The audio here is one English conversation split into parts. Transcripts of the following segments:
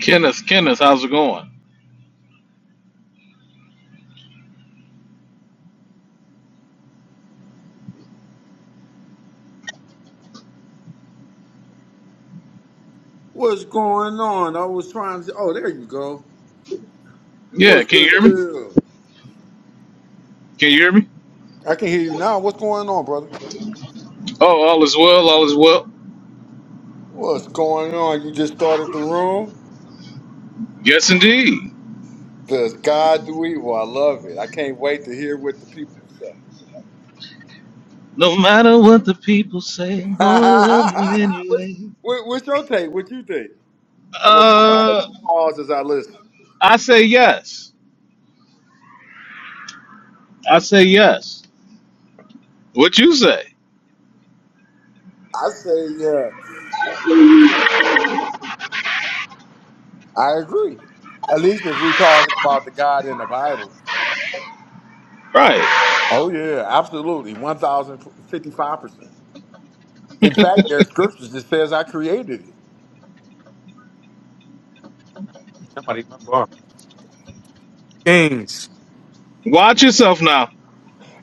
Kenneth, Kenneth, how's it going? What's going on? I was trying to. Oh, there you go. Yeah, What's can you the hear me? deal? Can you hear me? I can hear you now. What's going on, brother? Oh, all is well, all is well. What's going on? You just started the room. Yes, indeed. Does God do evil? I love it. I can't wait to hear what the people say. No matter what the people say, I'm gonna love you what, anyway. what, what's your take? What you think? I'm gonna put myself Uh, on pause as I listen. I say yes. I say yes. What you say? I say, yeah, I agree. At least if we're talking about the God in the Bible. Right. Oh yeah, absolutely. One thousand fifty-five percent. In fact, there are scriptures that says I created it. Somebody borrow Kings. Watch yourself now.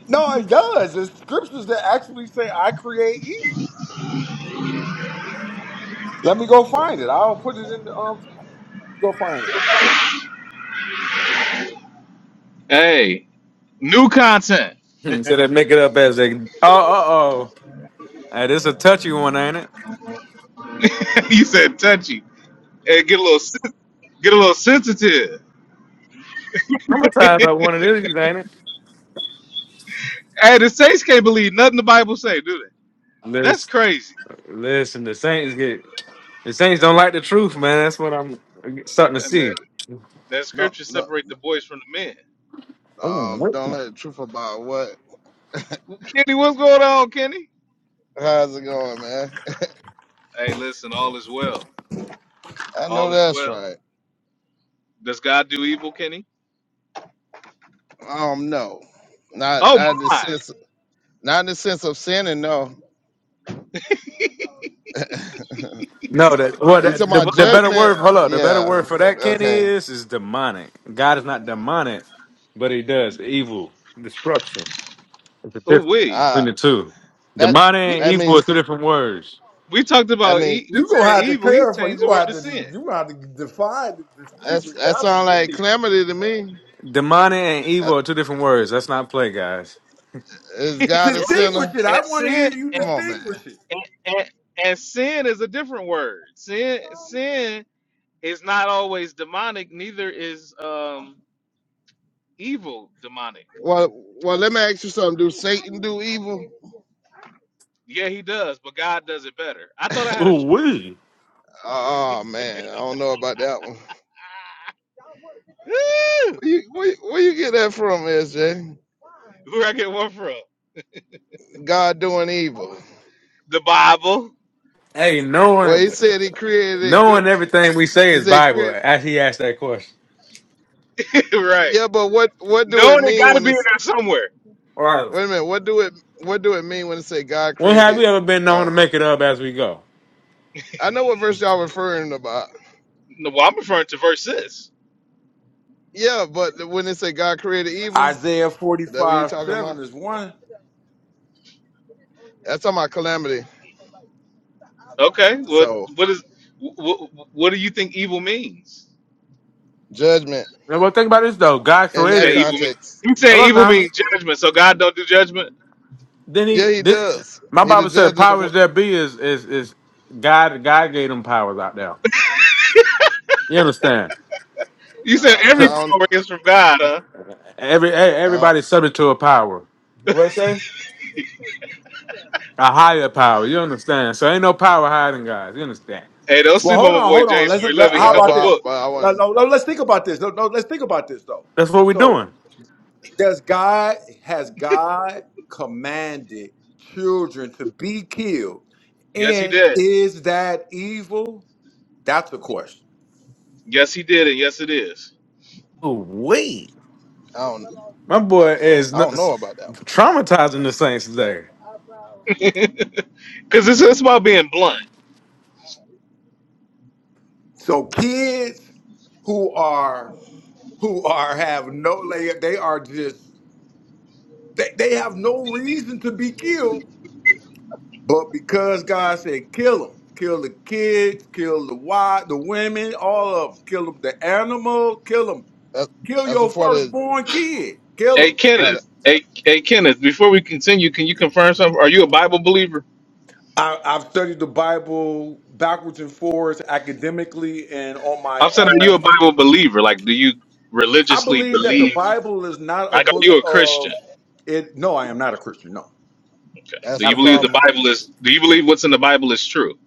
No, it does. There's scriptures that actually say I create evil. Let me go find it. I'll put it in the um. chat. Go find it. Hey, new content. Instead of make it up as they. Oh, oh, oh. Hey, this a touchy one, ain't it? you said touchy. Hey, get a little sen- get a little sensitive. I'm going about one of these, ain't it? Hey, the saints can't believe nothing the Bible say, do they? That's Listen, crazy. listen. The Saints get the Saints don't like the truth, man. That's what I'm starting to And that, see. that No, scripture no, separate the boys from the men. Oh, um, wait. don't let the truth about what. Kenny, what's going on, Kenny? How's it going, man? Hey, listen, all is well. I know All is that's well. right. Does God do evil, Kenny? Um, no, not Oh not in the my! sense, not in the sense of sinning. No, you No, that well, talking that, the about the Whoa, better judgment? word. Hold up, the better Yeah. word for that, Kenny, Okay. is is demonic. God is not demonic, but He does evil, destruction. It's a Oh difference we between Uh the two. that Demonic we and that evil means is two cl- different words. we talked that about mean e- we You gonna said have to evil. He clarify. changed You the gonna word have to to. sin, You gonna have to define, and that's distinguish that that for sounds like me. calamity to me. Demonic and Uh, evil are two different words. Let's not play, guys. Is right? God a sinner? Distinguish it. And I want to hear sin you and, Come on, man. distinguish it. and, and, and sin is a different word. Sin sin is not always demonic. Neither is um evil demonic. Well, well, let me ask you something. Do Satan do evil? Yeah, he does, but God does it better. I thought I had a Ooh church. wee. Oh man, I don't know about that one. Where you, where, you- where you get that from, SJ? Where I get one from? God doing evil. The Bible, Hey, Well, he knowing said he created it good. knowing everything we say He is said create. Bible. As he asked that question, right? Yeah, but what what do No, it it mean got to when be in it's there somewhere. All right. wait a minute? What do it what do it mean when it say God when have we created? ever been known to Um, make it up as we go? I know what verse y'all referring about. No, well, I'm referring to verse six. Yeah, but when it say God created evil, Isaiah is that what you forty-five talking seven about? is one. That's talking about calamity. Okay, what So what is what, what do you think evil means? judgment Now, well, think about this though. God in He said that created. evil mean. context. He said Hello, evil now. means judgment. So God don't do judgment. Then Yeah, he he did. does. my He the Bible said, judge of the "Powers world. that be is is is God. God gave them powers out there. You understand? You said Uh, So every I don't. power is from God, huh? every e- I don't. everybody's subject to a power, what it say? a higher power. You understand? So ain't no power higher than God's. You understand? Hey, don't Well, sleep on hold my on, boy hold on. James Let's. four eleven. He How Yeah, know about the well, I, this? book. but I No, wouldn't. no, no, let's think about this. No, no, let's think about this though. That's what we're So. doing. Does God has God commanded children to be killed? Yes, he And did. is that evil? That's the question. Yes, he did, and yes, it is. Oh, wait. I don't. My boy is I don't know about that n- one. traumatizing the Saints today. Because it's, it's about being blunt. So kids who are who are have no lay- they are just they, they have no reason to be killed, but because God said kill them, kill the kids, kill the wife, the women, all of them, kill them, the animal, kill them, That, kill that's your a part of firstborn kid, kill Hey them. no, that, Kenneth, hey, hey Kenneth, before we continue, can you confirm something? Are you a Bible believer? I, I've studied the Bible backwards and forwards academically and on my I'm saying, are you own. a Bible believer? Like, do you I religiously believe that the believe? Bible is not a Like, are book you a Christian? of it. No, I am not a Christian. No, Okay. Do that's you the believe absolutely the not. problem. Bible is? Do you believe what's in the Bible is true?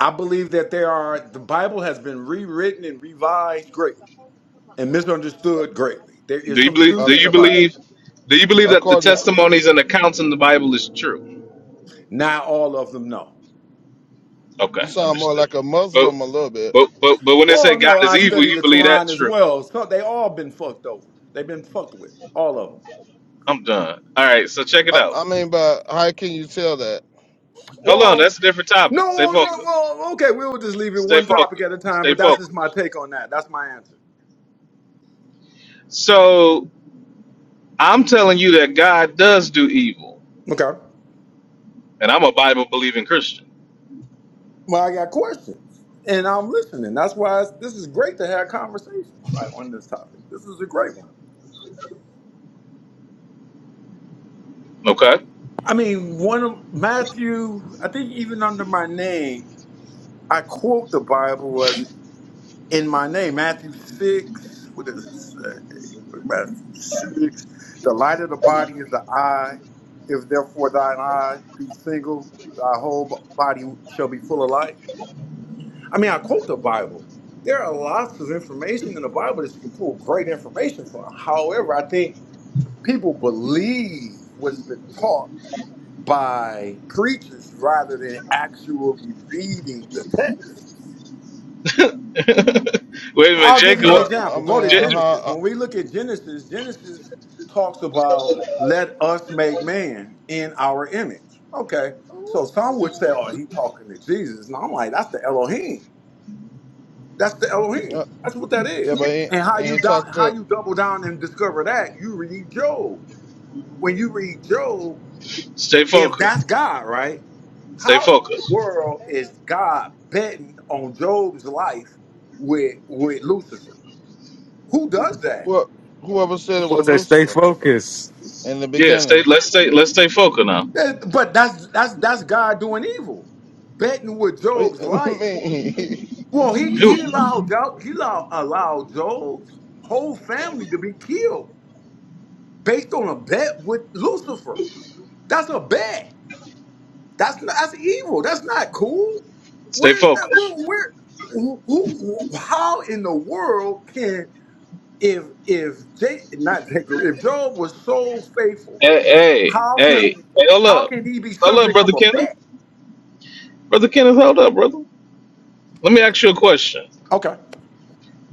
I believe that there are the Bible has been rewritten and revised greatly and misunderstood greatly. There is Do you some believe? Uh, truth Do in you the Bible. believe? Do you believe that the according to testimonies and accounts in the Bible is true? Not all of them, no. you, Okay, sound more understood. like a But Muslim a little bit. but but but when they say Well, God no, is I evil, studied you the believe Quran that's as true. well. So they all been fucked over. They've been fucked with. All of them. I'm done. All right, so check it I, out. I mean, but how can you tell that? Hold on, Well. that's a different No, topic. Stay oh, no, focused. well, okay, we'll just leave it Stay one topic focused. at a time, Stay but that's just focused. my take on that. That's my answer. So I'm telling you that God does do evil, Okay. and I'm a Bible believing Christian. Well, I got questions, and I'm listening. That's why it's, this is great to have conversations like on this topic. This is a great one. Okay. I mean, one of Matthew, I think even under my name, I quote the Bible as in my name, Matthew 6, what does it say? Matthew 6. The light of the body is the eye. If therefore thine eye be single, thy whole b- body shall be full of light. I mean, I quote the Bible. There are lots of information in the Bible that you can pull great information from. However, I think people believe what's been taught by preachers rather than actually reading the text. Wait a Uh, minute, I'll give you an Jacob. well, I example. mean, Go to J- uh, Genesis. how, When we look at Genesis, Genesis talks about let us make man in our image. Okay. So some would say, oh, he talking to Jesus. And I'm like, that's the Elohim. That's the uh, Elohim. uh, That's what that yeah, is. but he, And how he you ain't do- talking how to you double down and discover that, you read Job. When you read Job, stay if that's focused. God, right? Stay How in the focused. world is God betting on Job's life with with Lucifer? Who does that? who, whoever said it What was they stay Lucifer focused. in the Yeah, stay. beginning. Let's stay. Let's stay focused now. That- But that's that's that's God doing evil, betting with What Job's you- I life. mean, Well, he Who? he allowed Job, he allowed, allowed Job's whole family to be killed based on a bet with Lucifer. That's a bet. That's not, that's evil. That's not cool. Stay Where is that? Where focused. where? Who, who? How in the world can if if J, not Jacob if Job was so faithful, Hey, hey, how hey, can hey, hold how up, can he be hold up, subject of brother a Kenneth. bet? Brother Kenneth, hold up, brother. Let me ask you a question. Okay.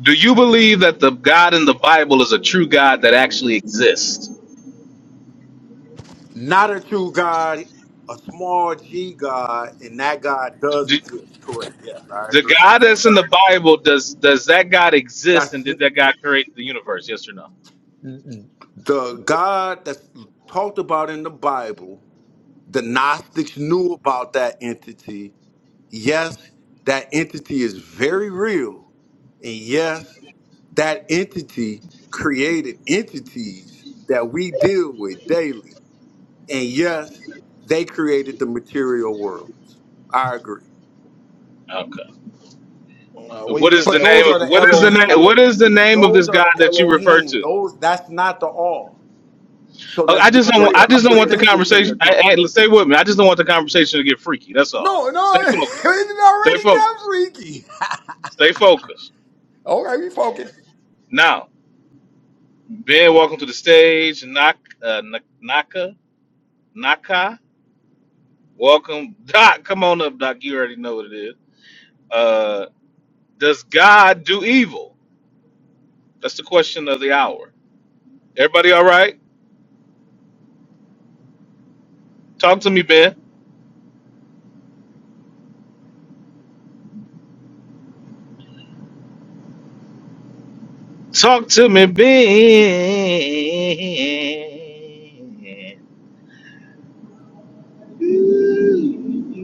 Do you believe that the God in the Bible is a true God that actually exists? Not a true God, a small G God, and that God does exist. Correct. Yes, I The agree. God that's in the Bible, does does that God exist and That's did that God create the universe? Yes or no? the God that's talked about in the Bible. The Gnostics knew about that entity. Yes, that entity is very real. And yes, that entity created entities that we deal with daily. And yes, they created the material world. I agree. Okay. nah, where you What is getting the But that those are from? name? the What is the name? Elohim. What is the name of Those this are God the that you refer Elohim. to? Those that's not the all. So Oh, let's I be just don't. I clear. I'm just don't want the distinguishing the conversation. two. I, I, stay with me. I just don't want the conversation to get freaky. That's all. No, Stay no, focused. it Stay already got focused. freaky. Stay focused. okay, we focus. Now, Ben, welcome to the stage. Nak, uh, Nak- Naka, Naka, welcome. Doc, come on up, Doc. You already know what it is. Uh, does God do evil? That's the question of the hour. Everybody all right? Talk to me, Ben. Talk to me, Ben.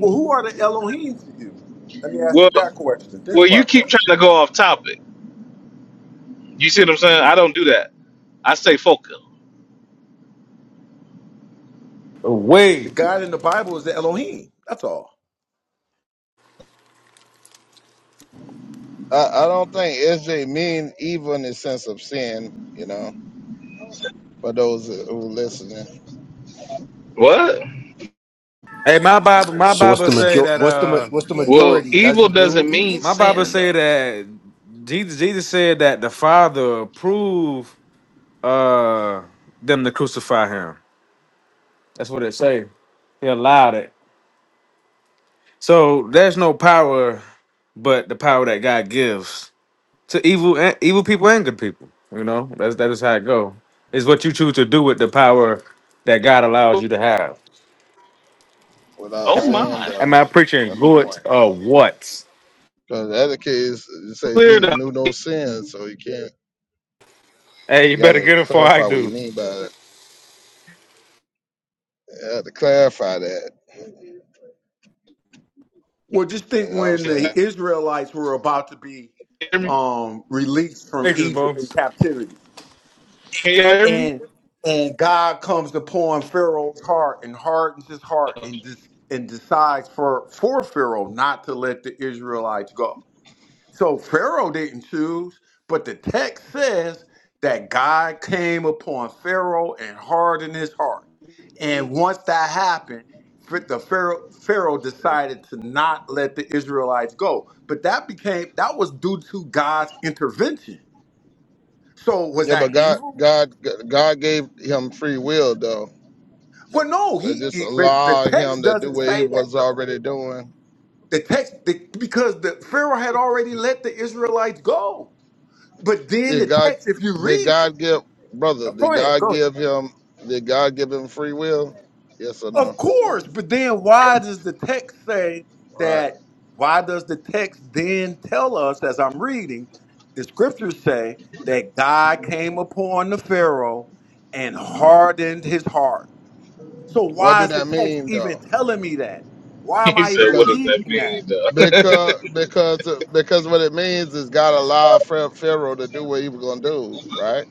Well, who are the Elohim to you? Let me ask Well, you that question. Think well, you about keep that. trying to go off topic. You see what I'm saying? I don't do that. I stay focused. The Away. God in the Bible is the Elohim. That's all. I, I don't think SJ mean evil in the sense of sin, you know, for those who listening What? Hey, my Bible, my So what's Bible the say major? that What's the ma- uh what's the Well, majority? Does evil he do doesn't mean evil? my Bible sin, say though. that Jesus Jesus said that the Father approved uh them to crucify him. That's what it say. He allowed it. So there's no power but the power that God gives. to evil and evil people and good people. You know, that's that is how it go. It's what you choose to do with the power that God allows you to have. without Oh sin, my! though. Am I preaching That's the good point. or what? Because the other case, you say Clear Jesus up. knew no sin, so you can't. Hey, you You better gotta get it before I clarify what you do. mean by it. You have to clarify that. Well, just You think know what I'm when the saying? Israelites were about to be Hear me? um, released from Thanks, Egypt bro. in captivity. Can you hear me? and and God comes upon Pharaoh's heart and hardens his heart and dis- and decides for for Pharaoh not to let the Israelites go. So Pharaoh didn't choose, but the text says that God came upon Pharaoh and hardened his heart. And once that happened, Ph- the Pharaoh, Pharaoh decided to not let the Israelites go. But that became that was due to God's intervention. So was Yeah, that but God, evil? God, God gave him free will though. Well, no, So he, just he but the allow text him to do doesn't what he say that was though. already doing. The text the, because the Pharaoh had already let the Israelites go. But then the Did God? text, if you Did read it, God give brother? oh, go Did ahead, God go ahead. give him? Did God give him free will? Yes or Of no? course, but then why does the text say Right. that? Why does the text then tell us, as I'm reading, the scriptures say that God came upon the Pharaoh and hardened his heart. So What why do is the that text mean even though? telling me that? Why am He I said, even Because "What does that reading that? mean, though?" Because because because what it means is God allowed Pharaoh Pharaoh to do what he was gonna do, right?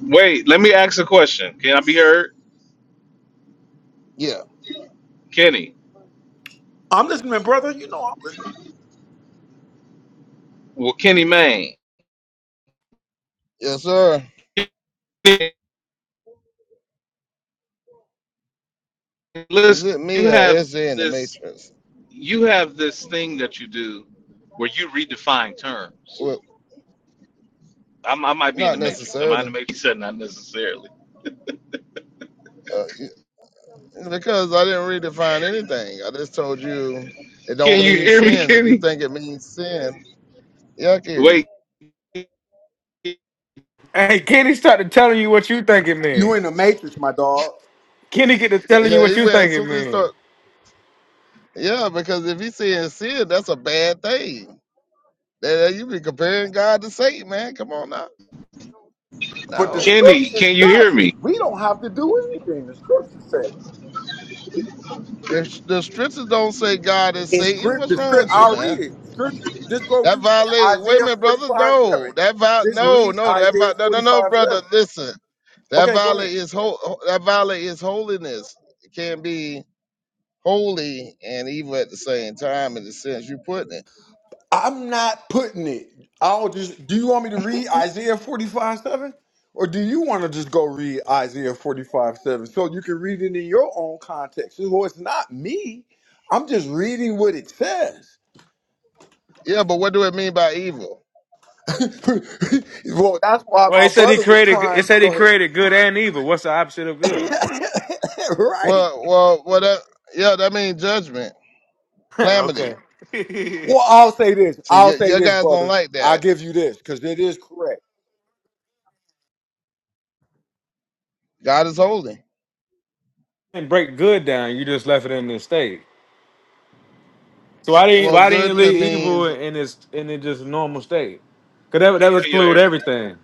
Wait, let me ask a question. Can I be heard, Yeah. Kenny? I'm listening, brother. You know I'm listening. Well, Kenny Mayne, Yes, sir. Is listen, it you me or have SJ in the this, Matrix? you have this thing that you do where you redefine terms. Well, I'm, I might be in not the matrix. Am I in the necessarily, matrix? Said not necessarily. uh, y- because I didn't really find anything. I just told you it Can don't you mean hear me, sin. If you Kenny? think it means sin, yeah, I can hear you. Wait, Hey, Kenny started telling you what you think it You mean. in the matrix, my dog. Kenny get to telling you Yeah, what he you went think as it soon as he mean. start. Yeah, because if he's saying sin, that's a bad thing. That that you be comparing God to Satan, man. Come on now. But the No. Kenny, scriptures can you hear does me? it. We don't have to do anything. The scriptures say. it. If the scriptures don't say God is In Satan, script, what's the wrong script, with you, I'll man? read it. Script, just go That read violate. Wait a Isaiah minute, brother. 45 7. No, that viol. Just No, read no, that Isaiah viol. No, no, no, 45 brother. 7. Listen, that Okay, go ahead. violate is whole. That violate is holiness. It can't be holy and evil at the same time in the sense you putting it. I'm not putting it. I'll just. Do you want me to read Isaiah 45 7? Or do you want to just go read Isaiah 45 7 so you can read it in your own context? Well, it's not me. I'm just reading what it says. Yeah, but what do it mean by evil? well, that's why Well, my he said he brother was created. trying. It said he Go created good and evil. What's the opposite of ahead. good? right. Well, well, well. That, yeah, that means judgment, okay. calamity. Well, I'll say this. See, I'll y- say your this, guys don't brother. like I that. give you this because it is correct. God is holy. and break good down. You just left it in this state. So why didn't Well, why didn't you good could leave mean evil in its in its just normal state? Cause that would- that would Can y'all include hear me? everything.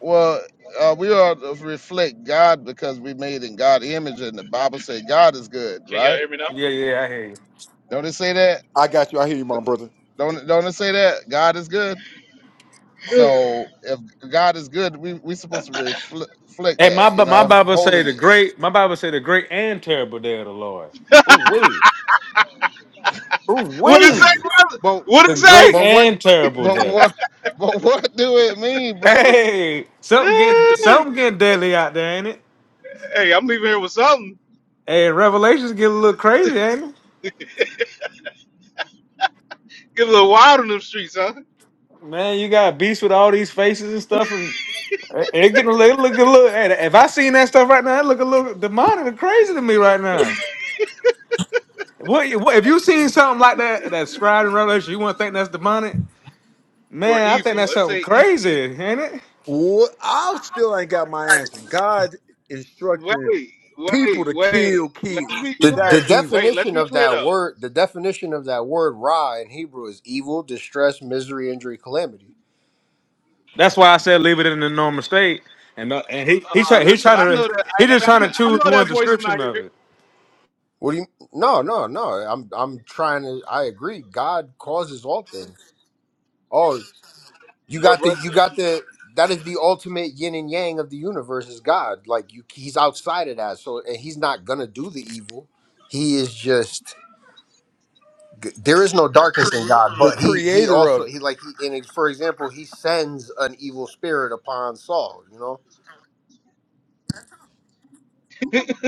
Well, uh, we are to reflect God because we made in God image, and the Bible say God is good, Can y'all right? hear me now? Yeah, yeah, I hear you. Don't it say that? I got you. I hear you, my brother. Don't don't it say that God is good? So if God is good, we we supposed to refle- reflect Hey, that, my you Bi- my know, Bible say the holiness. great. My Bible say the great and terrible day of the Lord. Ooh, What it say, wait. brother? But What The it say? great but what and terrible but day. what but what do it mean, brother? Hey, something getting Yeah. something getting deadly out there, ain't it? Hey, I'm leaving here with something. Hey, Revelations getting a little crazy, ain't it? Get a little wild in them streets, huh? Man, you got beasts with all these faces and stuff, and it it getting a little, look a little. hey, If I seen that stuff right now, it look a little demonic and crazy to me right now. What, what if you seen something like that that's scribed in Revelation? You wouldn't think that's demonic, Or man. I evil. think that's Let's something say evil. crazy, ain't it? What? I still ain't got my answer. God Wait, instructing people wait, to wait. kill Let's be kids. Is The the that clear. evil? Wait, let's definition be of clear that though. word, the definition of that word "ra" in Hebrew is evil, distress, misery, injury, calamity. That's why I said leave it in the normal state. And uh, and he he Uh, try, he listen, trying I to know that. I, he just trying I, to I choose know one that voice when I description of hear it, it. What do you? No, no, no. I'm I'm trying to. I agree. God causes all things. Oh, you Bro- got the brother. you got the. That is the ultimate yin and yang of the universe. Is God like you? He's outside of that, so and he's not gonna do the evil. He is just. there is no darkness in God, The but he he creator also of it. he like he and for example he sends an evil spirit upon Saul. You know,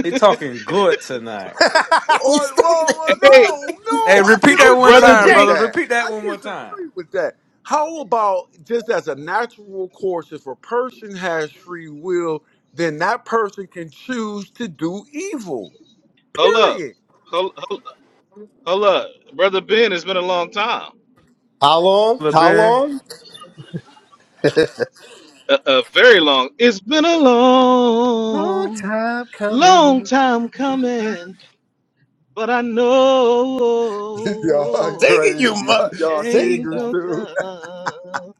He talking good tonight. you Oh, stink. well, well, Hey, no, Hey, no, I repeat that br- one brother. disagree time, with D- brother. that. Repeat that I one more time, disagree with that. How about just as a natural course, if a person has free will, then that person can choose to do evil. hold up, Period. hold, hold, hold up, brother Ben. It's been a long time. how long? Look, How Ben. long? A, a very long. It's been a long long, time long coming. time coming, but I y'all know Sing it, crazy. you Y'all, mug. y'all Sing it change singers now. will too. come.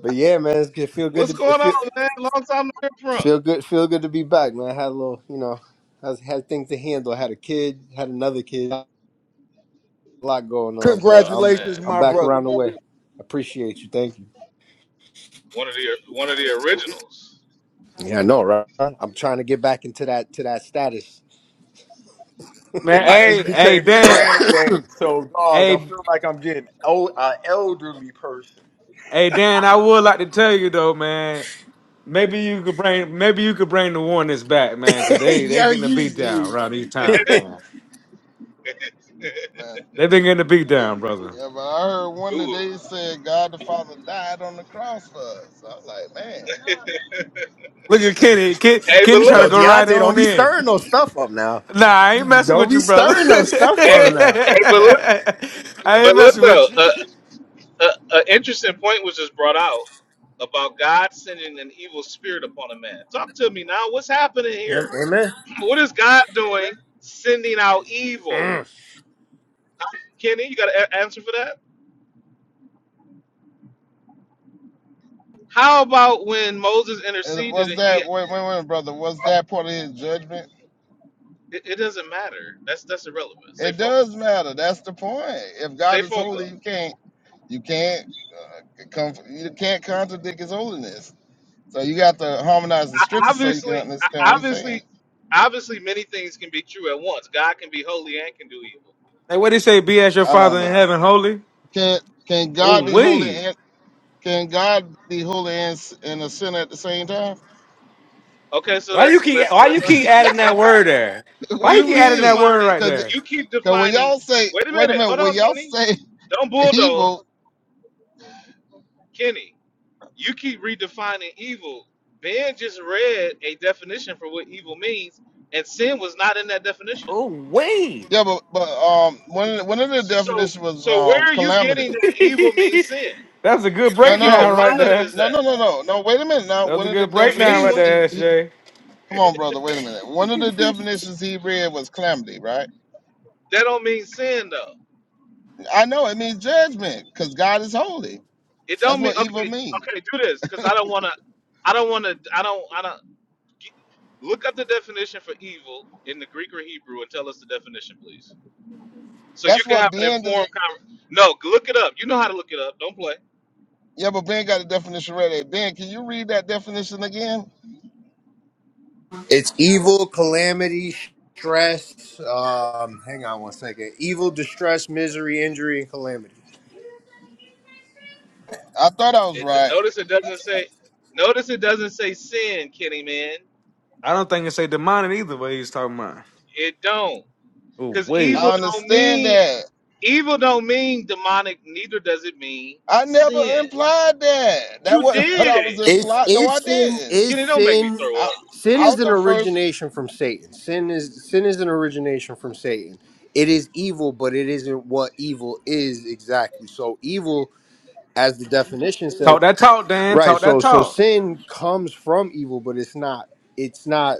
But yeah, man, it's good. It feel good What's to it going on, feel man? Long time no hear from. feel good feel good to be back, man. I had a little, you know, I was- had things to handle. I had a kid, had another kid, a lot going on, but Oh I'm man, Congratulations, I'm my back brother. around the way. Appreciate you. Thank you. one of the one of the originals. Yeah, I know, right? I'm trying to get back into that to that status. There Man, you I go. hey just hey became a Dan, granddaddy, so dog, I hey feel like I'm getting old, an elderly person. hey Dan. I would like to tell you though, man. Maybe you could bring maybe you could bring the warnings back, man, cause they they yo, getting a beat down you around these you. times, man. Man, They've been getting a beat down, brother. yeah, but I heard one Ooh. today said God the Father died on the cross for us. I'm like, man, Look at Kenny. Ken, Hey, but Kenny trying to Yo, look, go right Deontay, don't on be in. stirring no stuff up now. Nah, I ain't messing Don't with be you, brother. stirring no stuff hey, up hey, now. but look, I ain't but look messing with though, you. an uh, uh, a interesting point was just brought out about God sending an evil spirit upon a man. Talk to me now. What's happening Yeah, here? amen. What is God doing? Sending out evil. Mm. Kenny, you got an answer for that? How about when Moses and interceded what's and he that? Wait, wait, wait, brother. Was that part of His judgment? It, it doesn't matter. That's that's irrelevant. Stay It focused. does matter. That's the point. If God Stay is holy, you focused. can't you can't come you can't contradict his holiness. So you got to harmonize the I, scriptures so you can obviously, understand I, what he's saying. obviously, obviously, many things can be true at once. God can be holy and can do evil. Hey, what do you say? Be as your I father don't in know. heaven, holy. Can can Oh Ooh, God be my. holy wee. and can God be holy and, s- and a sinner at the same time? Okay, so Why you let's keep let's why you let's un, keep adding let's that unpack. word there? what do Why you You you keep keep adding that mean? word defining. right Because there? You keep when defining. y'all say Wait a wait a minute. minute, Hold when on, y'all Kenny. say Don't bulldoze, evil, Kenny. You keep redefining evil. Ben just read a definition for what evil means, and sin was not in that definition. Ooh, wee. yeah, but but um one of the, one of the So, definitions was so where um are you getting calamity. that evil means sin? That's a good You No, no, keep no. breakdown One right of defining the, it there. as no, no, that. no, no, no. Wait a minute. Now, That was one a of the good It's a breakdown mean right definitions one. he, there, S he J. come on, that brother. Wait a minute. One of the definitions he read was calamity, right? don't mean sin though. I know it means judgment because God is holy. It That's don't mean what evil okay. means. Okay, do this because I don't want to. I don't want to. I don't. I don't. Look up the definition for evil in the Greek or Hebrew and tell us the definition, please. So you That's can what have an Ben Does, informed conversation. No, look it up. You know how to look it up. Don't play. yeah, but Ben got a definition ready. Ben, can you read that definition again? It's evil, calamity, stress. Um, hang on one second. Evil, distress, misery, injury, and calamity. I thought I was It, right. notice it doesn't say. Notice it doesn't say sin, Kenny man. I don't think it's a demonic either what he's talking about. It don't. Oh Because evil wait. I don't understand mean that. evil don't mean demonic, neither does it mean I never sin. implied that. That You wasn't what did I was it. It's implied. No, I it's sin didn't. is Kenny, don't make me sin throw I, up. sin I was is an the first. origination from Satan. Sin is sin is an origination from Satan. It is evil, but it isn't what evil is exactly. So evil, as the definition says, Talk that talk, Dan. right? Talk So that so talk. sin comes from evil, but it's not. It's not.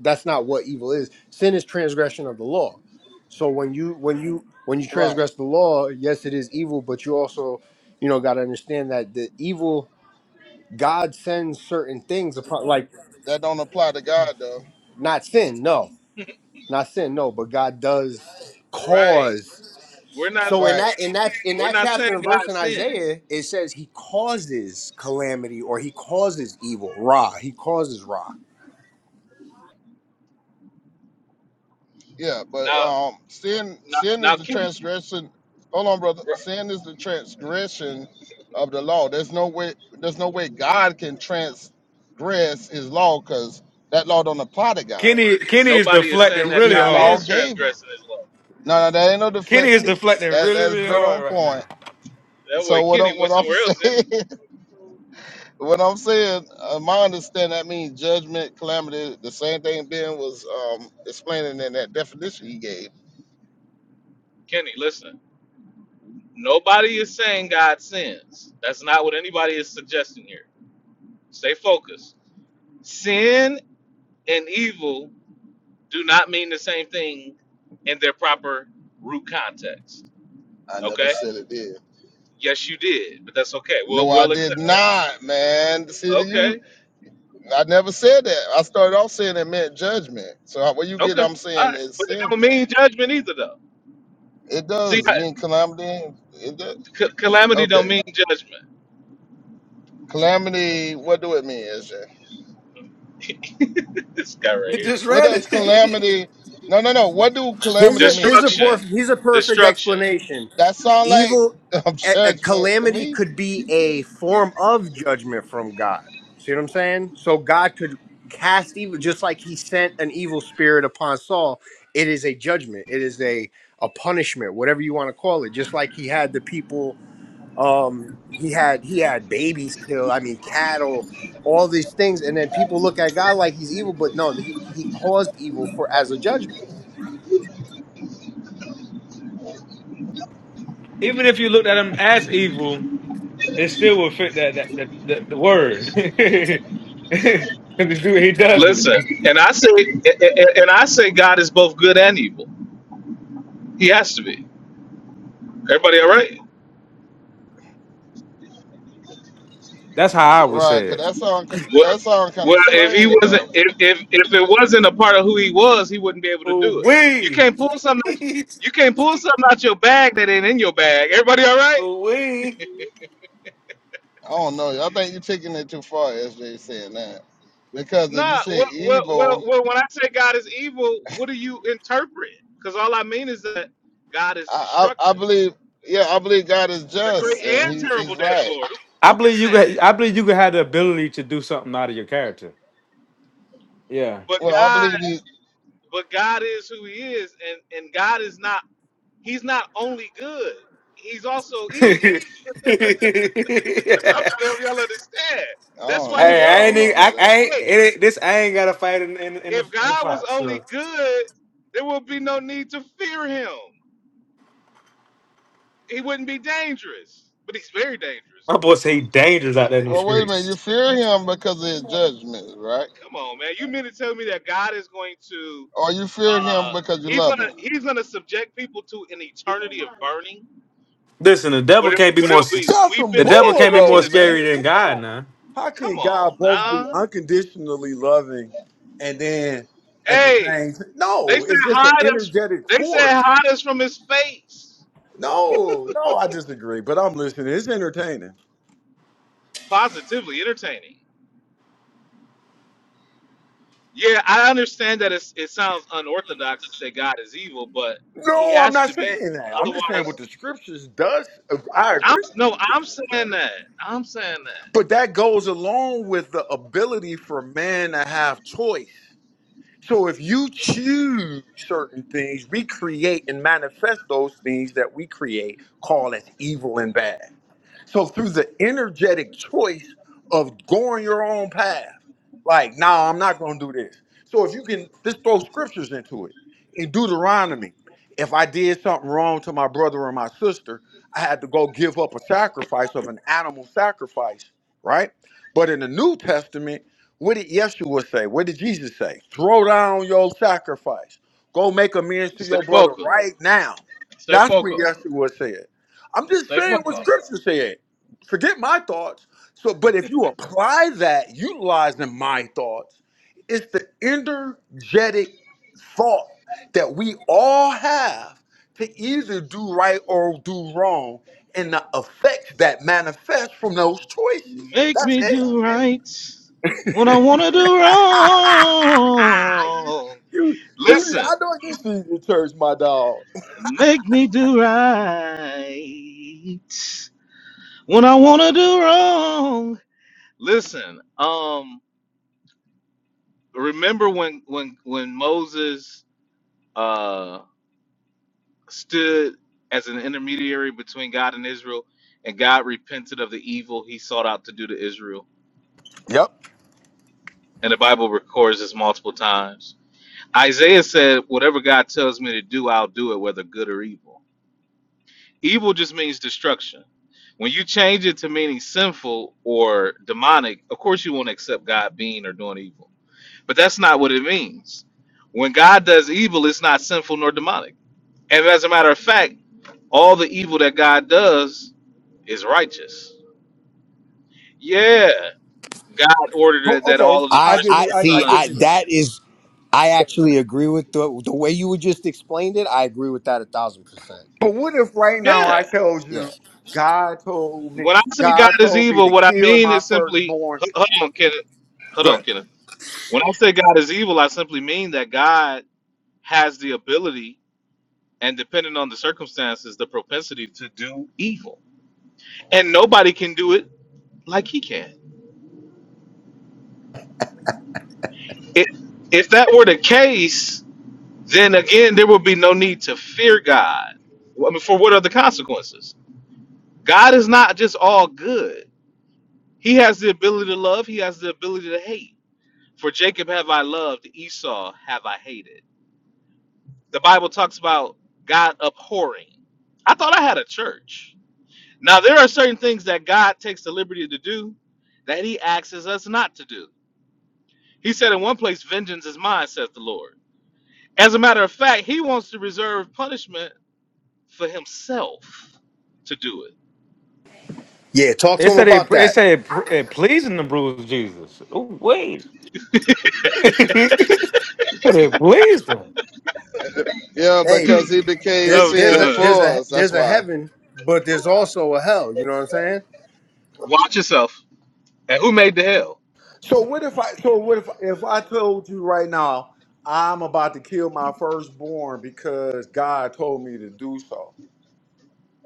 That's not what evil is. Sin is transgression of the law. So when you when you when you Right. transgress the law, yes, it is evil, but you also, you know, got to understand that the evil God sends certain things upon, like That don't apply to God though. not sin, no, not sin, no, but God does Right. cause. We're not So in Right. that in that in we're that not saying chapter and verse God in sins. Isaiah, it says He causes calamity or He causes evil. Ra, He causes Ra. Yeah, but Now um, sin now, sin now is the Kenny transgression. Hold on, brother. r- Sin is the transgression of the law. There's no way. There's no way God can transgress His law because that law don't apply to God. Kenny Kenny is nobody is saying deflecting He, that he- really the God law hard. is gave him. transgressing his law. No, no, that ain't no Kenny is deflecting. deflecting That really, that's really right hard on right now. point. That So way what I'm Kenny what went I'm somewhere else, didn't he? saying, what I'm saying, uh, my understanding that means judgment, calamity. The same thing Ben was um explaining in that definition he gave. Kenny, listen. Nobody is saying God sins. That's not what anybody is suggesting here. Stay focused. Sin and evil do not mean the same thing in their proper root context. I never Okay? said it did. Yes, you did, but that's okay. We'll No, I we'll did accept that. not, man. See that you Okay. I never said that. I started off saying it meant judgment. So how- where you get Okay. I'm All saying right. it's But it sin don't from. mean judgment either, though. It See, does I, mean calamity. It does. c- calamity don't okay. mean judgment. Calamity, what do it mean, SJ? this guy right He here. just What read does it. calamity no no no. What do Here's a calamity here's mean? a poor Destruction. here's a perfect Destruction. explanation. That sound like evil um, a, a judgment to calamity me. could be a form of judgment from god see what i'm saying so god could cast evil just like he sent an evil spirit upon saul it is a judgment it is a a punishment whatever you want to call it just like he had the people um he had he had babies killed i mean cattle all these things and then people look at god like he's evil but no he, he caused evil for as a judgment Even if you looked at him as evil, it still will fit that that the, the, the word. Because he does Listen, it. and I say, and and- and I say, God is both good and evil. He has to be. Everybody, all right? That's how I would Right, say cause it. that sound ki- Well, that sound kind well, of if he strange wasn't, though. if, if if it wasn't a part of who he was, he wouldn't be able to Ooh do it. You wee. can't pull something. You can't pull something out your bag that ain't in your bag. Everybody, all right? Ooh wee. I don't know. I think you're taking it too far, SJ, saying that. Because if you Nah. say Well, well, evil, well, well when I say God is evil, what do you interpret? Because all I mean is that God is I, I I destructive. believe, yeah, I believe God is The just great and and he, He's terrible day of the right. Lord. Who, I who can believe you stand? could. I believe you could have the ability to do something out of your character. Yeah. But Well, I God, believe He. but God is who He is, and and God is not. He's not only good. He's also evil. hey, That's what I'm trying to help y'all understand. I That's don't why know he's that. I so. I ain't. don't know e- about I, that. I ain't. Hey, It, ain't- this I ain't got to fight in, in, in the if in the God was fight. only So good, there would be no need to fear him. He wouldn't be dangerous, but he's very dangerous. my boy say he dangerous out there in them Well, wait a minute. You streets. fear Him because of His judgment, right? Come on, man. You mean to tell me that God is going to? Or you fear Uh, Him because you he's gonna love Him? he's gonna subject people to an eternity of burning. Listen, the devil Would it can't be would more. it be s- That's some The weeping devil and bull can't be gnashing more though, of man. teeth? scary than Come God. on. Now How Come can God on, both be now. unconditionally loving and then at the Hey, same time? they No, said it's just an hide us. energetic They said force. hide us from his face. No, no, I disagree, but I'm listening. It's entertaining. Positively entertaining. Yeah, I understand that it's, it sounds unorthodox to say God is evil, but he No, I'm has not to be. saying that. I'm just saying what the Otherwise, scriptures does. I I'm agree with no, you. it I'm says that. saying that. I'm saying that. But that goes along with the ability for man to have choice. So if you choose certain things, we create and manifest those things that we create, call as evil and bad. So through the energetic choice of going your own path, like, nah, I'm not gonna do this. So if you can just throw scriptures into it. In Deuteronomy, if I did something wrong to my brother or my sister, I had to go give up a sacrifice of an animal sacrifice, right? But in the New Testament, what did Yeshua say? What did Jesus say? Throw down your sacrifice. Go make amends to Stay your brother focused. right now. Stay That's what focused. Yeshua said. I'm just Stay saying what focused. scripture said. Forget my thoughts. So, but if you apply that, utilizing my thoughts, it's the energetic thought that we all have to either do right or do wrong, and the effects that manifest from those choices. Make That's me it. do right when I want to do you, wrong. you, you, Listen, I know you see the church, my dog. make me do right when I want to do wrong. Listen, um, remember when when when Moses uh, stood as an intermediary between God and Israel, and God repented of the evil he sought out to do to Israel. Yep. And the Bible records this multiple times. Isaiah said, Whatever God tells me to do, I'll do it, whether good or evil. Evil just means destruction. When you change it to meaning sinful or demonic, of course you won't accept God being or doing evil. But that's not what it means. When God does evil, it's not sinful nor demonic And as a matter of fact, all the evil that God does is righteous. Yeah. God ordered But it that okay, all of the I I give I you, firstborn I, I see. sons. give I you one. that is. I actually agree with the the way you just explained it. I agree with that a thousand percent. But what if right now I Yeah. told Yeah. you, God told me, When I say God God is told me to evil, what I kill mean my is simply, firstborn? hold hold on, Kenneth. Hold Go on, ahead. Kenneth. When I say God is evil, I simply mean that God has the ability and, depending on the circumstances, the propensity to do evil. And nobody can do it like he can. If if that were the case, then again there will be no need to fear God. I mean, for what are the consequences? God is not just all good. He has the ability to love, he has the ability to hate. For Jacob have I loved, Esau have I hated. The Bible talks about God abhorring. I thought I had a church. Now there are certain things that God takes the liberty to do that he asks us not to do. He said in one place, Vengeance is mine, saith the Lord. As a matter of fact, he wants to reserve punishment for himself to do it. Yeah, talk they to him said it. about They that. said it, pr- it pleasing the bruise Jesus. Oh wait, it pleased him. Yeah, Hey, because He became there, Oh, there's a sin am there's for a us. That's there's a why. heaven, but there's also a hell. You know what I'm saying? Watch yourself. And who made the hell? So what if I? So what if if I told you right now I'm about to kill my firstborn because God told me to do so,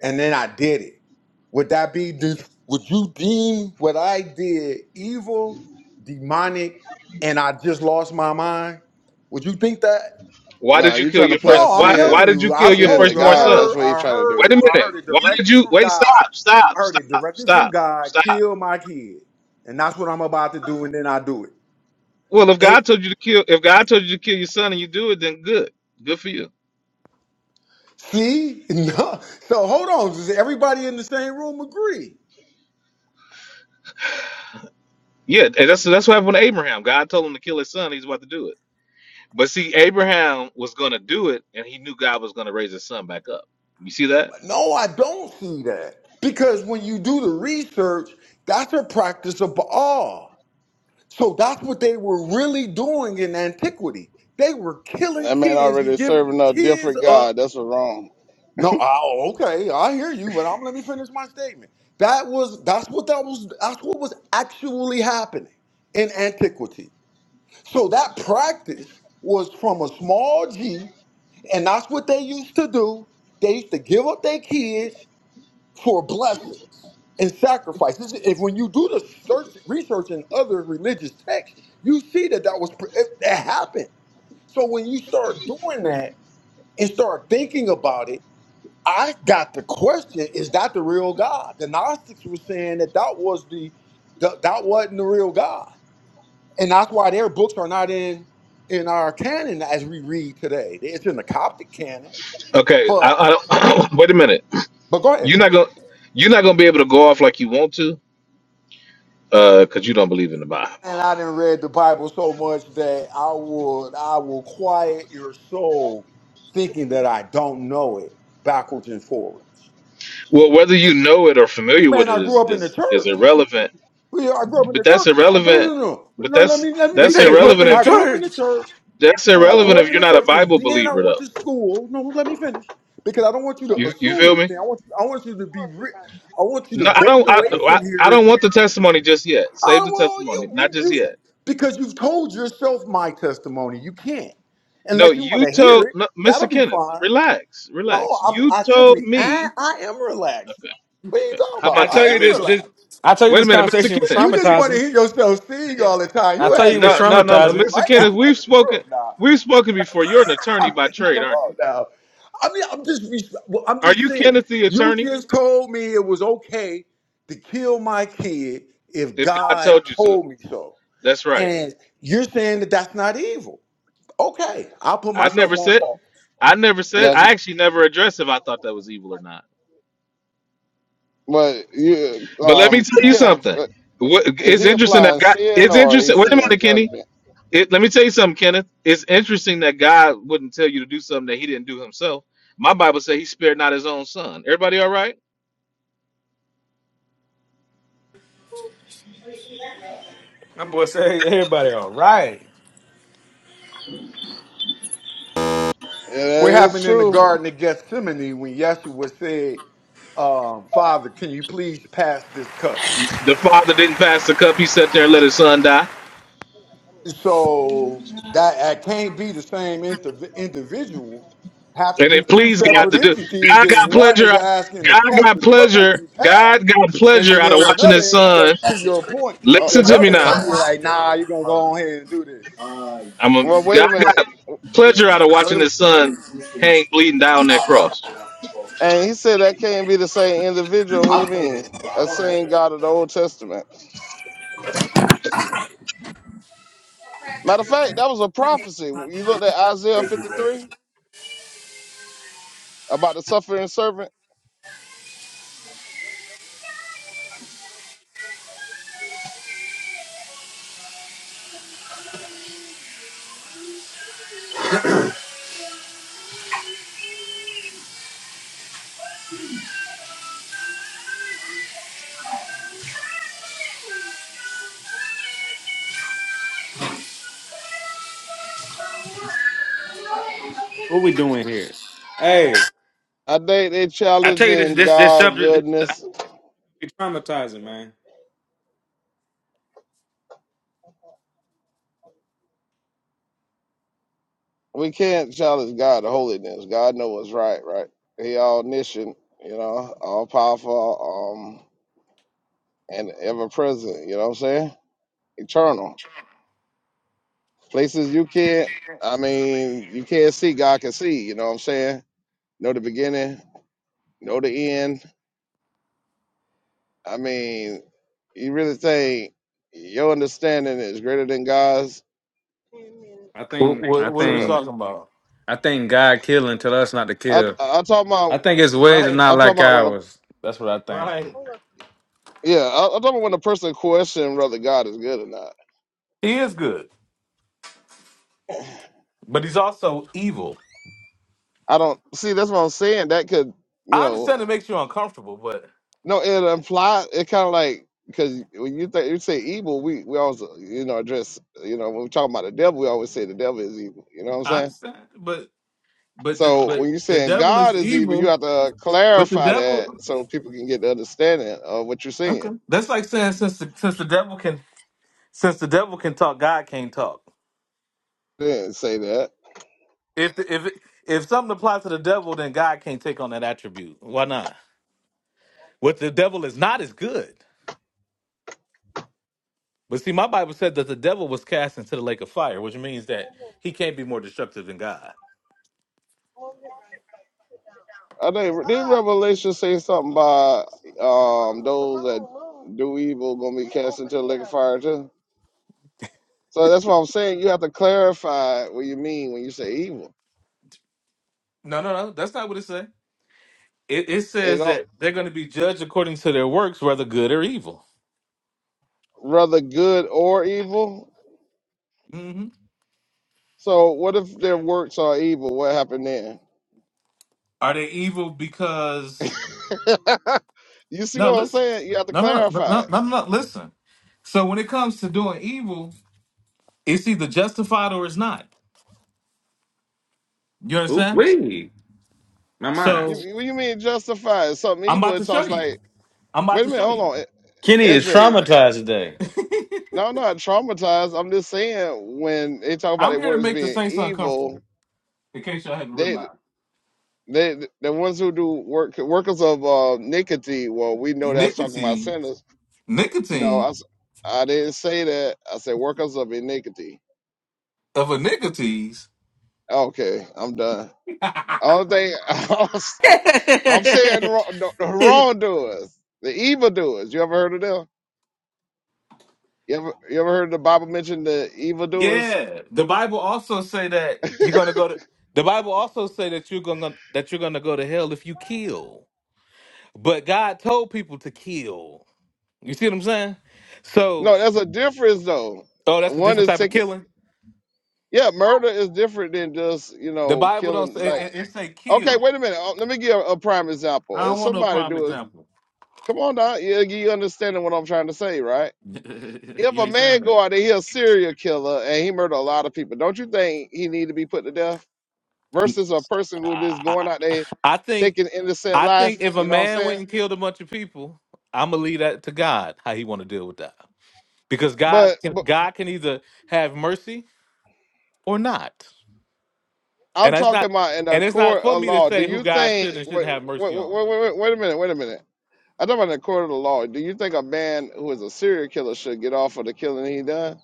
and then I did it? Would that be? de- Would you deem what I did evil, demonic, and I just lost my mind? Would you think that? Why No, did you you kill trying to your apply first? No, I'm Why telling Why sin, did you, you I kill your sin told to you. I firstborn God. son? That's heard, what you I trying to heard, Wait do. a I minute. heard it Why did directly you? from Wait. God. Stop. I Stop. heard it Stop. directly from Stop. God. Stop. Kill my kid, and that's what I'm about to do. And then I do it. Well, if it God told you to kill, if God told you to kill your son and you do it, then good. Good for you. see, no. So hold on. Does everybody in the same room agree? Yeah, and that's that's what happened to Abraham. God told him to kill his son. He's about to do it. But see, Abraham was going to do it, and he knew God was going to raise his son back up. You see that? But No, I don't see that because when you do the research, that's a practice of Baal. So that's what they were really doing in antiquity. They were killing That man kids and already giving serving a kids different up God. That's what's wrong. No, oh, okay, I hear you, but I'm let me finish my statement. That was that's what that was that's what was actually happening in antiquity. So that practice was from a small G, and that's what they used to do. They used to give up their kids for blessings and sacrifices. If when you do the search research in other religious texts, you see that that was pr- it, it happened. So when you start doing that and start thinking about it I got the question: Is that the real God? The Gnostics were saying that that was the, the that wasn't the real God, and that's why their books are not in in our canon as we read today. It's in the Coptic canon, Okay. I, but I don't. wait a minute. but go ahead. You're not gonna you're not gonna be able to go off like you want to, uh, because you don't believe in the Bible. And I didn't read the Bible so much that I would I will quiet your soul thinking that I don't know it backwards and forwards. Well, whether you know it or familiar Man, with I it grew is up in the is is church. irrelevant. Well, yeah, I grew up in But the that's church. No, irrelevant. no, no, But no. No, let that's me let me They be that's said he grew clear. up irrelevant in the I if you- grew up in the church. church. that's I Yeah, irrelevant grew up if in you're the not a church, and Bible then I believer, went though. to school. No, let me finish because I don't want you to You you assume feel me? anything. I want you. I want you to be. Re- I want you to No, I go don't. I, away from I I here. don't want the testimony just yet. Save Oh the well, you testimony, not you just you yet. because you've told yourself my testimony. You can't No, unless you want you to hear told it. no, That'll Mr. be Kenneth. fine. Relax, No, relax. I'm. You I told simply. I me. I am relaxed. Okay, What are you okay. talking How about? I about I this? tell Do you am me a this, favor. relaxed. this I tell you Wait a this minute, Mr. conversation was Kenneth. You just want to traumatizing. hear yourself sing all the time. I You tell you asked it me was to No, no, come in no, this no, traumatizing. room. I Mr. ain't have Kenneth. to come We've in the spoken. room now. We've spoken before. You're an attorney I by mean, trade, come aren't on you? now. I mean, I'm just, res- well, I'm Are just you saying. Kenneth the You attorney? just told me it was okay to kill my kid if If God God told you to, told me so, that's right. and you're saying that that's not evil. Okay, I'll put I myself never on said. pause. I never said. that's. I actually never addressed if I thought that was evil or not. But you, But let me um, tell you Kenneth. something. What, is it's he interesting that applying God. sin It's or interesting. is he Wait a saying minute, Kenny. judgment? It, let me tell you something, Kenneth. It's interesting that God wouldn't tell you to do something that He didn't do Himself. My Bible says He spared not His own Son. Everybody, all right? My boy say everybody all right. Yeah, that What is happened in the true. Garden of Gethsemane when Yeshua said, um, "Father, can you please pass this cup?" The Father didn't pass the cup. He sat there and let His Son die. So that I can't be the same indiv- individual. Have to And be it two pleased You know, God separate to do. entities, God and got one is pleasure. asking the God cap the got cup to pleasure. be passed, God got and pleasure then out of there's watching his another. the- son. That To shit's your crazy. point, uh, uh, Listen to me The another now. entity sun's is uh, like, "Nah, still you're gonna go hungry. on here and do this." I'm a, well, wait God a minute. got pleasure out of Wait a watching minute. his son hang bleeding down that cross. And he said that can't be the same individual. What do you mean? That same God of the Old Testament. Matter of fact, that was a prophecy. You looked at Isaiah 53 about the suffering servant. What we doing here? Hey, I think they I tell you this challenging this this God subject this goodness. be traumatizing, man. We can't challenge God holiness. God knows what's right, right? He all omniscient, you know, all powerful. and ever present. You know what I'm saying? Eternal places you can't. I mean, you can't see. God can see. You know what I'm saying? Know the beginning. Know the end. I mean, you really think your understanding is greater than God's? I What, think I what, what are So we what? think talking about? I think God killing tell us not to I kill. I, I talk I about think his ways are Right, not I talk like about when a ours. That's what I think. right. yeah I, I talk about when a person question whether God is good or not. He is good, but he's also evil. I don't see that's what I'm saying. That could you I know understand it makes you uncomfortable, but No, it implies it kind of like because when you think you say evil, we we always you know address you know when we talk about the devil, we always say the devil is evil. You know what I'm I saying? understand. But but the, So when but you're the saying devil God is is evil, you evil. have to But the clarify that devil, so people can get the understanding of what you're okay, saying. that's like saying since the, since the devil can Since the devil can talk, God can't talk. They didn't say that. If the, if it- if something applies to the devil, then God can't take on that attribute. Why not? What the devil is not is good. But see, my Bible said that the devil was cast into the lake of fire, which means that he can't be more destructive than God. I think did Revelation say something about um those that do evil gonna be cast into the lake of fire too? So that's what I'm saying. You have to clarify what you mean when you say evil. No, no, no. That's not what it says. It, it It says don't- that they're going to be judged according to their works, whether good or evil. rather good or evil. hmm So what if their works are evil? What happened then? Are they evil because? you see No, what I'm listen. saying? You have to No, no, no, clarify no, it. no, no. Listen. So when it comes to doing evil, it's either justified or it's not. You Ooh understand? wee. My mind. So You, what you mean justify it? Something I'm evil? about It to show talks you. like, I'm about wait a to minute, show you. hold on, Kenny is SJ. traumatized today. No, I'm not traumatized. I'm just saying when they talk about I'm their here to works make the being Saints uncomfortable, evil, in case y'all hadn't they realized. they the ones who do work workers of uh, iniquity. Well, we know that's talking about Nicotine, sinners. No, I nicotine s- I didn't say that. I said workers of iniquity. of a nicotine's. Okay, I'm done. All thing I'm saying the wrong- the- the wrongdoers, the evildoers. You ever heard of them? You ever you ever heard the Bible mention the evildoers? Yeah. The Bible also say that you're gonna go to the Bible also say that you're gonna that you're gonna go to hell if you kill. But God told people to kill. You see what I'm saying? So No, there's a difference though. oh that's a One different is type of taking killing. yeah, murder is different than just you The know Bible don't killing. say it, Like it, it say okay, kill. wait a minute. Oh, let me give a prime example. I If somebody do it, come on now. You you understanding what I'm trying to say, right? don't- If you a ain't saying man that. go out and he a serial killer and he murder a lot of people, don't you think he need to be put to death? versus a person who I, just going out I there I think taking innocent I think life. if a You know what I'm man went saying? and killed a bunch of people, I'm gonna leave that to God how he want to deal with that because God But can but God can either have mercy or not, I'm and that's talking not about in a and it's not court for of me to law. Do say who you God think? should and Wait shouldn't have wait mercy wait on. wait, wait, wait a minute. Wait a minute. I'm talking about in a court of the law. Do you think a man who is a serial killer should get off for the killing he done?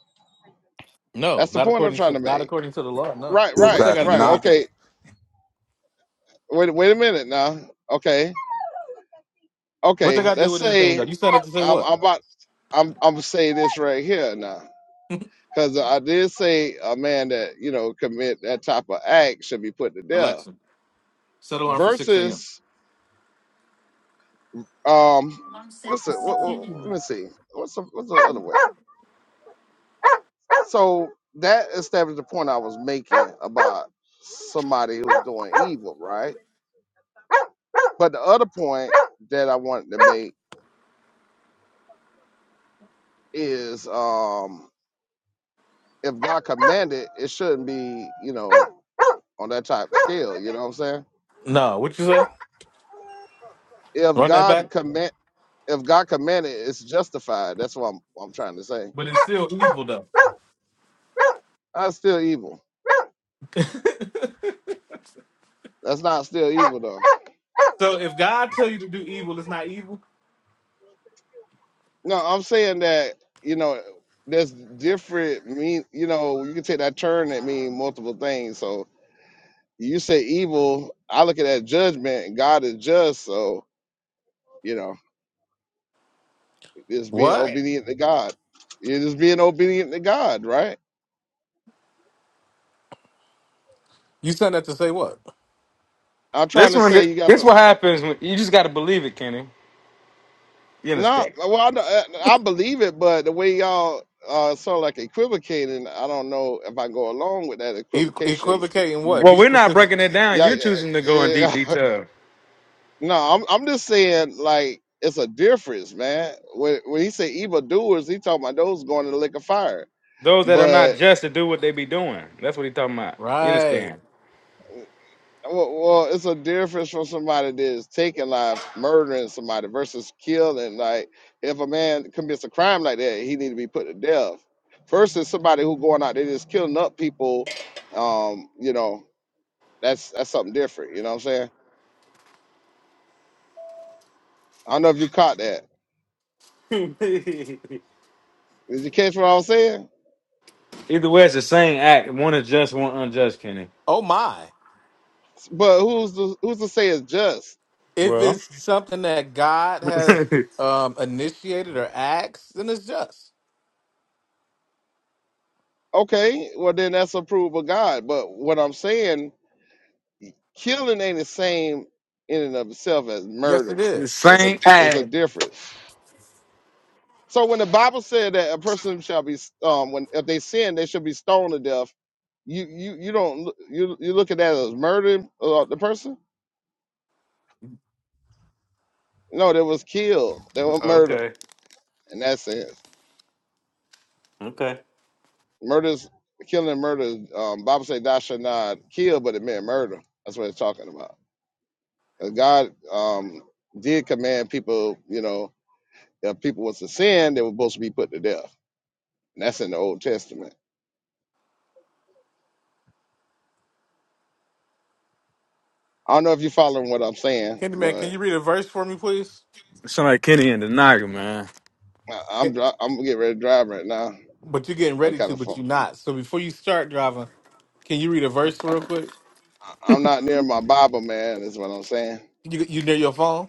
No, That's the not point I'm according trying to to not make. according to the law. No, Right, but what right, that got Exactly. to do right. with Not. anything? Okay. Wait, wait a minute now. Okay, What they okay. got to do Let's with anything? say Though you signed up to say I'm, what? I'm about. I'm I'm saying this right here now. Because I did say a man that you know commit that type of act should be put to death. Alexa, set alarm for six a.m. Versus, um, what's it? What, what, let me see. What's the, what's the other way? So that established the point I was making about somebody who's doing evil, right? But the other point that I wanted to make is, um, if God commanded, it shouldn't be, you know, on that type of scale. You know what I'm saying? No, what you say? If Run that back. God command if God commanded, it's justified. That's what I'm, I'm trying to say. But it's still evil though. That's still evil. That's not still evil though. So if God tell you to do evil, it's not evil. No, I'm saying that you know there's different mean. You know, you can take that turn that mean multiple things. So you say evil, I look at that judgment. and God is just, so you know, it's being What? obedient to God. You're just being obedient to God, right? You sent that to say what? I'm trying This to one say you got this the what happens when you just gotta believe it, Kenny. You No, understand? well, I, don't- uh, I believe it, but the way y'all uh, sort of like equivocating, I don't know if I go along with that E- equivocation. equivocate in what? Well, Be we're not specific. breaking it down. Yeah, You're choosing to go in deep yeah. yeah. detail. no, I'm I'm just saying like it's a difference, man. When when he say evil doers, he talking about those going to the lake of fire. Those that are But not just to do what they be doing. That's what he's talking about. You Right. understand? Well, well, it's a difference from somebody that is taking life, murdering somebody versus killing. Like, if a man commits a crime like that, he need to be put to death. Versus somebody who going out there just killing up people, um, you know, that's that's something different. You know what I'm saying? I don't know if you caught that. Did you catch what I was saying? The Either way, it's the same act. One is just, one unjust, Kenny. Oh my. But who's the who's to say it's just? If Well, it's something that God has the um initiated or asked, then it's just. Okay, well then that's approved of God. But what I'm saying killing ain't the same in and of itself as Yes, it murder is. as a same as a act. difference so when the bible said that a person shall be um when if they sin they should be stoned to death you you you don't loo- you you look at that as murder uh, the person no they was killed they were murder Okay. in that sense Okay. murders killing and murder is, um bible say thou shalt not kill but it meant murder that's what it's talking about 'Cause god um did command people you know if people was to sin they were supposed to be put to death And That's in the Old Testament. I don't know if you're following what I'm saying, Candyman, can you but read a verse for me, please? Sound like Kenny and the Naga, man. I- Ca- I'm dri- I'm getting ready to drive right now. But you're getting I'm ready kind to, of but phone. you're not. So before you start driving, can you read a verse real quick? I- I'm not near my Bible, man. Is what I'm saying. You you near your phone?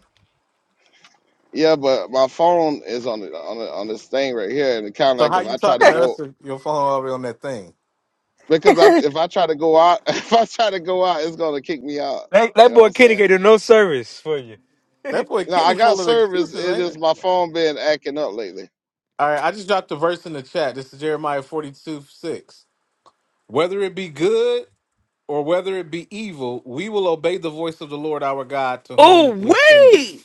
Yeah, but my phone is on the, on the, on this thing right here, and it kind of So like how if you I try to talking to us go if your phone already on that thing? because I if I try to go out if I try to go out, it's gonna kick me out. That, You that know what boy I'm Kenny saying? can do no service for you. That boy No, I Kenny got full of service. excuses, It ain't is it? my phone been acting up lately. All right, I just dropped a verse in the chat. This is Jeremiah 42 6. Whether it be good or whether it be evil, we will obey the voice of the Lord our God to oh, whom we send thee, wait!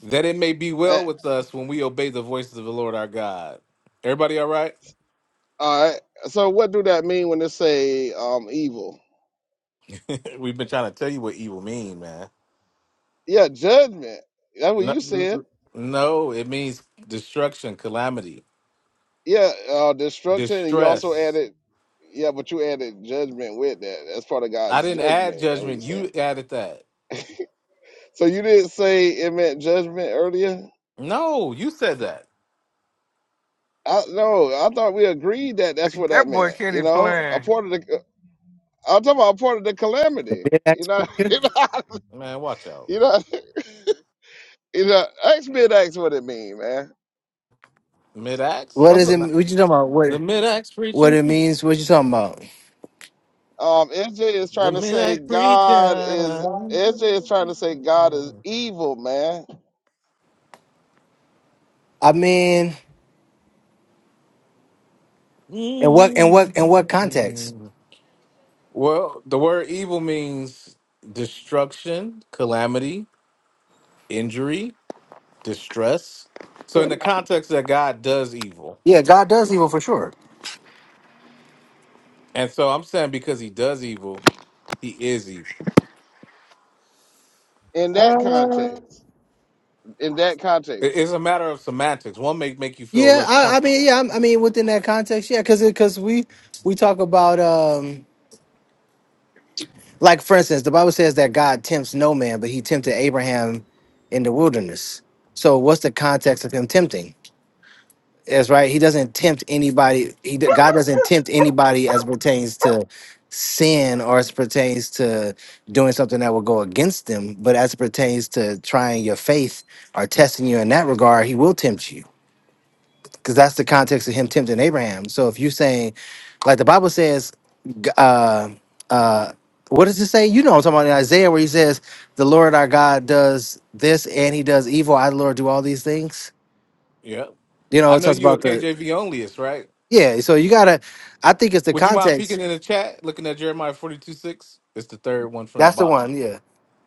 that it may be Eh, well with us when we obey the voices of the Lord our God. Everybody all right? all right. So what do that mean when they say um evil? We've been trying to tell you what evil mean, man. Yeah, judgment. That's what No, you said no, it means destruction, calamity, Yeah, uh, destruction, and you also distress. added, yeah, but you added judgment with that. That's part of I God's didn't add judgment. That's what you're judgment. saying. You added that. So you didn't say it meant judgment earlier. No, you said that. I no, I thought we agreed that that's what that That boy meant. Kenny You know, a playing. part of the, I'm talking about a part of the The calamity. big You ass know, preacher. you know, Man, watch out. you know, you know. Ask me, ask what it mean, man. Mid-ax What What's is is up? it? not. What you talking about? What The mid-axe what preacher. it means? What you talking about? um? SJ is The trying to say mid-axe preacher. God is. SJ is trying to say God is evil, man. I mean, and what and what and what context? Mm-hmm. Well, the word evil means destruction, calamity, injury, distress. So in the context that God does evil. Yeah, God does evil for sure. And so I'm saying because he does evil, he is evil. In that Uh, context. in that It- context. It's a matter of semantics. One may make you feel yeah, less I, I mean, comfortable. yeah, I'm- I, mean, within that context, yeah, because because we we talk about um, like for instance, the Bible says that God tempts no man, but He tempted Abraham in the wilderness. So, what's the context of Him tempting? That's right. He doesn't tempt anybody. He d- God doesn't tempt anybody as pertains to sin or as pertains to doing something that will go against them. But as it pertains to trying your faith or testing you in that regard, He will tempt you because that's the context of Him tempting Abraham. So if you're saying, like the Bible says, g- uh, uh, what does it say? You know, what I'm talking about in Isaiah where He says, "The Lord our God does this and He does evil. I, the Lord, do all these things." Yeah. You know, I it know talks you're a about the KJV onlyist, right? Yeah, so you gotta. I think it's the Would you mind peeking context. in the chat, looking at Jeremiah 42 6? It's the third one from the That's the bottom. one. Yeah,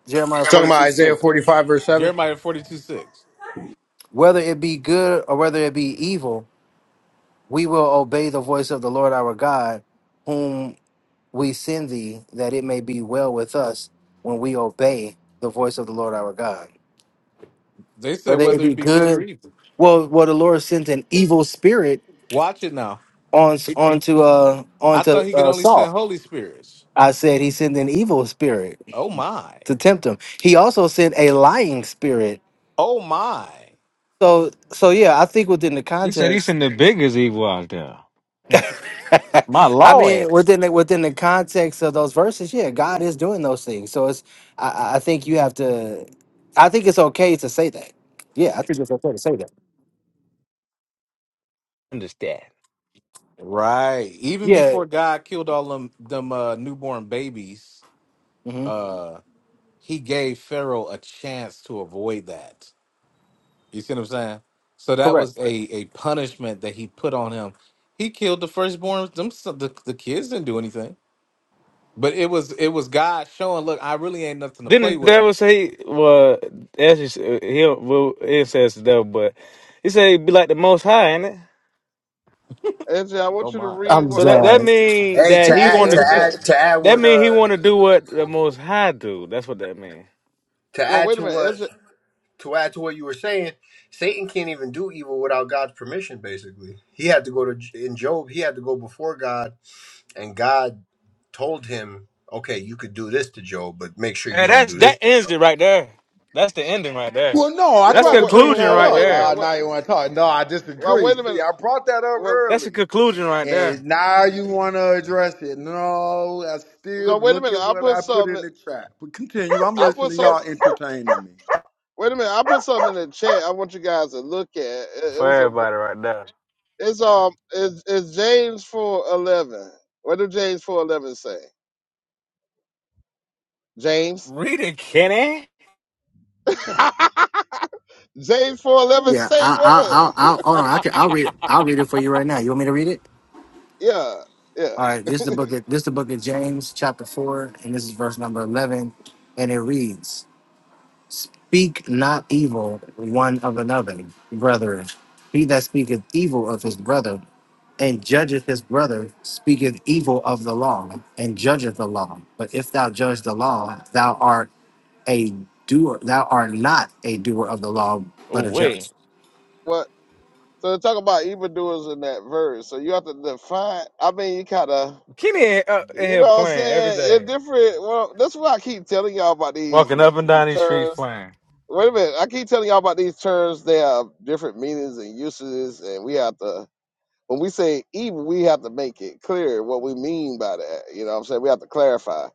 Jeremiah Talking forty about three Isaiah six. 45 verse seven. Jeremiah 42 6. Whether it be good or whether it be evil, we will obey the voice of the Lord our God, whom we send thee, that it may be well with us when we obey the voice of the Lord our God. They said Whether it whether be it be good or good, evil. well, well, the Lord sent an evil spirit Watch it now. on He- onto uh I thought onto he could uh, only send Saul. Holy Spirits. I said he sent an evil spirit Oh my. to tempt him. He also sent a lying spirit Oh my. So so yeah, I think within the He said he's context, in the biggest evil out there. My I lord. mean within the, within the context of those verses, yeah, God is doing those things. So it's I, I I think you have to, I think it's okay to say that. Yeah, I think it's okay to say that. Understand. Right. Even Yeah, before God killed all them, them uh, newborn babies, hmm uh, he gave Pharaoh a chance to avoid that. You see what I'm saying? So that correct. was a a punishment that he put on him. He killed the firstborn. Them s- the, the kids didn't do anything, but it was it was God showing. Look, I really ain't nothing to play Didn't the with. devil say, well, as you he, well, it says the devil, but he said he'd be like the most high, ain't it? Ezra, I Oh want you to my. read I'm So what that, that done. mean Hey, to that he add to wanted, Ezra. add to add that what mean he uh want to do what the most high do. That's what that mean. to Well, add wait a to minute, what Ezra. to add to what you were saying, Satan can't even do evil without God's permission. Basically, he had to go to in Job. He had to go before God, and God told him, "Okay, you could do this to Job, but make sure you And don't that's, do this that to ends it Job." right there. That's the ending right there. Well, no, I Yeah, That's tried but to whoa, bring whoa, conclusion that whoa, right up. wait a there. minute. Uh, Wait, now you want to talk? No, I well, disagree. wait a See, minute. I brought that up Well, That's a earlier conclusion right there. And now you want to address it. No, I still no, wait a look minute. at I what put I put something. in the chat. But continue. I'm I put listening. Y'all something. entertaining me. Wait a minute. I put something in the chat. I want you guys to look at. It, it For was a. ver- everybody right there. It's um. It's, it's James four eleven. What did James four eleven say? James. Read it, Kenny. James four eleven Yeah, say I I I what? I hold on. I can I'll read I'll read it for you right now. You want me to read it? Yeah. Yeah. All right. This is the book. Of, this is the book of James, chapter four, and this is verse number eleven, and it reads. Speak not evil one of another, brethren. He that speaketh evil of his brother and judgeth his brother speaketh evil of the law and judgeth the law. But if thou judge the law, thou art a doer. Thou art not a doer of the law, Oh, but a judge. wait. What? So they talk about evildoers in that verse. So you have to define. I mean, you kind of, Kenny up in you know, here what I'm playing every saying it's day. different. Well, that's why I keep telling y'all about these Walking up and down these these streets terms. playing. Wait a minute, I keep telling y'all about these terms. They have different meanings and uses, and we have to. When we say evil, we have to make it clear what we mean by that. You know what I'm saying? We have to clarify,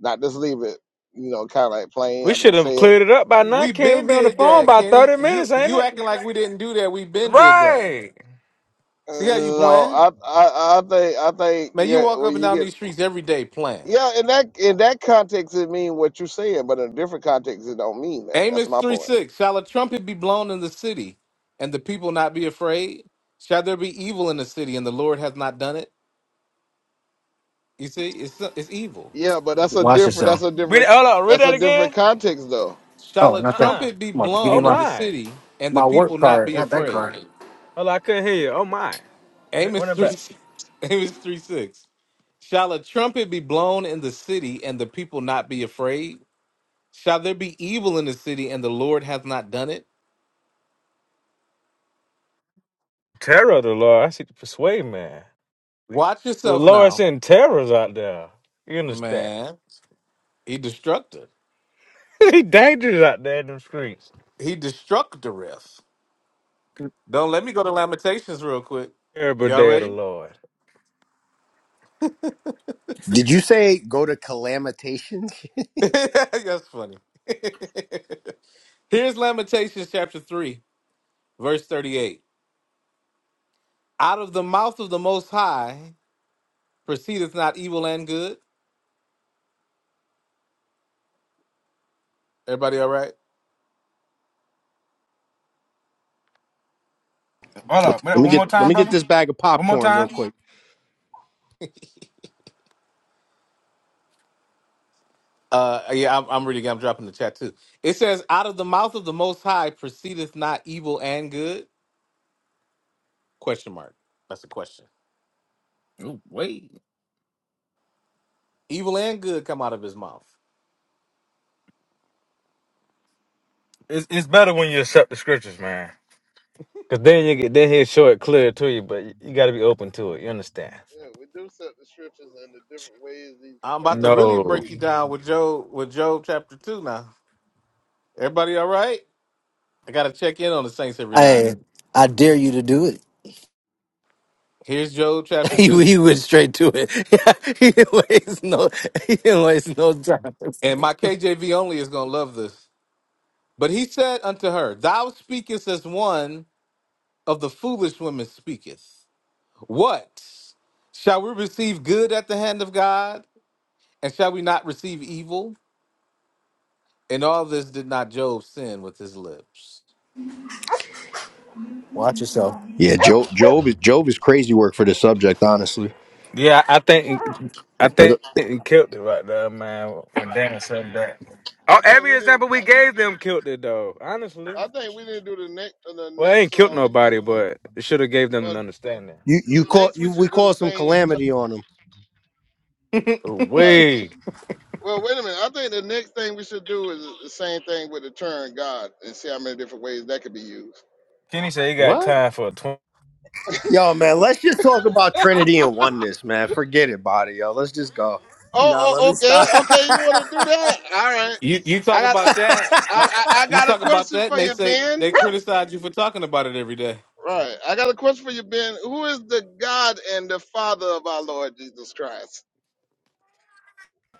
not just leave it, you know, kind of like plain We after should we have say it. cleared it up by now. We Can't we been be on the did phone that, by Kenny. 30 minutes, You ain't you it? acting like we didn't do that. We been did that. Right. Uh, See how you No, playing? I, I, I think, I think, Man, you yeah, walk up when and you down get these streets every day playing. Yeah, in that in that context, it mean what you're saying, but in a different context, it don't mean that. That's Amos my 3 point. 6. Shall a trumpet be blown in the city, and the people not be afraid? Shall there be evil in the city, and the Lord hath not done it? You see, it's it's evil. Yeah, but that's a Watch different. That's yourself. a Read it. different. Hold on. Read That's that a different again. context, though. Oh, Shall a Uh not that. uh trumpet be Come on, give me Oh blown in my the my. city, and the my work people not card. be Not that afraid? card. Hold on. I couldn't hear you. Oh my. Read it, Amos run it back. three, Amos three six. Shall a trumpet be blown in the city, and the people not be afraid? Shall there be evil in the city, and the Lord hath not done it? Terror of the Lord. I see the persuade man. Watch The yourself Lord now, sending terrors out there. You understand? man. He destructed. he dangerous out there in them streets. He destructoreth. Don't let me go to Lamentations real quick. Terrible Y'all day of the ready? Lord. Did you say go to calamitations? That's funny. Here's Lamentations chapter three. Verse 38. Out of the mouth of the Most High proceedeth not evil and good. Everybody all right? Hold on. Let Wait, me One get more let time, me get brother. this bag of One more popcorn real time. quick. Uh, yeah, I'm, I'm reading. I'm dropping the chat too. It says, out of the mouth of the Most High proceedeth not evil and good? Question mark. That's a question. Oh, wait. Evil and good come out of his mouth. It's, it's better when you accept the scriptures, man. Cause then you get then he'll show it clear to you, but you, got to be open to it. You understand? Yeah, we do set the scriptures and the different ways these I'm about to terms can really be No. break you used. down with Job, with Job chapter 2 now. Everybody all right? I got to check in on the saints every now and Hey, then. I dare you to do it. Here's Job chapter he, 2. he went straight to it. he didn't waste no. He didn't waste no time. And my KJV only is going to love this. But he said unto her, Thou speakest as one of the foolish women speaketh. What? Shall we receive good at the hand of God? And shall we not receive evil? And all this did not Job sin with his lips. Watch yourself. yeah, Job. Job is Job is crazy work for this subject. Honestly, Yeah, I think I think It- he killed it right there, man. When Dan said that. Oh, I think we every didn't. example we gave them killed it though. Honestly, I think we didn't do the next uh, the well, it ain't next killed um. nobody, but it should have gave them an But understanding. You you call next we you we should do the call some same. T- calamity on him. right. Way. Well, wait a minute. I think the next thing we should do is the same thing with the term God and see how many different ways that could be used. Kenny said he got What? time for a twenty. Yo, man, let's just talk about Trinity and oneness, man. Forget it, body, yo. Let's just go. Nah, Oh, let oh, me okay, stop. okay. You want to do that? All right. You you talk I got, I, about that? You I, I you got a talk about question that, and for they you, say they Ben. criticize you for talking about it every day. Right. I got a question for you, Ben. Who is the God and the Father of our Lord Jesus Christ?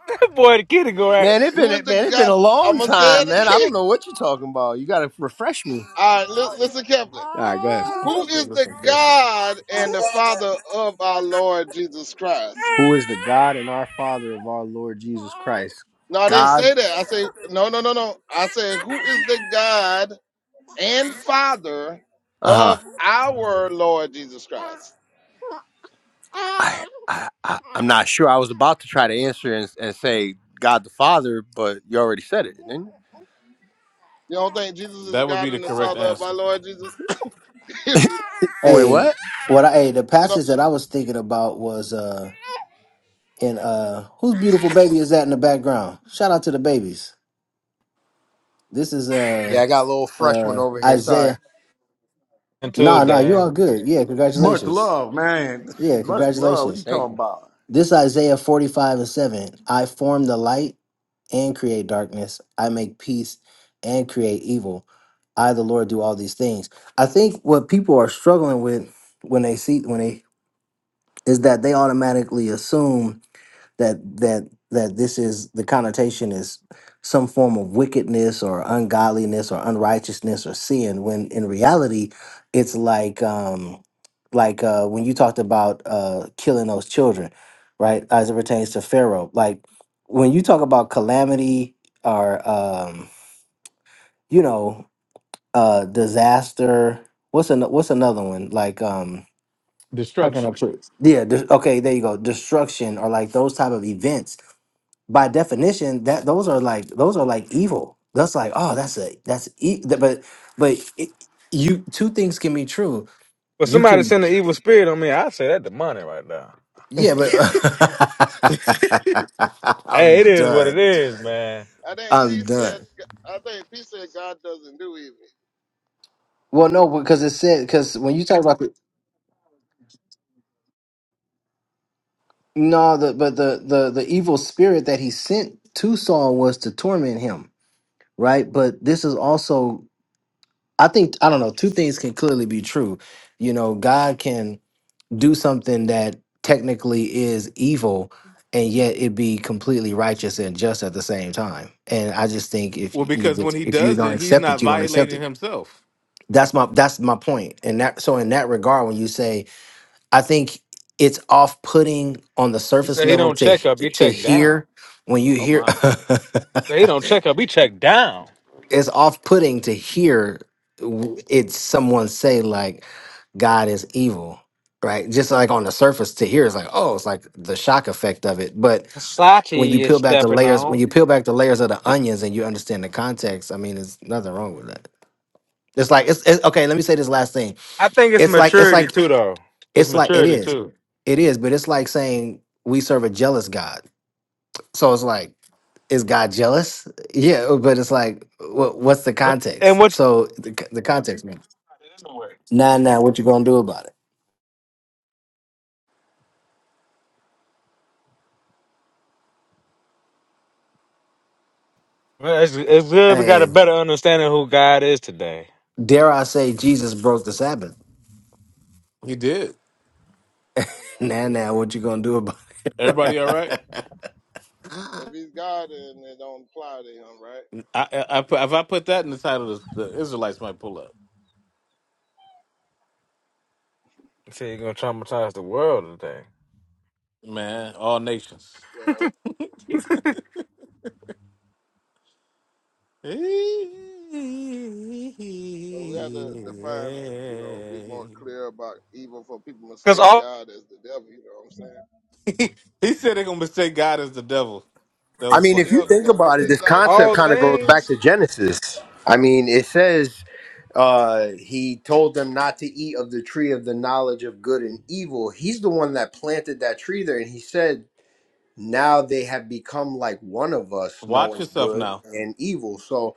Boy, the kitty go out man, it been Who is the man, it been God? a I'm long gonna say time, it man. I don't again. know what you're talking about. You gotta refresh me. All right. Listen, listen carefully. All right, go ahead. He Who said, is the "Listen carefully." God and the Father of our Lord Jesus Christ? Who is the God and our Father of our Lord Jesus Christ? No, I didn't say God. that. I say no, no, no, no. I say who is the God and Father Uh of our Lord Jesus Christ? huh. I, I, I I'm not sure. I was about to try to answer and, and say God the Father, but you already said it, didn't You don't think Jesus is That would be God the and the correct Father of our answer. Lord Jesus? you? Wait, Hey, what? what I hey, the you know, passage that I was thinking about was uh in uh whose beautiful baby is that in the background? Shout out to the babies. This is Yeah, uh I got a little fresh one uh over here. Sorry. Isaiah. and two nah, nah, you Dan. all good. Yeah, Much congratulations. love, man. Yeah, Much love. What you congratulations. Thank talking you. about? This Isaiah 45 and 7. I form the light and create darkness. I make peace and create evil. I the Lord do all these things. I think what people are struggling with when they see when they is that they automatically assume that that that this is the connotation is some form of wickedness or ungodliness or unrighteousness or sin when in reality it's like um like uh when you talked about uh killing those children right as it pertains to pharaoh like when you talk about calamity or um you know uh disaster what's an what's another one like um Destruction. Yeah. de- okay. There you go. Destruction or like those type of events. By definition, that those are like those are like evil. That's like oh, that's a that's e- th- but but it, you two things can be true. But You somebody can send an evil spirit on me. I say that demonic right now. yeah, but I'm Hey, it is what done. it is, man. I think I'm Pete said. done. I think Pete said God doesn't do evil. Well, no, because it said because when you talk about the no, the but the the the evil spirit that he sent to Saul was to torment him, right? But this is also I think I don't know. Two things can clearly be true. You know, God can do something that technically is evil, and yet it be completely righteous and just at the same time. And I just think if Well, you because when just- he if you does don't it, he's accept it, not you don't accept violating it. himself. That's my that's my point. And that so in that regard, when you say, I think it's off putting on the He surface said he level don't to check up, he to check down. hear when you Oh hear. my, Say he don't check up, he check down. it's off-putting to hear w- it someone say like God is evil, right? Just like on the surface to hear, it's like, oh, it's like the shock effect of it. But when you Sachi is peel back the stepping layers, when on. you peel back the layers of the onions and you understand the context, I mean, there's nothing wrong with that. It's like it's, it's okay. Let me say this last thing. I think it's It's like it's maturity like too, though. It's it's like it maturity is, too. it is. But it's like saying we serve a jealous God. So it's like, is God jealous? Yeah, uh, but it's like, what, what's the What- And context? what? So the, c- the context, man. Now, now, what you gonna do about it? well, It's, it's good we got Hey, a better understanding of who God is today. dare I say, Jesus broke the Sabbath? he did. You know, Now, he didn't now, break. what you gonna do about it? Everybody, all right? If he's God, then it don't apply to him, right? I, I, I put, if I put that in the title, the, the Israelites might pull up. You say you're gonna traumatize the world today. Man, all nations. You know, he but we have to define. You know, be more clear about evil for people Cause mistake all God as the devil. You know what I'm saying? said they're gonna mistake God as the devil. That I was mean, if funny, you Yeah, Kenny. think because we about it, uh, this like like concept all think kind of about it goes now. back things, to Genesis. I mean, it says uh, he told them not to eat of the tree of the knowledge of good and evil. He's the one that planted that tree there, and he said now they have become like one of us Watch knowing yourself good now. and evil so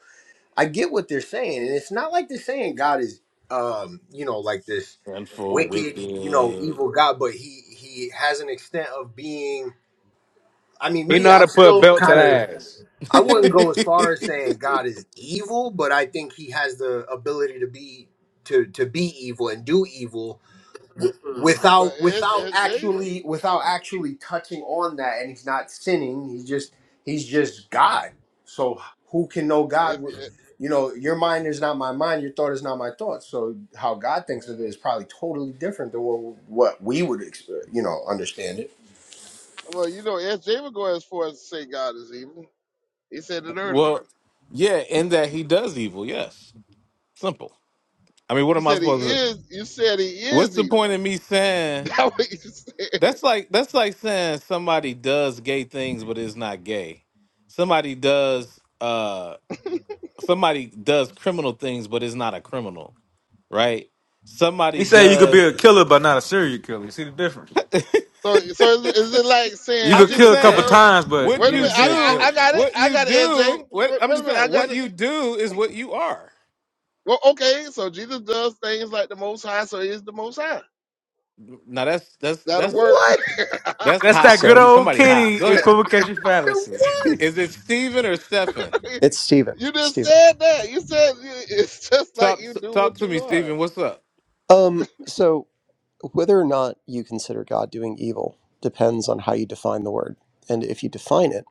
i get what they're saying and it's not like they're saying god is um you know like this And for wicked you know wicked. evil god but he he has an extent of being i mean he me know how i'm to put a still belt to the kind of ass. i wouldn't go as far as saying god is evil but i think he has the ability to be to to be evil and do evil But without it, without it's J. actually without actually touching on that and he's not sinning he's just he's just god so who can know god It's with it, you know your mind is not my mind your thought is not my thought so how god thinks of it is mm, probably totally different than what, what we would expect you know understand it well, you know, SJ would go as far as to say God is evil. He said it early. well, yeah, in that he does evil. Yes, simple. I mean, what You am I said he supposed to? is. You said he What's is the point evil. of me saying? That's what you said. That's like that's like saying somebody does gay things but is not gay. Somebody does uh somebody does criminal things but is not a criminal, right? He Somebody said you could be does a killer, but not a serial killer. You see the difference? So, so is, is it like You saying I'm could just kill Jesus a couple saying does? times, but what Wait a you ain't you a minute. I, serial I, killer. I do, got it. what I you got it, SJ. do, what Wait, I'm wait a just minute. saying I got what it. you do is what you are. Well, okay. So Jesus does things like the Most High. So he is the Most High. Now that's that's That'll that's work. What? that's That's that high. good So You- old Somebody high. Kenny Go ahead. equivocation fallacy. What? Is it Steven or Stefan? it's Stephen. you just Stephen. said that. You said you- it's just like Talk you do talk what to you me, are. Steven. What's up? Um, so whether or not you consider God doing evil depends on how you define the word. And if you define it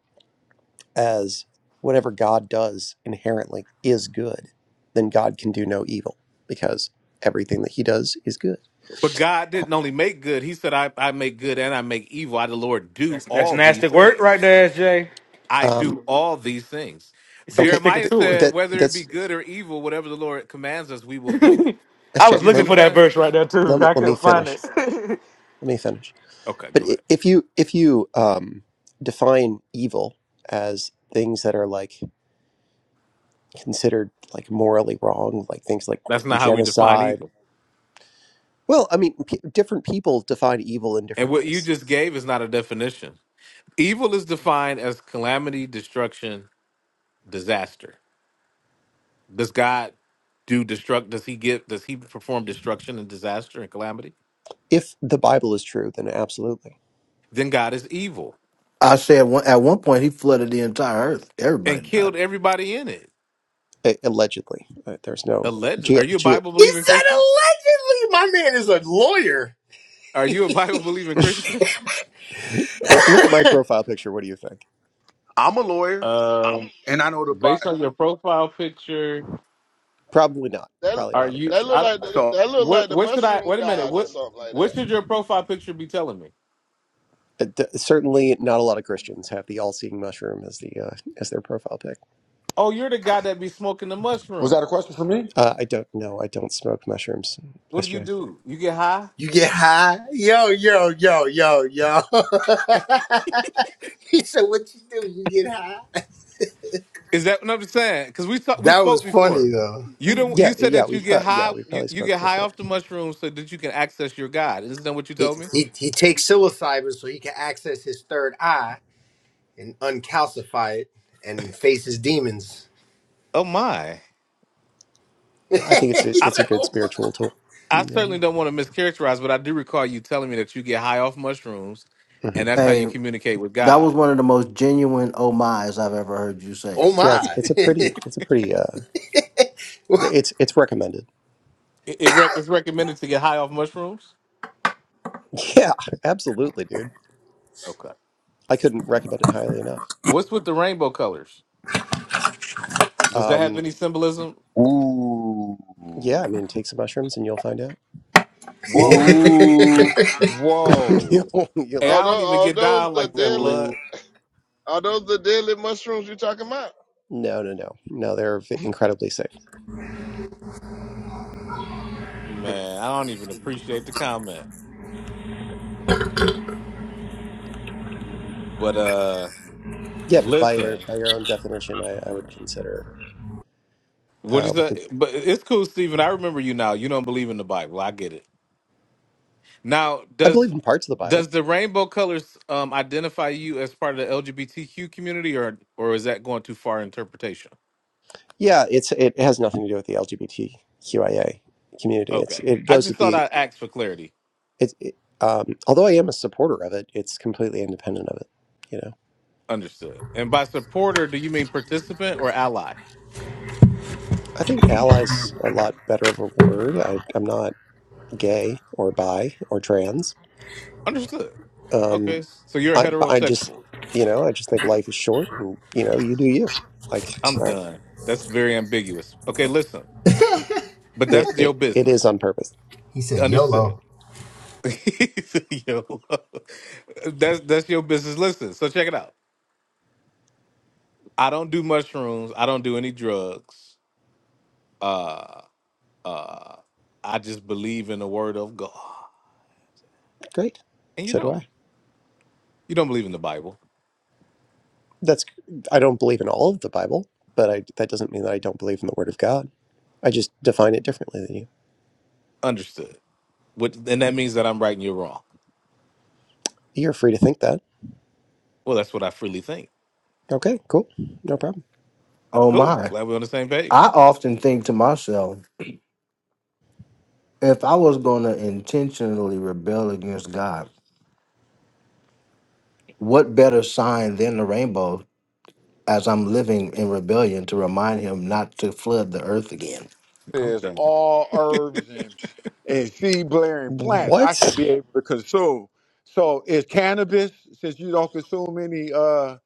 as whatever God does inherently is good, then God can do no evil because everything that he does is good. But God didn't only make good. He said, I, I make good and I make evil. I, the Lord, That's do that's all nasty these work right things. there, SJ. I Um, do all these things. He said he's okay, sticking Jeremiah th- to it. said, that whether it be that's good or evil, whatever the Lord commands us, we will do it. I SJ. was You see looking what Let, I'm for that saying? verse right there too. let, me- I let me couldn't find finish. it. Let me finish. Okay, But go i- ahead. if you if you um, define evil as things that are like considered like morally wrong, like things like That's not how we define genocide. evil. Well, I mean, p- different people define evil in And different what you ways. just gave is not a definition. Evil is defined as calamity, destruction, disaster. Does God do destruct? Does he give? Does he perform destruction and disaster and calamity? If the Bible is true, then absolutely, Then God is evil I say at one, at one point he flooded the entire earth, and everybody died. killed everybody in it. A- allegedly, Uh, there's no. Alleged? Are Ge- you a ge- Bible he believing said Christian? allegedly my man is a lawyer Are you a Bible believing Christian? oh, look at my profile picture. What do you think? I'm a lawyer Um, and I know the based Bible. on your profile picture, Probably not. That Probably are not a you? that Christian. look I don't. like the, So, that look What? like the What should I? mushroom Wait a minute. god or What? something like What that. should your profile picture be telling me? Uh, d- certainly, not a lot of Christians have the all-seeing mushroom as the uh, as their profile pic. Oh, you're the guy that be smoking the Was that a mushrooms. question for me? Uh, I don't know. I don't smoke mushrooms, What do you SJ. do? You get high? you get high yo yo yo yo yo he said what you do you get high Is that what I'm saying? Because we talk, we that was spoke funny before. though You don't. Yeah, You said yeah, that you we've get probably yeah high. we've You, probably you spoke get high before. off the mushrooms so that you can access your God. Isn't that what you He, told me? he, he takes psilocybin so he can access his third eye and uncalcify it and face his demons. Oh my! he I think it's a I. it's a said, good oh my. spiritual tool. I Yeah. certainly don't want to mischaracterize, but I do recall you telling me that you get high off mushrooms, hmm and that's how you hey, communicate with that was God. one of the most genuine oh my's I've ever heard you say. Oh Yeah, it's my. it's a pretty it's a pretty uh it's it's recommended. It, it rec- it's recommended to get high off mushrooms. Yeah, absolutely, dude. Okay. I couldn't recommend it highly enough. What's with the rainbow colors? Does that have Um, any symbolism? yeah, ooh, I mean, take some mushrooms and you'll find out. Whoa, whoa! you'll, Hey, you'll, Are I don't those, even are get those down the like ooh. that, deadly? blood. Are those the deadly mushrooms you talking about? no, no, no, no. They're v- incredibly safe. Man, I don't even appreciate the comment. But uh, Yeah, but by your listen, by your own definition, I, I would consider what uh, is what that? the But it's cool, Stephen. I remember you now. You don't believe in the Bible. I get it. Now, I believe does in parts of the does Bible. the rainbow colors um, identify you as part of the LGBTQ community, or or is that going too far in interpretation? Yeah, it's it has nothing to do with the LGBTQIA community. It's Okay, it I goes just with thought the I'd ask for clarity. it. it um, although I am a supporter of it, it's completely independent of it. You know. Understood. And by supporter, do you mean participant or ally? I think ally's a lot better of a word. I, I'm not gay or bi or trans. Understood. Um, Okay, so you're a I, I just, heterosexual. you know, I just think life is short and, you know, you do you. Like, I'm I, done. That's very ambiguous. Okay, listen, but it, that's your it, it is business. on purpose. he said, Understood. YOLO. Yo, that's that's your business. Listen, so check it out. I don't do mushrooms. I don't do any drugs. Uh, uh, I just believe in the word of God. Great. And you So do don't. I. You don't believe in the Bible. That's, I don't believe in all of the Bible, but I, that doesn't mean that I don't believe in the word of God. I just define it differently than you. Understood. What, and that means that I'm right and you're wrong. You're free to think that. Well, that's what I freely think. Okay, cool. No problem. Oh Cool. my! Glad we're on the same I page. often think to myself, if I was going to intentionally rebel against God. What better sign than the rainbow as I'm living in rebellion to remind him not to flood the earth again? I'm says done. all herbs and and seed bearing plants I should What? be able to consume. So is cannabis since you don't consume any uh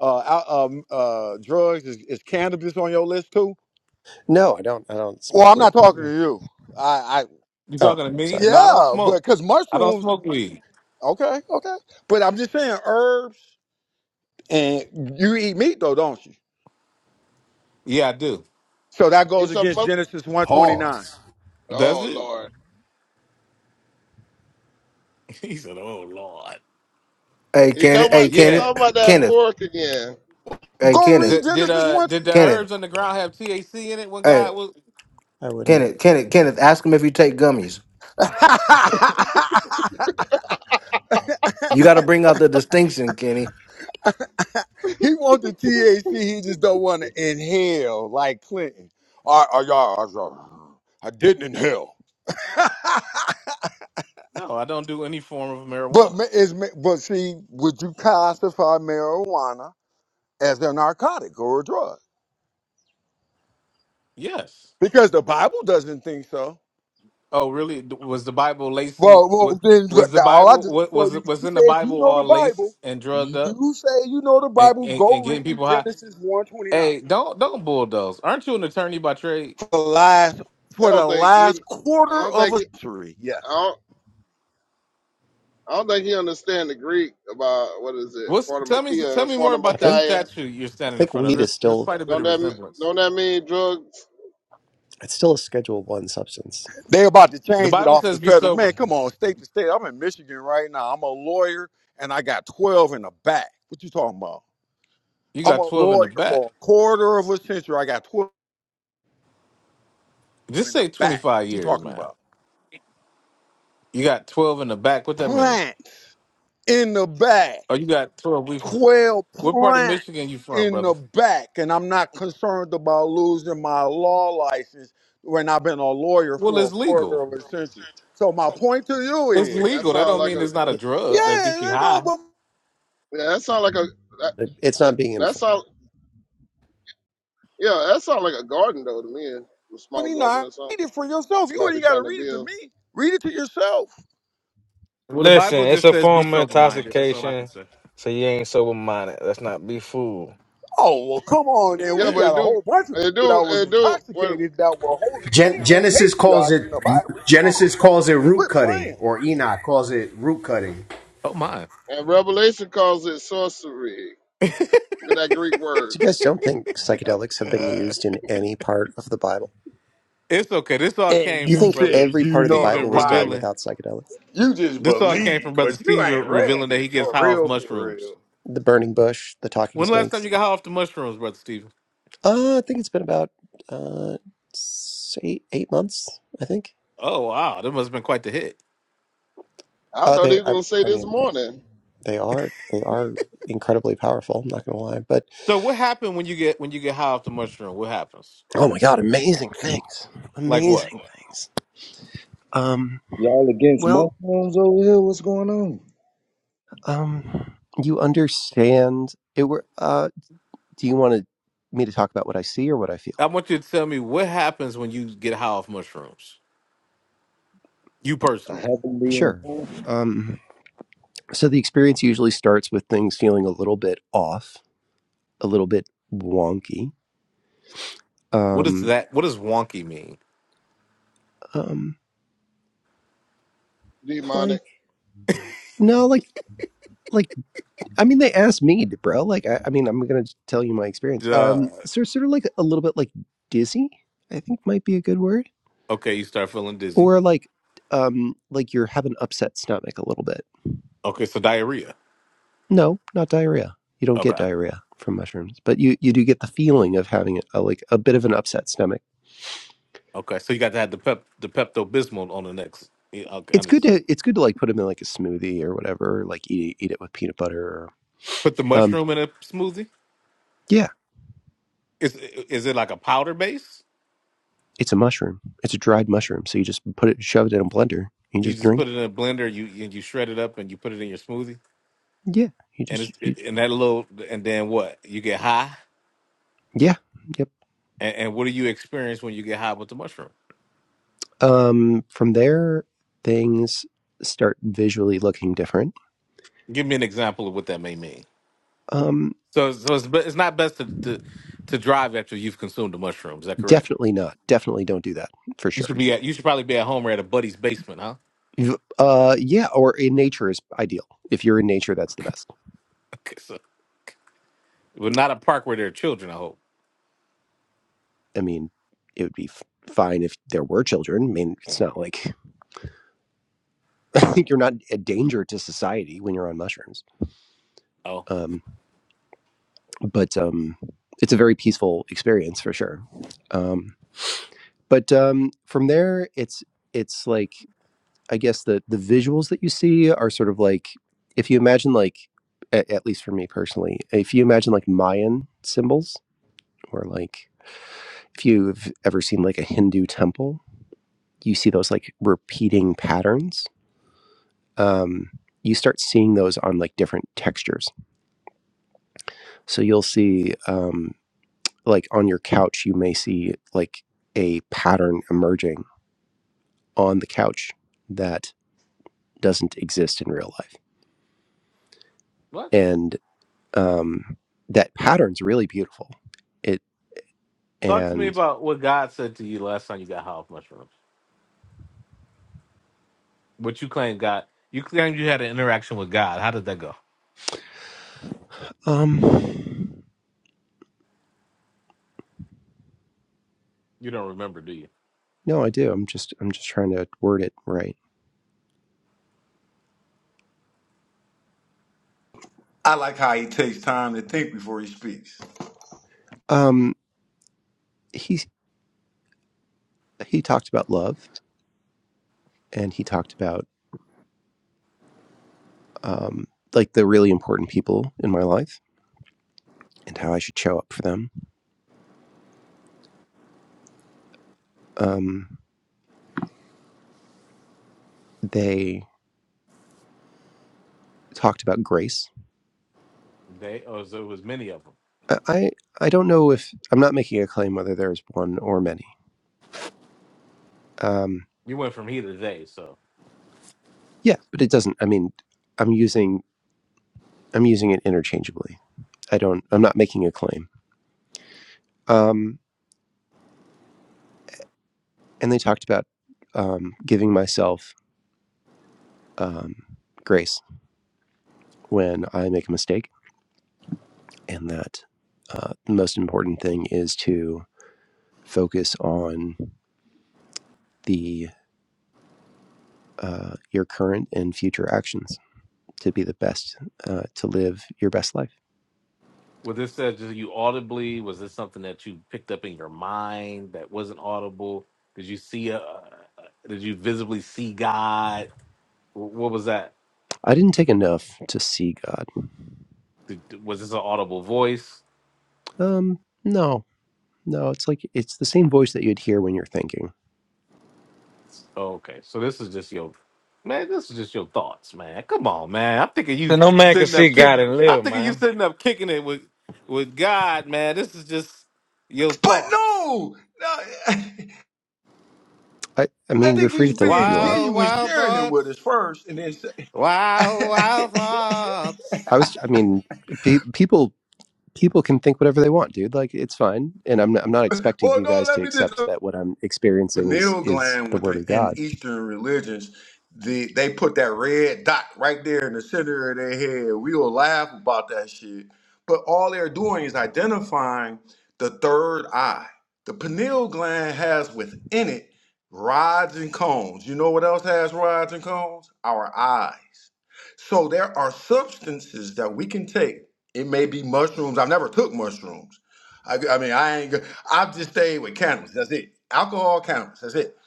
uh, al- um, uh drugs is, is cannabis on your list too? No, I don't, I don't Well, smoke I'm weed. not talking to No. you. I, I You Oh, talking to me? sorry. No, I don't yeah, but smoke. cuz I don't mushrooms smoke weed. okay, okay. But I'm just saying herbs and you eat meat though, don't you? Yeah, I do. So that He goes against talking. Genesis 129. Pause. Does Oh it? Lord, He said, "Oh Lord." Hey, he Kenneth. talking Hey, about they Yeah. Kenneth. talking about that Kenneth. pork again. Hey, Go Kenneth. read Did, did Genesis uh 1. did the Kenneth. herbs on the ground have THC in it when Hey, God was? I wouldn't. Kenneth. Kenneth. Kenneth. Ask him if you take gummies. You got to bring out the distinction, Kenny. He want the THC, he just don't want to inhale like Clinton. I, I, I, I, I didn't inhale. No, I don't do any form of But ma- marijuana. is ma- but see, would you classify marijuana as a narcotic or a drug? Yes. Because the Bible doesn't think so. Oh, really? D- Was the Bible lacing? Well, What well, then was the all I Bible? just What for was you, it? Was you in the said you Bible know the all Bible. laced and drugged You up say you know the and, Bible. and, Go and getting read people high? Genesis one twenty nine Hey, don't don't bulldoze. Aren't you an attorney by trade? for the last I for the don't think he, last I quarter don't of think a he, century. I Yes. don't, I don't think he understand the Greek about what is it, What's tell me tell fornimakia, me more I about that think. fornimakia. statue you're I standing in think front of. weed is There's there's still quite a bit Don't of that m- resemblance. don't that mean drugs? it's still a Schedule One substance. They about to The change it Bible off the says be federal. Man, sober. come on, state to state. I'm in Michigan right now. I'm a lawyer and I got 12 in the back. What you talking about? You I'm got a twelve in the lawyer back. for a quarter of a century. I got 12 Just in the say twenty back. five What you years, talking man. about? You got twelve in the back. What that mean? Plants in the back. Oh, you got twelve. We, 12 what part of plants Michigan you from, in brother? the back. And I'm not concerned about losing my law license when I've been a lawyer Well, for a it's legal. quarter of a century. So my point to you It's is, That legal. That sound don't like mean a it's not a It, drug that gets you yeah, high. no, yeah, that sound like a that it's that, not being that enforced. sound yeah, that sound like a garden though to me, a small garden 29. or something. Read it for yourself. You Might be ain't got to trying to read it to build. me. Read it to yourself. Well, the Listen, Bible it's just a says be form of sober minded. That's all I can intoxication, say. so you ain't sober minded. Let's not be fooled. Oh, well, come on. And Yeah, we Yeah. but got it a do whole bunch of it people do that was it do what intoxicated that were holy Gen- men, Genesis calls patriarchs in it the Bible. Come on Genesis now. calls it root Quit cutting, playing. or Enoch calls it root cutting. Oh my. and Revelation calls it sorcery. I'm Look at that Greek word You guys don't think psychedelics have been done. used in any part of the Bible? it's okay. This all And came You you from think brother said every you part of the know the Bible Stephen was done Bible. revealing. without psychedelics? You just This all came believe, from brother but you Stephen ain't read revealing that it he gets for high off real, for mushrooms. real. The burning bush, the talking When the last time snakes. you got high off the mushrooms, brother Stephen? Uh, I think it's been about uh, s- eight eight months. I think. Oh wow, that must have been quite the hit. I Uh, thought they. he was I, gonna say I this mean, they morning, they are they are incredibly powerful. I'm not gonna lie, but So what happened when you get when you get high off the mushroom? What happens? oh my god, amazing things, Like what? amazing things. Um. Y'all against well. mushrooms over here? What's going on? Um, you understand it were uh do you want to me to talk about what I see or what I feel? I want you to tell me what happens when you get high off mushrooms. You I personally, haven't been. Sure. Um so the experience usually starts with things feeling a little bit off, a little bit wonky. what does Um that? What does wonky mean? um demonic. like no like like I mean they asked me, bro. Like I, I mean I'm going to tell you my experience. Duh. Um so sort of like a little bit like dizzy, I think might be a good word. Okay, you start feeling dizzy. Or like um like you're having upset stomach a little bit Okay, so diarrhea. No, not diarrhea. You don't get Okay, diarrhea from mushrooms, but you you do get the feeling of having a, like a bit of an upset stomach. okay, so you got to have the pep the Pepto Bismol on the next. Yeah, okay, It's good understood. to it's good to like put them in like a smoothie or whatever, like eat eat it with peanut butter. Or, Put the um, mushroom in a smoothie. yeah, Is is it like a powder base? it's a mushroom. It's a dried mushroom, so you just put it, shove it in a blender, and you You just just drink. put it in a blender. You and you shred it up and you put it in your smoothie. Yeah, you And just it's you, and that little and then what? You get high. yeah, yep. And, and what do you experience when you get high with the mushroom? Um, from there, things start visually looking different. Give me an example of what that may mean. Um, So, so it's, be- it's not best to, to to drive after you've consumed the mushroom. Is that correct? definitely not. Definitely don't do that for You sure should be at you should probably be at home or at a buddy's basement, huh? You've- Uh, yeah, or in nature is ideal. If you're in nature, that's the Okay, best. okay. So, but not a park where there are children. I hope. I mean, it would be f- fine if there were children. I mean, it's not like you're not a danger to society when you're on mushrooms. Oh, Um, but um, it's a very peaceful experience for sure. Um, but um, from there, it's it's like I guess the the visuals that you see are sort of like if you imagine like at, at least for me personally, if you imagine like Mayan symbols or like If you've ever seen like a Hindu temple, you see those like repeating patterns. Um, you start seeing those on like different textures. So you'll see, um, like on your couch, you may see like a pattern emerging on the couch that doesn't exist in real life. what? And um, that pattern's really beautiful. It Talk to me and about what God said to you last time you got high off mushrooms. What you claim God? You claim you had an interaction with God. How did that go? um, You don't remember, do you? no, I do. I'm just I'm just trying to word it right. I like how he takes time to think before he speaks. Um, he he talked about love and he talked about um, like the really important people in my life and how I should show up for them. Um, they talked about grace. They? Oh, so it was many of them. I, I I don't know if I'm not making a claim whether there's one or many. Um, You went from he to they. So. yeah, but it doesn't. I mean, I'm using I'm using it interchangeably. I don't. I'm not making a claim. Um, and they talked about um, giving myself um, grace when I make a mistake, and that uh, the most important thing is to focus on the uh, your current and future actions to be the best uh, to live your best life Was this that just you audibly? Was this something that you picked up in your mind that wasn't audible? Did you see a? Did you visibly see God? Wh- What was that? i didn't take enough to see god Did, was this an audible voice? um no no it's like it's the same voice that you'd hear when you're thinking Okay, so this is just your man. This is just your thoughts, man. Come on, man. I'm thinking you So no man can sitting see up kick. God and live, I'm thinking you man. sitting up kicking it with with God, man. This is just your But thoughts. no, no i i I mean you're think free he's to think what being you want Wild, genuine, wild sharing it with thoughts. us first, and then. say. Wild, wild thoughts. i was i mean pe- people people can think whatever they want dude like it's fine and i'm not, i'm not expecting Well, you no, guys let to me just accept that what i'm experiencing is pineal is gland the word of within god Eastern religions. The, they put that red dot right there in the center of their head. We will laugh about that shit. But all they're doing is identifying the third eye. The pineal gland has within it rods and cones. You know what else has rods and cones? Our eyes. So there are substances that we can take. It may be mushrooms. I've never took mushrooms I, I mean, I ain't. go- I've just stayed with cannabis. That's it. Alcohol, cannabis. That's it.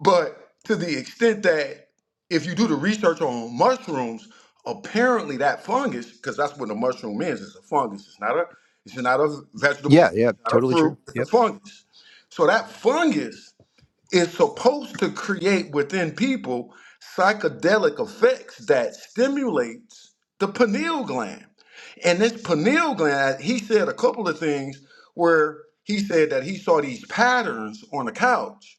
But to the extent that if you do the research on mushrooms, apparently that fungus, because that's what a mushroom is. It's a fungus. It's not a. It's not a yeah vegetable. yeah It's not a totally true fruit. It's a yep fungus. So that fungus is supposed to create within people psychedelic effects that stimulates the pineal gland. And this pineal gland, he said a couple of things where he said that he saw these patterns on the couch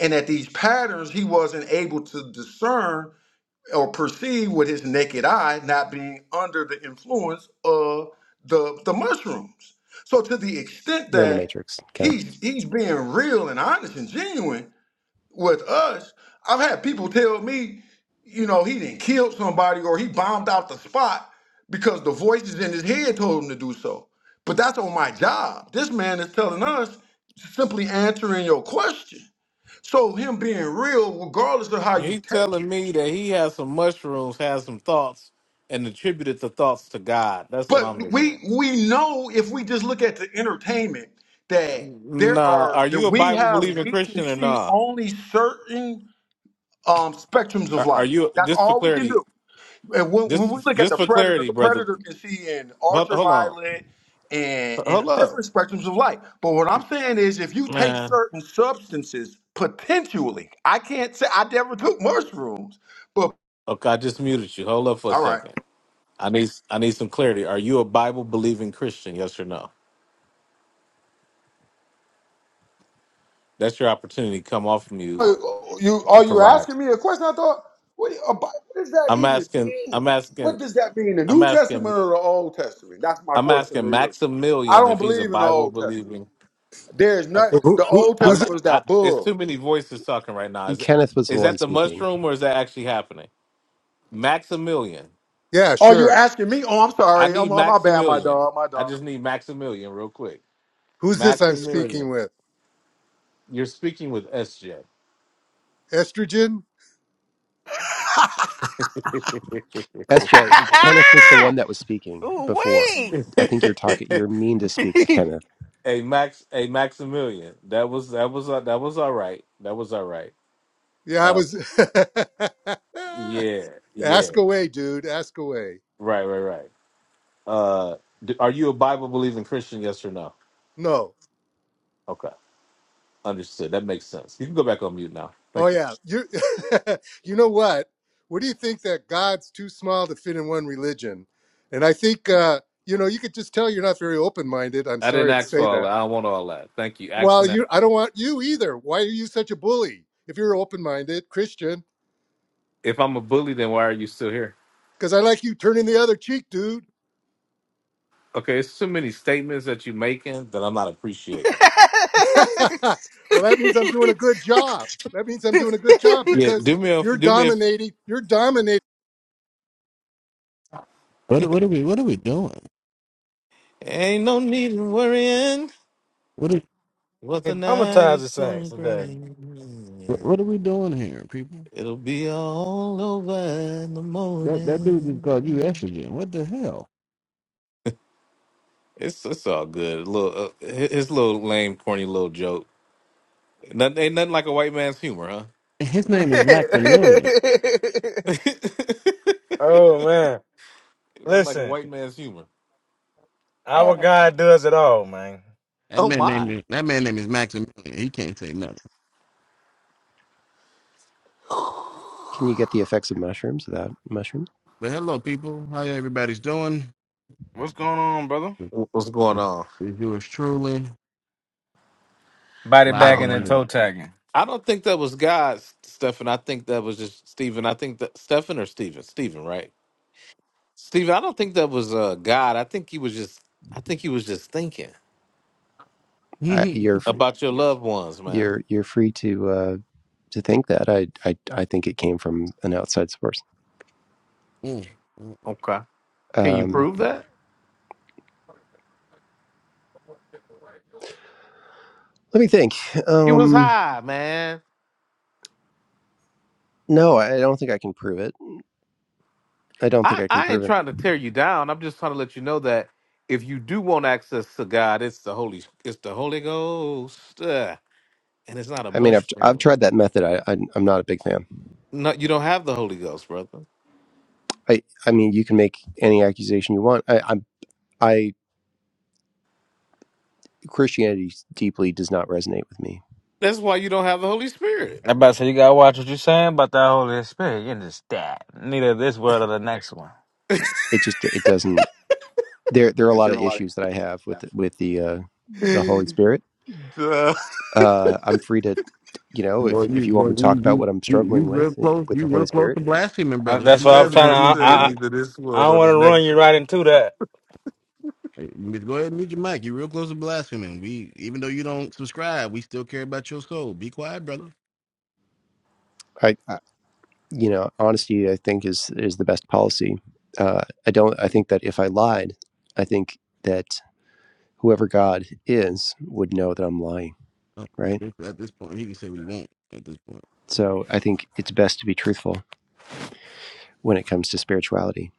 and that these patterns he wasn't able to discern or perceive with his naked eye, not being under the influence of the, the mushrooms. So to the extent you're in the that matrix Kenneth. he's he's being real and honest and genuine, with us, I've had people tell me, you know, he didn't kill somebody or he bombed out the spot because the voices in his head told him to do so. But that's on my job. This man is telling us simply answering your question. So him being real, regardless of how you He's take telling it. me that he has some mushrooms, has some thoughts, and attributed the thoughts to God. That's what But I'm been we hearing. we know if we just look at the entertainment that there Nah, are are that you a we Bible have believing we can Christian or see nah? only certain um spectrums of Are, are light. you That's just for all we can clarity? do. And when, when we Just look at just the for predator, clarity, the brother. predator can see in Hold, hold on, ultraviolet and, hold and up, different spectrums of light. But what I'm saying is, if you take man. certain substances, potentially, I can't say I never took mushrooms, but Okay, I just muted you. Hold up for a all right. second. I need I need some clarity. Are you a Bible believing Christian? Yes or no? That's your opportunity. Come off mute Uh, You are and you provide. asking me a question? I thought, what, do you- about- what does that I'm even asking. I'm mean? What asking. does that mean? The I'm New Testament asking. or the Old Testament? That's my I'm question to asking you. I Maximilian don't if he's a believe in the Bible Old Testament. believing. There's not Okay. Who, the who, Old who's I'm. it? Testament is I, that it's bull. too many voices talking right now. Is it, Kenneth was the is one that the speaking. mushroom or is that actually happening? Maximilian. Yeah, Oh, you sure. asking me? Oh, I'm I sorry. I'm, need my bad, my Maximilian. dog, my I dog. just need Maximilian real quick. Who's this I'm speaking Maximilian. with? You're speaking with SJ. Estrogen? SJ, Kenneth was the one that was speaking Ooh, before. wait. I think you're talking. You're mean to speak to Kenneth. hey Max. Hey Maximilian. That was that was uh, that was all right. That was all right. Yeah, I Uh, was. yeah, yeah. ask away, dude. Ask away. Right, right, right. Uh, d are you a Bible believing Christian? Yes or no? No. Okay, understood. That makes sense. You can go back on mute now. Oh Thank you. yeah. You. you know what? What do you think that God's too small to fit in one religion? And I think uh, you know you could just tell you're not very open-minded. I'm I didn't sorry to ask for say all that. that. I don't want all that. Thank you. Well, Asking that. you. I don't want you either. Why are you such a bully? If you're open-minded Christian, If I'm a bully, then why are you still here? because I like you turning the other cheek, dude. Okay, it's too many statements that you're making that I'm not appreciating. well, that means I'm doing a good job. That means I'm doing a good job Yeah, because do me a you're do me a. dominating. You're dominating. What are- what are we what are we doing? Ain't no need in worrying What are what the and night traumatize the is saints gonna today. bring. what what are we doing here, people? It'll be all over in the That that dude just called you morning. estrogen. What the hell? It's it's all good. Little uh, his his little lame, corny little joke. Nothing, ain't nothing like a white man's humor, huh? And His name is Maximilian. ain't oh man. nothing like a Listen, white man's humor. our Oh. God does it all, man. That Oh man name my! is that man name is Maximilian. He can't say nothing. Can you get the effects of mushrooms without mushrooms? But hello, people. How everybody's doing? What's going on, brother? What's going It's on? it's yours truly Body I live and bagging don't. and in toe living. tagging. I don't think that was God, Stefan. I think that was just Stephen. I think that Stefan or Stephen. Stephen, right? Stephen. I don't think that was uh, God. I think he was just. I think he was just thinking I, you're about your loved ones, man. you're you're free to uh, to think that. I, I I think it came from an outside source. Okay. Can you Um, prove that? let me think. He was Um, high, man. no, I don't think I can prove it. I don't think I, I can I ain't prove it. trying to tear you down. I'm just trying to let you know that if you do want access to God, it's the Holy it's the Holy Ghost. uh, and it's not a I mean, I've I've mushroom. tried that method. I, I I'm not a big fan. No, you don't have the Holy Ghost, brother. I I mean, you can make any accusation you want. I I'm, I Christianity deeply does not resonate with me. That's why you don't have the Holy Spirit. I about to say you gotta watch what you are saying about that Holy Spirit. You just that neither this world or the next one. It just it doesn't. There there are a Yeah, lot There are of a lot issues that I have with of the, with the uh, the Holy Spirit. Duh. Uh, I'm free to, you Mm. know, if boy, if you you want boy, me to talk you about you what I'm you you struggling with real eh, close. with You the Holy real close Spirit, to blaspheming, I, brother. You that's why might I'm That want to trying to. man just I mute your said I, mic. neither this I one don't or the want to run next you right one. into that. Hey, Miss- Go ahead and mute your mic. You're real close to blaspheming. We, even though you don't subscribe, we still care about your soul. Be quiet, brother. I, I you know, honesty I think is is the best policy. Uh, I don't. I think that if I lied, I think that whoever God is would know that I'm lying, Oh, at right? this at this point, he can say what he wants. At this point, So I think it's best to be truthful when it comes to spirituality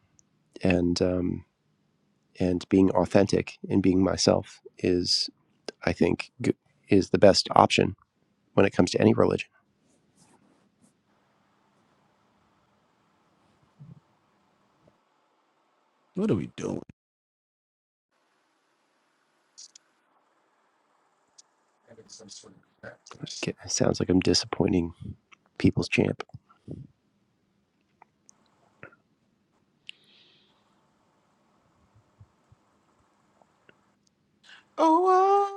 and um, and being authentic and being myself is, I think, g- is the best option when it comes to any religion. what are we doing? It sounds like I'm disappointing people's champ. Oh, oh,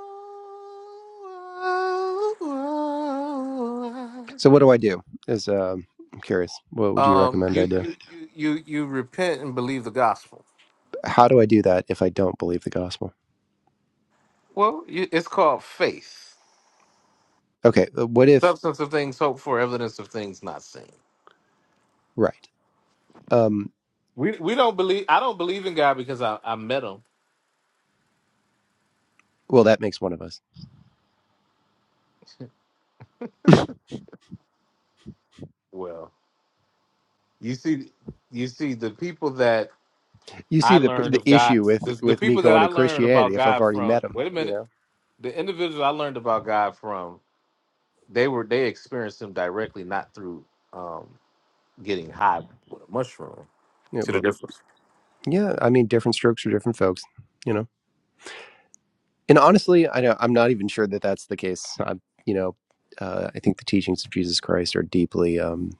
oh, oh. So what do I do? Is um, I'm curious. What oh. would you Um, recommend I you, do? you, you, you, you repent and believe the gospel. How do I do that if I don't believe the gospel? Well, you, it's called faith. Okay, uh, what if Substance of things hoped for, evidence of things not seen. right? Um, We we don't believe. I don't believe in God because I, I met him. well, that makes one of us. Well, you see, you see the people that you see I the learned the of God, issue with the, the with me people that going I to learned Christianity about if I've God already from. met him, Wait a you minute, know. the individuals I learned about God from, they were they experienced Him directly, not through um, getting high with a mushroom. Yeah, See the well, difference, yeah. I mean, different strokes for different folks, you know. And honestly, I don't, I'm not even sure that that's the case. I, you know, uh, I think the teachings of Jesus Christ are deeply um,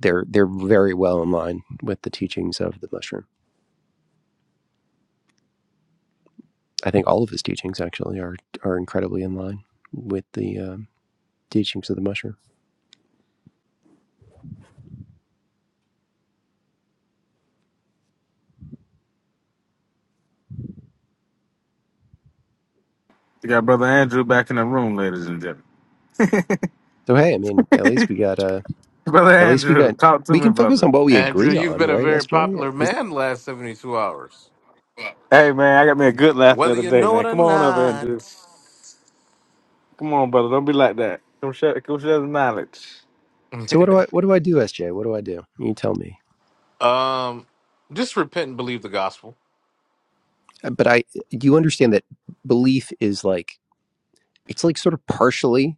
they're they're very well in line with the teachings of the mushroom. I think all of his teachings actually are are incredibly in line with the um, teachings of the mushroom. You got brother Andrew back in the room, ladies and gentlemen. So hey, I mean, at least we got uh, brother at least we Andrew, got talk to we me, can focus brother. on what we Andrew? agree You've on, been a right, very SJ? popular man last seventy two hours, Hey man, I got me a good laugh the whether other you day, know man. it or Come on up, Andrew. not. Come on, brother. Don't be like that. Come share, come share the knowledge. So what do I what do I do, SJ? What do I do? You tell me. um, just repent and believe the gospel. Uh, But I do you understand that belief is like it's like sort of partially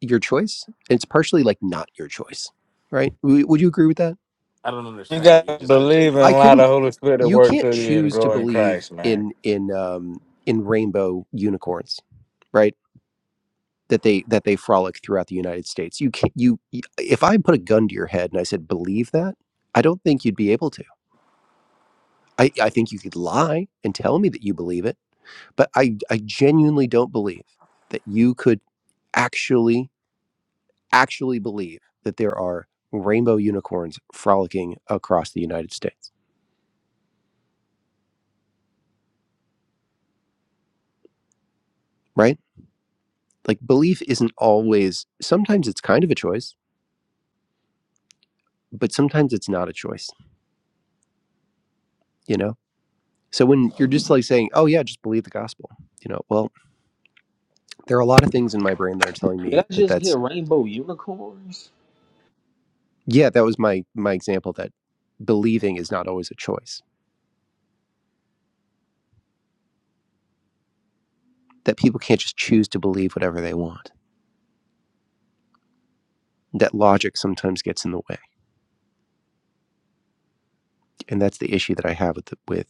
your choice. and It's partially like not your choice, right? W- Would you agree with that? I don't You understand what you gotta just said to believe me. and I allow the couldn't. Holy Spirit to You work can't through you and choose to grow in believe Christ, man. in in um, in rainbow unicorns, right? That they that they frolic throughout the United States. You can't. You you- if I put a gun to your head and I said believe that, I don't think you'd be able to. I, I think you could lie and tell me that you believe it But I, I genuinely don't believe that you could actually, actually believe that there are rainbow unicorns frolicking across the United States, right? Like belief isn't always, sometimes it's kind of a choice, but sometimes it's not a choice, you know? So when you're just like saying, oh yeah, just believe the gospel, you know, well, there are a lot of things in my brain that are telling Did me I that just hear that's, rainbow unicorns? yeah, that was my, my example that believing is not always a choice, that people can't just choose to believe whatever they want that logic sometimes gets in the way and that's the issue that i have with the, with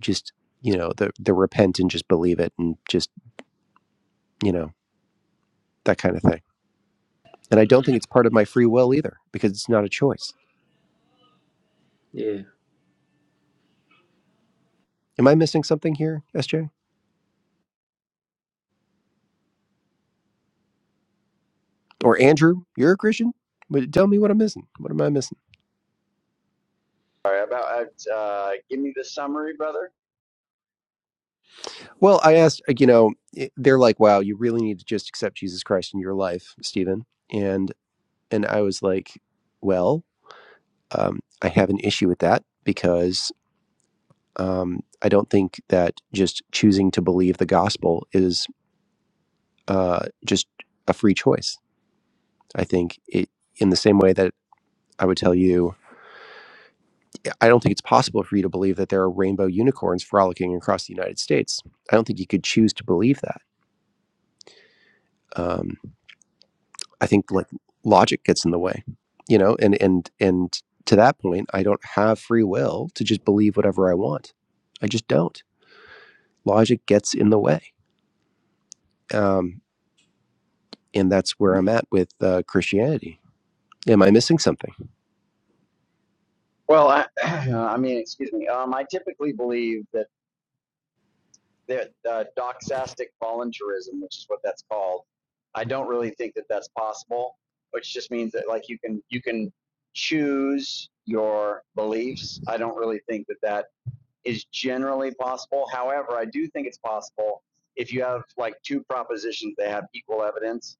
just you know the the repent and just believe it and just you know that kind of thing and i don't think Mm. it's part of my free will either because it's not a choice Yeah. am i missing something here sj or andrew you're a christian but tell me what i'm missing what am i missing Sorry about uh, give me the summary, brother. well i asked like, you know it- they're like wow you really need to just accept jesus christ in your life stephen and and i was like well um, i have an issue with that because Um, I don't think that just choosing to believe the gospel is uh, just a free choice. I think it, in the same way that I would tell you, I don't think it's possible for you to believe that there are rainbow unicorns frolicking across the United States. I don't think you could choose to believe that. Um, I think like logic gets in the way, you know, and and and to that point, I don't have free will to just believe whatever I want. I just don't. Logic gets in the way, um, and that's where I'm at with uh, Christianity Am I missing something? Well, I, I mean, excuse me. Um, I typically believe that that uh, doxastic voluntarism, which is what that's called, I don't really think that that's possible. Which just means that like you can you can choose your beliefs. I don't really think that that is generally possible. However, I do think it's possible if you have like two propositions that have equal evidence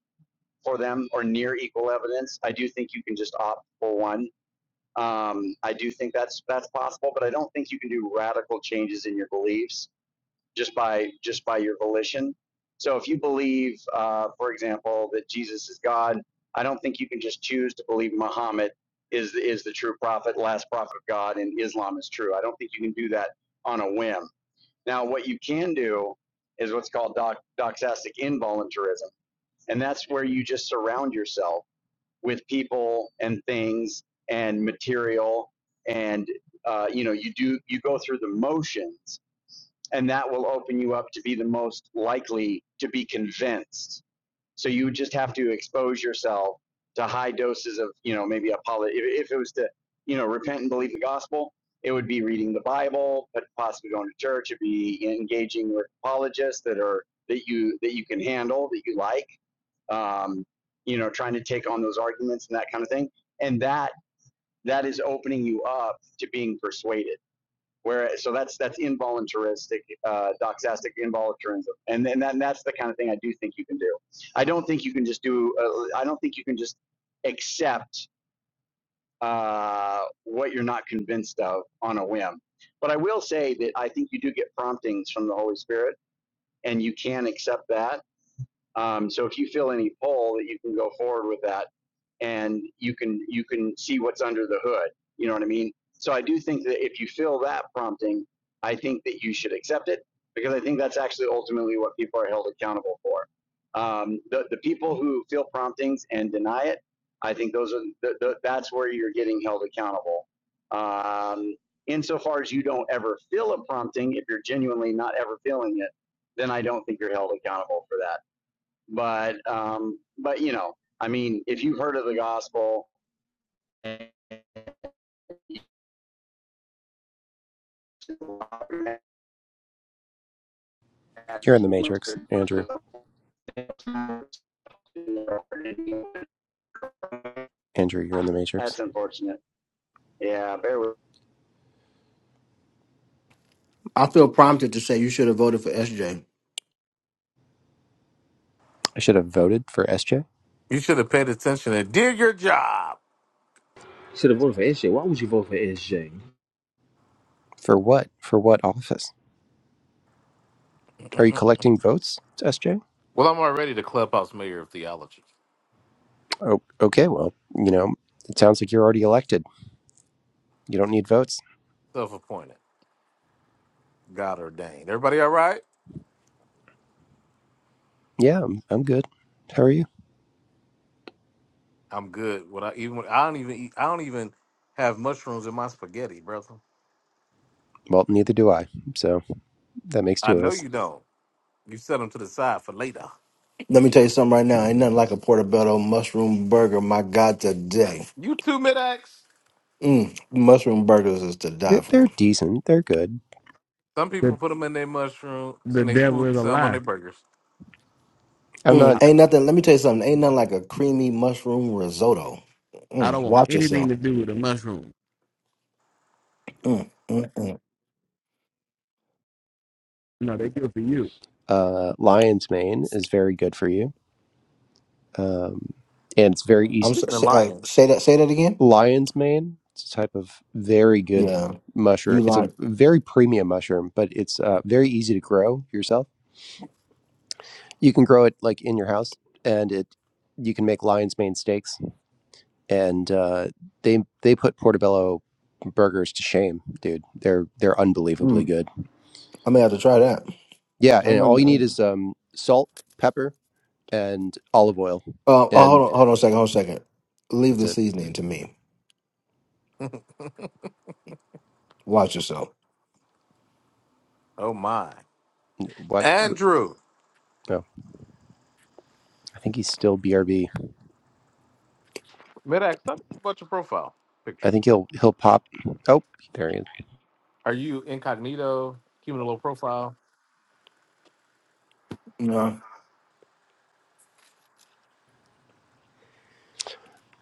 for them or near equal evidence. I do think you can just opt for one Um, I do think that's that's possible, but I don't think you can do radical changes in your beliefs just by just by your volition. So if you believe, uh, for example, that Jesus is God, I don't think you can just choose to believe Muhammad is is the true prophet, last prophet of God, and Islam is true. I don't think you can do that on a whim. Now, what you can do is what's called doc, doxastic involuntarism, and that's where you just surround yourself with people and things and material and uh, you know you do you go through the motions and that will open you up to be the most likely to be convinced so you just have to expose yourself to high doses of you know maybe a poly if, if it was to you know repent and believe the gospel it would be reading the bible but possibly going to church it'd be engaging with apologists that are that you that you can handle that you like um, you know, trying to take on those arguments and that kind of thing. And that that is opening you up to being persuaded. Whereas, so that's that's involuntaristic, uh, doxastic involuntarism, and then that, and that's the kind of thing I do think you can do. I don't think you can just do. Uh, I don't think you can just accept uh, what you're not convinced of on a whim. But I will say that I think you do get promptings from the Holy Spirit, and you can accept that um, so if you feel any pull that you can go forward with that and you can, you can see what's under the hood. You know what I mean? So I do think that if you feel that prompting, I think that you should accept it because I think that's actually ultimately what people are held accountable for. Um, the, the people who feel promptings and deny it, I think those are, the, the, that's where you're getting held accountable. Um, insofar as you don't ever feel a prompting, if you're genuinely not ever feeling it, then I don't think you're held accountable for that but um, but you know, I mean, if you've heard of the gospel, You're in the Matrix, Andrew. Ah, Andrew, you're in the Matrix. that's unfortunate. Yeah, bear with. I feel prompted to say you should have voted for SJ. I should have voted for SJ. You should have paid attention and did your job. Should have voted for SJ. Why would you vote for SJ? For what? For what office? Are you well, collecting votes, SJ? I'm already the clubhouse mayor of theology, Oh, okay. Well, you know, it sounds like you're already elected. You don't need votes. self-appointed, God ordained. Everybody, all right? Yeah, I'm, I'm good. How are you? I'm good. What I even I don't even eat, I don't even have mushrooms in my spaghetti, brother. Well, neither do I. So that makes I two of know us. you don't. You set them to the side for later. Let me tell you something right now. Ain't nothing like a portobello mushroom burger. My God, today. You too, mid-ax. Mm, mushroom burgers is to die They're, for. they're decent. They're good. Some people The, put them in their mushrooms the and they devil is smoothie a some on their lie. burgers. I'm not. Mm, I, ain't nothing. Let me tell you something. Ain't nothing like a creamy mushroom risotto. I don't Mm, want watch yourself. anything to do with the mushroom. Mm, mm, mm. No, they good for you. Uh, Lion's Mane is very good for you. Um, and it's very easy. I'm so, Speaking of say, uh, lions, say that. Say that again. lion's mane. It's a type of very good Yeah, mushroom. you It's a like. very premium mushroom, but it's uh, very easy to grow yourself. You can grow it like in your house, and it you can make lion's mane steaks, and uh, they they put portobello burgers to shame, dude. They're they're unbelievably Mm, good. I may have to try that. Yeah, I and know all you. you I need know. is um, salt, pepper, and olive oil, Uh, oh, hold and on. Hold on a second. Hold on a second. Leave that's the it. seasoning to me. Watch yourself. oh my, What? Andrew. No, I think he's still BRB. Medax, tell me about your profile I picture. think he'll he'll pop. Oh, there he is. Are you incognito, keeping a low profile? No,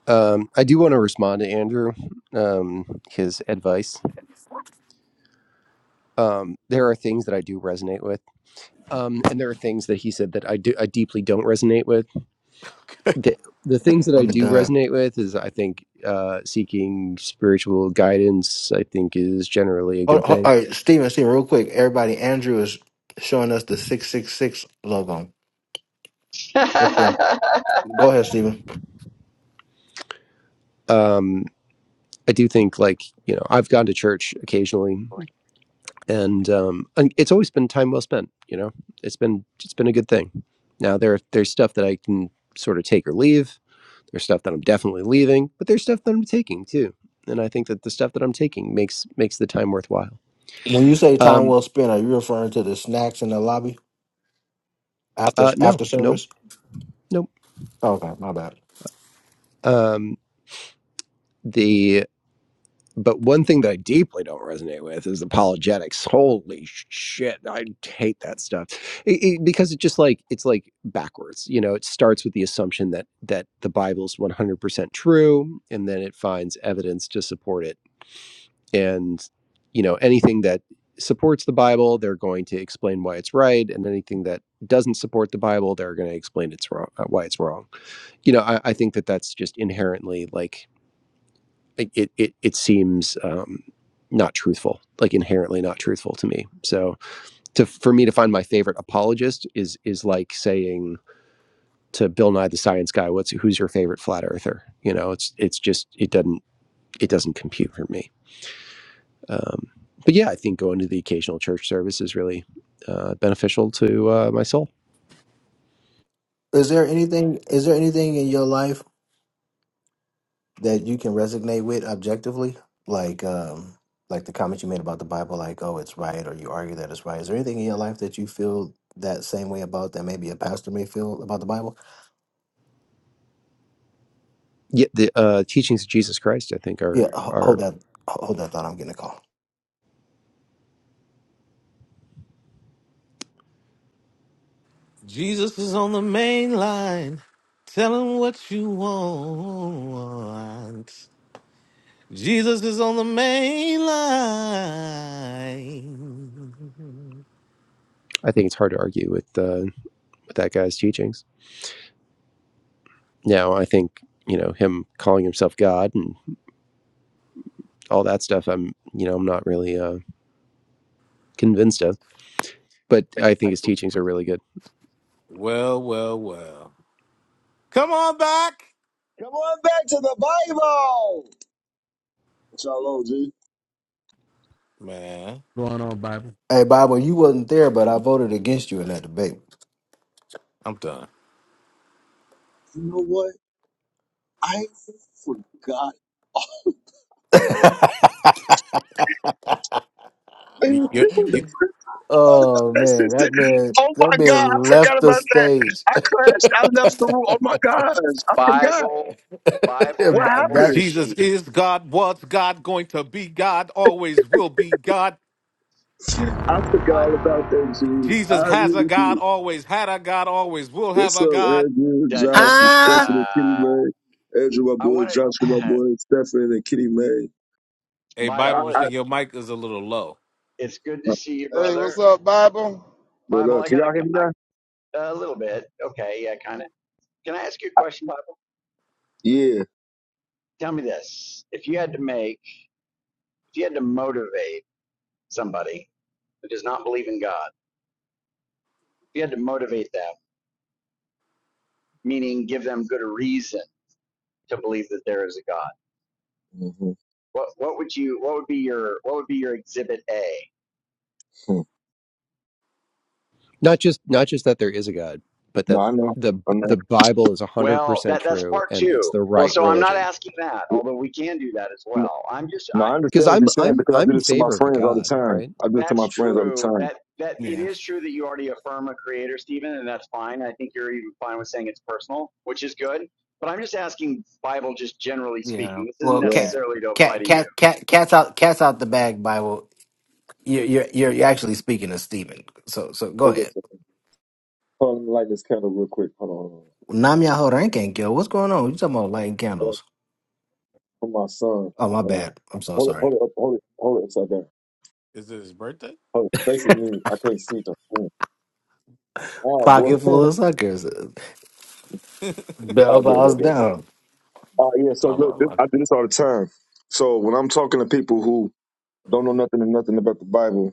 Um, I do want to respond to Andrew, um, his advice. Um, there are things that I do resonate with, um, and there are things that he said that I do I deeply don't resonate with. The, the things that I I'm do done. resonate with is I think uh, seeking spiritual guidance. I think is generally a Hold, good hold, thing. all right, Steven, Steven, real quick. Everybody, Andrew is showing us the six six six logo. me. Okay. Go ahead, Steven. Um, I do think like you know I've gone to church occasionally, and um, and it's always been time well spent. You know, it's been it's been a good thing. Now there there's stuff that I can sort of take or leave There's stuff that I'm definitely leaving, but there's stuff that I'm taking too. And I think that the stuff that I'm taking makes makes the time worthwhile. When you say time Um, well spent, are you referring to the snacks in the lobby? After uh, no, after no, service? no. Okay, my bad. Um, the but one thing that I deeply don't resonate with is apologetics. Holy shit, I hate that stuff It- it- because it just like it's like backwards. You know, it starts with the assumption that that the Bible's 100% true, and then it finds evidence to support it and you know anything that supports the bible they're going to explain why it's right and anything that doesn't support the bible they're going to explain it's wrong uh, why it's wrong you know I, I think that that's just inherently like it it, it it seems um not truthful like inherently not truthful to me so to for me to find my favorite apologist is is like saying to bill nye the science guy what's who's your favorite flat earther you know it's it's just it doesn't it doesn't compute for me Um, but yeah, I think going to the occasional church service is really uh, beneficial to uh, my soul. Is there anything is there anything in your life that you can resonate with objectively? Like um like the comment you made about the Bible, like, oh it's right or you argue that it's right. Is there anything in your life that you feel that same way about that maybe a pastor may feel about the Bible? Yeah, the uh, teachings of Jesus Christ, I think, are Yeah, ho- are hold that ho- hold that thought, I'm getting a call. Jesus is on the main line. Tell him what you want. Jesus is on the main line. I think it's hard to argue with uh, with that guy's teachings. Now, I think you know him calling himself God and all that stuff. I'm you know I'm not really uh, convinced of, but I think his teachings are really good. Well, well, well. Come on back, Come on back to the Bible. Shalom, G. man. Going on, Bible. Hey Bible, you wasn't there, but I You voted against you in that debate. I'm done. know what? I forgot. Y- Man, y- this was y- the first I thought about Oh that man, sister. that man, Oh that my God, man I forgot left the about that. stage. I crashed. I left the room. Oh my gosh, I forgot. Bible, Bible, What Bible that happened? Jesus machine. is God, was God, going to be God, always will be God. I forgot Uh, all about that, G. Jesus I has a really God, did. always had a God, always will have What's a up, God. Andrew, dun Josh, dun and dun dun. huh? Stephanie, and Kitty I May? Andrew, my boy, wanted Josh, my boy, Stephanie, and Kitty May. Hey, I, Bible Bible. I, It's machine, your mic is a little low. it's good to uh, see you, Hey, what's brother. up, Bible? what Bible, up? I Can got y'all hear me a, now? a little bit. Okay, yeah, kind of. Can I ask you a question, Bible? Yeah. Tell me this: If you had to make If you had to motivate somebody who does not believe in God, if you had to motivate them, meaning give them good reason to believe that there is a God, hmm what what would you what would be your what would be your exhibit A? Not just not just that there is a God, but No, that I know. the I the know. Bible is hundred Well, percent that that's true part and it's two. the Well, right so I'm not religion. asking that, although we can do that as well. I'm just No, I I Because understand what you're I'm saying I'm because I I'm do in this to my favor of a friends all the God, time. right? I do it to that's my friends all the true. time. That that it Yeah, is true that you already affirm a creator, Stephen, and that's fine. I think you're even fine with saying it's personal, which is good. But I'm just asking Bible just generally yeah. speaking. This isn't Well, Yeah. cat, necessarily to apply cat, to you. cat, cat, cat's out, cat's out the bag. Bible, you're you're you're you're actually speaking to Stephen. So so go Hold on a ahead. second. Hold on, let me light this candle real quick. Hold on, hold on. Nam Yaho Rankin Kill. What's going on? You talking about lighting Hold on. candles? For my son. Oh my Hold on. bad. I'm so Hold it, sorry. hold it, up, hold it, hold it upside down. Is it his birthday? Hold it. Faces me. I can't see them. Mm. All right, boy. Pocket full of suckers. all Bell right, good, bows good, good. down. Uh, yeah. So Why, why, look, this, why? I do this all the time. So when I'm talking to people who don't know nothing and nothing about the Bible,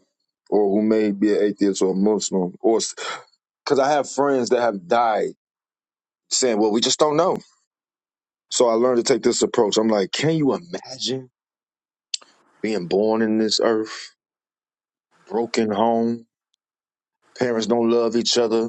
or who may be an atheist or a Muslim, or because I have friends that have died saying, well, we just don't know. So I learned to take this approach. I'm like, can you imagine being born in this earth, broken home? Parents don't love each other.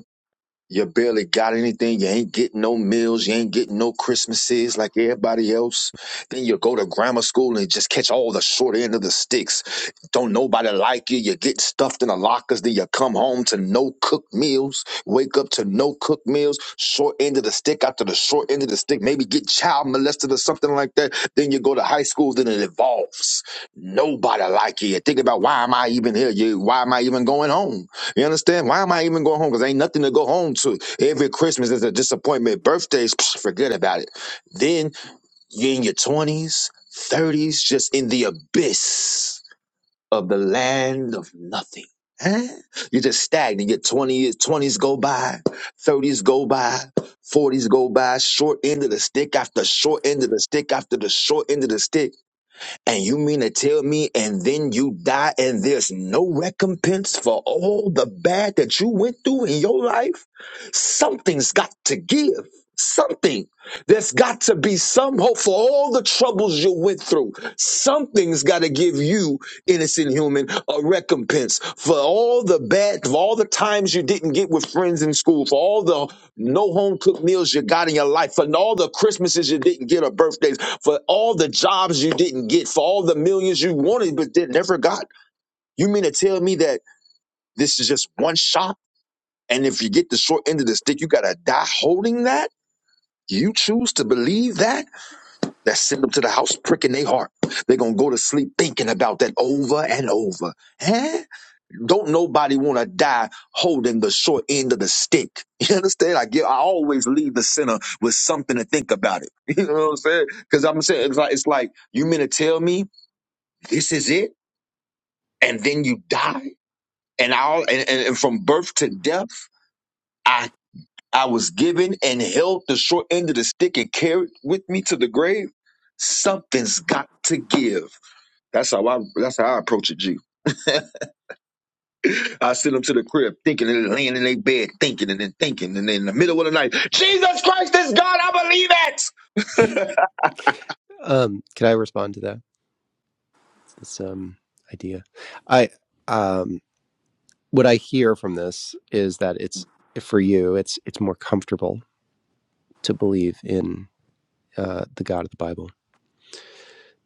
You barely got anything. You ain't getting no meals. You ain't getting no Christmases like everybody else. Then you go to grammar school and just catch all the short end of the sticks. Don't nobody like you. You get stuffed in the lockers. Then you come home to no cooked meals. Wake up to no cooked meals. Short end of the stick after the short end of the stick. Maybe get child molested or something like that. Then you go to high school. Then it evolves. Nobody like you. You Think about why am I even here? You, why am I even going home? You understand? Why am I even going home? Because ain't nothing to go home to. Every Christmas is a disappointment. Birthdays, psh, forget about it. Then you're in your 20s, 30s, just in the abyss of the land of nothing. Huh? You're just stagnant. Your 20s, 20s go by, 30s go by, 40s go by, short end of the stick after short end of the stick after the short end of the stick. And you mean to tell me, and then you die, and there's no recompense for all the bad that you went through in your life? Something's got to give. Something. There's got to be some hope for all the troubles you went through. Something's got to give you, innocent human, a recompense for all the bad, for all the times you didn't get with friends in school, for all the no home cooked meals you got in your life, for all the Christmases you didn't get or birthdays for all the jobs you didn't get, for all the millions you wanted but did never got. You mean to tell me that this is just one shot? And if you get the short end of the stick, you gotta die holding that? You choose to believe that? That send them to the house pricking their heart. They're gonna go to sleep thinking about that over and over. Huh? Don't nobody wanna die holding the short end of the stick. You understand? I get I always leave the center with something to think about it. You know what I'm saying? Because I'm saying it's like it's like you mean to tell me this is it and then you die and all and, and, and from birth to death i i was given and held the short end of the stick and carried with me to the grave something's got to give that's how i that's how i approach it g i send them to the crib thinking and then laying in their bed thinking and then thinking and then in the middle of the night jesus christ is god i believe it Um, can I respond to that? This um, idea, I um, what I hear from this is that it's for you. It's it's more comfortable to believe in uh, the God of the Bible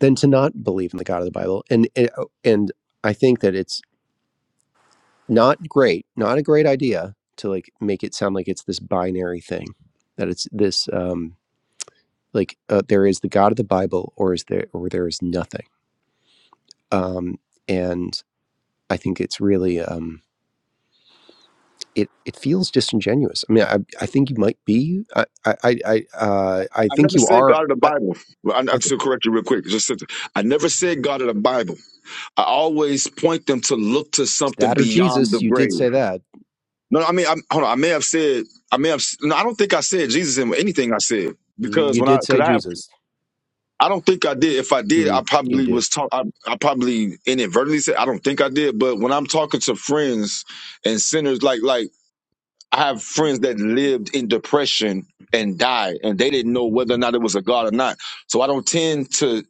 than to not believe in the God of the Bible, and and and I think that it's not great, not a great idea to like make it sound like it's this binary thing, that it's this um, like uh, there is the God of the Bible, or is there or there is nothing, um, and I think it's really. Um, it it feels disingenuous. I mean, I I think you might be. I I I I, uh, I i think never you said are. god of the I bible Well, I, I- I think to correct you real quick just i never said god of the bible I always point them to look to it's something that or beyond Jesus. the You did grave. say that. No, I mean, I'm, hold on. I may have said, I may have, no, I don't think I said Jesus in anything I said Mm, because you when I, did say cause I have, Jesus. I don't think I did. If I did, I Mm, you probably did. was talk, I, I probably inadvertently said, I don't think I did. But when I'm talking to friends and sinners, like, like I have friends that lived in depression and died, and they didn't know whether or not it was a God or not. So I don't tend to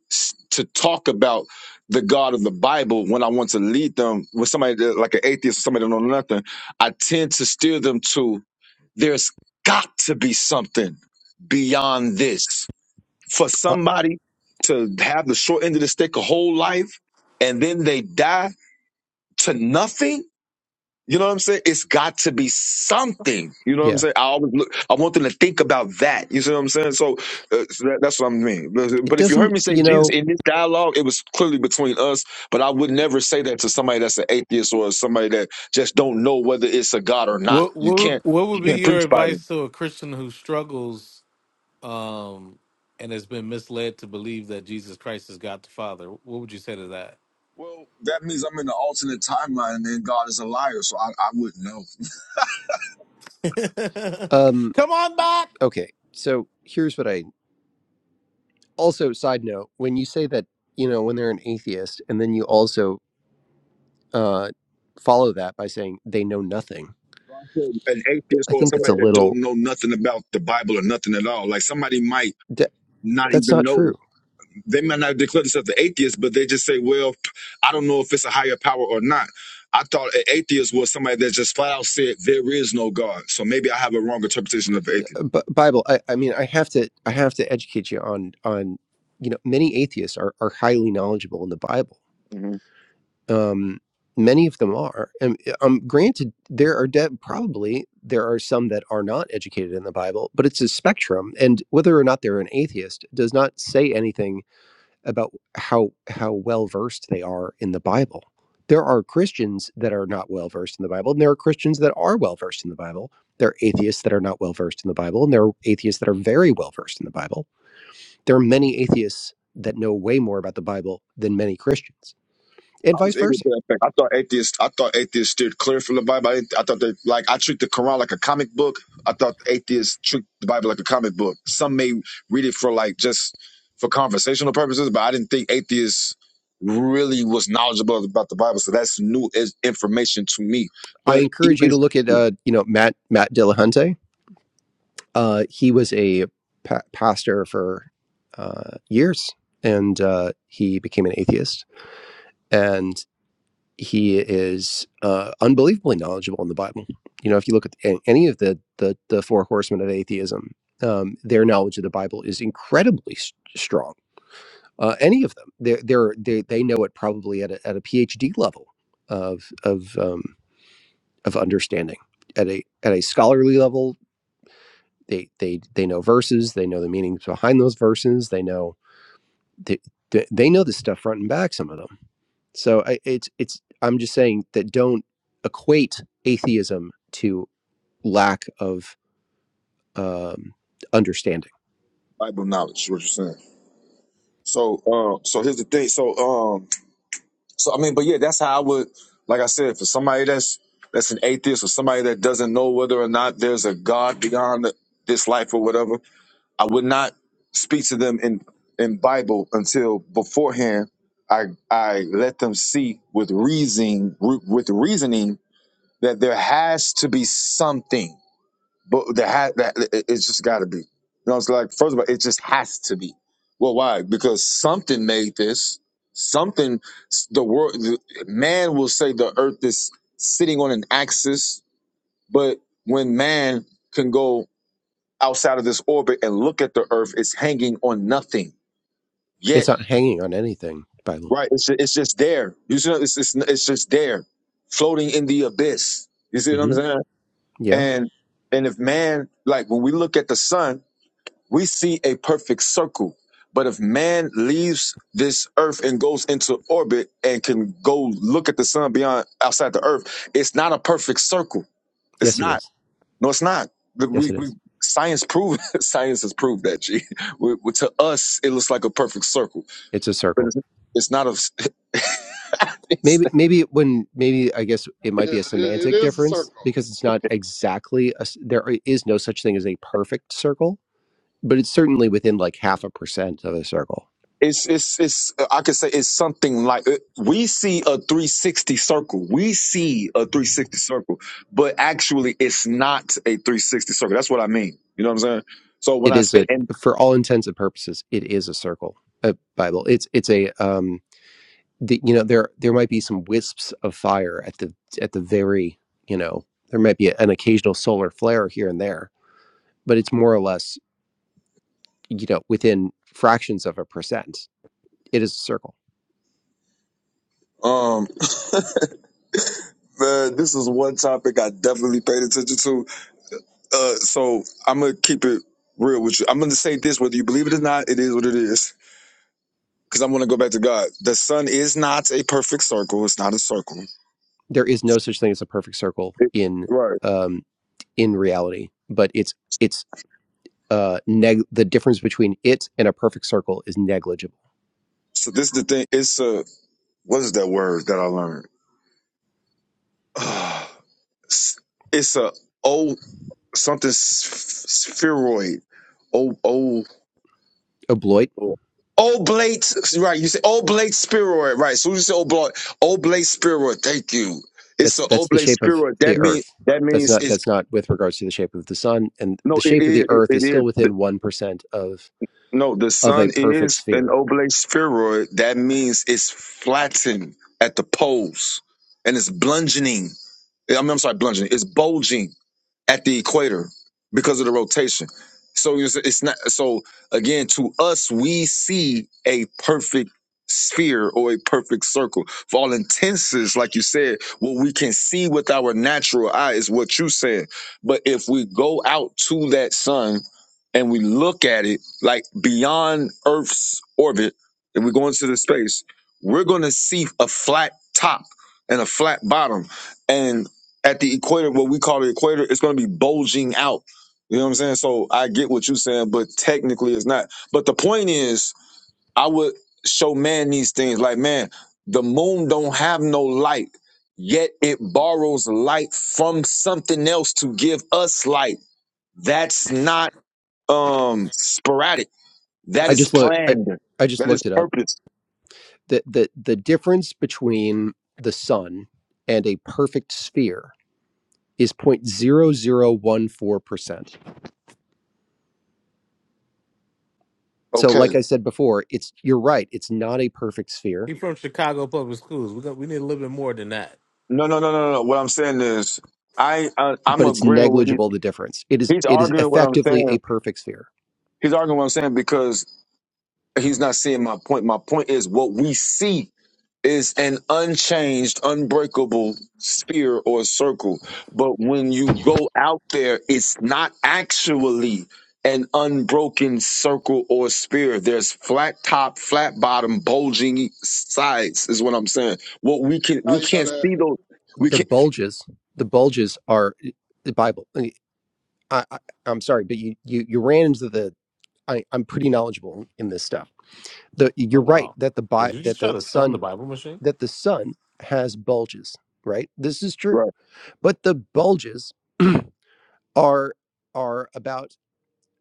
to talk about the God of the Bible when I want to lead them with somebody that, like an atheist or somebody that don't know nothing. I tend to steer them to there's got to be something beyond this for Uh, somebody to have the short end of the stick a whole life and then they die to nothing you know what I'm saying? It's got to be something. You know what I'm yeah. saying? I always look. I want them to think about that. You see what I'm saying? So, uh, so that, that's what I mean. But It but if you heard doesn't. me say You Jesus know. in this dialogue, it was clearly between us. But I would never say that to somebody that's an atheist or somebody that just don't know whether it's a God or not. What You what can't. what would You be can't your preach by them. advice to a Christian who struggles um and has been misled to believe that Jesus Christ is God the Father? What would you say to Well, that means I'm in the alternate timeline, and then God is a liar, so I, I wouldn't know. that? Um. Come on back. Okay. So here's what I. Also, side note: when you say that, you know, when they're an atheist, and then you also uh, follow that by saying they know nothing. An atheist I or think that's a somebody that don't little. know nothing about the Bible or nothing at all. Like somebody might That, not that's even not know. true they might not declare themselves the atheists, but they just say, "Well, I don't know if it's a higher power or not." I thought an atheist was somebody that just flat out said there is no God. So maybe I have a wrong interpretation of atheist. B- Bible. I, I mean, I have to. I have to educate you on on. You know, many atheists are are highly knowledgeable in the Bible. Mm-hmm. Um, many of them are. And um, granted, there are de- probably there are some that are not educated in the Bible, but it's a spectrum. And whether or not they're an atheist does not say anything about how how well versed they are in the Bible. There are Christians that are not well versed in the Bible, and there are Christians that are well versed in the Bible. There are atheists that are not well versed in the Bible, and there are atheists that are very well versed in the Bible. There are many atheists that know way more about the Bible than many Christians, and I vice was ignorant versa. to that fact. I thought atheists. I thought atheists steered clear from the Bible. I, didn't- I thought they like I treat the Quran like a comic book. I thought atheists treat the Bible like a comic book. Some may read it for like just for conversational purposes, but I didn't think atheists really was knowledgeable about the Bible. So that's new is- information to me. I But even encourage you to look at uh, you know Matt Matt Dillahunty. Uh, he was a pa- pastor for uh, years, and uh, he became an atheist. And he is uh, unbelievably knowledgeable in the Bible. You know, if you look at any of the the, the four horsemen of atheism, um, their knowledge of the Bible is incredibly s- strong. Uh, any of them, they're, they're, they they know it probably at a, at a PhD level of of um, of understanding at a at a scholarly level. They they they know verses. They know the meanings behind those verses. They know they, they they know this stuff front and back. Some of them So I, it's it's I'm just saying that don't equate atheism to lack of um, understanding. Bible knowledge, what you're saying. So, uh, so here's the thing. So, um, So I mean, but yeah, that's how I would like I said, for somebody that's that's an atheist or somebody that doesn't know whether or not there's a God beyond th- this life or whatever, I would not speak to them in in Bible until beforehand I I let them see with reasoning with reasoning that there has to be something. But the ha- that it- it- it's just got to be. You know, it's like first of all, it just has to be. Well, why? Because something made this. Something s- the world the, man will say the earth is sitting on an axis, but when man can go outside of this orbit and look at the earth, it's hanging on nothing. It's Yet, not hanging on anything, Bible. right? It's ju- it's just there. You see, it's it's, it's just there, floating in the abyss. You see what I'm hmm saying? Yeah. And and if man, like when we look at the sun, we see a perfect circle. But if man leaves this earth and goes into orbit and can go look at the sun beyond outside the earth, it's not a perfect circle. It's Yes, it not. is. No, it's not. Yes, We, it we is. science proved science has proved that. G. We, we- to us, it looks like a perfect circle, It's a but circle. it's, it's not a. it's, Maybe maybe when maybe I guess it might Yeah, be a it, it semantic is a difference circle. because it's not exactly a, s- there is no such thing as a perfect circle, but it's certainly within like half a percent of a circle. It's it's it's uh, I could say it's something like uh, we see a 360 circle. We see a 360 circle, but actually it's not a 360 circle. That's what I mean. You know what I'm saying? So when It I is say a and for all intents and purposes, it is a circle. A Bible. It's it's a um the, you know there there might be some wisps of fire at the at the very you know there might be an occasional solar flare here and there but it's more or less you know within fractions of a percent it is a circle um man, this is one topic I definitely paid attention to. Uh so I'm gonna keep it real with you. I'm gonna say this whether you believe it or not, it is what it is. Because I'm gonna go back to God. The sun is not a perfect circle, it's not a circle. there is no such thing as a perfect circle It- in right. um in reality but it's it's uh neg- the difference between it and a perfect circle is negligible So this is the thing, it's a what is that word that I learned? It's a old something s- spheroid. Oh, oh, obloit oblate. Right, you say oblate spheroid. Right, so you say oblate, oblate spheroid. Thank you. It's that's an that's the oblate shape of spheroid. That the means earth that that's means not it's that's not with regards to the shape of the sun and the no. It shape of is. the It, earth is it is. still The- within 1% of No, the of a sun perfect is an sphere. oblate spheroid. That means it's flattened at the poles and it's bludgeoning. Yeah, I mean, I'm sorry, bludgeoning. It's bulging at the equator because of the rotation. So it's, it's not so again to us we see a perfect sphere or a perfect circle for all intenses like you said what we can see with our natural eye is what you said but if we go out to that sun and we look at it like beyond earth's orbit and we go into the space we're going to see a flat top and a flat bottom and at the equator, what we call the equator, it's going to be bulging out. You know what I'm saying? So I get what you're saying, but technically it's not. But the point is, I would show man these things like, man, the moon don't have no light, yet it borrows light from something else to give us light. That's not um sporadic. That I is just look I, planned. I just That is looked it up. purpose. The the the difference between the sun and a perfect sphere is 0.0014%. So Okay. like I said before, it's you're right, it's not a perfect sphere. He from Chicago Public Schools. We got we need a little bit more than that. No, no, no, no, no. What I'm saying is, I, I I'm but it's agreeing with he's negligible the difference. It is he's it is arguing what I'm effectively saying. a perfect sphere. He's arguing what I'm saying because he's not seeing my point. My point is what we see is an unchanged, unbreakable sphere or circle. But when you go out there, it's not actually an unbroken circle or sphere. There's flat top, flat bottom, bulging sides is what I'm saying. What we can How we you know can't that? see those we The can't bulges, the bulges are eh, the Bible. eh, I, I, I'm sorry, but you you you ran into the. I, I'm pretty knowledgeable in this stuff. The you're Oh right wow. that the Did bi, you that just try the to sun the sun Bible machine? that the sun has bulges. Right, this is true. right. But the bulges are are about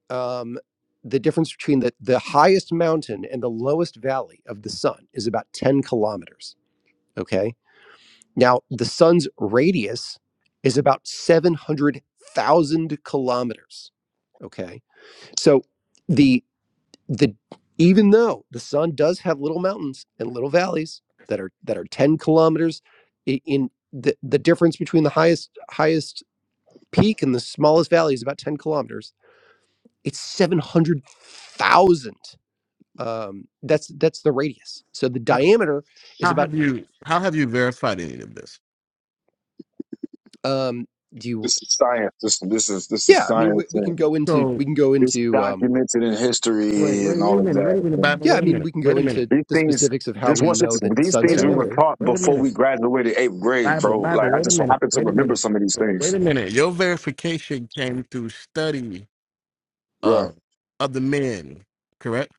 um, the difference between the the highest mountain and the lowest valley of the sun is about 10 kilometers. Okay Now, the sun's radius is about 700,000 kilometers. Okay. So the the even though the sun does have little mountains and little valleys that are that are 10 kilometers in the, the difference between the highest highest peak and the smallest valley is about 10 kilometers. It's 700,000 um that's that's the radius. So the How, diameter is how about have you? How have you verified any of this? um do you This is science. This this is this is yeah i mean we, science we can and go into So we can go it's into um documented in wait, history wait, and wait all a of minute. Wait a minute, that. Bible. yeah Wait i a mean minute. we can Wait go a minute. into These the things, specifics of how just we once know it's the these sun's Wait things a we were minute. diameter taught Wait a before minute. we graduated eighth grade, Bible, bro. Bible, Like I wait a just so minute, happen to wait a remember minute, some of these wait things. a minute. Your verification came through study Right. of other men, correct?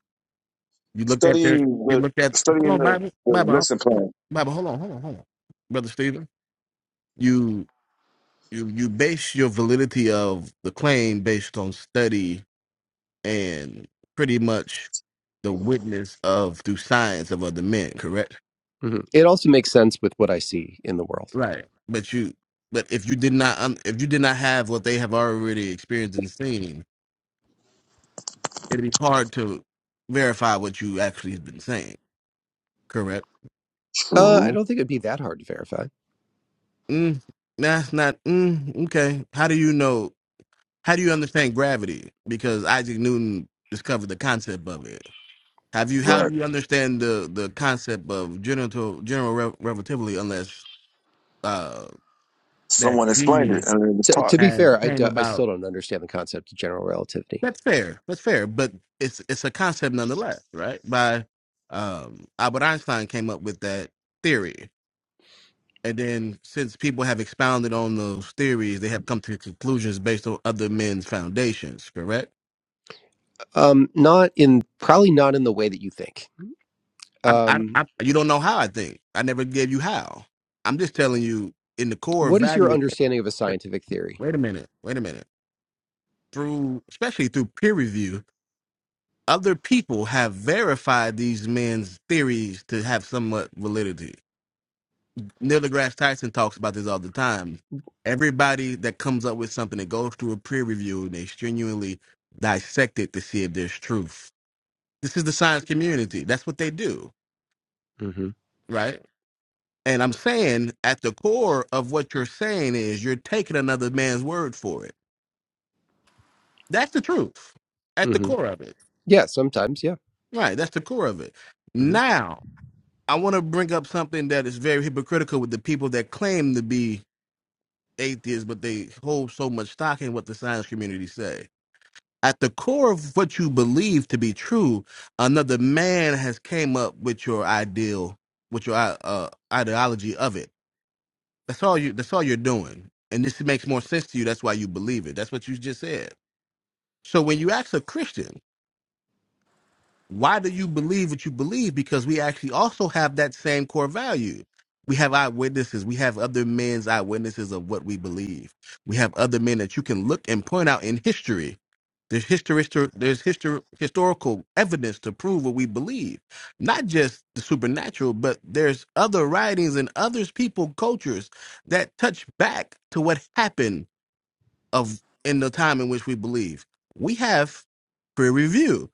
You looked at their, Studying you the looked at. Hold studying on, the, Bible, the Bible, hold lesson on, plan. Bible, hold on, hold on, hold on, brother Stephen. You you you base your validity of the claim based on study and pretty much the witness of through science of other men, correct? hmm it also makes sense with what i see in the world Right. But you, but if you did not, un- if you did not have what they have already experienced and seen it'd be hard to verify what you actually have been saying. Correct? uh i True. don't think it'd be that hard to verify Mm, that's not mm, okay. How do you know? How do you understand gravity? Because Isaac Newton discovered the concept of it. Have you how Right. do you understand the the concept of general general re- relativity unless uh that Someone explained it genius and it was T- to taught. be has fair I, d- came I still about? don't understand the concept of general relativity That's fair. That's fair. But it's it's a concept nonetheless, right? By um Albert Einstein came up with that theory And then since people have expounded on those theories, they have come to conclusions based on other men's foundations, correct? um not in probably not in the way that you think I, I, um I, you don't know how I think. I never gave you how. I'm just telling you in the core what is your value. understanding of a scientific theory Wait a minute. Wait a minute. Through, especially through peer review, other people have verified these men's theories to have somewhat validity Neil deGrasse Tyson talks about this all the time. Everybody that comes up with something that goes through a peer review and they genuinely dissect it to see if there's truth. This is the science community. That's what they do, hmm right? And I'm saying at the core of what you're saying is you're taking another man's word for it. That's the truth at the hmm core of it. yeah sometimes yeah Right. That's the core of it. hmm Now, I want to bring up something that is very hypocritical with the people that claim to be atheists, but they hold so much stock in what the science community say. At the core of what you believe to be true, another man has came up with your ideal, with your uh, uh, ideology of it. That's all you. That's all you're doing, and this makes more sense to you. That's why you believe it. That's what you just said. So when you ask a Christian, why do you believe what you believe? Because we actually also have that same core value. We have eyewitnesses. We have other men's eyewitnesses of what we believe. We have other men that you can look and point out in history. There's history, there's histor- historical evidence to prove what we believe, not just the supernatural, but there's other writings and others, people, cultures that touch back to what happened of in the time in which we believe. We have peer review.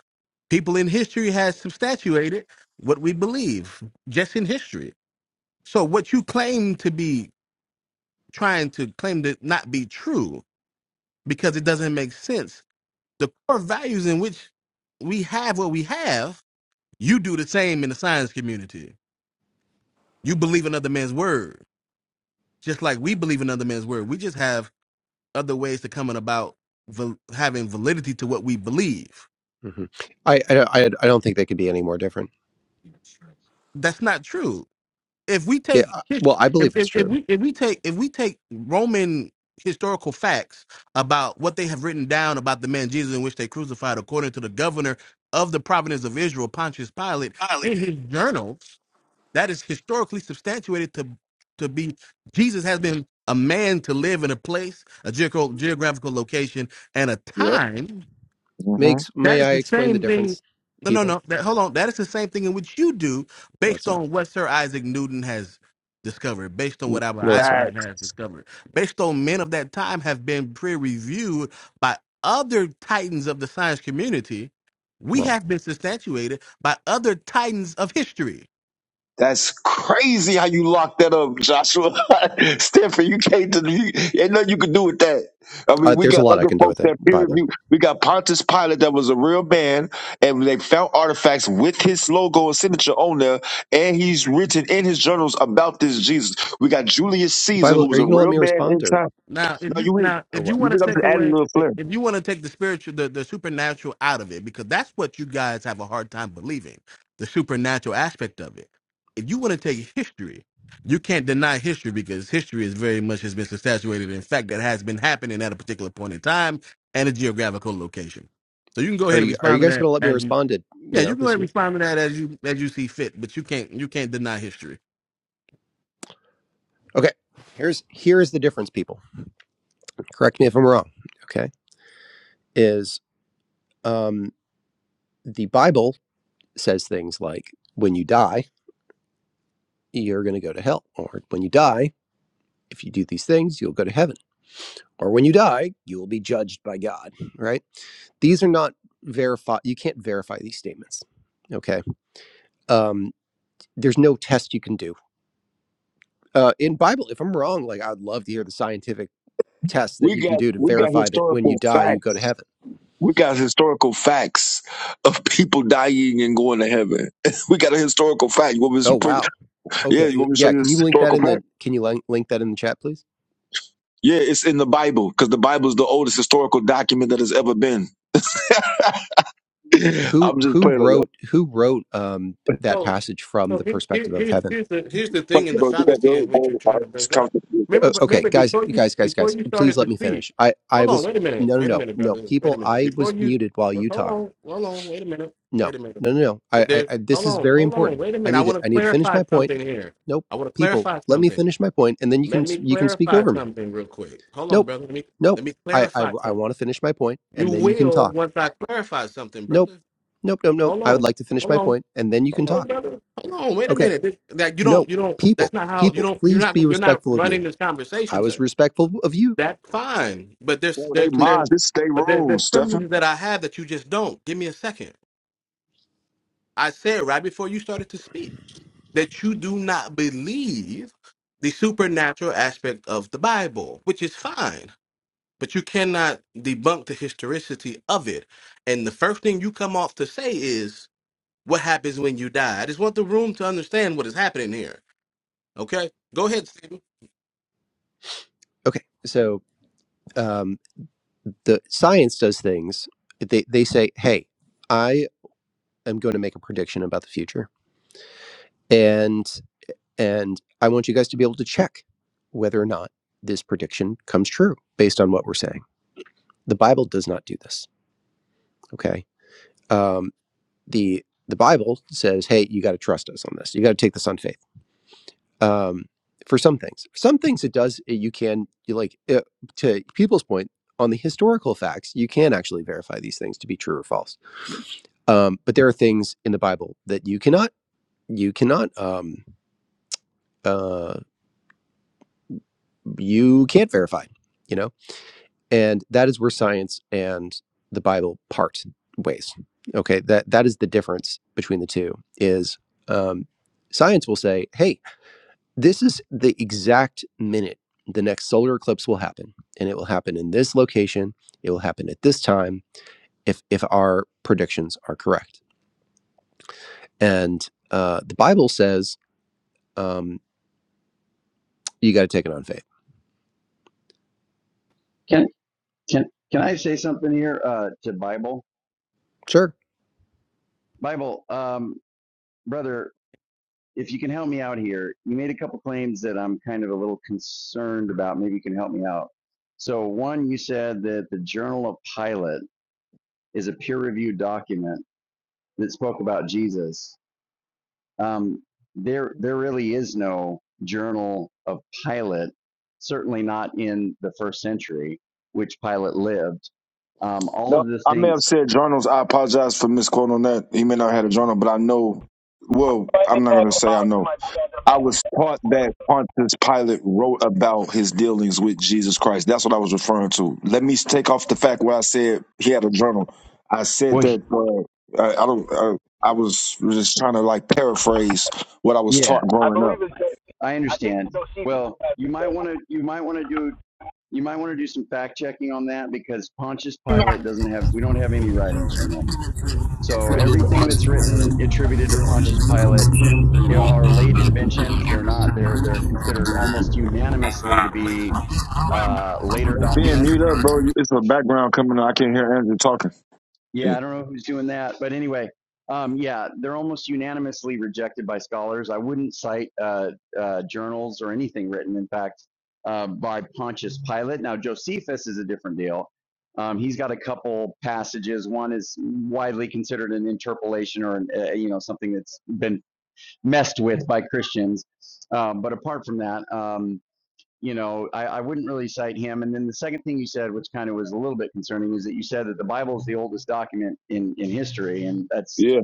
People in history has substantiated what we believe just in history. So what you claim to be trying to claim to not be true because it doesn't make sense. The core values in which we have what we have, you do the same in the science community. You believe another man's word, just like we believe another man's word. We just have other ways to come about val- having validity to what we believe hmm I, I i i don't think they could be any more different That's not true. If we yeah take I- his- well i believe if, it's if, if true we if we take if we take Roman historical facts about what they have written down about the man Jesus in which they crucified, according to the governor of the province of Israel, Pontius Pilate, Violent. in his journals, that is historically substantiated to to be Jesus has been a man to live in a place, a geogra- geographical location, and a Yeah. time hmm Makes that may is I the explain the same thing. difference, No, no, people? no. That, hold on. That is the same thing in which you do, No, it's based not. on what Sir Isaac Newton has discovered, based on what Albert No, it's not. Einstein has discovered, based on men of that time have been peer-reviewed by other titans of the science community. We Wrong. have been substantiated by other titans of history. That's crazy how you locked that up, Joshua. Stanford, you can't do you, ain't nothing you can do with that. I mean, Uh, we there's a got lot I other can do folks with it. that peer Bible, review. We got Pontius Pilate that was a real man, and they found artifacts with his logo and signature on there, and he's written in his journals about this Jesus. We got Julius Caesar, who Bible. Are was a you gonna let real me man respond in or time. Now, if No, you you read, now or if you what? you want to read, I'm take just adding a away little if flair. you want to take the spiritual the, the supernatural out of it because that's what you guys have a hard time believing the supernatural aspect of it. If you want to take history, you can't deny history because history is very much has been saturated in fact that has been happening at a particular point in time and a geographical location. So you can go Are ahead and you are you respond to guys that gonna let me as you respond to yeah you you know can go ahead this and year? respond to that as you as you see fit, but you can't you can't deny history. Okay. Here's here is the difference, people. Correct me if I'm wrong. Okay, is um the Bible says things like when you die you're gonna go to hell, or when you die if you do these things you'll go to heaven or when you die, you will be judged by God, right? These are not verified, you can't verify these statements, okay? Um, there's no test you can do. Uh, in Bible, if I'm wrong, like I'd love to hear the scientific test that We you can got do to we got verify that when you historical die, you go to facts heaven. We got historical facts of people dying and going to heaven. we got a historical fact. You want me Oh, to, pre- wow. Okay. yeah, you uh, want me to show Yeah. you Can this you link that historical in fact? the, can you link, link that in the chat, please? Yeah, it's in the Bible because the Bible is the oldest historical document that has ever been. I'm Who, just who playing on that. wrote, who wrote, um, that passage from So the here, here, perspective of here's heaven? here's the here's the thing Fuck, and the Bro, you got fallacy your own in which you're brain, all trying right? to It's bring up. comfortable. Remember, Uh, but okay, remember guys, before you guys, guys, before guys. you Please started let to me speak. finish. I, I Hold on, was wait a minute, no, no, wait a no, minute, no. brother, wait a People, minute. I Before was you, muted while but you hold talked. on, hold on, wait a minute, No, wait a minute. no, no, no. I, I, There, I this hold is on, very hold on, important. wait a I minute. I need to, want I to need to finish clarify my point. something here. Nope. I want to People, clarify let me something. finish my point, and then you can, Let me you can speak clarify over me. something real quick. Hold on, Nope, brother. Let me let nope. me I, I, clarify I something. want to finish my point, You and then you can will talk. once I clarify something, Nope, brother. nope, nope, nope. Hold I would on, like to finish hold my on. point, and then you can Hold on, talk. brother. Hold on, wait a Okay. minute. This- That you don't, No, you don't. That's people, not how you people, don't. You're please not. be You're not respectful of running me. this I conversation, was sir. respectful of you. That's fine, but there's Oh, they there's Please. there's minds. This is their but there's room, there's Stefan. privileges that I have that you just don't. Give me a second. I said right before you started to speak that you do not believe the supernatural aspect of the Bible, which is fine, but you cannot debunk the historicity of it. And the first thing you come off to say is, "What happens when you die?" I just want the room to understand what is happening here Okay, go ahead, Stephen. Okay. So, um. the science does things they, they say hey i am going to make a prediction about the future and and i want you guys to be able to check whether or not this prediction comes true based on what we're saying the bible does not do this okay um, the the bible says hey you got to trust us on this you got to take this on faith um, for some things some things it does uh, you can you like uh, to people's point on the historical facts you can actually verify these things to be true or false Um, but there are things in the Bible that you cannot, you cannot, um, uh, you can't verify, you know, and that is where science and the Bible part ways. Okay, that that is the difference between the two. Is um, science will say, hey, this is the exact minute the next solar eclipse will happen, and it will happen in this location. It will happen at this time if if our predictions are correct. And uh, the Bible says. Um, you got to take it on faith. Can Can can I say something here uh, to Bible? Sure. Bible, um, brother, if you can help me out here, you made a couple claims that I'm kind of a little concerned about. Maybe you can help me out. So, one, you said that the Journal of Pilate is a peer-reviewed document that spoke about Jesus. Um, there, there really is no Journal of Pilate, certainly not in the first century, which Pilate lived. Um, all No, of the I may things. have said journals. I apologize for misquoting on that. He may not have had a journal, but I know. Well, I'm not gonna say I know. I was taught that Pontius Pilate wrote about his dealings with Jesus Christ. That's what I was referring to. Let me take off the fact where I said he had a journal. I said Well, that uh, I, I don't. Uh, I was just trying to like paraphrase what I was yeah. taught growing up. I understand. Well, you might want to you might want to do you might want to do some fact checking on that because Pontius Pilate doesn't have we don't have any writings from him. So everything that's written attributed to Pontius Pilate eh, are late inventions. They're not they're they're considered almost unanimously to be uh, later Hey, Ben, documents. mute up, bro. You- It's a background coming. on. I can't hear Andrew talking. Yeah, Yeah. I don't know who's doing that, but anyway, um, yeah, they're almost unanimously rejected by scholars. I wouldn't cite uh, uh, journals or anything written, in fact, uh, by Pontius Pilate. Now, Josephus is a different deal. Um, he's got a couple passages. One is widely considered an interpolation or an, uh, you know something that's been messed with by Christians. Um, but apart from that, um, you know, I, I wouldn't really cite him. And then the second thing you said, which kind of was a little bit concerning, is that you said that the Bible is the oldest document in, in history, and that's yeah.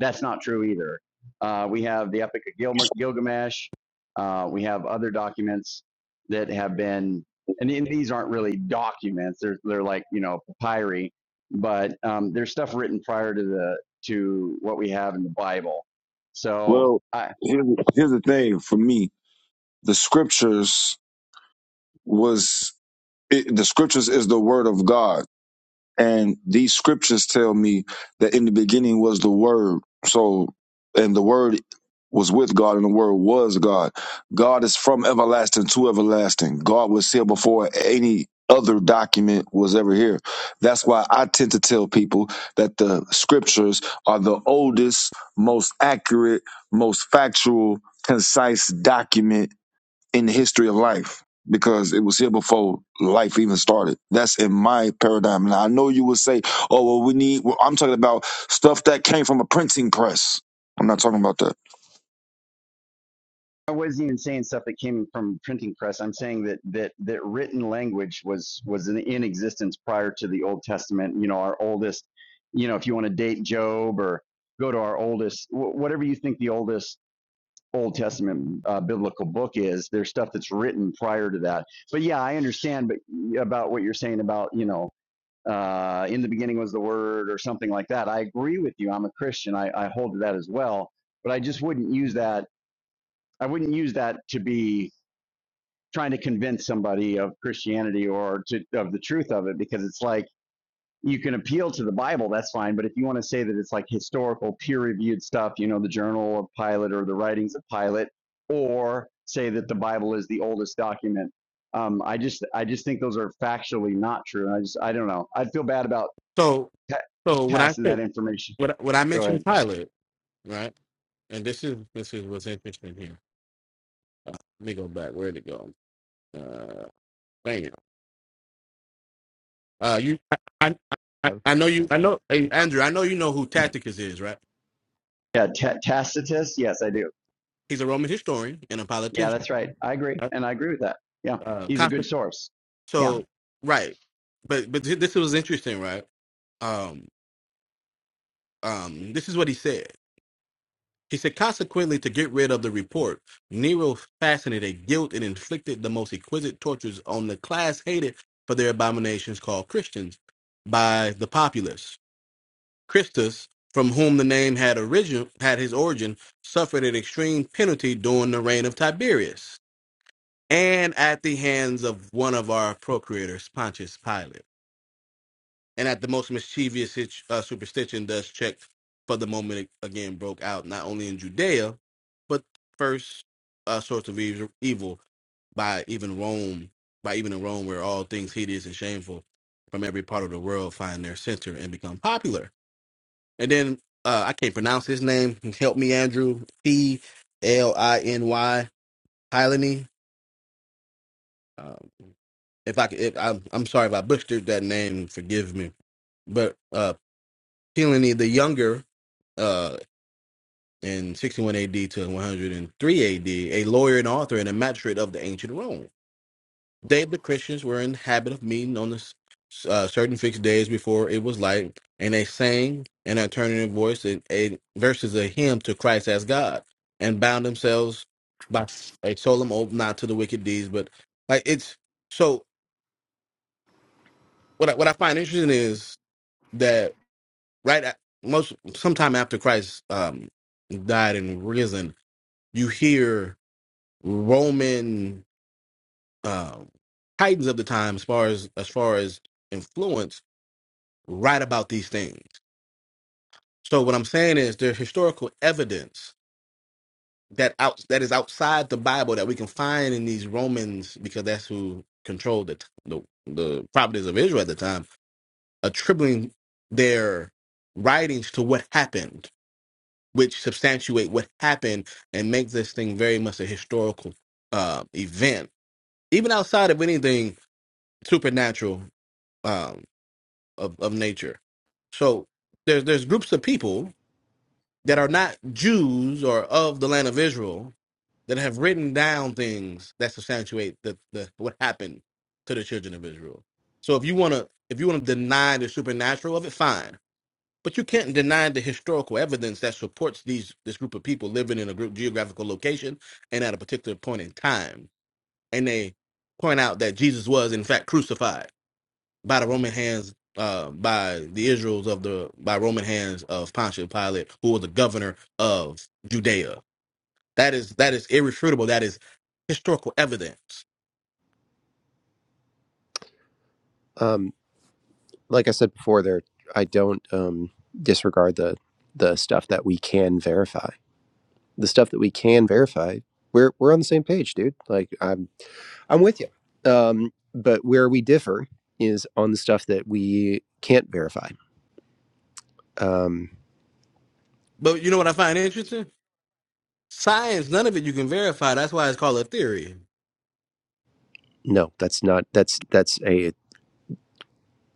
that's not true either. Uh, we have the Epic of Gil- Gilgamesh. Uh, we have other documents that have been, and these aren't really documents. They're they're like you know papyri, but um, there's stuff written prior to the to what we have in the Bible. So Well, I, here's, here's the thing for me. The scriptures was it, the scriptures is the word of God And these scriptures tell me that in the beginning was the Word. So, and the Word was with God, and the Word was God. God is from everlasting to everlasting. God was here before any other document was ever here. That's why I tend to tell people that the scriptures are the oldest, most accurate, most factual, concise document in the history of life because it was here before life even started. That's in my paradigm. Now I know you would say, "Oh, well, we need." Well, I'm talking about stuff that came from a printing press. I'm not talking about that. I wasn't even saying stuff that came from printing press. I'm saying that that that written language was was in, in existence prior to the Old Testament. You know, our oldest. You know, if you want to date Job or go to our oldest, wh- whatever you think the oldest Old Testament uh, biblical book is, there's stuff that's written prior to that. But yeah, I understand. But about what you're saying about you know, uh, in the beginning was the Word or something like that. I agree with you. I'm a Christian. I, I hold to that as well. But I just wouldn't use that. I wouldn't use that to be trying to convince somebody of Christianity or to, of the truth of it because it's like you can appeal to the Bible, that's fine. But if you want to say that it's like historical, peer reviewed stuff, you know, the journal of Pilate or the writings of Pilate, or say that the Bible is the oldest document. Um, I just, I just think those are factually not true. And I just, I don't know. I'd feel bad about So, ta- so when I passing said that information. when I- when I Go mentioned ahead. Pilate, right? And this is this is what's interesting here. Let me go back. Where would it go? Uh, dang it. Uh, you, I, I, I I know you. I know hey, Andrew. I know you know who Tacitus is, right? Yeah, ta- Tacitus. Yes, I do. He's a Roman historian and a Yeah, politician. that's right. I agree, Uh, and I agree with that. Yeah, uh, he's a good Constant- source. Yeah. so right, but but this was interesting, right? Um, um, this is what he said. He said, consequently, to get rid of the report, Nero fastened a guilt and inflicted the most exquisite tortures on the class hated for their abominations called Christians by the populace. Christus, from whom the name had origin had his origin, suffered an extreme penalty during the reign of Tiberius and at the hands of one of our procurators, Pontius Pilate and at the most mischievous sit- uh, superstition does check for the moment it again broke out, not only in Judea, but first uh, source of ev- evil by even Rome, by even in Rome, where all things hideous and shameful from every part of the world find their center and become popular. And then uh, I can't pronounce his name. Help me, Andrew. P L I N Y Hylany. Um, if I could, if, I'm, I'm sorry if I butchered that name. Forgive me. But uh, Pileny the younger uh, in 61 AD to 103 AD, a D, a lawyer and author and a magistrate of the ancient Rome. They, the Christians, were in the habit of meeting on the s- uh, certain fixed days before it was light, and they sang an alternative voice and a verses a hymn to Christ as God, and bound themselves by a solemn oath not to the wicked deeds. But like it's so, what I, what I find interesting is that right at most sometime after Christ um, died and risen, you hear Roman um, titans of the time, as far as as far as influence, write about these things. So what I'm saying is there's historical evidence that out that is outside the Bible that we can find in these Romans because that's who controlled the t- the, the properties of Israel at the time, attributing their writings to what happened, which substantiate what happened and make this thing very much a historical uh, event. Even outside of anything supernatural um, of of nature. So there's there's groups of people that are not Jews or of the land of Israel that have written down things that substantiate the, the what happened to the children of Israel. So if you want to if you want to deny the supernatural of it, fine. But you can't deny the historical evidence that supports these this group of people living in a group geographical location and at a particular point in time. And they point out that Jesus was in fact crucified by the Roman hands, uh, by the Israels of the by Roman hands of Pontius Pilate, who was the governor of Judea. That is that is irrefutable. That is historical evidence. Um, like I said before, there I don't um, disregard the the stuff that we can verify. The stuff that we can verify, we're we're on the same page, dude. Like I'm I'm with you. Um, but where we differ is on the stuff that we can't verify. Um, But you know what I find interesting? Science, none of it you can verify. That's why it's called a theory. no, that's not that's that's a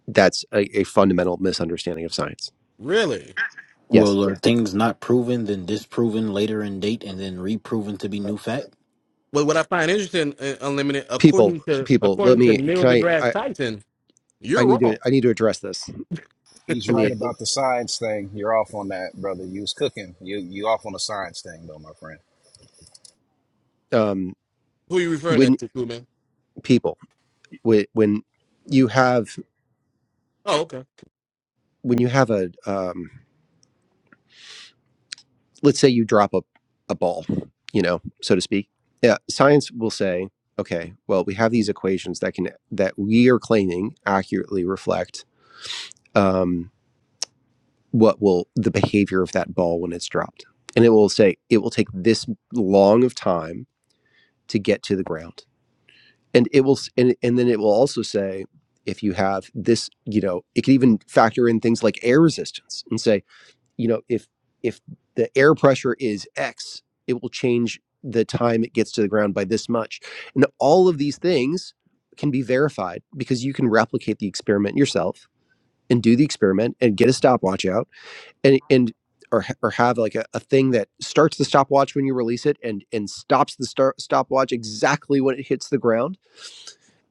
that's a, a fundamental misunderstanding of science. Really. Yes, Well, are things not proven, then disproven later in date, and then reproven to be new fact? But what I find interesting, uh, Unlimited, people according to people. Let according to me. Neil Can I? deGrasse I Tyson, I you're need to. wrong. I need to address this. He's Let right me. about the science thing. You're off on that, brother. You was cooking. You you off on the science thing though, my friend. Um, Who you referring when that to, cool man? people when when you have Oh, okay. when you have a um, let's say you drop a, a ball you know so to speak yeah science will say okay well we have these equations that can that we are claiming accurately reflect um, what will the behavior of that ball when it's dropped and it will say it will take this long of time to get to the ground and it will s- and, and then it will also say if you have this you know it can even factor in things like air resistance and say you know if if the air pressure is x it will change the time it gets to the ground by this much and all of these things can be verified because you can replicate the experiment yourself and do the experiment and get a stopwatch out and and or, or have like a, a thing that starts the stopwatch when you release it and and stops the start stopwatch exactly when it hits the ground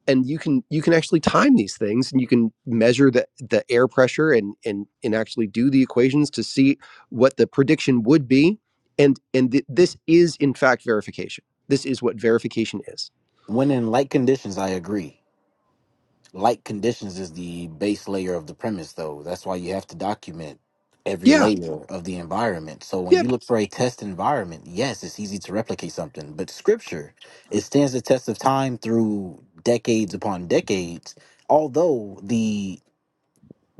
and you can you can actually time these things and you can measure the the air pressure and and and actually do the equations to see what the prediction would be and and th- this is in fact verification this is what verification is When in light conditions, I agree. Light conditions is the base layer of the premise, though. That's why you have to document every yeah layer of the environment. So when yeah. you look for a test environment, yes, it's easy to replicate something. But scripture, it stands the test of time through decades upon decades. Although the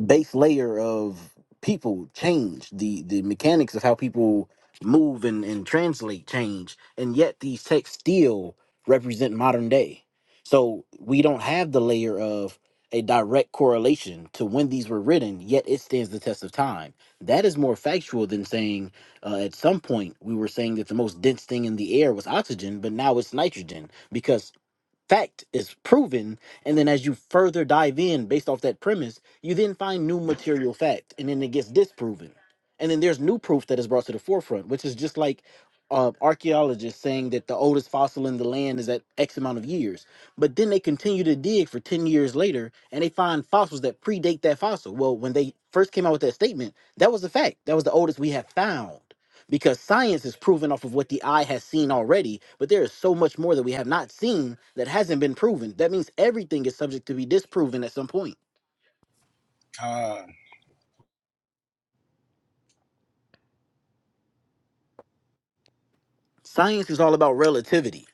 base layer of people change the the mechanics of how people move and, and translate change and yet these texts still represent modern day so we don't have the layer of a direct correlation to when these were written yet it stands the test of time that is more factual than saying uh, at some point we were saying that the most dense thing in the air was oxygen but now it's nitrogen because fact is proven and then as you further dive in based off that premise you then find new material fact and then it gets disproven and then there's new proof that is brought to the forefront which is just like uh, archaeologists saying that the oldest fossil in the land is at x amount of years but then they continue to dig for 10 years later and they find fossils that predate that fossil well when they first came out with that statement that was the fact that was the oldest we have found because science is proven off of what the eye has seen already, but there is so much more that we have not seen that hasn't been proven. That means everything is subject to be disproven at some point. Uh, Science is all about relativity.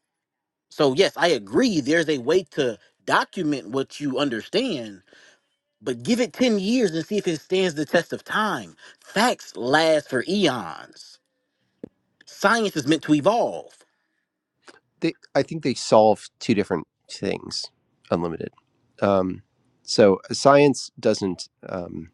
So, yes, I agree, there's a way to document what you understand, but give it 10 years and see if it stands the test of time. Facts last for eons. Science is meant to evolve. they i think they solve two different things unlimited um so science doesn't um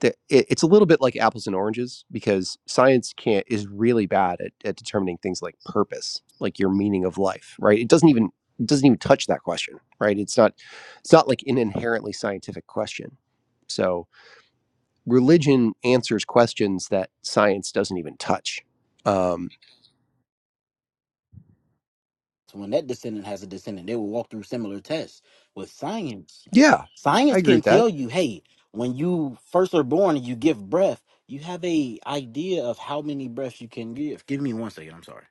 the, it, it's a little bit like apples and oranges because science can't is really bad at, at determining things like purpose like your meaning of life right it doesn't even it doesn't even touch that question right it's not it's not like an inherently scientific question so religion answers questions that science doesn't even touch um, So when that descendant has a descendant, they will walk through similar tests with science. yeah i Science agree can with that tell you, hey, when you first are born and you give breath, you have a idea of how many breaths you can give. Give me one second. I'm sorry.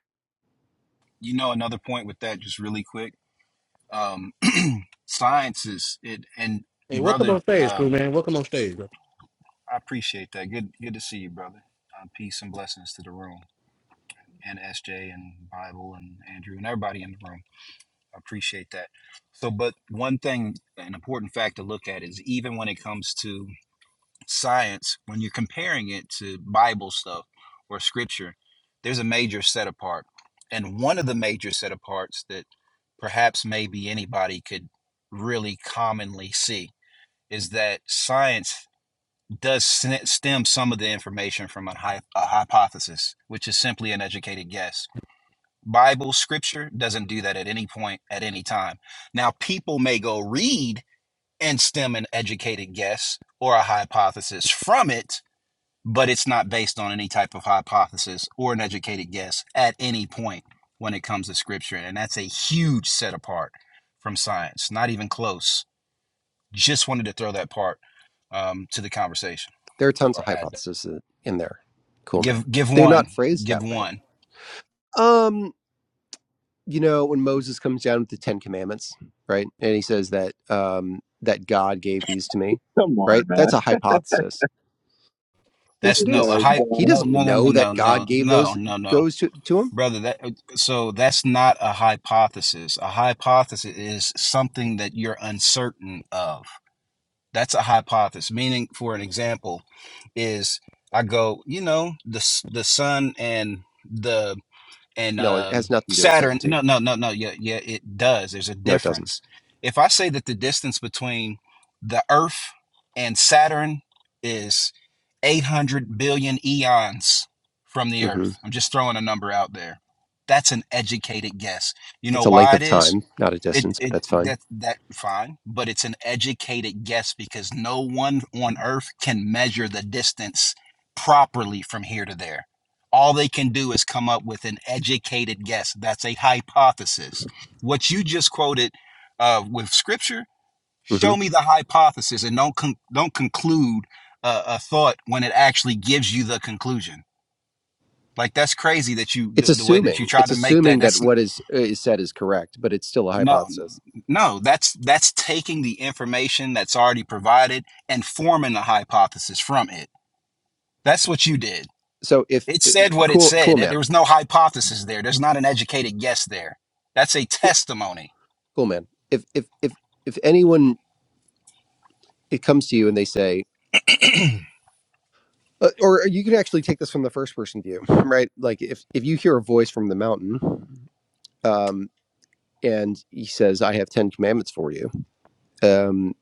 you know, another point with that, just really quick. Um, science is it, and Hey, welcome brother, on stage, um, cool man. Welcome on stage, bro. I appreciate that. Good, good to see you, brother. Uh, peace and blessings to the room, and SJ, and Bible, and Andrew, and everybody in the room. I appreciate that. So, but one thing, an important fact to look at is even when it comes to science when you're comparing it to bible stuff or scripture there's a major set apart and one of the major set aparts that perhaps maybe anybody could really commonly see is that science does stem some of the information from a, hy- a hypothesis which is simply an educated guess bible scripture doesn't do that at any point at any time now people may go read and stem an educated guess or a hypothesis from it but it's not based on any type of hypothesis or an educated guess at any point when it comes to scripture. And that's a huge set apart from science, not even close. Just wanted to throw that part um, to the conversation there are tons of or add. hypotheses in there cool man Give give they're one, not phrased give that way one. um you know when moses comes down with the ten commandments right and he says that um that god gave these to me Come on, right that's man. a hypothesis yes That's it no a is Like, hype. he God No doesn't no no no know that no god no gave no those no no, goes to, to him brother. That so that's not a hypothesis. A hypothesis is something that you're uncertain of That's a hypothesis. Meaning, for an example, is I go, you know, the the sun and the and no it has um, nothing to do with Saturn. certainty No, no, no, no. Yeah, yeah, it does. There's a no it doesn't difference. If I say that the distance between the Earth and Saturn is 800 billion eons from the hmm Earth, I'm just throwing a number out there. That's an educated guess. You know it's a length why it of is? time not a It distance but it that's fine that that fine, but it's an educated guess because no one on earth can measure the distance properly from here to there. All they can do is come up with an educated guess. That's a hypothesis. What you just quoted uh, with scripture, hmm show me the hypothesis, and don't con- don't conclude uh, a thought when it actually gives you the conclusion. Like that's crazy that you it's the, the way that you assuming try it's to make that. assuming that That's what is is said is correct but it's still a No, hypothesis no, that's that's taking the information that's already provided and forming a hypothesis from it. That's what you did. so if It uh, said what it cool said. cool There there man was no hypothesis there. There's not an educated guess there. That's a cool, testimony. cool man if if if if anyone it comes to you and they say Uh, or uh, you can actually take this from the first person view, right? Like if if you hear a voice from the mountain, um, and he says, "I have ten commandments for you," um,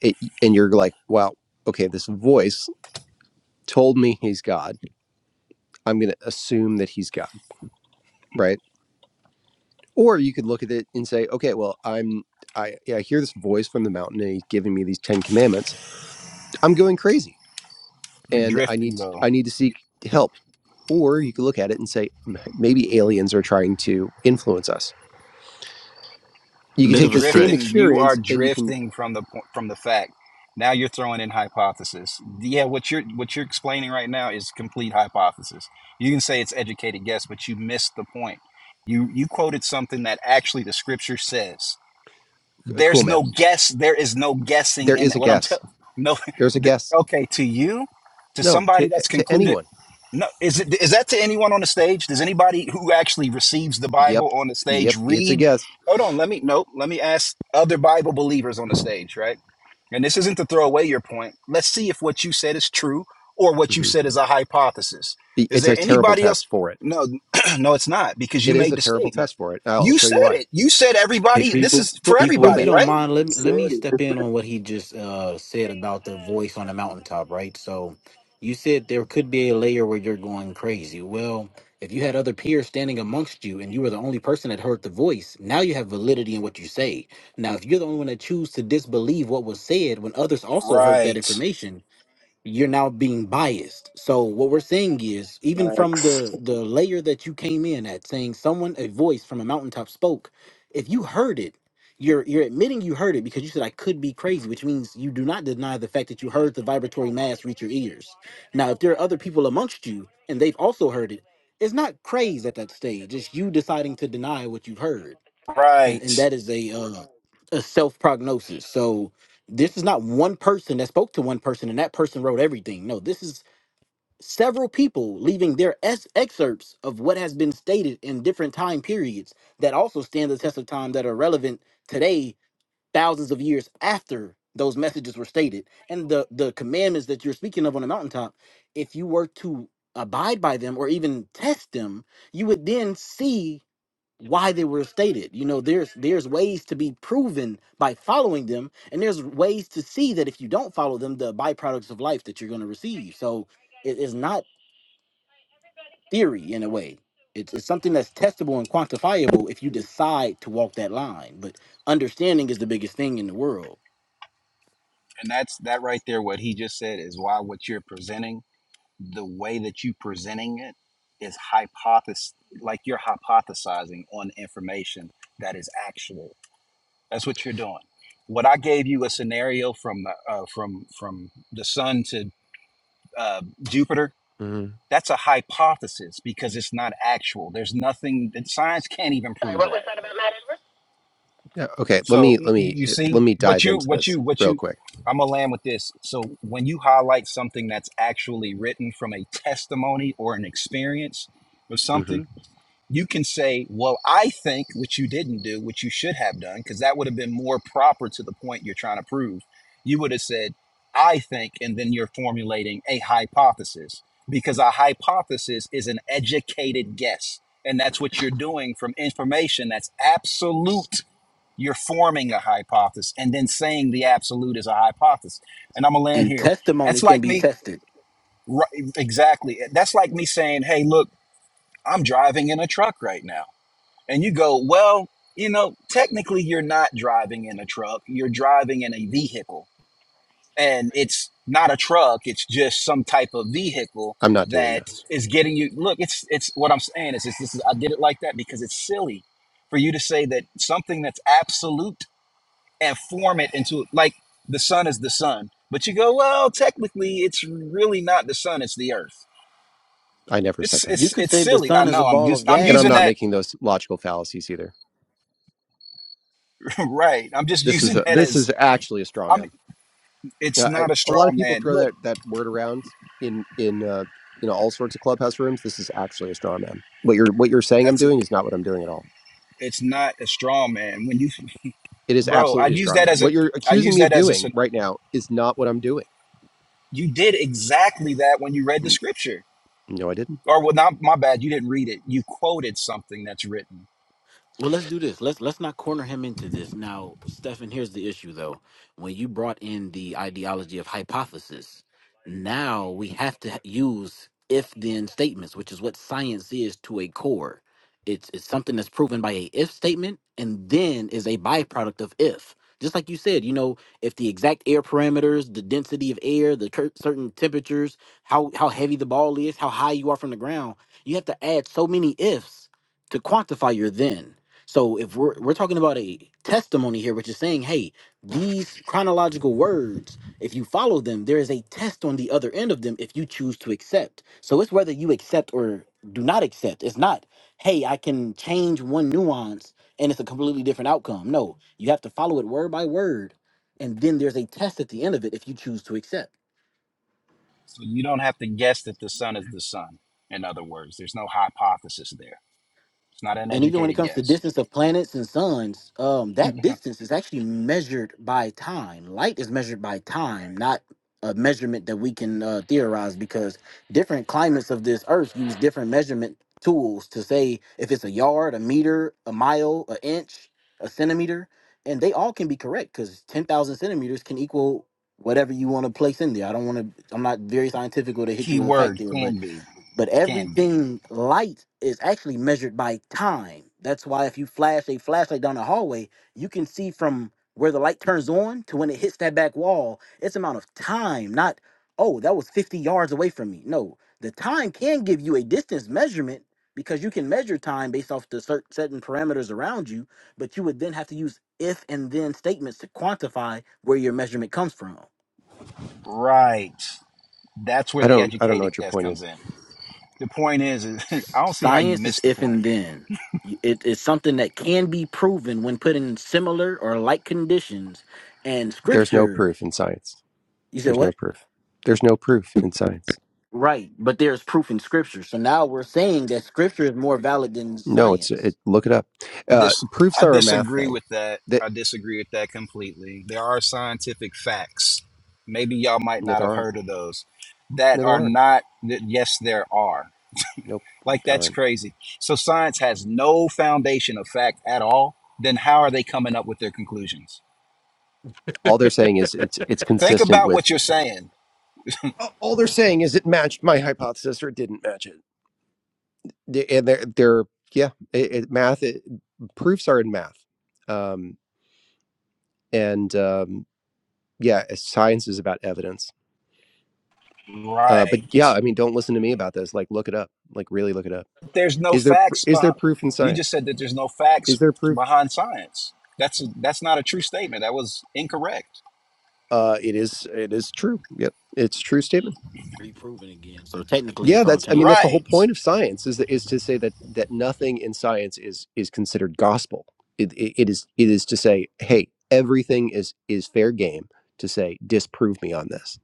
it- and you're like, "Wow, okay, this voice told me he's God. I'm going to assume that he's God, right?" Or you could look at it and say, "Okay, well, I'm I, yeah, I hear this voice from the mountain, and he's giving me these ten commandments. I'm going crazy." You're and I need drifting to, though. I need to seek help. Or you could look at it and say maybe aliens are trying to influence us. You could You're Bit take of a the same stretch. drifting. You are experience and you can drifting from the po- from the fact. Now you're throwing in hypothesis. Yeah, what you're what you're explaining right now is complete hypothesis. You can say it's educated guess, but you missed the point. You you quoted something that actually the scripture says. uh, cool There's no man. guess. There is no guessing There in is a what I'm guess. telling. No, There's a th- guess. okay. To you, to No, to somebody uh, that's to concluded anyone. no, is it is that to anyone on the stage? Does anybody who actually receives the Yep, Bible on the yep, stage it's a read? guess. Hold on, let me no, let me ask other Bible believers on the stage, right? And this isn't to throw away your point. Let's see if what you said is true or what you hmm said is a hypothesis. Is It's a there terrible anybody else? test for it. No, no, it's not because you It is made a the terrible statement. test for it. I'll You show said you why. it. You said Hey everybody. This people, is for Cool, people, cool if you everybody, man. don't right? mind, let me said let me it, step in on what he just uh, said about the voice on the mountaintop, right? So, you said there could be a layer where you're going crazy. Well, if you had other peers standing amongst you and you were the only person that heard the voice, now you have validity in what you say. Now, if you're the only one that choose to disbelieve what was said when others also heard that Right, information, you're now being biased. So what we're saying is, even from Max. the the layer that you came in at, saying someone a voice from a mountaintop spoke, if you heard it, you're you're admitting you heard it because you said I could be crazy, which means you do not deny the fact that you heard the vibratory mass reach your ears. Now, if there are other people amongst you and they've also heard it. It's not craze at that stage. It's you deciding to deny what you've heard, and and right. that is a uh, a self prognosis. So this is not one person that spoke to one person, and that person wrote everything. No, this is several people leaving their es- excerpts of what has been stated in different time periods that also stand the test of time that are relevant today thousands of years after those messages were stated and the the commandments that you're speaking of on the mountaintop if you were to abide by them or even test them you would then see why they were stated you know there's there's ways to be proven by following them and there's ways to see that if you don't follow them the byproducts of life that you're going to receive so it is not theory in a way it's, it's something that's testable and quantifiable if you decide to walk that line but understanding is the biggest thing in the world And that's that right there. What he just said is why what you're presenting the way that you presenting it is hypothesis like you're hypothesizing on information that is actual that's what you're doing what i gave you a scenario from uh, from from the sun to uh, jupiter hmm that's a hypothesis because it's not actual there's nothing that science can't even prove that Yeah. Okay. Let so me you, let me you uh, let see me what dive you into what this you what real you quick. i'm gonna land with this so when you highlight something that's actually written from a testimony or an experience of hmm something you can say, well, I think, which you didn't do, which you should have done, because that would have been more proper to the point you're trying to prove. You would have said, I think, and then you're formulating a hypothesis because a hypothesis is an educated guess. And that's what you're doing from information that's absolute. You're forming a hypothesis and then saying the absolute is a hypothesis. And I'm going to land and here. testimony That's can like be me, tested. right, exactly. That's like me saying, hey, look, I'm driving in a truck right now and you go, well, you know, technically you're not driving in a truck, you're driving in a vehicle. And it's not a truck, it's just some type of vehicle I'm not doing that. that is getting you look, it's it's what I'm saying is it's, this is I did it like that because it's silly for you to say that something that's absolute and form it into like the sun is the sun. But you go, well, technically it's really not the sun, it's the earth. I never said It's that, You it's could it's say the silly. I sun is a know. I'm ball just of I'm and gas I'm using and not that making those logical fallacies either. right. I'm just This is using a, that this as is actually a straw I'm. man. It's Yeah, I, not a a straw lot of people man. throw Look, that that word around in in uh, you know all sorts of clubhouse rooms. This is actually a straw man. What you're what you're saying I'm that's a. doing is not what I'm doing at all. It's not a straw man. When you, It is bro, I absolutely a use straw that man. as What a. you're I accusing use me of that as a. s- doing right now is not what I'm doing. You did exactly that when you read the "Mm, scripture, No, I didn't. or well, not my bad. You didn't read it. You quoted something that's written, Well, let's do this. Let's let's not corner him into this. Now, Stefan, here's the issue though. When you brought in the ideology of hypothesis, now we have to use if then statements, which is what science is to a core. It's it's something that's proven by a if statement and then is a byproduct of if. Just like you said, you know, if the exact air parameters, the density of air, the cur- certain temperatures, how how heavy the ball is, how high you are from the ground, you have to add so many ifs to quantify your then. So if we're we're talking about a testimony here, which is saying, hey, these chronological words, if you follow them, there is a test on the other end of them if you choose to accept. So it's whether you accept or do not accept. It's not, hey, I can change one nuance and it's a completely different outcome. No, you have to follow it word by word. And then there's a test at the end of it if you choose to accept. so you don't have to guess that the son is the son. In other words, there's no hypothesis there. It's not an and even when it educated comes to guess. distance of planets and suns um that distance is actually measured by time light is measured by time not a measurement that we can uh, theorize because different climates of this earth use different measurement tools to say if it's a yard a meter a mile an inch a centimeter and they all can be correct because 10000 centimeters can equal whatever you want to place in there i don't want to i'm not very scientific or to hit you Key with a fact word there but can be but can be everything light is actually measured by time. That's why if you flash a flashlight down the hallway, you can see from where the light turns on to when it hits that back wall. It's amount of time, not oh, that was 50 yards away from me. No, the time can give you a distance measurement because you can measure time based off the cer- certain parameters around you, but you would then have to use if and then statements to quantify where your measurement comes from. right. That's where I the don't I don't know educated what your guess point comes is. in. The point is, is I don't see how you Science is missed the if point and then. You- It is something that can be proven when put in similar or like conditions. And There's no scripture, proof in science. you said There's no what? proof. There's no proof in science. Right, but there's proof in scripture. So now we're saying that scripture is more valid than No, it's science. it. Look it up. I, Uh, dis- proofs I are a math disagree thing. with that. That I disagree with that completely. There are scientific facts. Maybe y'all might no, not there have aren't. heard of those No, that there are aren't. not, that, yes, there are. Nope, Like, there that's aren't. crazy. So, science has no foundation of fact at all. Then, how are they coming up with their conclusions? All they're saying is it's it's Think consistent about what with. you're saying. All they're saying is it matched my hypothesis or it didn't match it. They- And they're they're yeah, it, it, math it, proofs are in math, um, and um, yeah, science is about evidence. Uh, but yeah, Right. I mean, don't listen to me about this. Like, look it up. Like, really look it up. There's no Is there pr- facts is there behind, proof in you just science? said that there's no facts Is there proof? behind science. That's, that's not a true statement. That was incorrect. Uh, it is it is true. Yep, it's a true statement. Reproven again. So technically, Yeah, it's all that's I mean changing. that's the whole Right. point of science is that, is to say that that nothing in science is is considered gospel. It, it, it is it is to say, hey, everything is is fair game to say disprove me on this.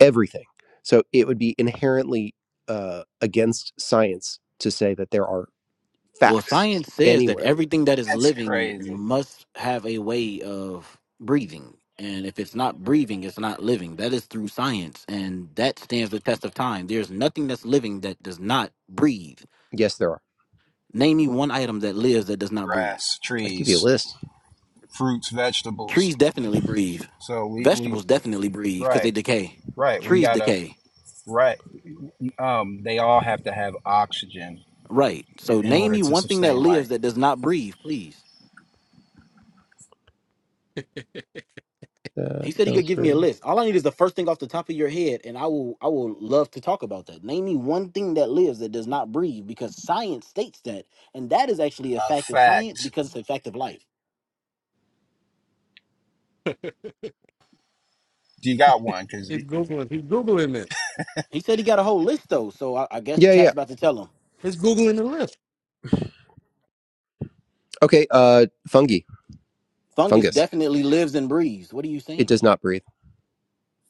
Everything. So it would be inherently uh, against science to say that there are Well, facts science says that anywhere. everything that is That's living crazy. must have a way of breathing. And if it's not breathing, it's not living. That is through science. And that stands the test of time. There's nothing that's living that does not breathe. Yes, there are. Name me one item that lives that does not breathe. Grass, I'll give you a trees, list. fruits, vegetables. Trees definitely breathe. So we, we Vegetables definitely breathe because they right, decay. right. We Trees gotta decay. right. Um, they all have to have oxygen Right. i- So in name order me to one thing that sustain lives life. that does not breathe, please. Uh, He said he don't could give me a breathe. list. All I need is the first thing off the top of your head, and I will I will love to talk about that. Name me one thing that lives that does not breathe, because science states that, and that is actually a A fact of science fact. because it's a fact of life. Do you got one? Cause y- He's googling. He's googling it. He said he got a whole list though, so I, I guess Yeah, chat's yeah. about to tell him. It's googling the list. Okay. Uh, fungi, Fungus fungus. definitely lives and breathes. What are you It saying? does not breathe.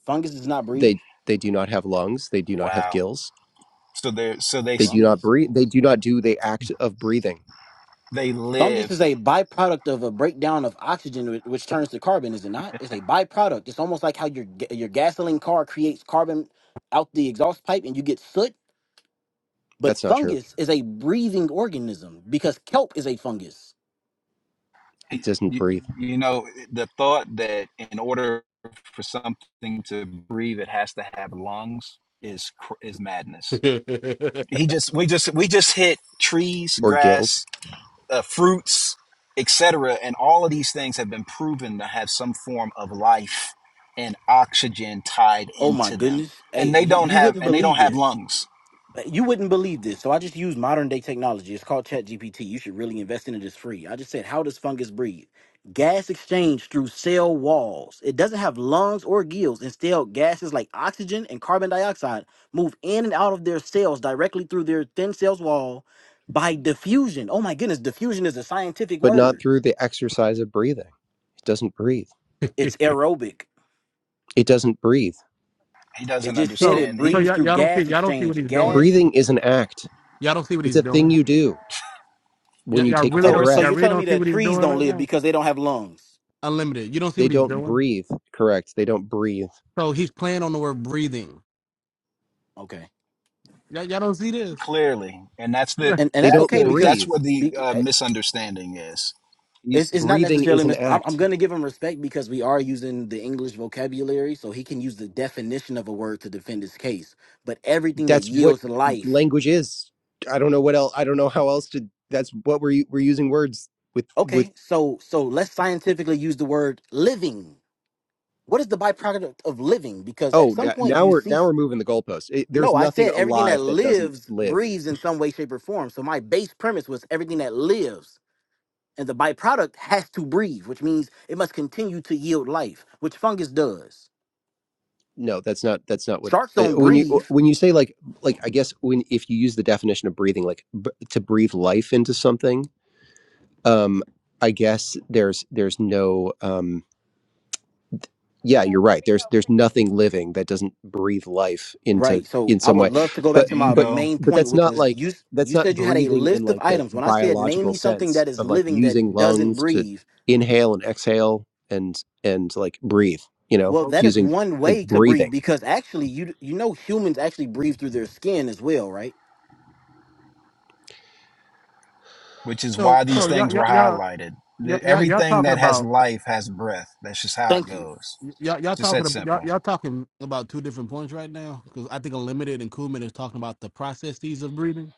Fungus does not breathe. They they do not have lungs. They do not have wow. gills So they so they They s- do not Fungus, breathe. boy. They do not do the act of breathing. they Fungus live. is a byproduct of a breakdown of oxygen, whi- which turns to carbon. Is it not? It's a byproduct. It's almost like how your ga- your gasoline car creates carbon out the exhaust pipe, and you get soot. But That's not true. fungus is a breathing organism because kelp is a fungus. It doesn't You, breathe you know the thought that in order for something to breathe, it has to have lungs is cr- is madness. He just we just we just hit trees, or gills, grass, uh, fruits, etc. And all of these things have been proven to have some form of life and oxygen tied Oh my into them. goodness! Hey, And they you, don't you have wouldn't and they don't believe have this. lungs. you wouldn't believe this. So I just use modern day technology. It's called ChatGPT. You should really invest in it. It's free. I just said, how does fungus breathe? Gas exchange through cell walls. It doesn't have lungs or gills. Instead, gases like oxygen and carbon dioxide move in and out of their cells directly through their thin cells wall by diffusion. Oh my goodness, diffusion is a scientific but not word. through the exercise of breathing. It doesn't breathe. It's aerobic. It doesn't breathe. He It doesn't just said so, it understand. so He breathes y'all, through y'all don't see gas y'all don't see what exchange. he's doing. Gas. Breathing is an act. Y'all don't see what It's he's a thing doing. you do Y- when you y'all take of a really So, don't. course so Y'all it's you're breath. really telling me don't see that what he's trees doing don't right live now. because they don't have lungs? Unlimited. You don't see They what he's don't doing. breathe. Correct. They don't breathe. So he's playing on the word breathing. Okay. Y'all, y'all don't see this. clearly, and that's the and and They that's that's don't okay the because that's breathe. where the be, uh, eh, misunderstanding is. it's He's it's not Breathing necessarily is an mis- I'm, I'm act. gonna give him respect because we are using the English vocabulary, so he can use the definition of a word to defend his case. But everything that That's what yields life, language is. I don't know what else. I don't know how else to. That's what we're we're using words with with okay. So so let's scientifically use the word living. What is the byproduct of of living? Because at Oh, some da- point now you we're see. now we're moving the goalposts. It, there's No, I nothing said everything that alive that doesn't lives live. breathes in some way, shape, or form. So my base premise was everything that lives. And the byproduct has to breathe, which means it must continue to yield life, which fungus does. No, that's not that's not what Sharks uh, don't when you breathe. when you say like like I guess when if you use the definition of breathing like b- to breathe life into something, um I guess there's there's no um yeah you're right there's there's nothing living that doesn't breathe life into Right. So in I some would way love to go back but to my but bingo, main but point, that's which not was like you s- that's you not said you had a breathing in list of like the items. When I said name biological me something sense that is of like living using that doesn't lungs to breathe, inhale and exhale and and like breathe you know well, that is using one like way to breathe breathing because actually you d- you know humans actually breathe through their skin as well, right? which is So, why these so y'all, things y'all, were y'all, highlighted. y'all, The- y'all y'all Everything talking that has about. life has breath. That's just how it Thank you. goes. Y'all, y'all It's just talking that ab- y'all, simple. y'all talking about two different points right now because I think Unlimited and Kuhlman is talking about the processes of breathing,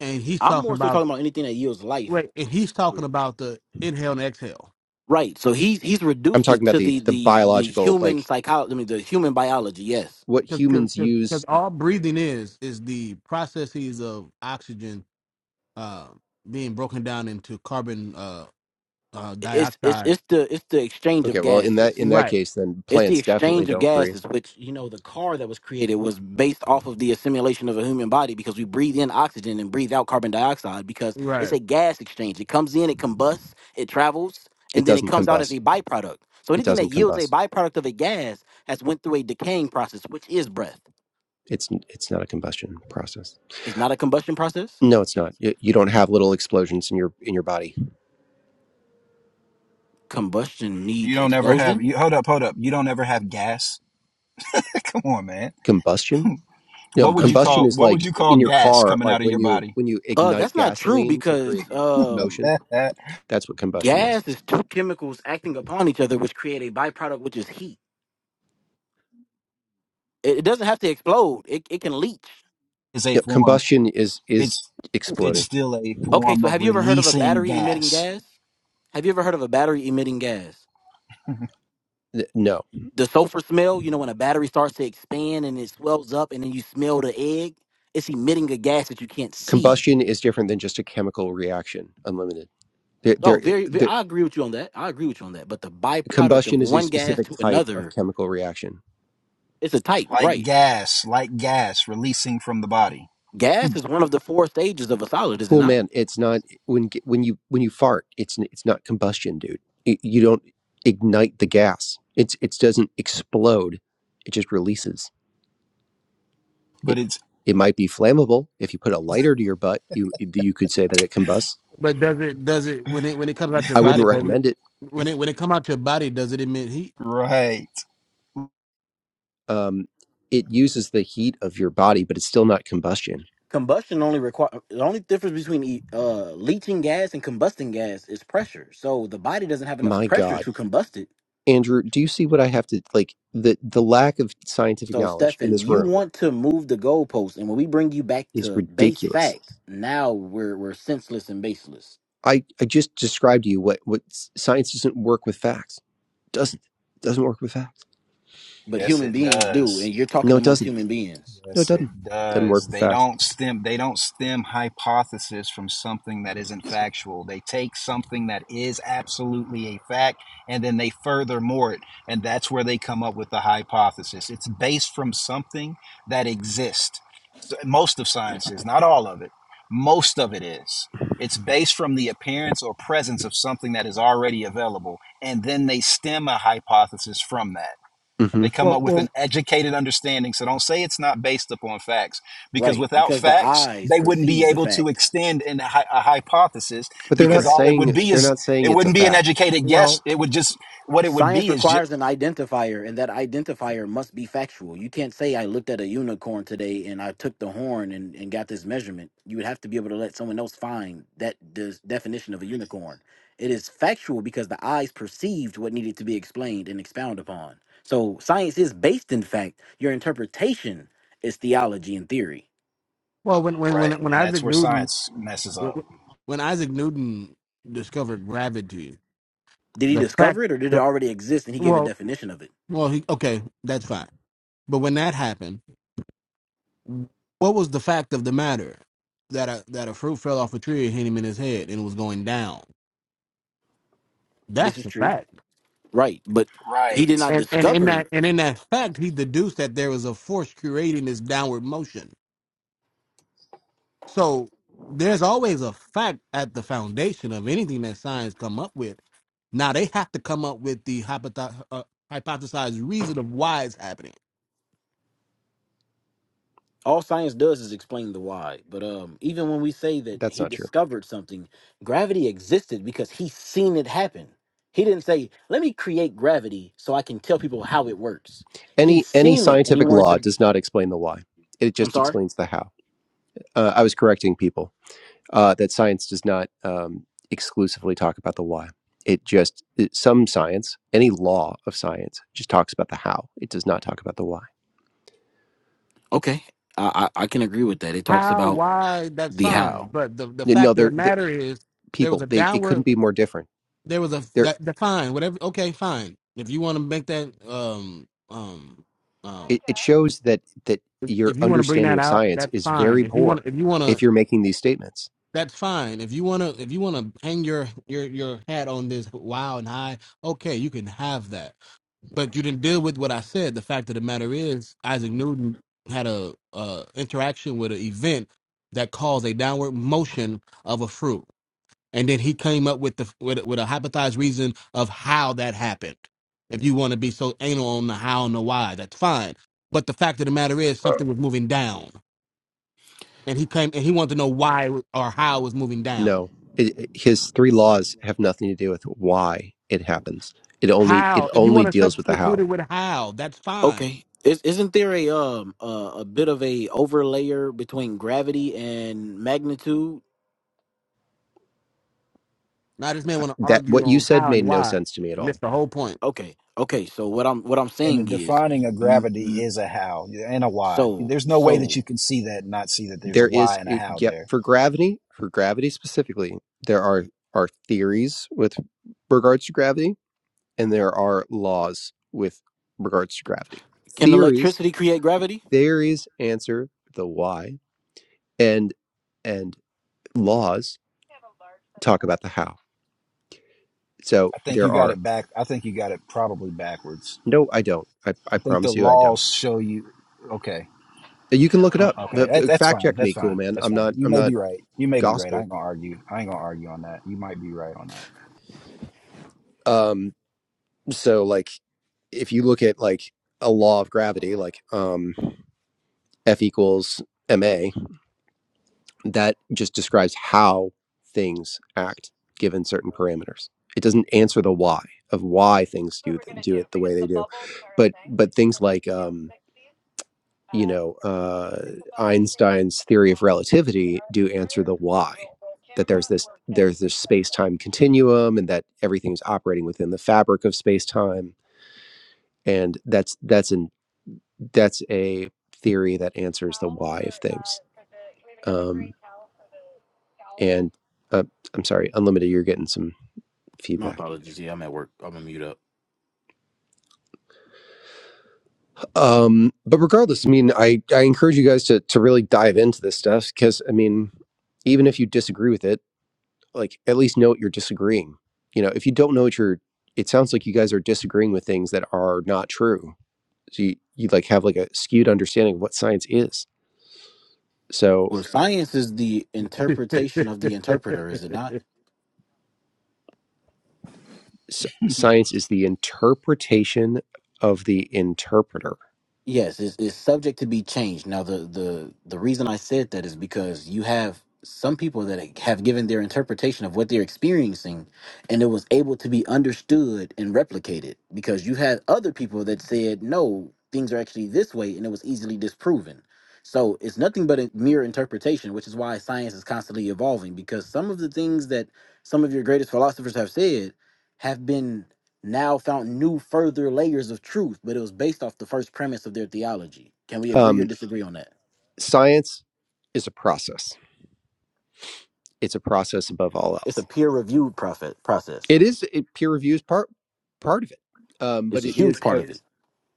and he's I'm talking more so about talking about anything that yields life. wait, and he's talking Right. about the inhale and exhale. Right. So he's he's i'm reduced talking it about to the the the the the biological human like psychology, I mean the human biology, yes. what because humans because use all breathing is is the processes of oxygen uh, being broken down into carbon uh, uh, it's it's dioxide. it's the it's the exchange of okay well in that gases. in that Right, case then It's the plants definitely exchange of don't breathe gases, which you know the car that was created was based off of the assimilation of a human body because we breathe in oxygen and breathe out carbon dioxide because it's right. a gas exchange. It comes in, it combusts, it travels, it and then it doesn't comes out as combust a byproduct. So it anything that doesn't yields a combust byproduct of a gas has went through a decaying process, which is breath. it's it's not a combustion process It's not a combustion process. No, it's not. Y- You don't have little explosions in your in your body. Combustion You needs don't ever have explosion. you hold up, hold up. You don't ever have gas. Come on, man. Combustion? No, What would you Combustion. combustion call is what would like you call in your gas car, coming like out of when your you body? when you Uh, ignite that's not true gasoline to because create m- um motion. it's That's what combustion is. Gas is two chemicals acting upon each other, which create a byproduct, which is heat. It, it doesn't have to explode, it, it can leach. a Yeah, form. combustion is is It's it's exploding. still a Okay, form so of have you ever heard of a releasing battery emitting gas. gas? Have you ever heard of a battery emitting gas? Th- No, The sulfur smell, you know, when a battery starts to expand and it swells up and then you smell the egg, it's emitting a gas that you can't see. combustion is different than just a chemical reaction. Unlimited. There, Oh, there, very, very there I agree with you on that. I agree with you on that. But the byproduct of combustion is a one gas specific to type of another chemical reaction. it's a type, Like right? gas, like gas releasing from the body. Gas is one of the four stages of a solid, is it cool not? man it's not when when you when you fart it's it's not combustion dude Y- you don't ignite the gas it's it doesn't explode it just releases But it it's it might be flammable if you put a lighter to your butt you you could say that it combusts But does it does it when it when it comes out your i wouldn't body? oh, Does it recommend it when it when it come out your body? Does it emit heat? right. um it uses the heat of your body but it's still not combustion Combustion only require the only difference between e- uh, leaching gas and combusting gas is pressure. So the body doesn't have enough my pressure god to combust it. andrew do you see what i have to like the the lack of scientific So knowledge in Stefan, this you room want to move the goalpost, and when we bring you back is to base ridiculous facts, now we're we're senseless and baseless. I, I just described to you what, what science doesn't work with facts. Doesn't. Doesn't work with facts. But Yes human it beings do, does. and you're talking No, it amongst doesn't. human beings, No, it Yes, it doesn't. Doesn't work does. with They facts. don't stem they don't stem hypothesis from something that isn't factual. They take something that is absolutely a fact and then they furthermore it. And that's where they come up with the hypothesis. It's based from something that exists. So most of science is, not all of it. Most of it is. It's based from the appearance or presence of something that is already available, and then they stem a hypothesis from that. hmm They come Well, up with an well, educated understanding. So don't say it's not based upon facts, because right? without Because the facts, eyes they wouldn't be perceive the able to fact. extend in a, a hypothesis. But they're Because not Correct. all it would saying be they're is not saying it it's a wouldn't be an fact. educated guess. well, It would just what it would Science be is just requires an identifier, and that identifier must be factual. You can't say I looked at a unicorn today and I took the horn and, and got this measurement. You would have to be able to let someone else find that the definition of a unicorn. It is factual because the eyes perceived what needed to be explained and expounded upon. So science is based in fact. Your interpretation is theology and theory. well. When when when Right. when and that's Isaac where Newton science messes up. when, when Isaac Newton discovered gravity, Did he the fact discover it or did it that already exist and he gave a well, definition of it? well, he okay, that's fine. But when that happened What was the fact of the matter that a that a fruit fell off a tree and hit him in his head and was going down? This That's is the true. fact. Right. But he Right. did not And and in discover that and in that fact, he deduced that there was a force creating this downward motion. So there's always a fact at the foundation of anything that science come up with. Now they have to come up with the hypothe- uh, hypothesized reason of why it's happening. all science does is explain the why but um even when we say that That's he not true. discovered something gravity existed because he seen it happen he didn't say let me create gravity so i can tell people how it works he Any any seen it and he scientific wanted law to does not explain the why. It i'm just sorry explains the how. Uh, I was correcting people uh, that science does not um, exclusively talk about the why. It just it, some science, any law of science, just talks about the how. It does not talk about the why. okay i i, I can agree with that it talks How, about why, that's the fine. how But the, the No, fact of the they're the matter is, there was people. a They it downward couldn't be more different. There was a There, that, that fine, whatever. Okay, fine. If you want to make that um um um, it, it shows that that if your if you want to bring understanding that of out, science that's is fine. very If you want poor if you want if to, you're making these statements. that's fine. If you want to if you want to hang your your your hat on this wow and high, okay, you can have that. But you didn't deal with what I said. The fact of the matter is, Isaac Newton had a uh interaction with an event that caused a downward motion of a fruit. and then he came up with the with, a- with a hypothesized reason of how that happened. If you want to be so anal on the how and the why, that's fine. But the fact of the matter is, something was moving down, and he came and he wanted to know why or how it was moving down. No, it, it- his three laws have nothing to do with why it happens. It only it How? If you only want to deals with the substitute how. it with how, that's fine. okay Is, isn't there a um a, a bit of a overlayer between gravity and magnitude Now this man I- want to That argue what you on said how made and no why. sense to me at He all. missed the whole point. okay okay so what i'm what i'm And the saying is defining of mm, gravity mm, is a how and a why. so There's no way that so you can see that and not see that there's a There why is and a it- how yep there. for gravity for gravity specifically. There are are theories with regards to gravity and there are laws with regards to gravity. Can Theories, electricity create gravity? theories answer the why, and and laws talk about the how. So I think there you got are it back. I think you got it probably backwards. no, I don't. I, I I think the promise you, I don't. laws show you. Okay. You can look it Uh, up. Okay, that's that's Fact fine. check That's me, cool fine. man. That's I'm fine. not. You I'm may not be right. You may be right. I gospel. ain't gonna argue. I ain't gonna argue on that. You might be right on that. Um. So like, if you look at like a law of gravity, like um, F equals ma, that just describes how things act given certain parameters. It doesn't answer the why of why things do th- do it the way they do, but but things like um, you know uh, Einstein's theory of relativity do answer the why that there's this there's this space time continuum and that everything is operating within the fabric of space time and that's that's an that's a theory that answers the why of things um, and uh, I'm sorry, unlimited. You're getting some My feedback. apologies. Yeah, I'm at work. I'm gonna mute up. Um, but regardless, I mean, I, I encourage you guys to to really dive into this stuff because I mean, even if you disagree with it, like at least know what you're disagreeing. You know, if you don't know what you're, it sounds like you guys are disagreeing with things that are not true. So you, you like have like a skewed understanding of what science is. So Well, science is the interpretation of the interpreter, is it not? s- science is the interpretation of the interpreter. Yes, it's, it's subject to be changed. Now, the, the the reason I said that is because you have some people that have given their interpretation of what they're experiencing, and it was able to be understood and replicated. Because you had other people that said no, things are actually this way, and it was easily disproven. So it's nothing but a mere interpretation, which is why science is constantly evolving. Because some of the things that some of your greatest philosophers have said have been now found new further layers of truth, but it was based off the first premise of their theology. Can we agree or Um, disagree on that? science is a process. It's a process above all It's a else. peer reviewed prophet process. It is it, peer review is part part of it, um, but It's a it huge is part a, of it.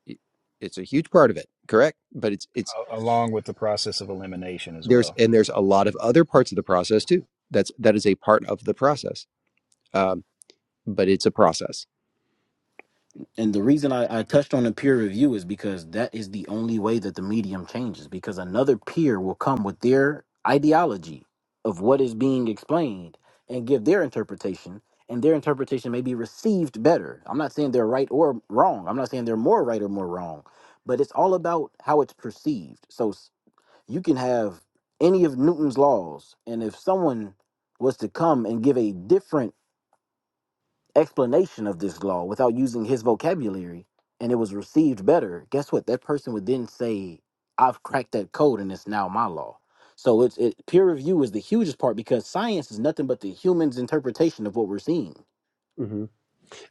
it- it's a huge part of it. Correct, but it's it's A- along with the process of elimination as there's well. and there's a lot of other parts of the process too that's that is a part of the process um, but it's a process And the reason I, I touched on the peer review is because that is the only way that the medium changes, because another peer will come with their ideology of what is being explained and give their interpretation, and their interpretation may be received better. I'm not saying they're right or wrong. I'm not saying they're more right or more wrong but it's all about how it's perceived. So you can have any of Newton's laws, and if someone was to come and give a different explanation of this law without using his vocabulary, and it was received better, guess what? That person would then say, "I've cracked that code, and it's now my law." So it's it, peer review is the hugest part because science is nothing but the human's interpretation of what we're seeing, hmm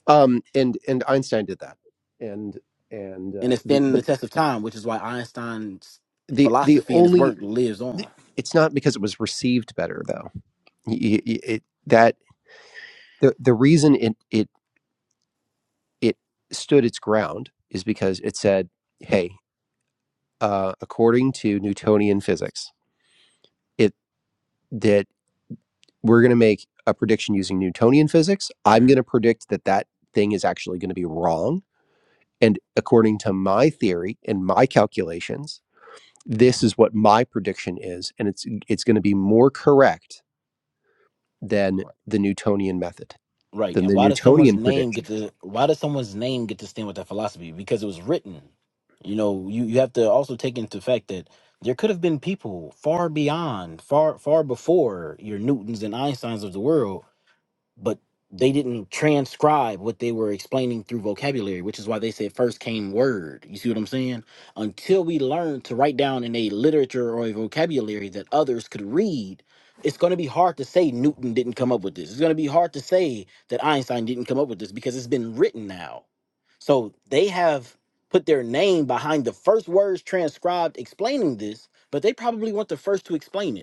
um, and and einstein did that and and and uh, it's the standing the but test of time, which is why Einstein's the the philosophy and his only work lives on. It's not because it was received better though. Y- y- it- that the the reason it it it stood its ground is because it said, "Hey, uh, according to Newtonian physics, it that we're going to make a prediction using Newtonian physics. I'm going Mhm. to predict that that thing is actually going to be wrong, and according to my theory and my calculations." This is what my prediction is, and it's it's going to be more correct than the Newtonian method. Right. than And the why does someone's Newtonian name get prediction. to why does someone's name get to stand with that philosophy? Because it was written. You know, you, you have to also take into fact that there could have been people far beyond, far far before your Newtons and Einsteins of the world but they didn't transcribe what they were explaining through vocabulary, which is why they said first came word. You see what I'm saying? Until we learn to write down in a literature or a vocabulary that others could read, it's going to be hard to say Newton didn't come up with this. It's going to be hard to say that Einstein didn't come up with this because it's been written now. So they have put their name behind the first words transcribed explaining this, but they probably weren't the first to explain it.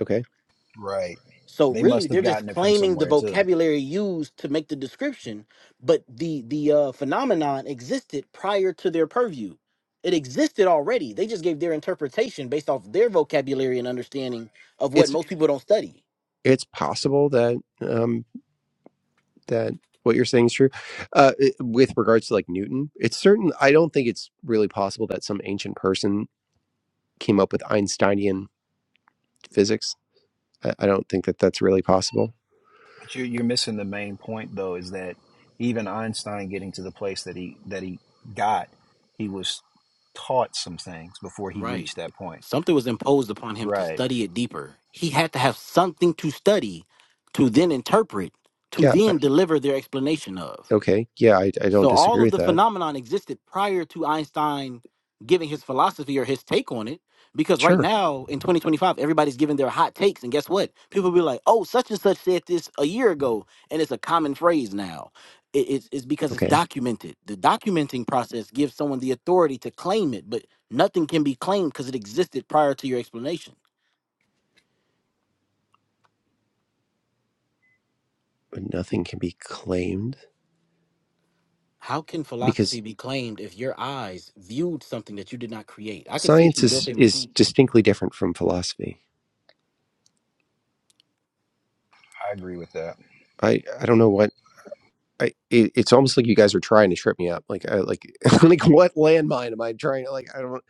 Okay, Right. So They really, must have they're just gotten it from claiming the somewhere too. vocabulary used to make the description, but the the uh, phenomenon existed prior to their purview. It existed already. They just gave their interpretation based off their vocabulary and understanding of what it's most people don't study. it's possible that um, that what you're saying is true. Uh, it- with regards to like Newton, it's certain. I don't think it's really possible that some ancient person came up with Einsteinian physics. I, I don't think that that's really possible. But you're you're missing the main point though. Is that even Einstein getting to the place that he that he got, he was taught some things before he Right. reached that point. Something was imposed upon him to Right. study it deeper. He had to have something to study, to then interpret, to Yeah. I- then deliver their explanation of. Okay. Yeah, I, I don't So all disagree of with the that. phenomenon existed prior to Einstein giving his philosophy or his take on it. Because right Sure. now in 2025, everybody's giving their hot takes, and guess what? People be like, "Oh, such and such said this a year ago," and it's a common phrase now. It- it's, it's because it's Okay, documented. The documenting process gives someone the authority to claim it, but nothing can be claimed because it existed prior to your explanation. but nothing can be claimed How can because philosophy be claimed if your eyes viewed something that you did not create? I could see if science you built is a is machine. distinctly different from philosophy. I agree with that. I I don't know why I, it, it's almost like you guys are trying to trip me up. Like, I, like, I'm like, what landmine am I trying? Like, I don't,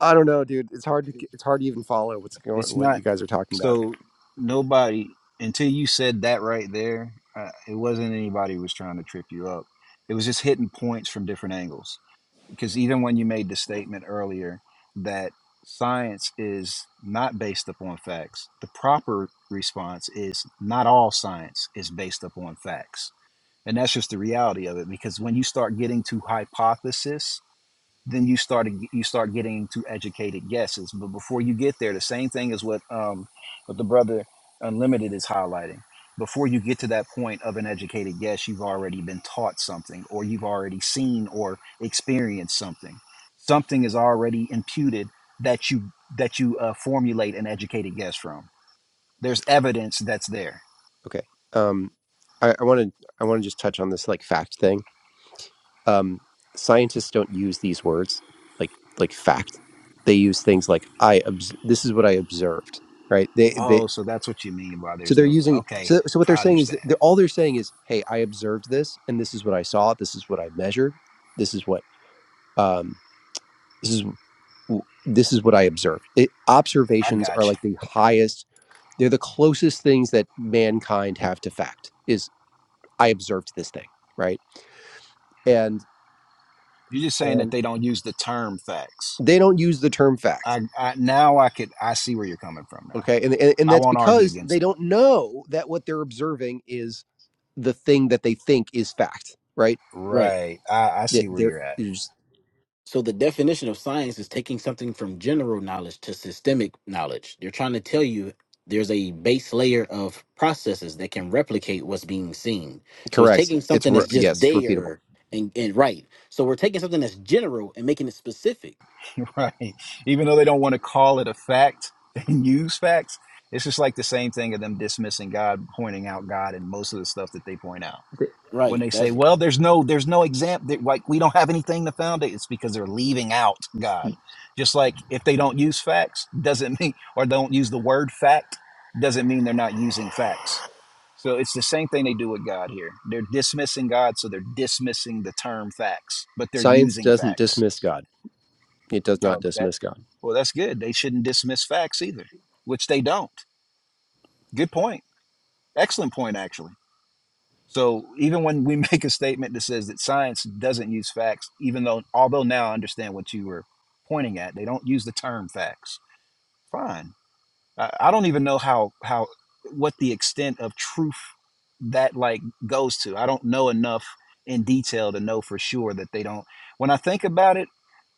I don't know, dude. It's hard to, k- it's hard to even follow what's going, It's what you not. guys are talking about. So nobody until you said that right there. Uh, it wasn't anybody who was trying to trip you up. It was just hitting points from different angles. Because even when you made the statement earlier that science is not based upon facts, the proper response is not all science is based upon facts. And that's just the reality of it. Because when you start getting to hypothesis then you start you start getting to educated guesses. But before you get there, the same thing is what um, what the brother Unlimited is highlighting. Before you get to that point of an educated guess, you've already been taught something, or you've already seen or experienced something. Something is already imputed that you that you uh, formulate an educated guess from. There's evidence that's there. Okay. Um, I I want to, I want to just touch on this like fact thing. Um, scientists don't use these words like, like fact. They use things like I. Obs- this is what I observed. Right. They, they. Oh, so that's what you mean by So there's they're no. using. Okay, So, so what they're I saying is, understand. that they're, all they're saying is, hey, I observed this, and this is what I saw. This is what I measured. This is what. um. This is this is what I observed. It, I observations are got you. like the highest; they're the closest things that mankind have to fact. Is I observed this thing, right? And You're just saying that and they don't use the term facts they don't use the term fact, I, I now I could I see where you're coming from now. okay? And and, and I that's won't argue because they against that. don't know that what they're observing is the thing that they think is fact, right? Right. Right. I, I They, see where they're you're at. it's- So the definition of science is taking something from general knowledge to systemic knowledge. They're trying to tell you there's a base layer of processes that can replicate what's being seen. So it's correct. taking It's something re- that's just yes, repeatable. there and, and right. So we're taking something that's general and making it specific. Right. Even though they don't want to call it a fact and use facts, it's just like the same thing of them dismissing God, pointing out God and most of the stuff that they point out. When Right. they say, That's Well, there's no there's no example like we don't have anything to found it, it's because they're leaving out God. Just like if they don't use facts, doesn't mean or don't use the word fact, doesn't mean they're not using facts. So it's the same thing they do with God here. They're dismissing God, so they're dismissing the term facts, but they're Science using doesn't facts. dismiss God. It does not Okay, dismiss God. well, that's good. They shouldn't dismiss facts either, which they don't. Good point. Excellent point, actually. So even when we make a statement that says that science doesn't use facts, even though although now I understand what you were pointing at, they don't use the term facts. Fine. I, I don't even know how how what the extent of truth that like goes to. I don't know enough in detail to know for sure that they don't. When I think about it,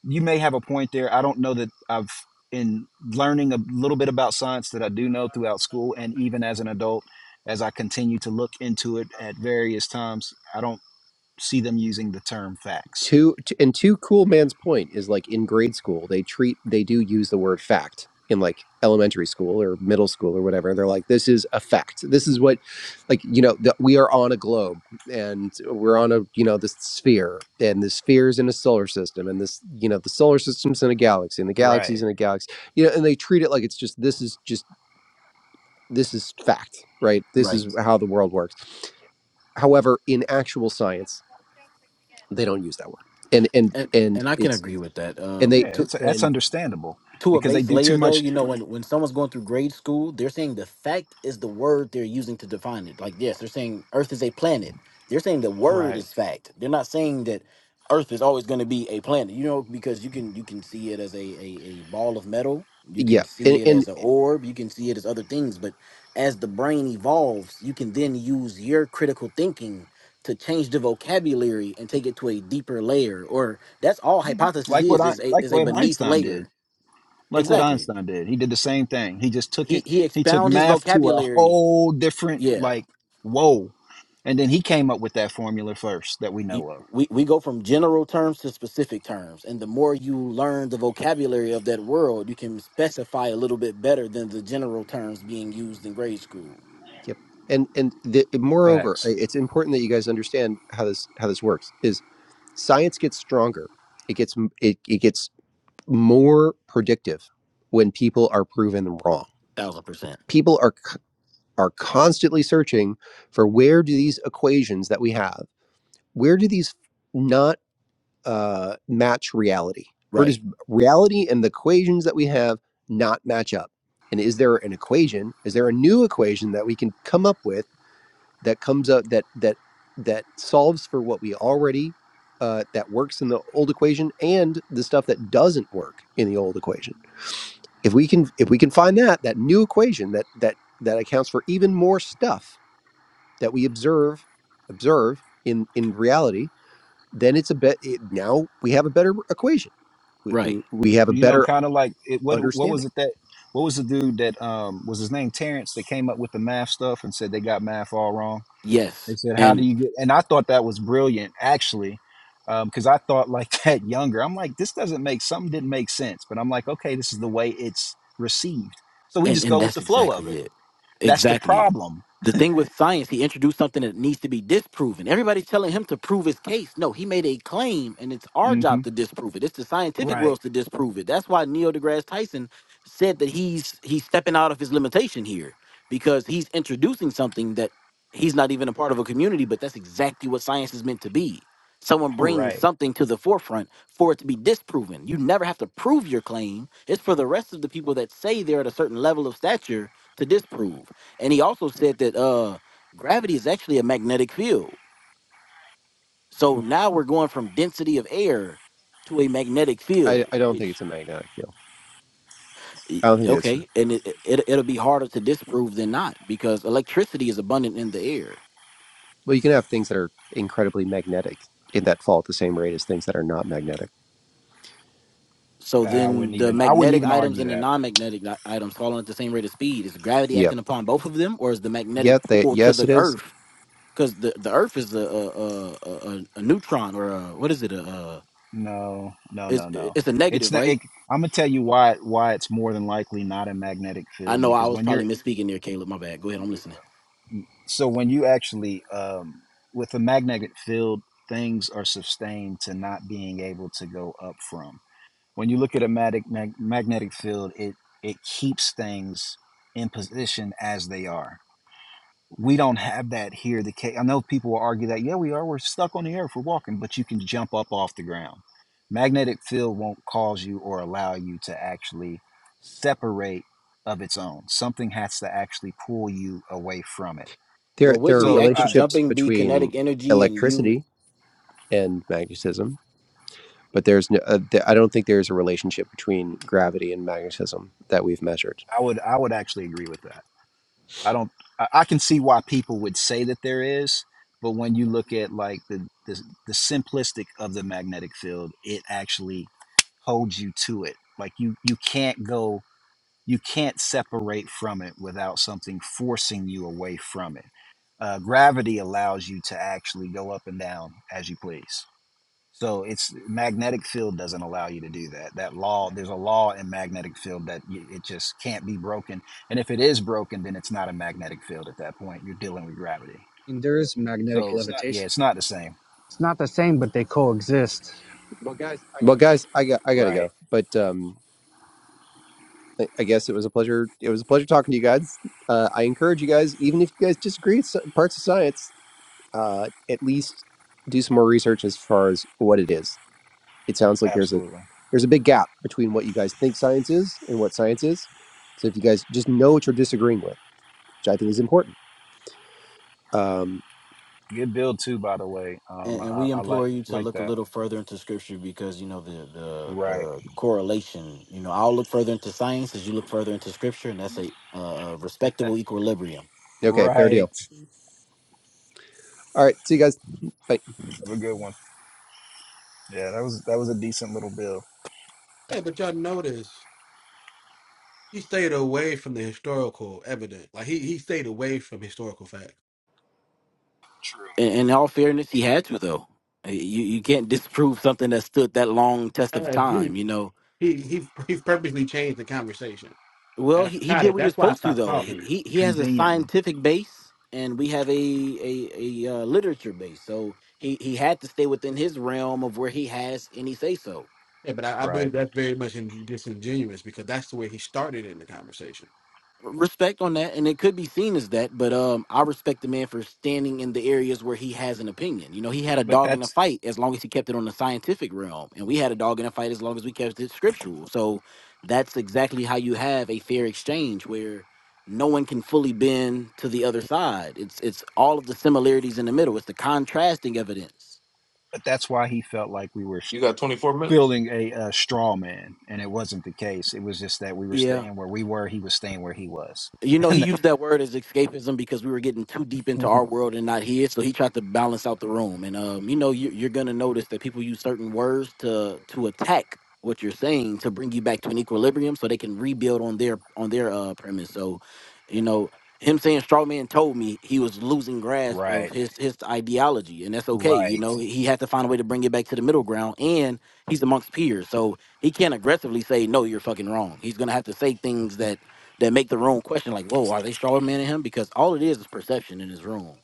you may have a point there. I don't know that I've in learning a little bit about science that I do know throughout school and even as an adult as I continue to look into it at various times, I don't see them using the term facts. Two t- and two cool man's point is like in grade school they treat they do use the word fact in like elementary school or middle school or whatever. They're like this is a fact. This is what like you know that we are on a globe and we're on a you know this sphere and the sphere is in a solar system and this you know the solar system's in a galaxy and the galaxy's Right. in a galaxy. You know and they treat it like it's just this is just this is fact, right? This right. is how the world works. However, in actual science, they don't use that word. And and And and and I can it's agree with that. and they Yeah, Um to it's that's and understandable to a because they base do too layer though much you know when when someone's going through grade school they're saying the fact is the word they're using to define it like yes they're saying earth is a planet they're saying the word right. is fact they're not saying that earth is always going to be a planet you know because you can you can see it as a, a a ball of metal you yeah can and see it and as an orb you can see it as other things but as the brain evolves you can then use your critical thinking to change the vocabulary and take it to a deeper layer or that's all hypothesis Like what is I is a like is a what beneath Einstein layer did. like what Exactly. Einstein did. He did the same thing. He just took He it. he He took expound his math to a vocabulary. whole different Yeah. like whoa, and then he came up with that formula first that we Y- know of. We we go from general terms to specific terms, and the more you learn the vocabulary of that world, you can specify a little bit better than the general terms being used in grade school. yep and and the, moreover I- Facts. it's important that you guys understand how this how this works is science gets stronger it gets m- it, it gets more predictive when people are proven wrong Thousand percent. people are c- are constantly searching for where do these equations that we have where do these not. uh, match reality. Where Right. does reality and the equations that we have not match up? And is there an equation? Is there a new equation that we can come up with that comes up that that that solves for what we already uh, that works in the old equation and the stuff that doesn't work in the old equation? If we can if we can find that that new equation that that that accounts for even more stuff that we observe observe in in reality, then it's a bet. It, now we have a better equation we, we Right. have a You know, better kind of like it, what what was understanding. it that what was the dude that um was his name Terrence that came up with the math stuff and said they got math all wrong. They Yes. said how do And you get? And I thought that was brilliant actually. Because I thought like that younger, I'm like, this doesn't make something didn't make sense, but I'm like, okay, this is the way it's received, so we And just and go with that's the flow of exactly it it. That's the Exactly it. problem. The thing with science, he introduced something that needs to be disproven. Everybody's telling him to prove his case. No, he made a claim, and it's our hmm job to disprove it. It's the scientific Right. world's to disprove it. That's why Neil deGrasse Tyson said that he's he's stepping out of his limitation here because he's introducing something that he's not even a part of a community, but that's exactly what science is meant to be. Someone brings Right. something to the forefront for it to be disproven. You never have to prove your claim. It's for the rest of the people that say they're at a certain level of stature to disprove. And he also said that uh gravity is actually a magnetic field. So now we're going from density of air to a magnetic I, field, I don't think it's which a magnetic field. y- I don't think that's true. okay, and it, it it'll be harder to disprove than not because electricity is abundant in the air. Well, you can have things that are incredibly magnetic in that fall at the same rate as things that are not magnetic. So Uh, I wouldn't then the even. I wouldn't magnetic even items argue and the that. non-magnetic i- items falling at the same rate of speed. Is gravity Yep. acting upon both of them or is the magnetic Yep. They, pull to yes, the it is. earth because the the Earth is a a a, a, a neutron or a, what is it? A, a No. No. it's No. No. it's a It's negative, not. right? It, I'm gonna tell you why. Why it's more than likely not a magnetic I field know I because was when probably you're misspeaking there, Caleb. My bad. Go ahead, I'm listening. so when you actually um, with a magnetic field things are sustained to not being able to go up from. When you look at a mag, mag, magnetic field, it it keeps things in position as they are. we don't have that here. The ca- I know people will argue that, yeah, we are. We're stuck on the earth. We're walking, but you can jump up off the ground. Magnetic field won't cause you or allow you to actually separate of its own. Something has to actually pull you away from it. There Well, there wouldn't are the So act I, of relationships jumping be between kinetic energy? And you electricity and magnetism, but there's no. Uh, th- I don't think there's a relationship between gravity and magnetism that we've measured. I would I would actually agree with that. I don't I, I can see why people would say that there is, but when you look at like the, the the simplistic of the magnetic field, it actually holds you to it. Like you you can't go you can't separate from it without something forcing you away from it. Uh, gravity allows you to actually go up and down as you please. So it's magnetic field doesn't allow you to do that. That law, there's a law in magnetic field that y it just can't be broken. And if it is broken, then it's not a magnetic field at that point. You're dealing with gravity. There is magnetic So it's yeah, levitation. it's Not, not the same. It's not the same, but they coexist. Well, guys, I got I gotta Right. go. But um, I guess it was a pleasure. It was a pleasure talking to you guys. Uh, I encourage you guys, even if you guys disagree with s- parts of science, uh, at least do some more research as far as what it is. It sounds like there's a Absolutely. there's a big gap between what you guys think science is and what science is. So if you guys just know what you're disagreeing with, which I think is important. Um, Good build too, by the way. and, Um, and I, we I like implore you to like look a that. little further into Scripture because you know the the Right. the correlation. You know, I'll look further into science as you look further into Scripture, and that's a, a, a respectable equilibrium. okay, fair Right. deal. All right, see you guys. Bye. Have a good one. Yeah, that was that was a decent little bill. Yeah, Yeah, but y'all notice he stayed away from the historical evidence. Like he he stayed away from historical facts. True. In, in all fairness, he had to though. Eh, You you can't disprove something that stood that long test of time. You know, he he he's purposely changed the conversation, Well, and I he, he tried did it. what he was That's why I supposed to, stopped though. He talking. he he has a Conveniently, scientific base, and we have a a, a uh, literature base. So he he had to stay within his realm of where he has any say so. Yeah, but I, I right? believe that's very much in, disingenuous because that's the way he started in the conversation. respect on that, and it could be seen as that. But um, I respect the man for standing in the areas where he has an opinion. You know, he had a But dog in the that's fight as long as he kept it on the scientific realm, and we had a dog in the fight as long as we kept it scriptural. So that's exactly how you have a fair exchange where no one can fully bend to the other side. It's it's all of the similarities in the middle. It's the contrasting evidence. but that's why he felt like we were You got twenty four minutes. fielding a, uh straw man, and it wasn't the case. It was just that we were Yeah, staying where we were. He was staying where he was. You know, he used that word as escapism because we were getting too deep into And our world and not his. So he tried to balance out the room. And um, you know, you, you're gonna notice that people use certain words to to attack what you're saying to bring you back to an equilibrium, so they can rebuild on their on their uh premise. So, you know, him saying straw man told me he was losing grasp of right, his his ideology, and that's okay. You right, know, he had to find a way to bring it back to the middle ground, and he's amongst peers, so he can't aggressively say no, you're fucking wrong. He's gonna have to say things that that make the room question like, whoa, are they straw than him? Because all it is is perception in this room.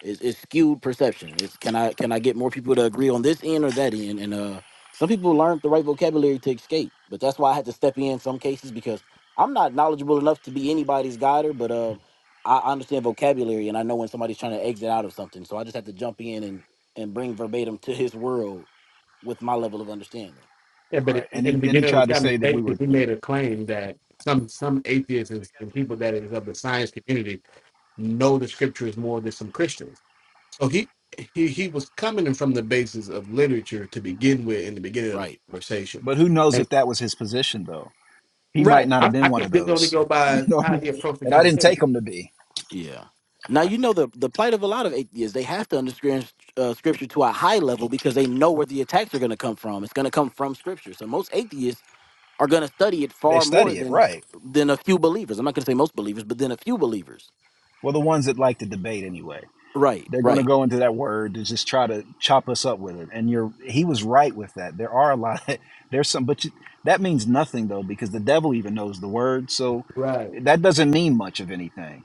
It's, it's skewed perception. It's can I can I get more people to agree on this end or that end? And uh, some people learned the right vocabulary to escape, but that's why I had to step in in some cases because I'm not knowledgeable enough to be anybody's guider, but uh, I I understand vocabulary and I know when somebody's trying to exit out of something. So I just have to jump in and and bring verbatim to his world with my level of understanding. Yeah, but in right. And in he the and he beginning of tried to the say that we conversation, were, he made a claim that some some atheists and, and people that is of the science community know the scriptures more than some Christians. So he he he was coming in from the basis of literature to begin with in the beginning of the Right. conversation. but who knows And, if that was his position though? He might right, not have I, been I one think of they only those, go you by know. what I mean? how he approached the And I didn't conversation. take him to be. Yeah. Now I, you know the the plight of a lot of atheists. They have to understand uh, scripture to a high level because they know where the attacks are going to come from. It's going to come from scripture. So most atheists are going to study it They far more study it, than right? than a few believers. I'm not going to say most believers, but then a few believers. Well, the ones that like to debate anyway. Right. they're going to Right. go into that word to just try to chop us up with it and you're he was right with that there are a lot of there's some but you, that means nothing though because the devil even knows the word so right. that doesn't mean much of anything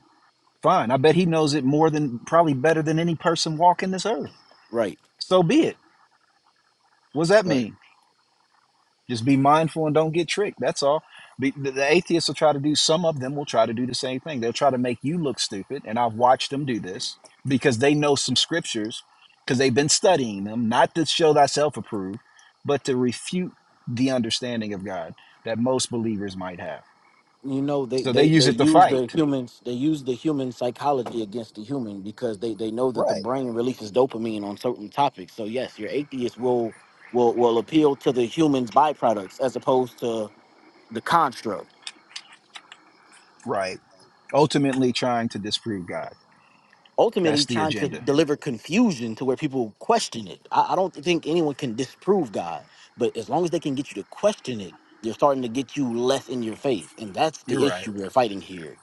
fine i bet he knows it more than probably better than any person walking this earth Right. so be it what does that Right. mean Just be mindful and don't get tricked. That's all. Be, the, the atheists will try to do, some of them will try to do the same thing. They'll try to make you look stupid. And I've watched them do this because they know some scriptures because they've been studying them, not to show thyself approved, but to refute the understanding of God that most believers might have. You know they So they they they use it to use fight. the humans they use the human psychology against the human because they they know that the Right, brain releases dopamine on certain topics. So yes, your atheist will will will appeal to the human's byproducts as opposed to the construct. right. Ultimately trying to disprove God. Ultimately, That's the trying to agenda. deliver confusion to where people question it. I, I don't think anyone can disprove God, but as long as they can get you to question it, they're starting to get you less in your faith, and that's the You're right. issue we're fighting here.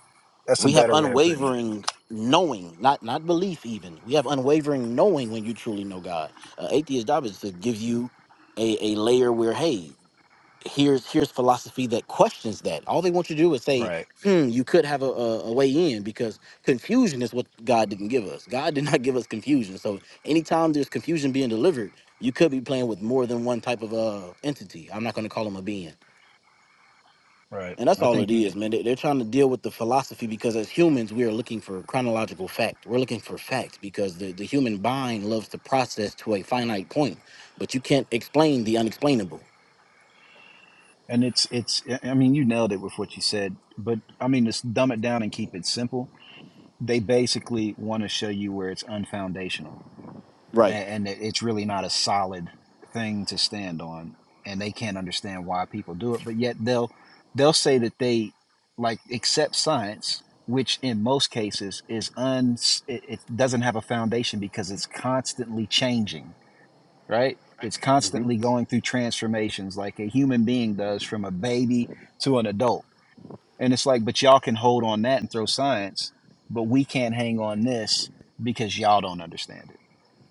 That's a We have better way of putting it. unwavering knowing, not not belief. Even we have unwavering knowing when you truly know God. Uh, atheist job is to give you a, a layer where hey here's here's philosophy that questions that. All they want you to do is say, Right, "Hmm, you could have a, a, a way in," because confusion is what God didn't give us. God did not give us confusion. So anytime there's confusion being delivered, you could be playing with more than one type of uh entity. I'm not going to call them a being. right. And that's I all it think you is, man. They- They're trying to deal with the philosophy because as humans, we are looking for chronological fact. We're looking for fact because the, the human mind loves to process to a finite point, but you can't explain the unexplainable. And it's it's I mean you nailed it with what you said, but I mean just dumb it down and keep it simple. They basically want to show you where it's unfoundational Right. and, and it's really not a solid thing to stand on, and they can't understand why people do it. But yet they'll they'll say that they like accept science, which in most cases is un it, it doesn't have a foundation because it's constantly changing right? It's constantly going through transformations like a human being does from a baby to an adult. And it's like, but y'all can hold on that and throw science, but we can't hang on this because y'all don't understand it.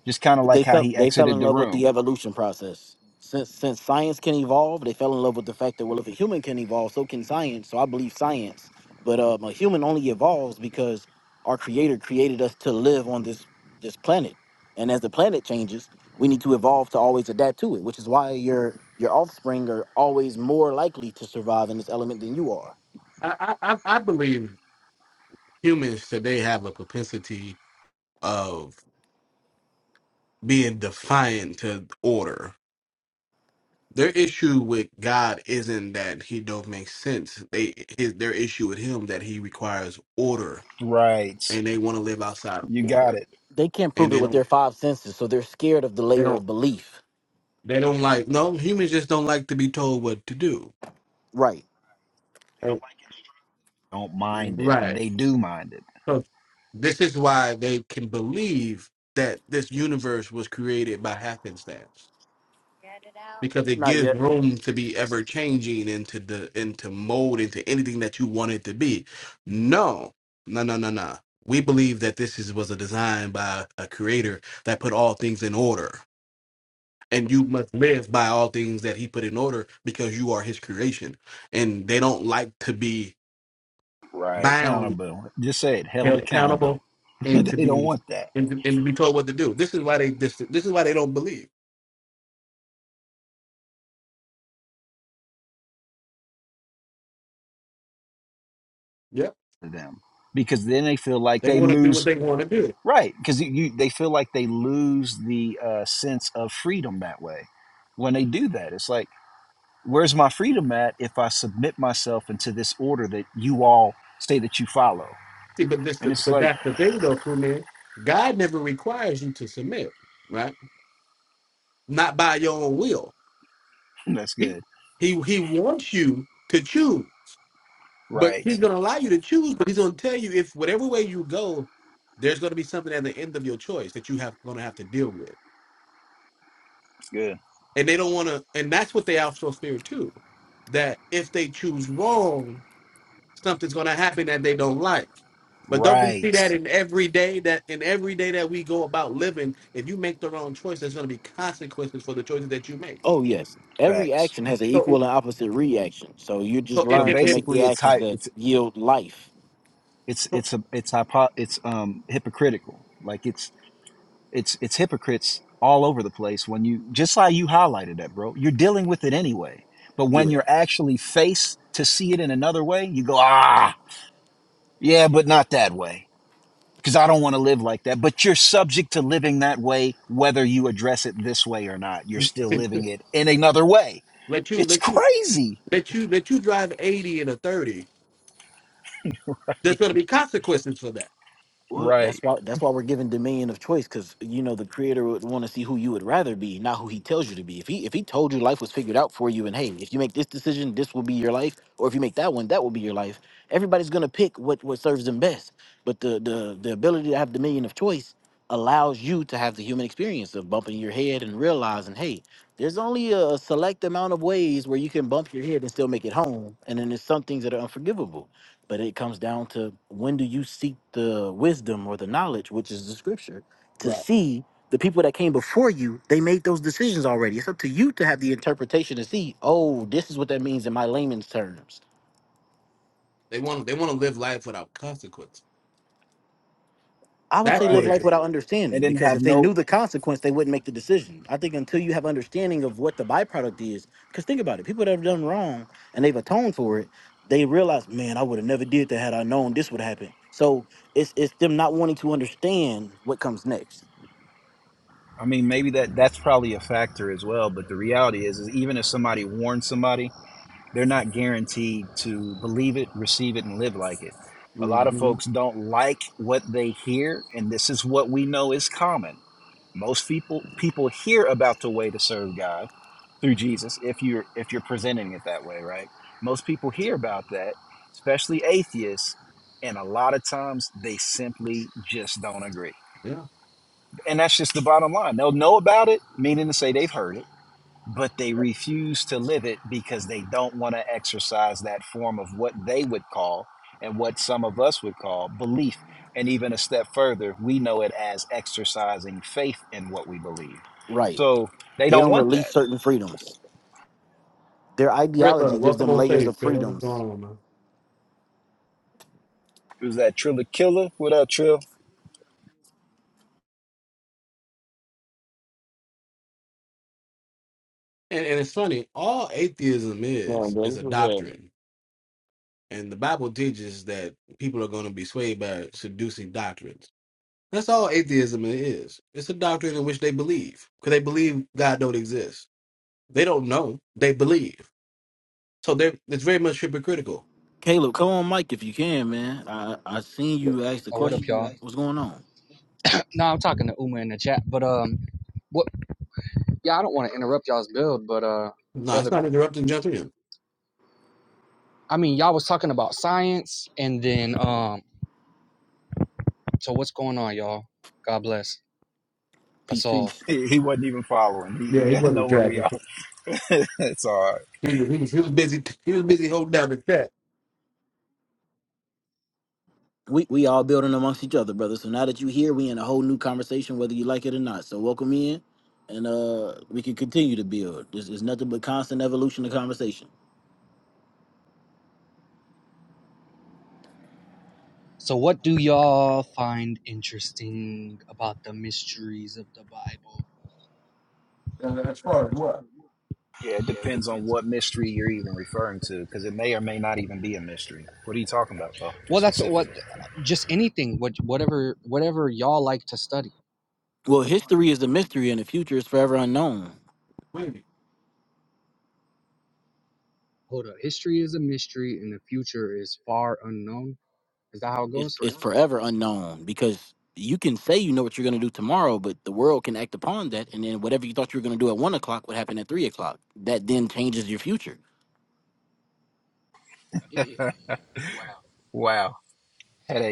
Just kind of they like how felt he they fell in exited the love with the room. evolution process. Since since science can evolve, they fell in love with the fact that well, if a human can evolve, so can science. So I believe science. But um, a human only evolves because our Creator created us to live on this this planet, and as the planet changes, we need to evolve to always adapt to it. Which is why your your offspring are always more likely to survive in this element than you are. I, I I believe humans today have a propensity of being defiant to order. Their issue with God isn't that he don't make sense. They his their issue with him that he requires order Right. and they want to live outside of You got order. it. They can't prove And it they with don't their five senses, so they're scared of the they layer don't of belief. they don't like no humans just don't like to be told what to do. Right. Right. Don't mind it. Right. They do mind it. So this is why they can believe that this universe was created by happenstance because it Not gives yet. room to be ever changing and to the into to mold into anything that you want it to be. No, no, no, no, no. We believe that this is was a design by a creator that put all things in order. And you must live by all things that he put in order because you are his creation. And they don't like to be Right. bound, Accountable. Just say it. Held held accountable, accountable. and to they don't be want that and, and to be told what to do. This is why they this, this is why they don't believe. Yeah. to them because then they feel like They they want to do lose. what they want to do Right, because you, you they feel like they lose the uh, sense of freedom that way. When they do that, it's like, where's my freedom at if I submit myself into this order that you all say that you follow? See, but this, And it's but like, that's the thing though, cool man. God never requires you to submit, right? Not by your own will. "Hmm, that's He, good. he, he wants you to choose, but Right, he's going to allow you to choose. But he's going to tell you if whatever way you go, there's going to be something at the end of your choice that you have going to have to deal with. it's good. And they don't want to, and that's what they also fear too, that if they choose wrong, something's going to happen that they don't like. But don't we see Right, that in every day that in every day that we go about living, if you make the wrong choice, there's going to be consequences for the choices that you make. Oh yes, every facts. action has an So, equal if, and opposite reaction. So you just so if, So learn if, to if make the basically, it's actions hy- that it's yield life. it's so it's a, it's hypo, it's um hypocritical. Like It's it's hypocrites all over the place when you just like you highlighted that, bro. You're dealing with it anyway. But when Yeah. you're actually faced to see it in another way, you go, "Ah, yeah, but not that way." Cuz I don't want to live like that. But you're subject to living that way whether you address it this way or not. You're still if living it in another way. let you It's let you crazy. let you let you drive 80 in a 30, there's going to be consequences for that. Well, Right, that's why that's why we're given dominion of choice, because you know the creator would want to see who you would rather be, not who he tells you to be. If he if he told you life was figured out for you, and hey, if you make this decision, this will be your life, or if you make that one, that will be your life. Everybody's gonna pick what what serves them best. But the the the ability to have dominion of choice allows you to have the human experience of bumping your head and realizing, hey, there's only a select amount of ways where you can bump your head and still make it home, and then there's some things that are unforgivable. But it comes down to when do you seek the wisdom or the knowledge, which is the scripture, to Right. see the people that came before you, they made those decisions already. It's up to you to have the interpretation to see, oh, this is what that means in my layman's terms. They want they want to live life without consequences. I would That's say live what right. it life is. without and understanding then because have if they knew no the consequence, they wouldn't make the decision. I think until you have understanding of what the byproduct is, because think about it, people that have done wrong and they've atoned for it, they realize, man, I would have never did that had I known this would happen. So it's it's them not wanting to understand what comes next. i mean maybe that that's probably a factor as well but the reality is, is even if somebody warns somebody They're not guaranteed to believe it, receive it, and live like it. A lot of Mm-hmm. folks don't like what they hear, and this is what we know is common. Most people people hear about the way to serve God through Jesus if you're if you're presenting it that way, right? Most people hear about that, especially atheists, and a lot of times they simply just don't agree. Yeah. And that's just the bottom line. They'll know about it, meaning to say they've heard it but they Yep. refuse to live it because they don't want to exercise that form of what they would call and what some of us would call belief. And even a step further, we know it as exercising faith in what we believe. Right. So they They don't don't want release that. certain freedoms. Their Thriller, ideology gives welcome them on layers stage, of Thriller. What's going freedoms. on, man? It was that Triller Killer without Trill. And, and it's funny. All atheism No, is bro, is a this is hell. doctrine. And the Bible teaches that people are going to be swayed by seducing doctrines. That's all atheism is. It's a doctrine in which they believe because they believe God don't exist. They don't know. They believe. So they're it's very much hypocritical. Caleb, come on, Mike, if you can, man. I I seen you ask the Oh, what up, question. y'all? What's going on? No, I'm talking to Uma in the chat, but um, what? Yeah, I don't want to interrupt y'all's build, but uh, No, it's brother, not interrupting. Jump in. I mean, y'all was talking about science, and then um, so what's going on, y'all? God bless us Peace, all. peace. He, he wasn't even following. He, Yeah, he he didn't know wasn't where we tracking. are. it's all right. He was, he was he was busy he was busy holding down the chat. we we all building amongst each other, brother. So now that you here, we in a whole new conversation, whether you like it or not. So welcome in, and uh we can continue to build. This is nothing but constant evolution of conversation. So, what do y'all find interesting about the mysteries of the Bible? Uh, as far as what? Yeah, it depends on what mystery you're even referring to because it may or may not even be a mystery. What are you talking about, though, Well, that's what, specifically? just anything, what, whatever, whatever y'all like to study. Well, history is a mystery, and the future is forever unknown. Wait. Hold up. History is a mystery and the future is far unknown. Is that how it goes? It's forever unknown because you can say you know what you're going to do tomorrow, but the world can act upon that, and then whatever you thought you were going to do at one o'clock would happen at three o'clock. That then changes your future. Yeah, yeah, Wow. Wow.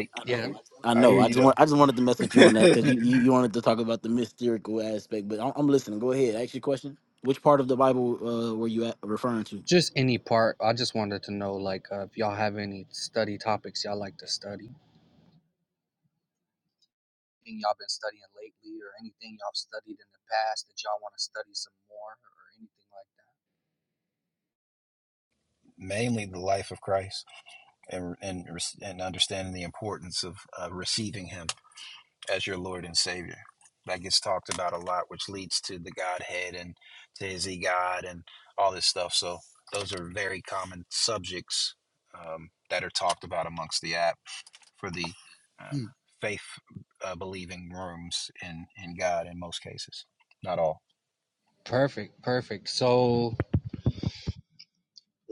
yeah. Wow. Yeah. I I know. hear I you, just though. want. I just wanted to mess with you on that because you, you you wanted to talk about the mystical aspect. But I'm, I'm listening. Go ahead. Ask your question. Which part of the Bible uh, were you at, referring to? Just any part. I just wanted to know, like, uh, if y'all have any study topics y'all like to study. Anything y'all been studying lately or anything y'all studied in the past that y'all want to study some more or anything mainly the life of Christ and and and understanding the importance of uh, receiving Him as your Lord and Savior. That gets talked about a lot, which leads to the Godhead and to Is He God and all this stuff. So those are very common subjects um, that are talked about amongst the app for the uh, like that? faith uh, believing rooms in in God in most cases, not all. Hmm. Perfect. Perfect. So I, I,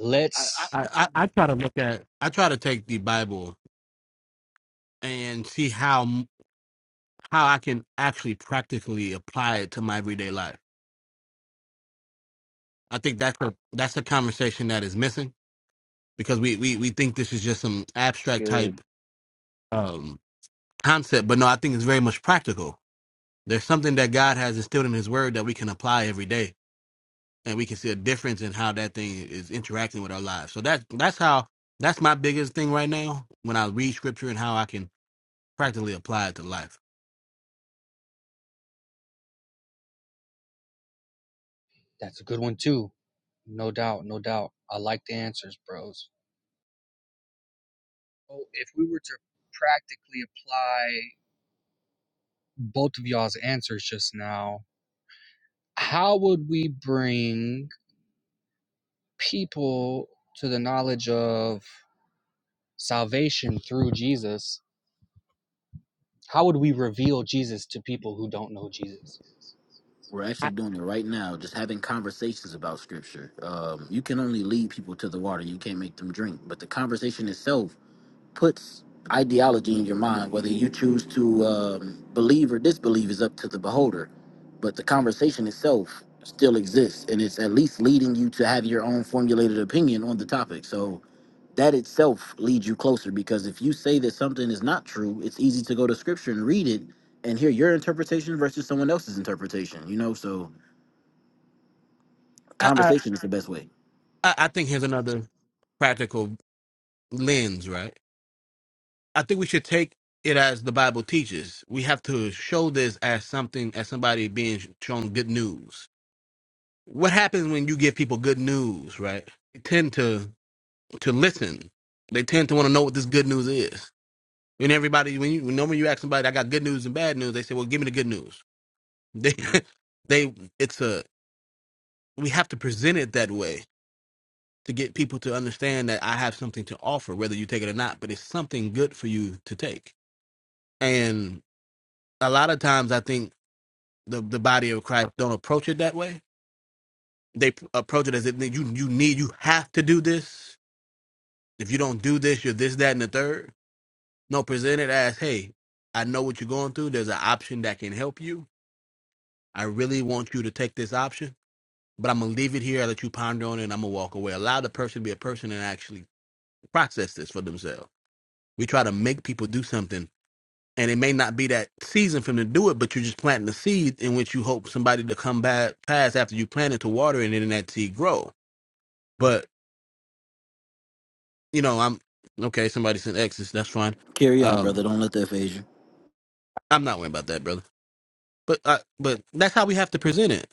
let's I, I I try to look at I try to take the Bible and see how how I can actually practically apply it to my everyday life I think that's a that's the conversation that is missing because we we we think this is just some abstract type um concept, but no, I think it's very much practical. There's something that God has instilled in His Word that we can apply every day, and we can see a difference in how that thing is interacting with our lives. So that's that's how that's my biggest thing right now when I read Scripture and how I can practically apply it to life. That's a good one too. No doubt, no doubt. I like the answers, bros. Oh, if we were to practically apply both of y'all's answers just now. How would we bring people to the knowledge of salvation through Jesus? How would we reveal Jesus to people who don't know Jesus? We're actually doing it right now. Just having conversations about scripture. Um, you can only lead people to the water. You can't make them drink. But the conversation itself puts ideology in your mind, whether you choose to um, believe or disbelieve is up to the beholder. But the conversation itself still exists, and it's at least leading you to have your own formulated opinion on the topic. So that itself leads you closer because if you say that something is not true, it's easy to go to scripture and read it and hear your interpretation versus someone else's interpretation, you know? So I I, conversation is the best way. I I think here's another practical lens, right? I think we should take it as the Bible teaches. We have to show this as something, as somebody being sh- shown good news. What happens when you give people good news, right? They tend to to listen. They tend to want to know what this good news is. When everybody, when you, when normally you ask somebody, I got good news and bad news, they say, well, give me the good news. They, they, it's a, we have to present it that way to get people to understand that I have something to offer, whether you take it or not, but it's something good for you to take. And a lot of times I think the, the body of Christ don't approach it that way. They p- approach it as if you you need you have to do this. If you don't do this, you're this, that, and the third. No, present it as, hey, I know what you're going through. There's an option that can help you. I really want you to take this option, but I'm gonna leave it here. I let you ponder on it, and I'm gonna walk away. Allow the person to be a person and actually process this for themselves. We try to make people do something, and it may not be that season for them to do it, but you're just planting the seed in which you hope somebody to come back past after you plant it to water, it and then that seed grow But you know, I'm okay. Somebody sent X's. That's fine. Carry on, brother. Um, Don't let that phase you. I'm not worried about that, brother. But I, but that's how we have to present it.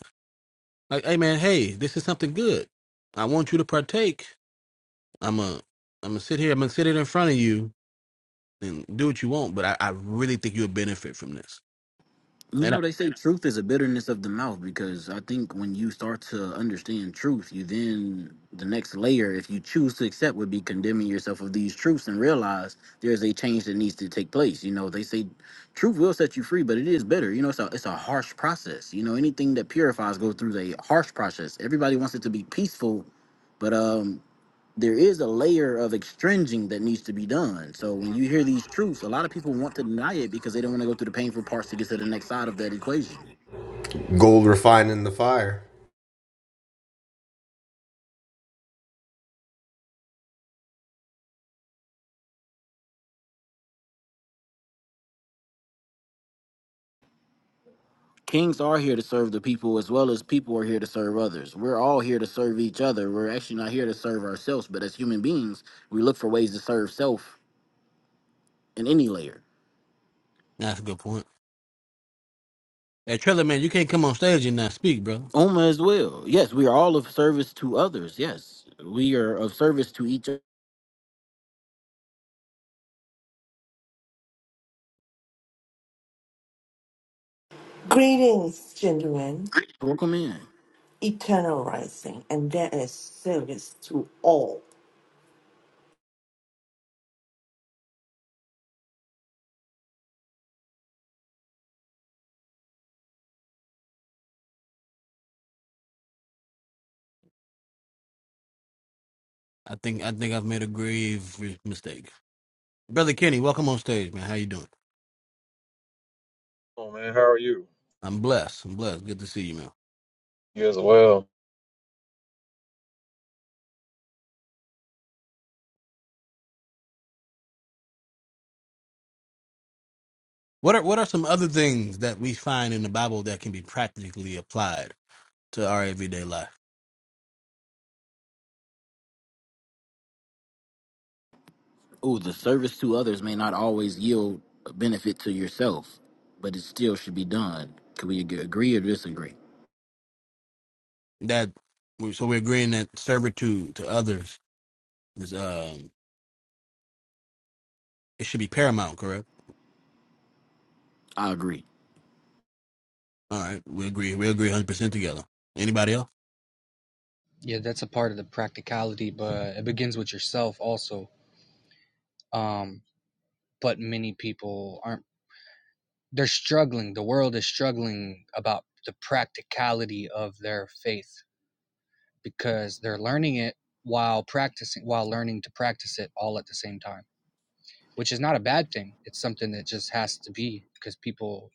Like, hey man, hey, this is something good. I want you to partake. I'm a, I'm gonna sit here. I'm gonna sit it in front of you and do what you want. But I, I really think you'll benefit from this. You And I, know, they say truth is a bitterness of the mouth because I think when you start to understand truth, you then, the next layer, if you choose to accept, would be condemning yourself of these truths and realize there's a change that needs to take place. You know, they say truth will set you free, but it is bitter. You know, it's a, it's a harsh process. You know, anything that purifies goes through a harsh process. Everybody wants it to be peaceful, but um, there is a layer of extringing that needs to be done. So when you hear these truths, a lot of people want to deny it because they don't want to go through the painful parts to get to the next side of that equation. Gold refined in the fire. Kings are here to serve the people as well as people are here to serve others. We're all here to serve each other. We're actually not here to serve ourselves, but as human beings, we look for ways to serve self in any layer. that's a good point. Hey, Triller, man, you can't come on stage and not speak, brother. Oma as well. Yes, we are all of service to others. Yes, we are of service to each other. Greetings, gentlemen, Welcome in. eternal rising, and there is service to all, I think I think I've made a grave mistake. Brother Kenny, welcome on stage, man. How you doing? Oh man, how are you? I'm blessed. I'm blessed. Good to see you, man. You as well. What are what are some other things that we find in the Bible that can be practically applied to our everyday life? oh, the service to others may not always yield a benefit to yourself, but it still should be done. Can we ag- agree or disagree? That so we're agreeing that servitude to others is um it should be paramount, correct? I agree. All right, we agree. We agree 100 percent together. Anybody Yeah, that's a part of the practicality, but it begins with yourself also. Um, but many people aren't, they're struggling. The world is struggling about the practicality of their faith because they're learning it while practicing, while learning to practice it all at the same time which is not a bad thing. It's something that just has to be because people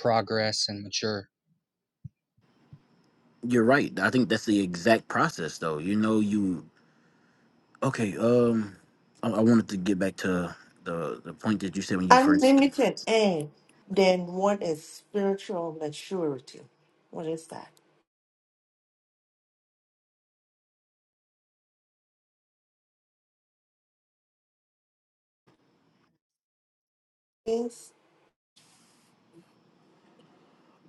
progress and mature. You're right. I think that's the exact process, though. You know, you okay. Um, I, I wanted to get back to the the point that you said when you first came. unlimited, and then what is spiritual maturity? What is that? Is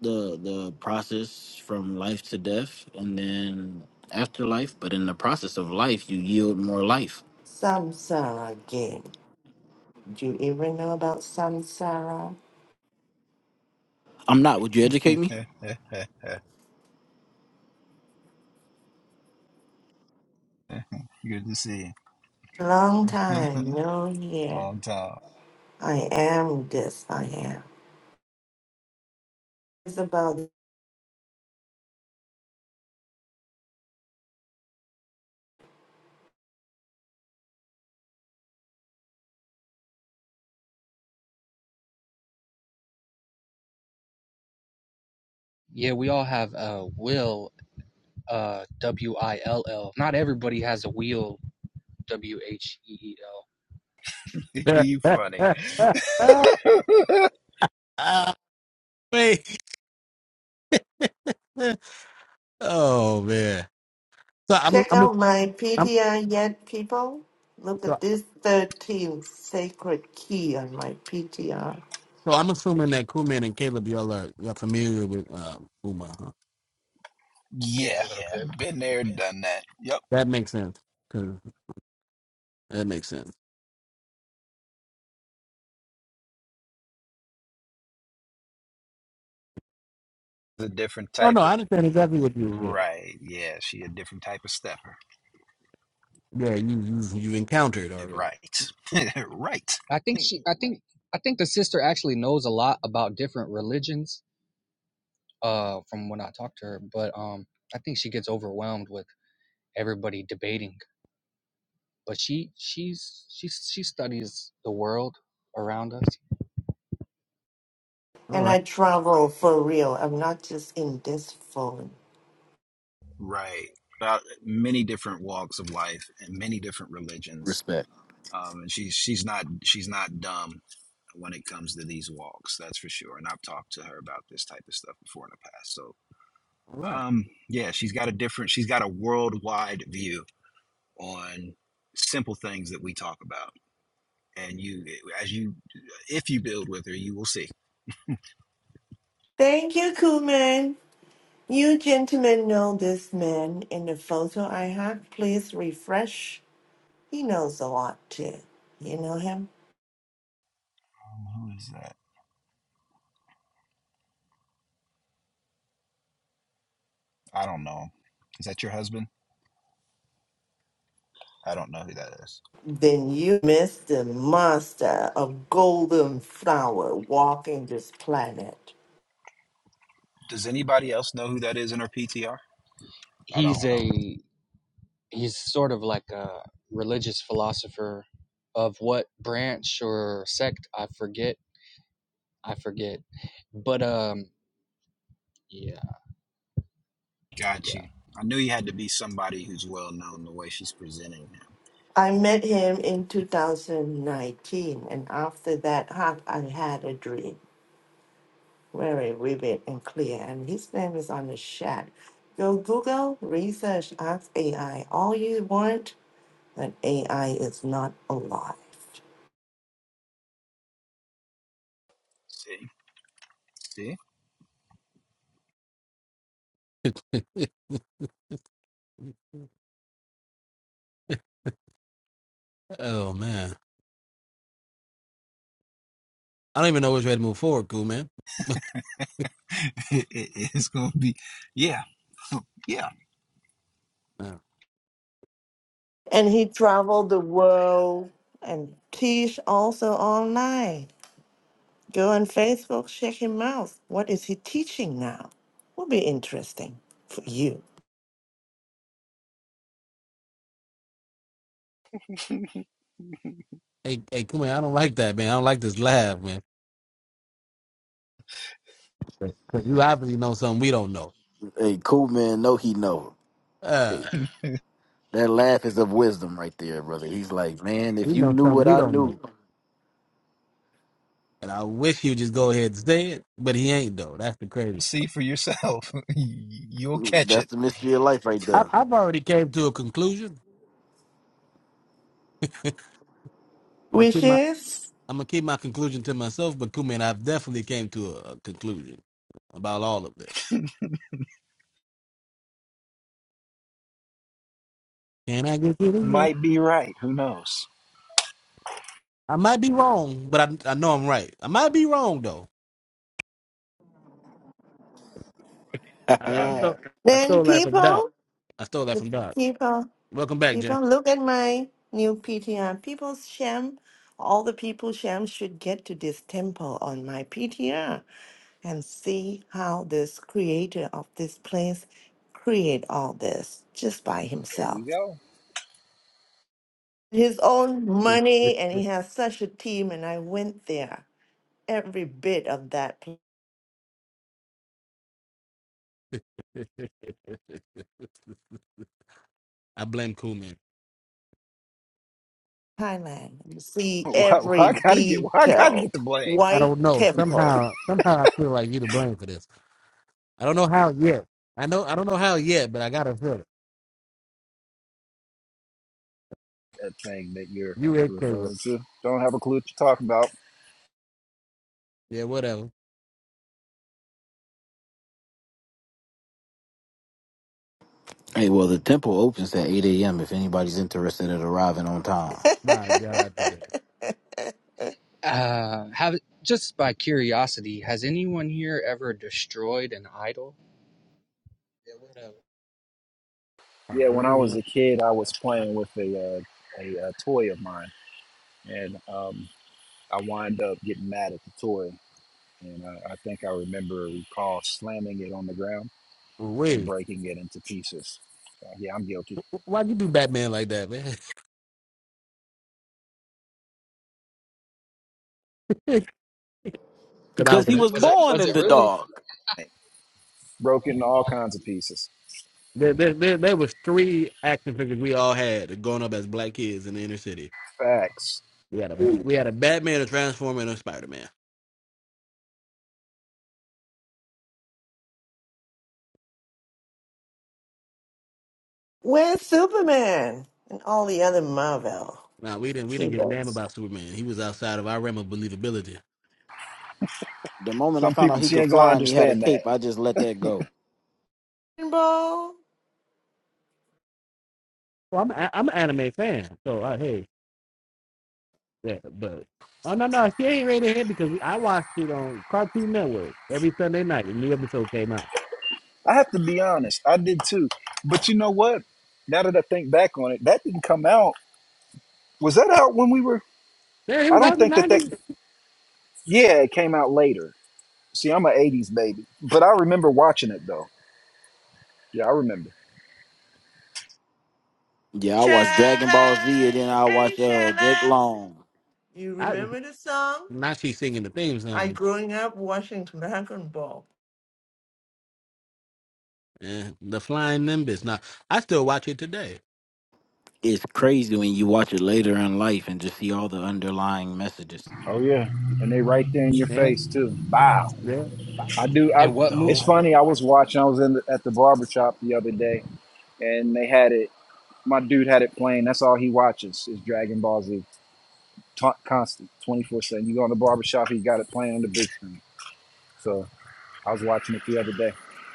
the the process from life to death, and then afterlife. But in the process of life, you yield more life. samsara game. Do you even know about samsara? I'm not. Would you Good educate me? to see Long you. time, no here. Long time. I am this, I am. It's about, Yeah, we all have a will, uh, W I L L. Not everybody has a wheel, W H E E L. else? you funny. Ah, wait. oh man. So I'm check I'm out my I'm PTR yet, people. Look so at so this 13th sacred key on my PTR. I'm assuming that Kuman and Caleb y'all are y'all familiar with uh, Uma. Huh? Yeah, Yeah, a little Yeah. bit. been there, done that. Yep. That makes sense. 'cause that makes sense. A different Oh type no, of I understand exactly what you said. right. Yeah, she a different type of stepper. Yeah, you you you encountered already. Right. right. I think she, I think, I think the sister actually knows a lot about different religions, uh, from when I talked to her. But um, I think she gets overwhelmed with everybody debating. But she, she's, she, she studies the world around us. All And right, I travel for real. I'm not just in this phone. Right. About many different walks of life and many different religions. Respect. Um, and she's she's not she's not dumb when it comes to these walks, that's for sure. And I've talked to her about this type of stuff before in the past. So all um yeah, she's got a different she's got a worldwide view on simple things that we talk about and you as you if you build with her you will see Thank you, Kuman. You gentlemen know this man in the photo I have. Please refresh. He knows a lot too. You know him? Um, who is that? I don't know. Is that your husband? I don't know who that is. Then you miss the master of golden flower walking this planet. Does anybody else know who that is in her PTR? I don't. He's a he's sort of like a religious philosopher of what branch or sect I forget. I forget. But um yeah, got you yeah. i knew you had to be somebody who's well known the way she's presenting him I met him in 2019, and after that, hug, I had a dream. very vivid and clear, and his name is on the chat. Go Google, research, ask AI all you want, but AI is not alive. See, see, right. oh man, I don't even know which way to move forward, cool man. it, it- it's gonna be, yeah, yeah. Yeah. And he traveled the world and teach also online. Go on Facebook, check him out. What is he teaching now? Will be interesting for you. Hey, hey, cool man, I don't like that, man. I don't like this laugh, man. 'Cause you obviously know something we don't know. Hey, cool man. No, he know. Uh, That laugh is of wisdom right there, brother. He's like, man, if we you know knew something what we I don't know. knew, And I wish he would just go ahead and say it, but he ain't though. That's the crazy. See for yourself. You'll catch that's it. the mystery of life right I, there. I've already came to a conclusion. I'm gonna keep my Wishes. I'm gonna keep my conclusion to myself, but cool man, I've definitely came to a, a conclusion about all of this. Can I get you this? Might be right. Who knows? I might be wrong, but I, I know I'm right. I might be wrong though. I, I stole I Then stole that from Doc. people, I stole that the from Doc. people. Welcome back, Jay. People, look at my new PTR. People, Shem, all the people, Shem should get to this temple on my PTR and see how this creator of this place create all this just by there you himself. go His own money, and he has such a team. And I went there, every bit of that pl- I blame Cool Man. Thailand, you see Why, why every I gotta get? Why I gotta get detail. the blame? I White don't know. temple. Somehow, somehow I feel like you to blame for this. I don't know how yet. I know I don't know how yet, but I gotta feel it. thing that you're You and Caleb. referring to. Don't have a clue what you're talking about. Yeah, whatever. hey, well, the temple opens at 8 a.m. if anybody's interested at arriving on time. My God, today. Uh have just by curiosity, has anyone here ever destroyed an idol? Yeah, I Yeah, when really I was a kid, I was I, playing with a uh, a, uh toy of mine, and um, I wind up getting mad at the toy, and I, I think I remember or recall slamming it on the ground and wait, breaking it into pieces. Uh, yeah, I'm guilty. why'd you do Batman like that, man? Because I Because he was What what was was it born was in it the really? dark. Broke it into all kinds of pieces. There, there, there, there was three action figures we all had growing up as black kids in the inner city. Facts. We had a we had a Batman, a Transformer, and a Spider Man. Where's Superman and all the other Marvel? Now we didn't we She didn't give a damn does. about Superman. He was outside of our realm of believability. The moment I Some found out people he she could ain't gonna fly and he had a understand that. cape, I just let that go. Rainbow, Well, I'm a- I'm an anime fan, so I hey yeah, but oh no no she ain't rated here because I watched it on Cartoon Network every Sunday night. A new episode came out. I have to be honest. I did too. But you know what? Now that I think back on it, that didn't come out. Was that out when we were Yeah, it I was out don't in the think that that. nineties. Yeah, it came out later. See, I'm an '80s baby, but I remember watching it though. Yeah, I remember. Yeah, I shall watched Dragon Ball Z and then I hey, watch uh, shall Jake Long. You I remember the song? now she's singing the theme I song. growing up watching Dragon Ball. Yeah, the Flying Nimbus. Now I still watch it today. It's crazy when you watch it later in life and just see all the underlying messages. Oh yeah, and they right there in your Yeah, face too. Wow, yeah. I do. I. And what movie? It's funny. I was watching. I was in the, at the barber shop the other day, and they had it. My dude had it playing. That's all he watches is Dragon Ball Z, Ta constant, twenty four seven. You go in the barber shop, he got it playing on the big screen. So I was watching it the other day,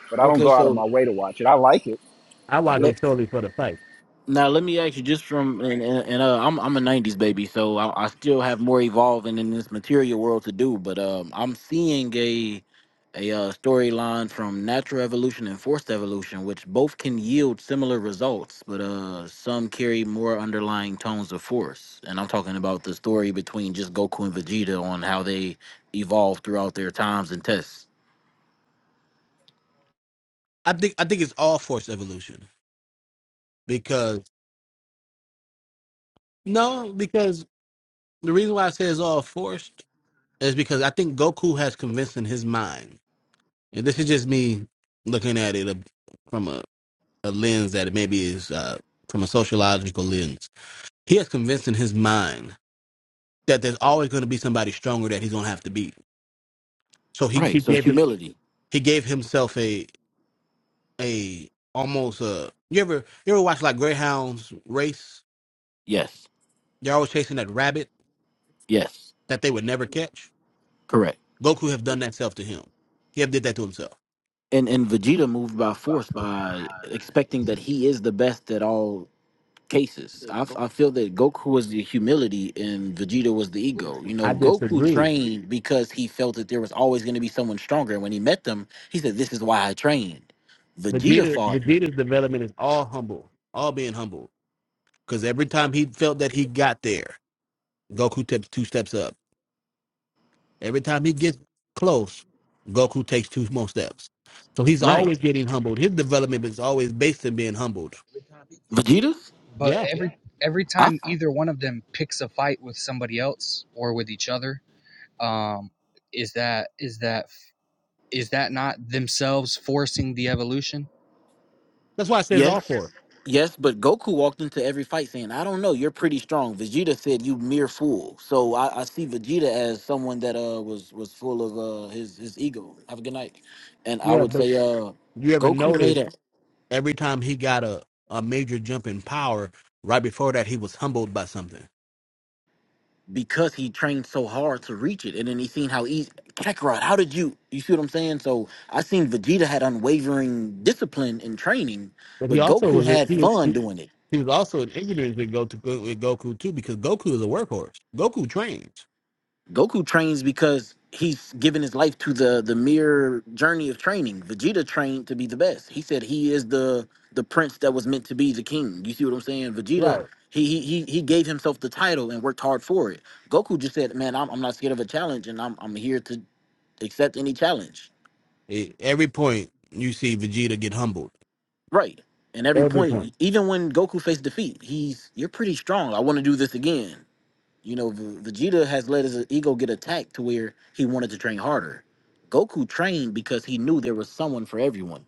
but I don't Okay, go out of my so way to watch it. I like it. I I watch do. let, it solely for the fight. Now let me ask you, just from and, and, and uh, I'm I'm a '90s baby, so I, I still have more evolving in this material world to do. But um, I'm seeing a a uh, storyline from natural evolution and forced evolution, which both can yield similar results, but uh, some carry more underlying tones of force. And I'm talking about the story between just Goku and Vegeta on how they evolved throughout their times and tests. I think I think it's all forced evolution because no, because the reason why I say it's all forced is because I think Goku has convinced in his mind, and this is just me looking at it from a, a lens that maybe is uh, from a sociological lens. He has convinced in his mind that there's always going to be somebody stronger that he's going to have to beat. So he Right. He So gave him humility. he gave himself a a almost a you ever you ever watch like greyhounds race Yes. They're always chasing that rabbit Yes. that they would never catch. Correct. Goku have done that self to him. He have did that to himself. and and Vegeta moved by force by expecting that he is the best at all cases. I, f- I feel that Goku was the humility and Vegeta was the ego. You I know, Goku disagree. trained because he felt that there was always going to be someone stronger. And when he met them, he said, "This is why I trained." Vegeta Vegeta fought Vegeta's development is all humble, all being humble. Because every time he felt that he got there, Goku takes two steps up. Every time he gets close, Goku takes two more steps. So he's right. always getting humbled. His development is always based in being humbled. Vegeta, But Yeah, every yeah. every I. time either one of them picks a fight with somebody else or with each other, um is that is that is that not themselves forcing the evolution? that's why I say it's Yes. all for. it. Yes, but Goku walked into every fight saying, I don't know, you're pretty strong. Vegeta said you mere fool. So I, I see Vegeta as someone that uh was was full of uh his his ego. Have a good night. And I Yeah, would but say uh you ever Goku notice? made it Every time he got a, a major jump in power, right before that, he was humbled by something. because he trained so hard to reach it and then he seen how easy Kakarot, how did you you see what I'm saying? So I seen Vegeta had unwavering discipline and training, But he but also Goku was had he was fun he, doing it. he was also an ignorance with Goku, with Goku too, because Goku is a workhorse. Goku trains. Goku trains because he's given his life to the the mere journey of training. Vegeta trained to be the best. He said he is the the prince that was meant to be the king. You see what I'm saying? Vegeta, Right. he he he he gave himself the title and worked hard for it. Goku just said, "Man, I'm I'm not scared of a challenge, and I'm I'm here to accept any challenge." At every point you see Vegeta get humbled. Right. And every Every point, point. even when Goku faced defeat, he's you're pretty strong. I want to do this again. You know, V- Vegeta has let his ego get attacked to where he wanted to train harder. Goku trained because he knew there was someone for everyone.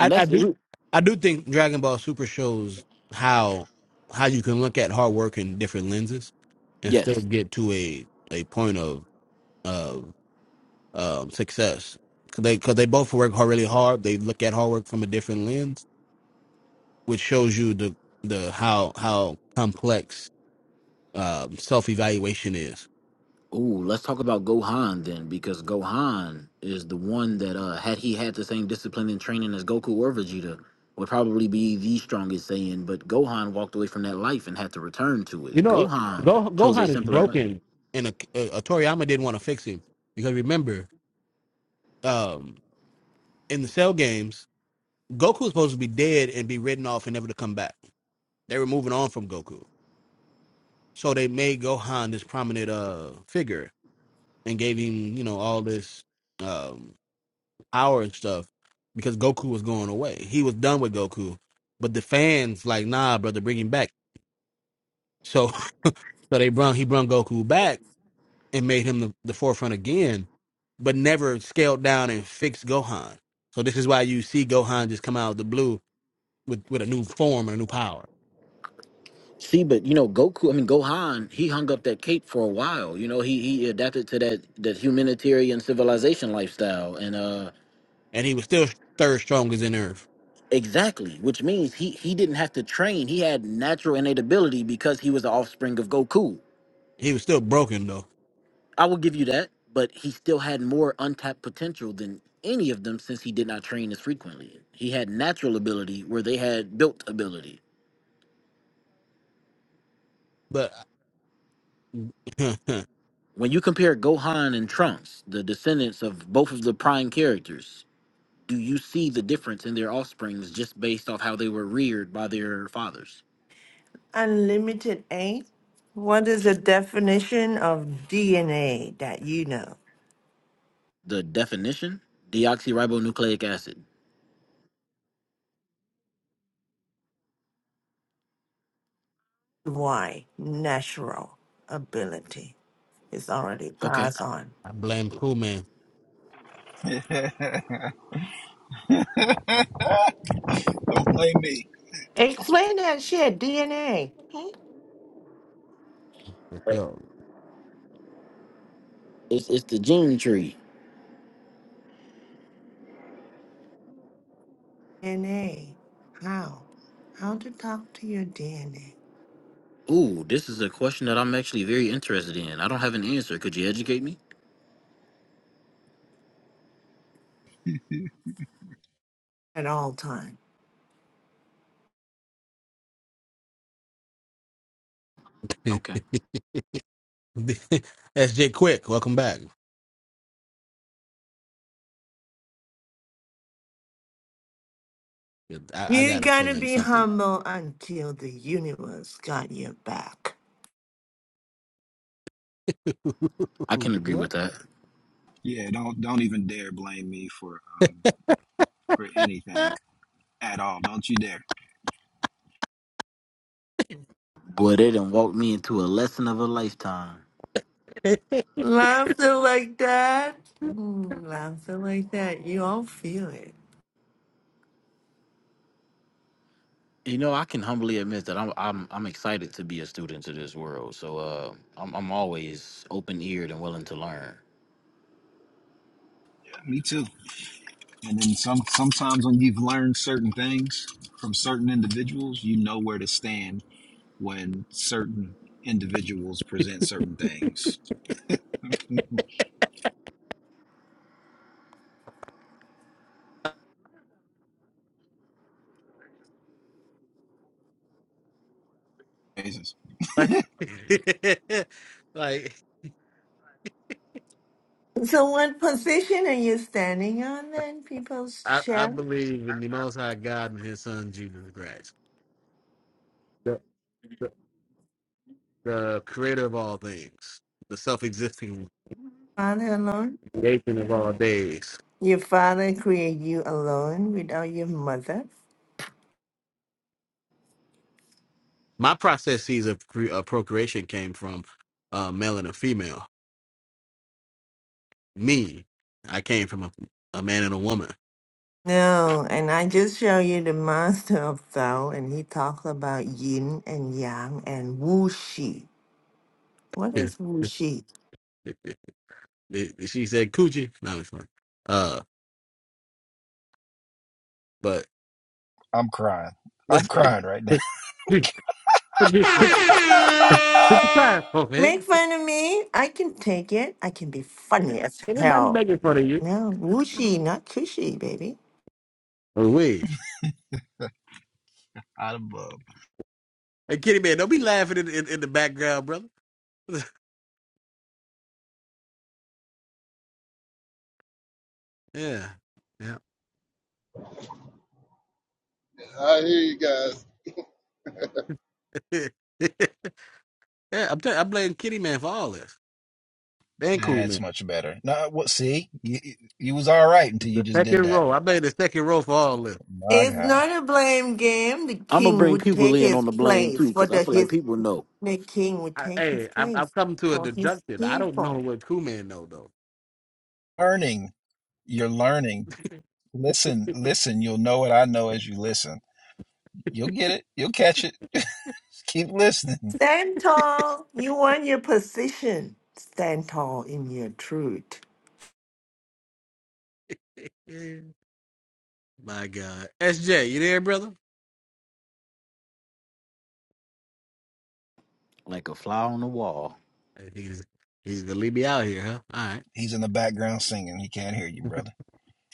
And I that's do I do think Dragon Ball Super shows how how you can look at hard work in different lenses and still yes. get to a a point of of um, success. Cause they because they both work hard, really hard. They look at hard work from a different lens, which shows you the the how how complex um, self evaluation is. Ooh, let's talk about Gohan then, because Gohan is the one that uh had he had the same discipline and training as Goku or Vegeta, would probably be the strongest Saiyan, but Gohan walked away from that life and had to return to You it. know, Gohan Go chose a Gohan is simpler life. broken, and a, a, a Toriyama didn't want to fix him because remember, um, in the Cell games, Goku was supposed to be dead and be written off and never to come back. They were moving on from Goku, so they made Gohan this prominent uh figure and gave him you know all this. Um, our stuff because Goku was going away. He was done with Goku, but the fans like, nah, brother, bring him back. So, so they brung he brung Goku back and made him the, the forefront again, but never scaled down and fixed Gohan. So this is why you see Gohan just come out of the blue with with a new form and a new power, See, but you know, Goku. I mean, Gohan. He hung up that cape for a while. You know, he he adapted to that that humanitarian civilization lifestyle, and uh, and he was still third strongest in Earth. exactly, which means he he didn't have to train. He had natural innate ability because he was the offspring of Goku. He was still broken though, I will give you that, but he still had more untapped potential than any of them since he did not train as frequently. He had natural ability where they had built ability. but I When you compare Gohan and Trunks, the descendants of both of the prime characters, do you see the difference in their offsprings just based off how they were reared by their fathers? Unlimited eight. What is the definition of DNA that you know? The definition: deoxyribonucleic acid. Why? Natural ability. It's already Okay, passed on. blame Cool Man. Don't blame me. Explain that shit, DNA. Hmm? for sure. it's it's the gene tree. DNA. How? How to talk to your DNA. Ooh, this is a question that I'm actually very interested in. I don't have an answer. Could you educate me? at all times, Okay, SJ Quick, welcome back. I, I You got a gotta feeling be something. humble until the universe got your back. I can agree What? with that. Yeah, don't don't even dare blame me for um for anything at all. Don't you dare. Boy, it done walked me into a lesson of a lifetime. Laughter like that, mm, laughter like that, you all feel it. You know, I can humbly admit that I'm I'm I'm excited to be a student to this world. So uh, I'm I'm always open eared and willing to learn. Yeah, Me too. And then some sometimes when you've learned certain things from certain individuals, you know where to stand when certain individuals present certain things. Jesus. Like, like So, what position are you standing on then, people's I, I champ? believe in the Most High God and His Son Jesus Christ, the, the, the Creator of all things, the self-existing Father alone? creation of all days. Your father created you alone without your mother? My processes of, cre- of procreation came from uh, male and a female. Me, I came from a, a man and a woman. No, and I just show you the master of Tao, and he talks about yin and yang and wuxi. What she is wuxi? said coochie. No, it's fine. Uh, but I'm crying. I'm but crying right now. you, but you, but you try it, Make fun of me. I can take it. I can be funny as Anybody hell. making fun of you? No, wooshy, not cushy, baby. Oh, wait. Out of bub. Hey, Kitty Man, don't be laughing in, in, in the background, brother. yeah. Yeah. I hear you guys. yeah, I'm tell- I blame Kitty Man for all this. And Cool That's Man. much better. No, what? See, you, you was all right until you The just did second that. row. I blame the second row for all this. My It's God, not a blame game. The I'm gonna king bring would people take in his on the blame too, place for because I the feel like his. people know. The king would I, take his hey, I've, place I've come to a for his deduction. I don't know people. what Cool Man know, though. learning. You're learning. Listen, listen, you'll know what I know as you listen. You'll get it. You'll catch it. Just keep listening. Stand tall. You want your position. Stand tall in your truth. Yeah. My God. SJ, you there, brother? Like a fly on the wall. Hey, He's, he's going to leave me out here, huh? All right. He's in the background singing. He can't hear you, brother.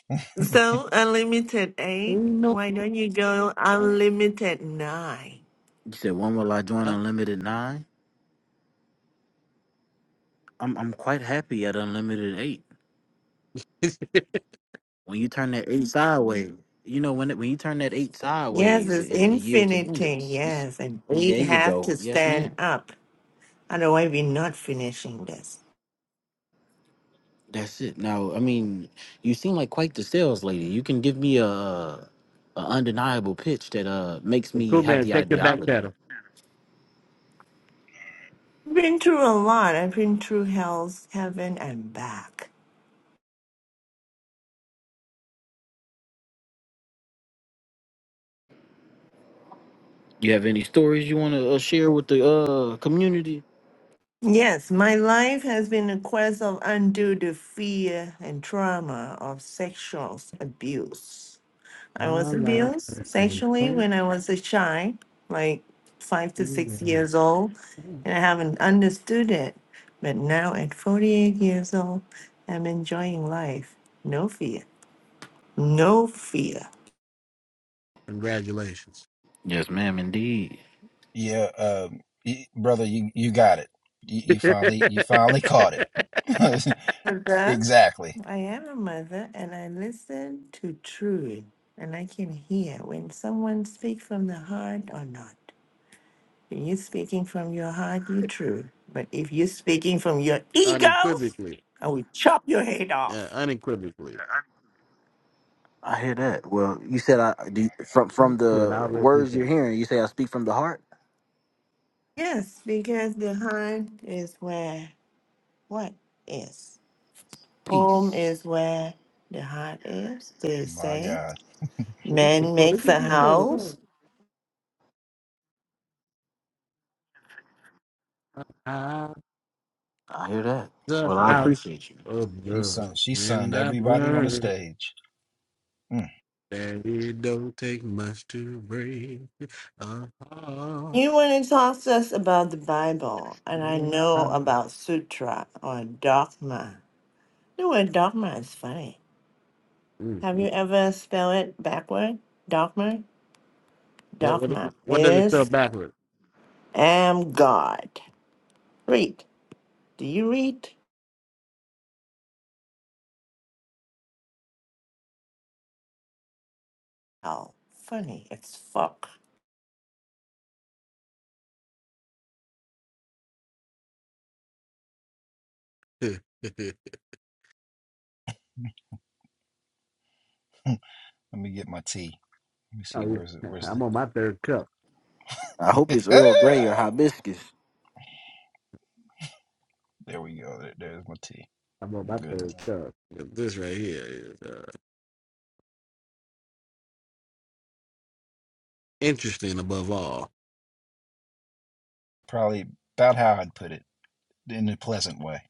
So unlimited eight. No. Why don't you go unlimited nine? You said when will I join Huh? Unlimited Nine? I'm I'm quite happy at Unlimited Eight. When you turn that eight sideways, you know when it, when you turn that eight Yes, sideways, it, it's it yields infinity. abundance. It's, Yes, and we'd there you have go. to Yes, stand ma'am. up. Otherwise, we're not finishing this. That's it. Now, I mean, you seem like quite the sales lady. You can give me a, a undeniable pitch that uh makes me cool have man, the take your back ideology. pedal. Been through a lot. I've been through hell's heaven and back. You have any stories you want to uh, share with the uh community? Yes, my life has been a quest of undo the fear and trauma of sexual abuse. I was My life abused has been sexually so when I was a child, like five to six years old, and I haven't understood it. But now at 48 years old, I'm enjoying life. No fear. No fear. Congratulations. Yes, ma'am, indeed. yeah, um, y brother, you you got it. You, you finally you finally caught it. Mother, exactly. I am a mother and I listen to truth and I can hear when someone speaks from the heart or not. When you're speaking from your heart, you're true. But if you're speaking from your egos, unequivocally. I will chop your head Yeah, off. unequivocally. I hear that. Well, you said I do you- from from To an the outlet words you're reputation. hearing. You say I speak from the heart. Yes, because the heart is where what is. Home Peace. is where the heart is. They My say God. This man this makes is a the house. song. I I hear that. the Well, I Children. house appreciate. appreciate you. of She love sunned, she when sunned I've everybody on the learned stage. Mm, that it don't take much to break a heart. You want to talk to us about the Bible, and I Mm, know about sutra or dogma. The word dogma is funny. Have you mm. ever spelled it backward? Dogma? What what Dogma what does it spell is backwards? am God. Read. Do you read? Oh, funny. It's fuck. oh let me get my tea. Let me see. yeah. Where's it? Where's I'm on my third cup. I hope it's it? Earl Grey or hibiscus. there we go. There, there's my tea. I'm on my good. third cup. This right here is uh, interesting above all. Probably about how I'd put it in a pleasant way.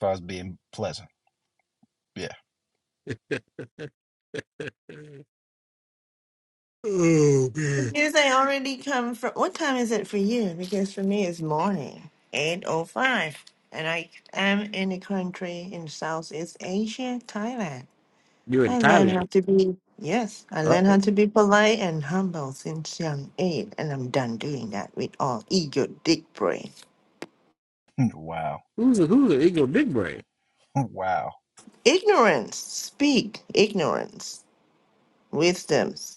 If I was being pleasant. Yeah. oh man, Because I already come from. What time is it for you? Because for me, it's morning, eight oh five, and I am in a country in Southeast Asia, Thailand. you're in I learned Thailand. how to be yes. I Uh, learned how to be polite and humble since young age, and I'm done doing that with all ego, dick brain, wow. who's a who's an ego big brain? wow. ignorance. Speak ignorance, wisdoms.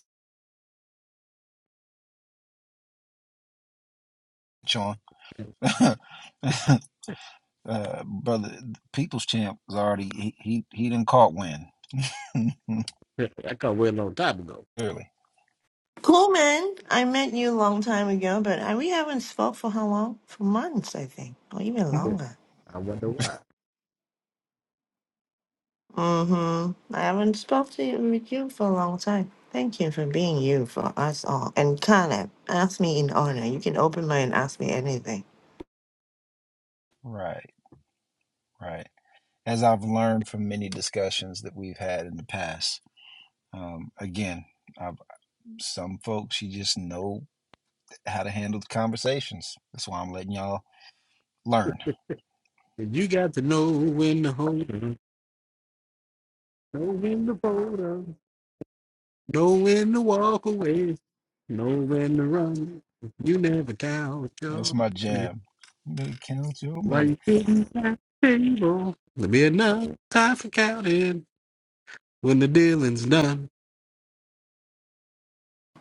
Sean, uh, brother, People's Champ was already, he, he, he didn't caught win. I caught way a long time ago. Clearly. Cool man, I met you a long time ago, but I, we haven't spoke for how long? For months, I think, or even longer. I wonder why. Mm-hmm. I haven't spoken to you, with you for a long time. Thank you for being you for us all. And Caleb, ask me in honor. You can open mine and ask me anything. Right, right. As I've learned from many discussions that we've had in the past, Um, again, I've, some folks you just know how to handle the conversations. That's why I'm letting y'all learn. And you got to know when to hold on, know when to fold on, know when to walk away, know when to run. You never count your That's my money. jam. They count your Why money. you sitting at the table? There'll be enough time for counting when the dealing's done.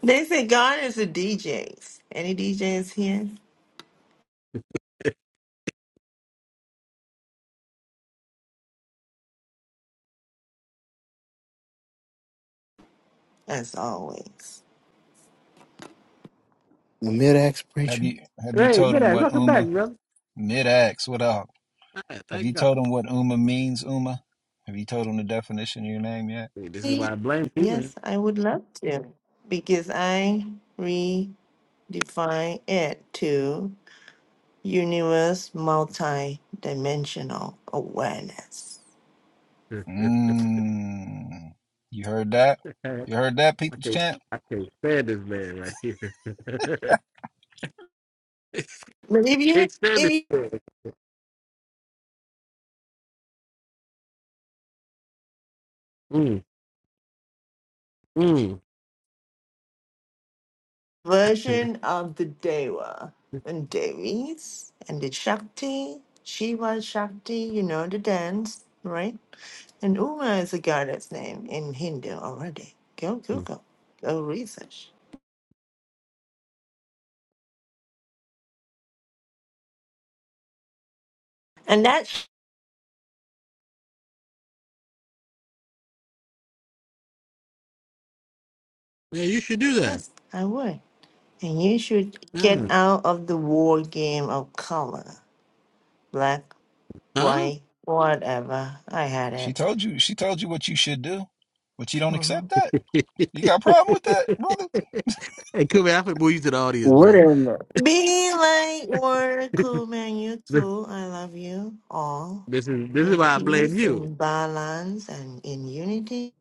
They say God is a DJs. Any DJs here? As always. Mid axe Have preacher. you have you Hey, told bit them ass, what welcome back, Uma brother. mid ax? What up? Alright, Have you thank God. told them what Uma means? Uma, have you told them the definition of your name yet? See, This is why Me? I blame you, man. Yes, I would love to. Because I redefine it to universe multi-dimensional awareness. Mmm. You heard that? You I heard that, people's can't, champ? I can't stand this man right here. But if you can't stand this if man. Mm, mm. version of the Deva and Devis and the Shakti, Shiva Shakti, you know the dance, right? And Uma is a goddess name in Hindu already. Go Google, go research. And that's, Yeah, you should do that. yes, I would. And you should get Mm. out of the war game of color, black, Huh? white, whatever. I had She it. told you. She told you what you should do, but you don't Mm-hmm. accept that. You got a problem with that, hey, Kumi, I put you to the audience, What brother. in the Be like Warren Coolman, you This, too. I love you all. this is this is In why I blame peace, you. in balance, and in unity.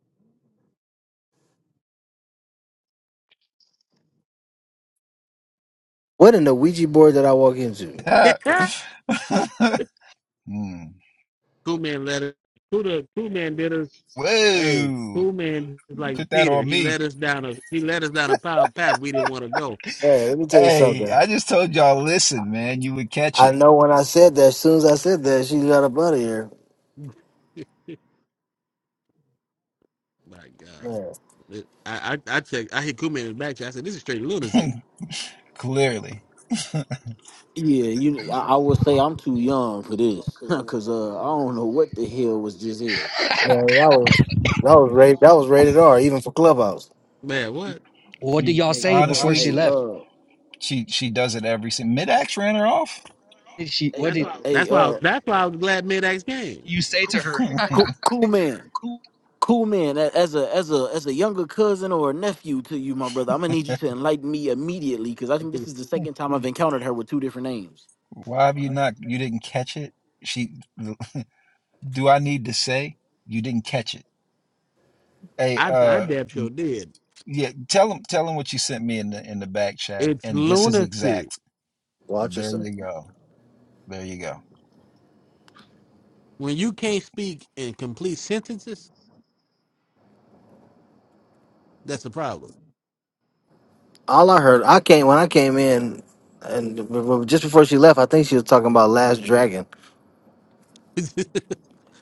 what in the Ouija board that I walk into? brother? Hmm. Cool man let us. Cool, the, cool man did us. Hey, Whoa. You cool man is put like that Peter. on He me. led us down a he led us down a pow- path we didn't want to go. Hey, let me tell you Hey, something. I just told y'all, listen, man, you would catch I it. know when I said that, as soon as I said that, she got up out of here. My Yeah. God, It- I I, I checked. I hit Kuman in the back. check. I said, "This is straight lunacy, Clearly. Yeah, you. I, I would say I'm too young for this, cause uh, I don't know what the hell was just here. Man, that was that was rated that was rated R, even for Clubhouse. man." What? Well, What did She y'all Hey, say before honestly, she Hey, left? uh, she she does it every single mid-ax ran her off. did she? hey, What did hey, That's why. I, uh, was- that's why I was glad Mid-X came. you say to her? you're cool, cool man, cool man. a- As a as a as a younger cousin or a nephew to you, my brother, I'm gonna need you to enlighten me immediately, cause I think this is the second time I've encountered her with two different names. Why have you not you didn't catch it? She do I need to say you didn't catch it? Hey, I I uh damn sure did. yeah, tell him tell him what you sent me in the in the back chat It's and this is lunacy exact. Watch There yourself. you go. There you go. when you can't speak in complete sentences. That's the problem. All I heard, I came when I came in, and b- b- just before she left, I think she was talking about Last Dragon. and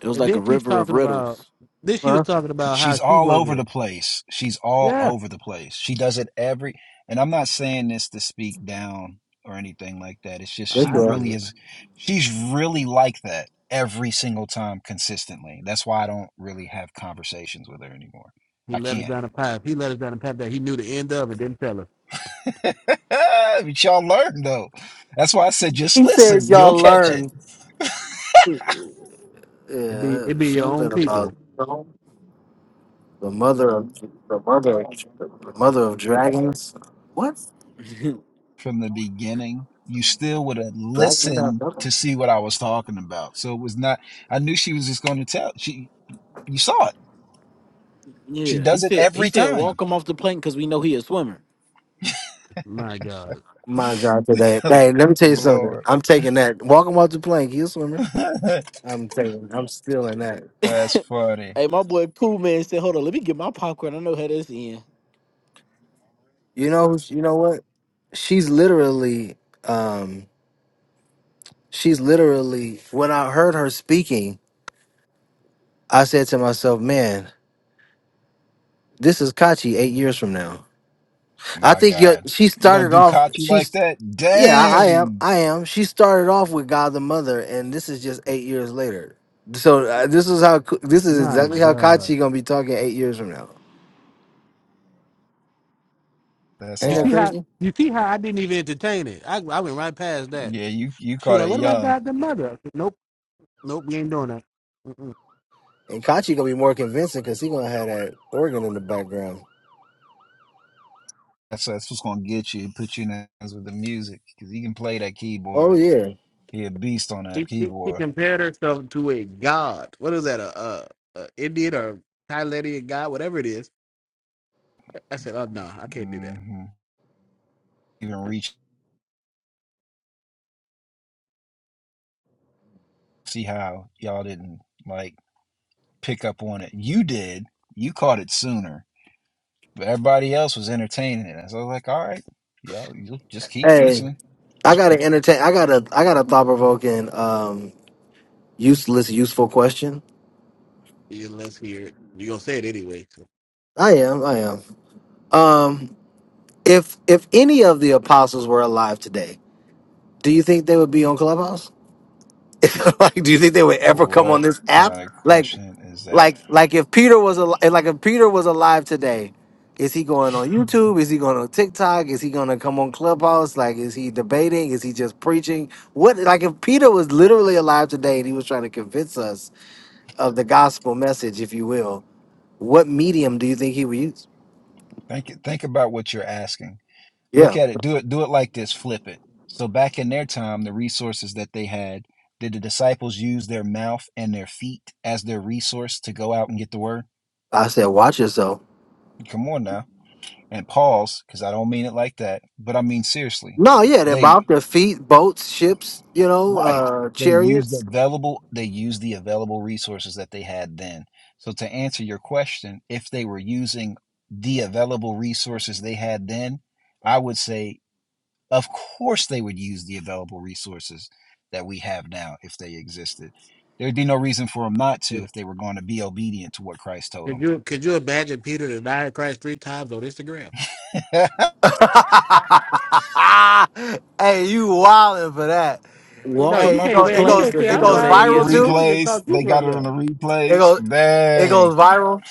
It was like a then she's river of talking about. riddles. Then she was Huh? talking about how She's she all was over a the place. She's all yeah. over the place. She does it every, and I'm not saying this to speak down or anything like that. It's just Yes, she you I are. said really is, she's really like that every single time consistently. That's why I don't really have conversations with her anymore. he I let us can't. down a pipe. He let us down a pipe that he knew the end of and didn't tell us. but y'all learn though. That's why I said just listen. You'll catch it. It be Yeah, it be your own something about people. the mother of the mother the mother of dragons. What? yeah, from the beginning, you still would have Dragons without listened mother? to see what I was talking about. So it was not, I knew she was just going to tell. She, you saw it. She he does it said he every said walk time. him off the plane because we know he a swimmer. My God. My God, today. Hey, let me tell you something. Lord. I'm taking that. Walking off the plank. You a swimmer? I'm saying I'm stealing that. That's funny. Hey, my boy Pooh man said, hold on, let me get my popcorn. I know how this end. You know who- she- you know what? She's literally um she's literally when I heard her speaking, I said to myself, "Man, this is Kachi 8 years from now." I My think your- God. she You gonna started do off Kachi like she's that? yeah, I, I am. Dang. I am. She started off with God the Mother and this is just 8 years later. So uh, this is how this is My exactly how God. Kachi going to be talking 8 years from now. That's Ain't You that see awful. how crazy? you see how I didn't even entertain it. I I went right past that. Yeah, you you She was caught like, it "What about young. God the Mother?" I said, nope, nope, we ain't doing that. Mm-mm. And Kachi going to be more convincing cuz he going to have that organ in the background. That's that's what's gonna get you, put you in the hands with the music. Cause he can play that Oh keyboard. yeah. He a beast on that She, she she keyboard. compared herself to a god. What is that? A, a, a Indian or Thailandian god, whatever it is. I said, "Oh no, I can't do that." hmm Even reach see how y'all didn't like pick up on it. You did. You caught it sooner, but everybody else was entertaining it. And so I was like, all right, y'all, you just keep Hey, listening. I gotta entertain. I gotta. I got a thought provoking, um, useless, useful question. You- Let's hear it. You gonna say it anyway? So. I am. I am. Um, if if any of the apostles were alive today, do you think they would be on Clubhouse? like, do you think they would ever come on What this app? kind of Like, question is that? like, like if Peter was alive, like if Peter was alive today, is he going on YouTube? Is he going on TikTok? Is he going to come on Clubhouse? Like, is he debating? Is he just preaching? What? Like, if Peter was literally alive today and he was trying to convince us of the gospel message, if you will, what medium do you think he would use? Think think about what you're asking. look Yeah. at it do it do it like this flip it so back in their time the resources that they had did the disciples use their mouth and their feet as their resource to go out and get the word I said, watch yourself. come on now and pause because i don't mean it like that but i mean seriously No, yeah, their they mouth, their feet, boats, ships, you know, right uh, they used the chariots. available they used the available resources that they had then so to answer your question if they were using the available resources they had then i would say Of course, they would use the available resources that we have now if they existed. There would be no reason for them not to if they were going to be obedient to what Christ told Could you could you imagine Peter denying Christ three times on Instagram? them. hey, you wildin' for that. Well, No, Walk him you Hey, off it can't. the goes it Man, you plane goes can't say because it you I'm know goes that wild. he This is. viral is this too. is the replays, thought you they got brought it on up. the It replays. goes it Dang. goes viral.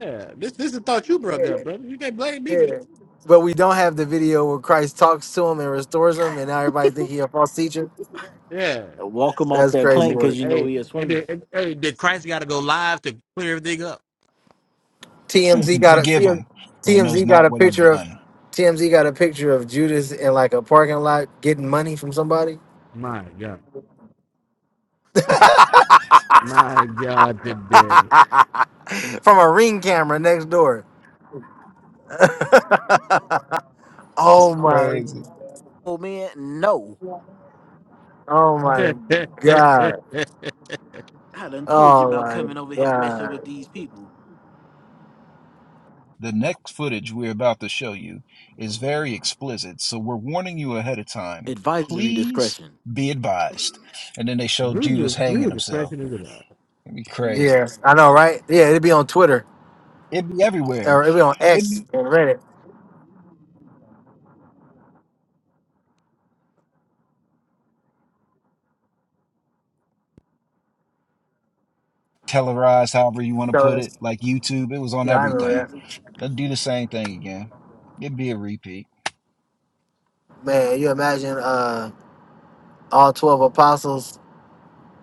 Yeah, this this is the thought you brought Yeah, up, brother. You can't blame me for this. yeah. But we don't have the video where Christ talks to him and restores him and now everybody think he a false teacher. Yeah. Walk him off That's that crazy. plane Hey, because you know hey, he a swimmer. did, hey, did Christ got to go live to clear everything up? TMZ got a Forgive TM him, for he knows TMZ got not a what he's picture of done. TMZ got a picture of Judas in like a parking lot getting money from somebody My God, my God, today. from a ring camera next door. It's oh my! crazy. Oh man, no, Oh my god! I done told you Oh about my coming over here messing with god! these people. The next footage we're about to show you is very explicit, so we're warning you ahead of time. Advisory Please discretion. be advised. And then they showed Judas Brutal, hanging brutal himself. depression is alive. It'd be crazy. Yes, I know, right? Yeah, it'd be on Twitter It'd be everywhere or it'd be on it X be and Reddit. televised however you want to So put it it's, like youtube it was on yeah, I remember everything that. they'll do the same thing again it'd be a repeat Man, you imagine uh all twelve apostles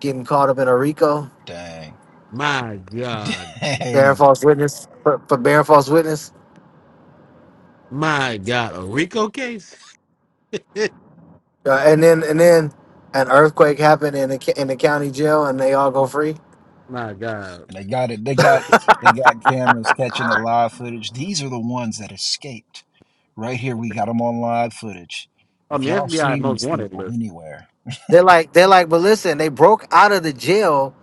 getting caught up in a Rico? dang My God, bearing dang false witness for, for bearing false witness. my God, a Rico case. Uh, and then and then an earthquake happened in the ca- in the county jail, and they all go free. my God, and they got it they got they got cameras catching the live footage these are the ones that escaped right here we got them on live footage on if the y'all FBI seen most these wanted people list. anywhere They're like they're like, but listen, they broke out of the jail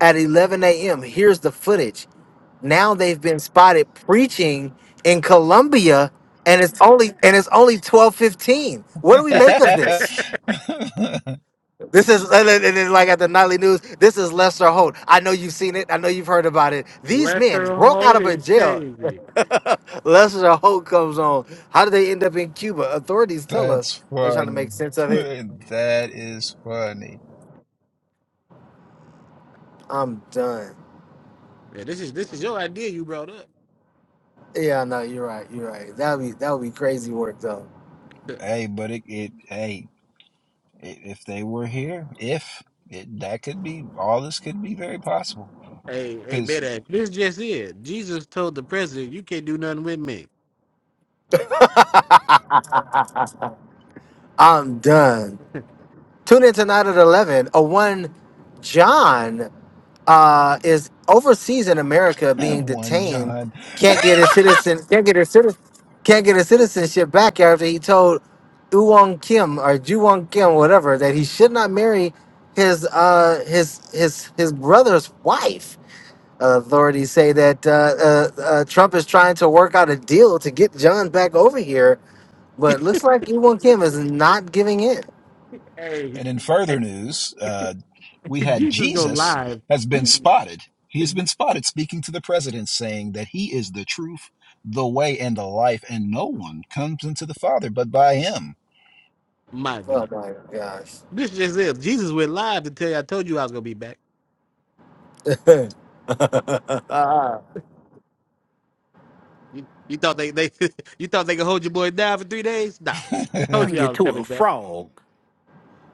at 11 a.m. Here's the footage. Now they've been spotted preaching in Colombia, and it's only and it's only 12:15. What do we make of this? This is and then and then, like at the nightly news. This is Lester Holt. I know you've seen it. I know you've heard about it. These men Lester broke out Holt of a is jail crazy. Lester Holt comes on. How did they end up in Cuba? Authorities tell us. that's They're trying to funny make sense of it. that is funny I'm done. Yeah, this is this is your idea you brought up. Yeah, no, you're right. You're right. That would be that would be crazy work though. hey but it, it hey i- if they were here, if it, that could be all this could be very possible hey, hey, because man, this just it. Jesus told the president, "You can't do nothing with me." I'm done. Tune in tonight at eleven. A one John. uh, is overseas in America being one detained, John. can't get his citizen, can't get his citizen, can't get his citizenship back after he told Uwon Kim or Juwon Kim, whatever, that he should not marry his uh, his his his brother's wife. Uh, authorities say that uh, uh, uh, Trump is trying to work out a deal to get John back over here, but looks like Uwon Kim is not giving in. Hey, And in hey, further news, uh, we had Jesus go Jesus live. has been Jesus- spotted. He has been spotted speaking to the president, saying that he is the truth, the way, and the life, and no one comes into the Father but by him. My Oh God, my gosh. this is it. Jesus went live to tell you. I told you I was gonna be back. You, you thought they they you thought they could hold your boy down for three days? Nah, I told Turn you you I was to a coming back. frog.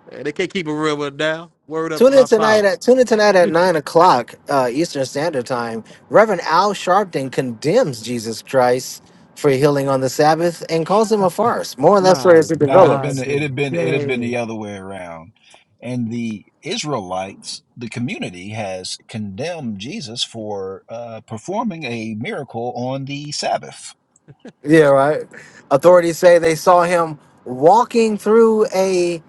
Hey, They can't keep a real one down. Word up to Tune in my tonight father. at tune in tonight at nine o'clock uh, Eastern Standard Time. Reverend Al Sharpton condemns Jesus Christ for healing on the Sabbath and calls him a farce. More on that story My as it Nah, it had been God, develops. it had been it had been today the other way around. And the Israelites, the community, has condemned Jesus for uh, performing a miracle on the Sabbath. Yeah, right. Authorities say they saw him walking through a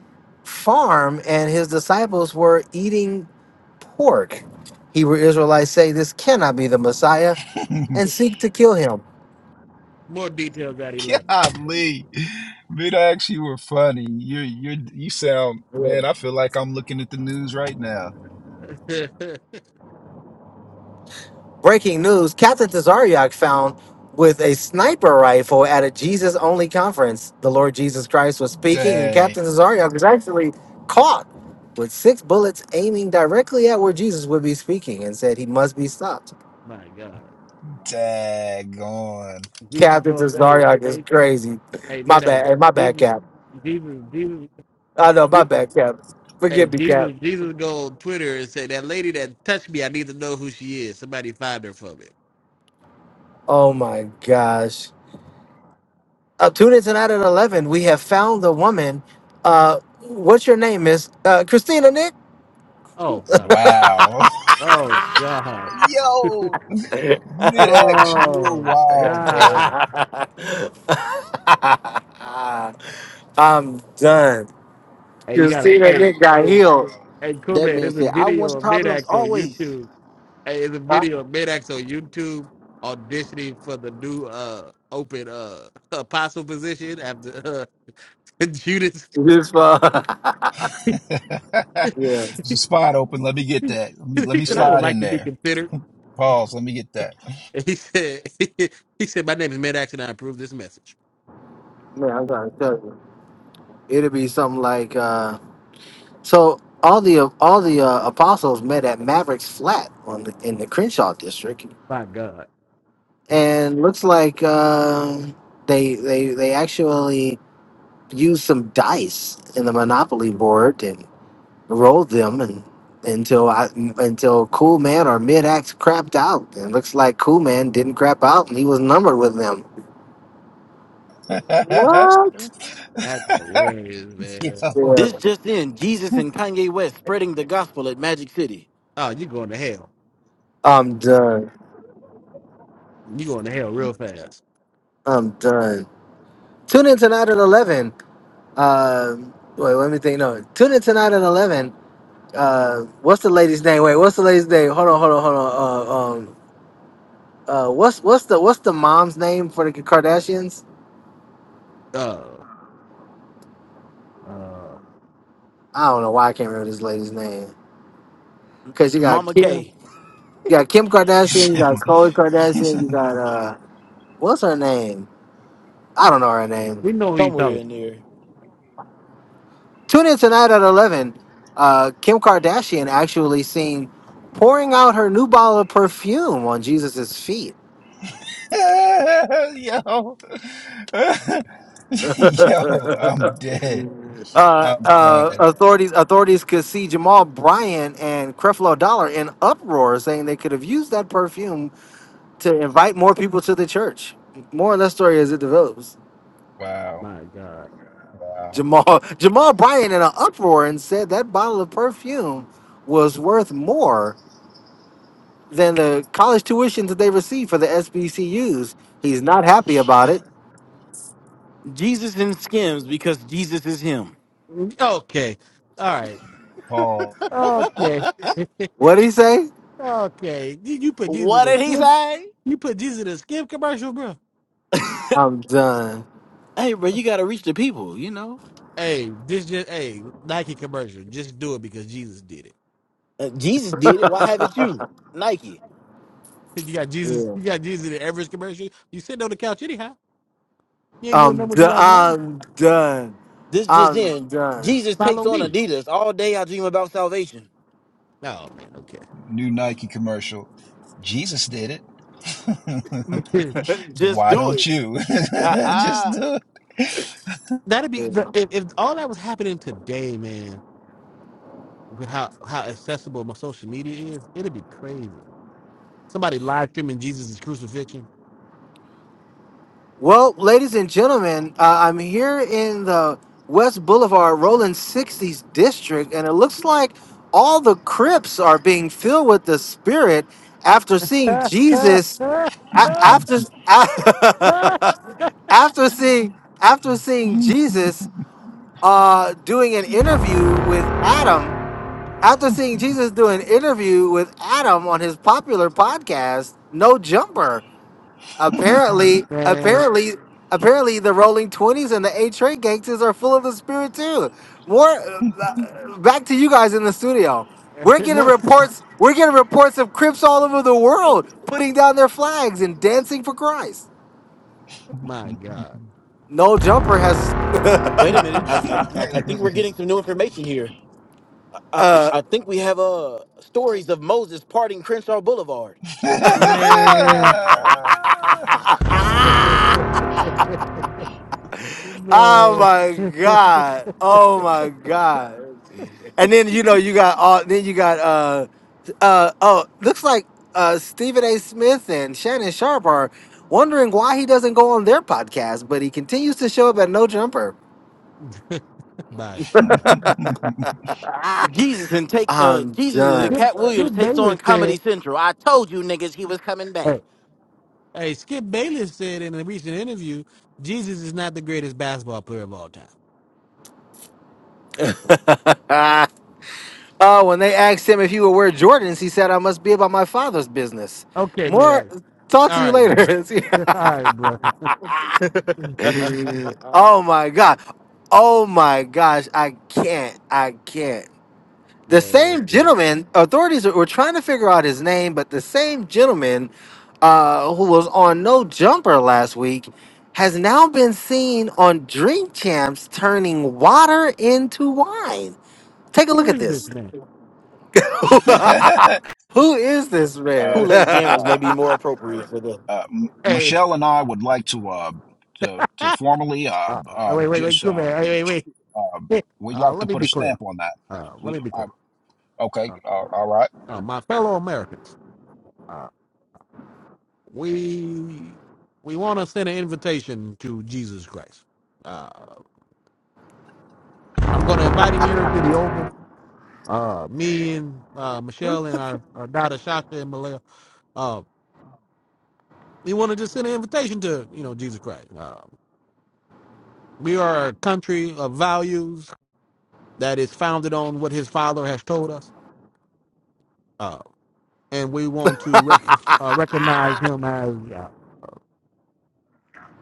farm and his disciples were eating pork. Hebrew Israelites say this cannot be the Messiah and seek to kill him. more details at eleven. Golly, Midax, you were funny. You you you sound man. I feel like I'm looking at the news right now. Breaking news Captain Tazariak found with a sniper rifle at a Jesus only conference. The Lord Jesus Christ was speaking, and Dag, Captain Tazariak was actually caught with six bullets aiming directly at where Jesus would be speaking and said he must be stopped. my God, daggone, Jesus Captain go. Hey, Tazariak is hey, crazy. hey, My bad. man, Hey, my bad, Jesus, Cap. Jesus, Jesus, I know, my Jesus. bad, Cap. Hey, Forgive me, Jesus, Cap. Jesus go on Twitter and say, that lady that touched me, I need to know who she is. Somebody find her for me. Oh my gosh. Uh, tune in tonight at 11. We have found the woman. Uh, what's your name, Miss uh, Christina Nick? Oh, God. wow, Oh, God. yo, Midax, you were Oh, wild, bro. I'm God. done. Hey, you You got to, see that hey, nigga got hey, healed. hey, cool, That man. man There's a said, I video want of problems Midax on always. YouTube. Hey, there's a Huh? video of Midax on YouTube auditioning for the new uh open uh apostle position after uh, Judas. This uh, There's yeah, a he spot open. Let me get that. Let me let me said, I yeah, would slide like in to be there. considered. Pause. Let me get that. And He said, he said, my name is Mad Action. I approve this message. man. I'm trying to tell you, it'll be something like uh. So all the all the uh, apostles met at Maverick's flat on the, in the Crenshaw district, My God, and looks like um they they they actually used some dice in the Monopoly board and. rolled them and until I until Cool Man or Mid Axe crapped out. And it looks like Cool Man didn't crap out and he was numbered with them. What? that's hilarious, man. Yo. Yeah. This just in: Jesus and Kanye West spreading the gospel at Magic City. Oh, you going to hell? I'm done. You going to hell real fast? I'm done. Tune in tonight at eleven. Uh, wait, let me think. No, tune in tonight at eleven. Uh, what's the lady's name? Wait, what's the lady's name? Hold on, hold on, hold on. Uh, um, uh, what's what's the what's the mom's name for the Kardashians? Uh, uh, I don't know why I can't remember this lady's name. Cause you got Mama K, You got Kim Kardashian, you got Khloe Kardashian, you got uh, what's her name? I don't know her name. we know who you Somewhere talking. in there. Tune in tonight at eleven. Uh, Kim Kardashian actually seen pouring out her new bottle of perfume on Jesus's feet. Yo. uh, Yo, I'm dead. I'm uh, crying. authorities authorities could see Jamal Bryant and Creflo Dollar in uproar, saying they could have used that perfume to invite more people to the church. More on that story as it develops. About. Wow. My God. Wow. Jamal Jamal Bryant in an uproar and said that bottle of perfume was worth more than the college tuition that they received for the SBCUs. He's not happy about it. Jesus in skims because Jesus is him. Okay. All right. Paul, Okay. What would he say? Okay. You, you put Jesus in What a did he skip. say? You put Jesus in a skip commercial, bro. I'm done. Hey, bro, you gotta reach the people, you know. Hey, this just hey Nike commercial. Just do it because Jesus did it. Uh, Jesus did it. Why haven't you? Nike. You got Jesus. Yeah. You got Jesus in every commercial. You sitting on the couch anyhow. You ain't doing I'm nothing done. with your life now. I'm done. This just I'm in. done. Jesus takes Follow on me. Adidas. All day I dream about salvation. Oh man, okay. new Nike commercial. Jesus did it. Just Why do don't it. you? Just do That'd be Yeah. the- if, if all that was happening today, man. With how how accessible my social media is, it'd be crazy. Somebody live streaming Jesus' crucifixion. Well, ladies and gentlemen, uh, I'm here in the West Boulevard Rolling 60s district, and it looks like all the crypts are being filled with the Spirit after seeing Jesus. a- After after seeing after seeing Jesus uh, doing an interview with Adam, after seeing Jesus do an interview with Adam on his popular podcast, No Jumper. it. Apparently, man, apparently, apparently, the Rolling Twenties and the A Train gangsters are full of the spirit too. More uh, uh, back to you guys in the studio. We're getting More- reports. We're getting reports of Crips all over the world putting down their flags and dancing for Christ. my God, No jumper has. Wait a minute. I I, I I think we're getting some new information here. I, I uh, I think we have uh stories of Moses parting Crenshaw Boulevard. uh, man, oh man, my god! Oh my god! And then you know you got all. Then you got uh, uh oh, looks like uh Stephen A. Smith and Shannon Sharp are wondering why he doesn't go on their podcast, but he continues to show up at No Jumper. my God. Jesus and take Ah, uh I'm Jesus and done. Cat Williams Get takes Bayless on Comedy said. Central. I told you niggas he was coming hey. back. Hey, Skip Bayless said in a recent interview, Jesus is not the greatest basketball player of all time. oh, when they asked him if he would wear Jordans, he said, "I must be about my father's business." Okay, mid More. All Talk to you right, man. later. All right, bro. oh my god. Oh my gosh. I can't. I can't. the Man, same yeah. gentleman authorities were trying to figure out his name but the same gentleman uh, who was on no jumper last week has now been seen on drink champs turning water into wine take a Who look at is this this man? who is this man uh, uh, Kool Aid Jammers may be more appropriate for them. Hey, Michelle and I would like to uh, to to uh, formally uh, uh, wait, wait, wait, just come uh, here. Hey, wait, uh, wait. we'd Uh, like to let me put a be clear. stamp on that. Uh, let me We, be I, clear. okay, Uh, uh, all right. uh, my fellow Americans, uh, we we want to send an invitation to Jesus Christ. Uh, I'm going to invite him here to the Oval Uh, me and uh, Michelle and our, our daughter Shaka and Malaya, uh, we want to just send an invitation to you know Jesus Christ. Uh, we are a country of values that is founded on what His Father has told us, uh, and we want to rec- uh, recognize Him as uh,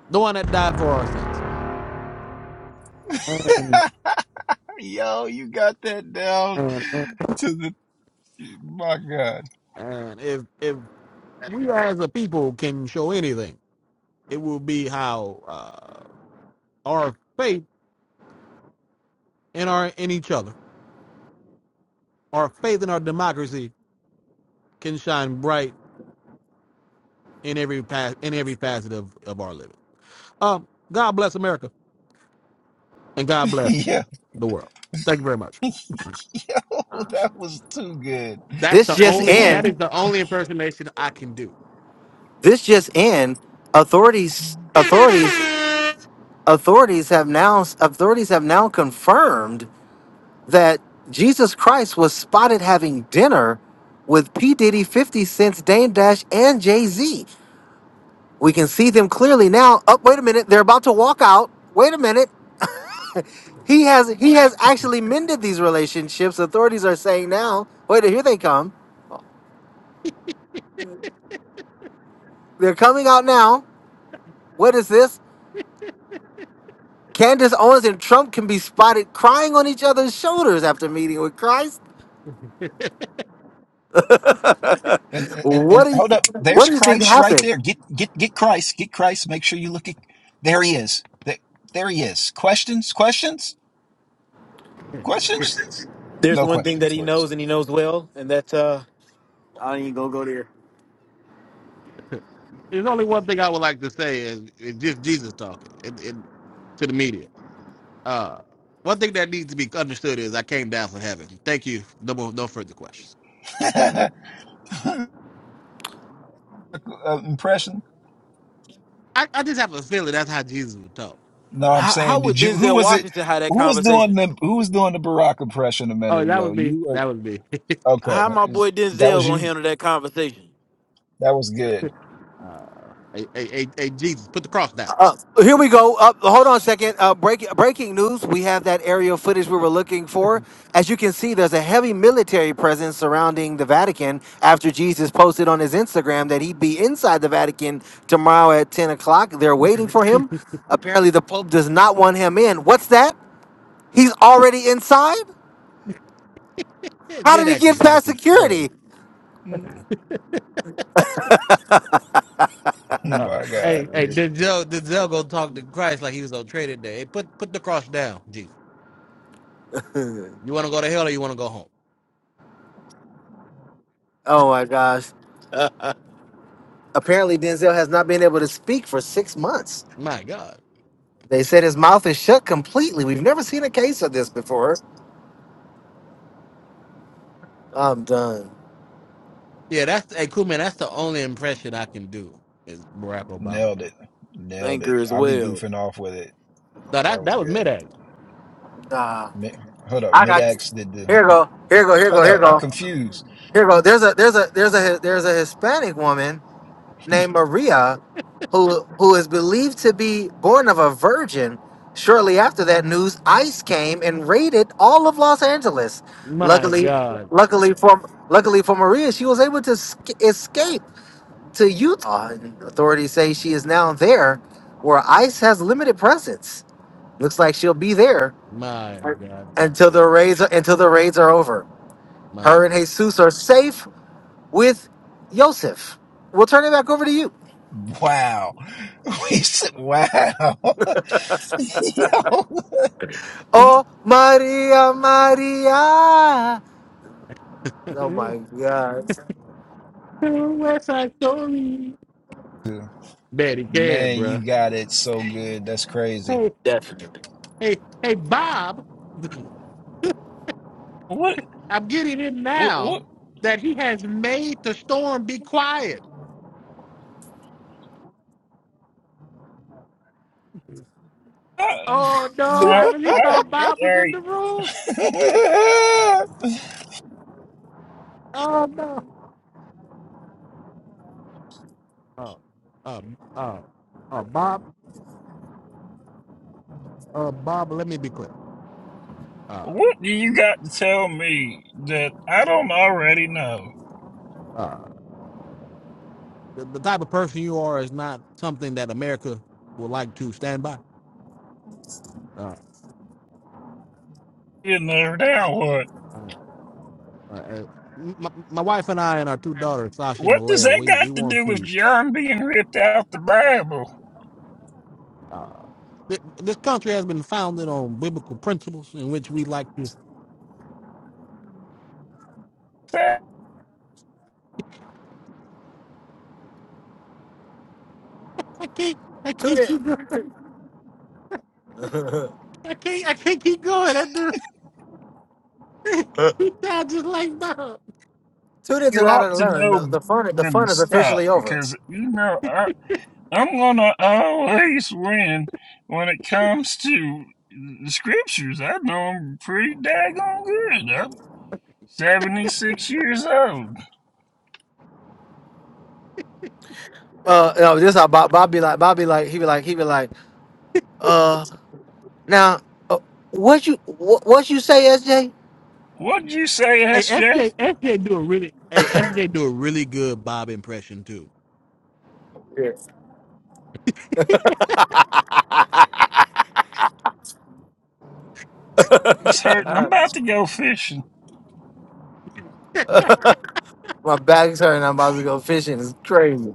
the one that died for our sins. And Yo, you got that down and and, to the my God. and if if we as a people can show anything, it will be how uh, our faith in our in each other, our faith in our democracy can shine bright in every path in every facet of, of our living. Um, God bless America and God bless Yeah, the world. Thank you very much. yo, that was too good. That's this the just only in that is the only impersonation I can do. this just in authorities authorities authorities have now authorities have now confirmed that Jesus Christ was spotted having dinner with P. Diddy, 50 Cent's Dame Dash, and Jay Z. We can see them clearly now. Up, wait a minute, they're about to walk out. Wait a minute. He has he has actually mended these relationships. Authorities are saying now, wait, here they come. They're coming out now. What is this? Candace Owens and Trump can be spotted crying on each other's shoulders after meeting with Christ. And, and What and do you, hold up, there's what do you think Christ right happened? there. Get get get Christ, get Christ. Make sure you look at. There he is. There, there he is. Questions? Questions? Questions? There's No one thing that questions, he Liz. knows and he knows well, and that's uh, I ain't gonna go there. There's only one thing I would like to say is, is just Jesus talking and, and to the media. Uh, one thing that needs to be understood is I came down from heaven. Thank you. No more, no further questions. uh, impression? I, I just have a feeling that's how Jesus would talk. No, I'm How, how saying, would did you? Who Denzel was it? Washington have that Who was doing conversation? the Who was doing the Barack impression a Oh, minute that ago? was me. You That was me. are okay. How my is- boy That Denzel was gonna you. handle that conversation? That was good. Uh, hey, hey, hey, hey, Jesus, put the cross down. Uh, here we go. Uh, hold on a second. Uh, break, breaking news. We have that aerial footage we were looking for. As you can see, there's a heavy military presence surrounding the Vatican after Jesus posted on his Instagram that he'd be inside the Vatican tomorrow at 10 o'clock. They're waiting for him. Apparently, the Pope does not want him in. What's that? He's already inside? That How did Mid he act get is out of past control. security? Uh, My God, hey, hey, Denzel, Denzel gonna talk to Christ like he was on trading day. Hey, put put the cross down, Jesus. You want to go to hell or you want to go home? Oh my gosh. Apparently, Denzel has not been able to speak for six months. My God. They said his mouth is shut completely. We've never seen a case of this before. I'm done. Yeah, that's hey, cool man. That's the only impression I can do is Barack Obama. nailed it, nailed Anchor it. as I'll be well. goofing off with it. So That that was that was good. mid act. Nah, Mi- Hold up, I mid got X did the. here. Go here. Go here. Go Hold here. up, I'm Go confused. here. Go. There's a there's a there's a there's a Hispanic woman named Maria, who who is believed to be born of a virgin. Shortly after that news, ICE came and raided all of Los Angeles. My Luckily, God, luckily for luckily for Maria, she was able to sca- escape to Utah. And authorities say she is now there where ICE has limited presence. Looks like she'll be there my God, until today, the raids are, until the raids are over. my Her and Jesus are safe with Yosef. We'll turn it back over to you. Wow. We said, wow. Oh Maria Maria. Oh my god. West Side Story. Betty Cab, Man, you bruh. got it so good. That's crazy. Hey, Definitely. hey, hey, Bob. What? I'm getting it What? now what that he has made the storm be quiet. uh, Oh no, I now, really I, thought Bob was in hey, the room. Oh no. Uh, uh, uh, uh, Bob, uh, Bob, let me be clear. Uh, what do you got to tell me that I don't already know? uh, the, the type of person you are is not something that America would like to stand by. Uh, You know, now what? uh, uh, uh, my, my wife and I and our two daughters, Sasha and What does Malaya, that we, we got to want do with to. John being ripped out the Bible? Uh, th- this country has been founded on biblical principles in which we like. I can't, I Tune can't keep going. in. I can't, I can't keep going. That dude, he sounds just like Bob. Tune in You tonight at ought to eleven. The, know the fun the when fun to is stop officially over. because you know. I. I'm gonna always win when it comes to the scriptures. I know I'm pretty daggone good. I'm 76 years old. Uh, no, this how Bob, Bob be like. Bob be like. He be like. He be like. uh, Now, uh, what you what, what you say, SJ? What'd you say, Hey, SJ? FJ, FJ do a really, hey, SJ do a really good Bob impression too. It's hurting. I'm Yeah. about to go fishing. My back's hurting. I'm about to go fishing. It's crazy.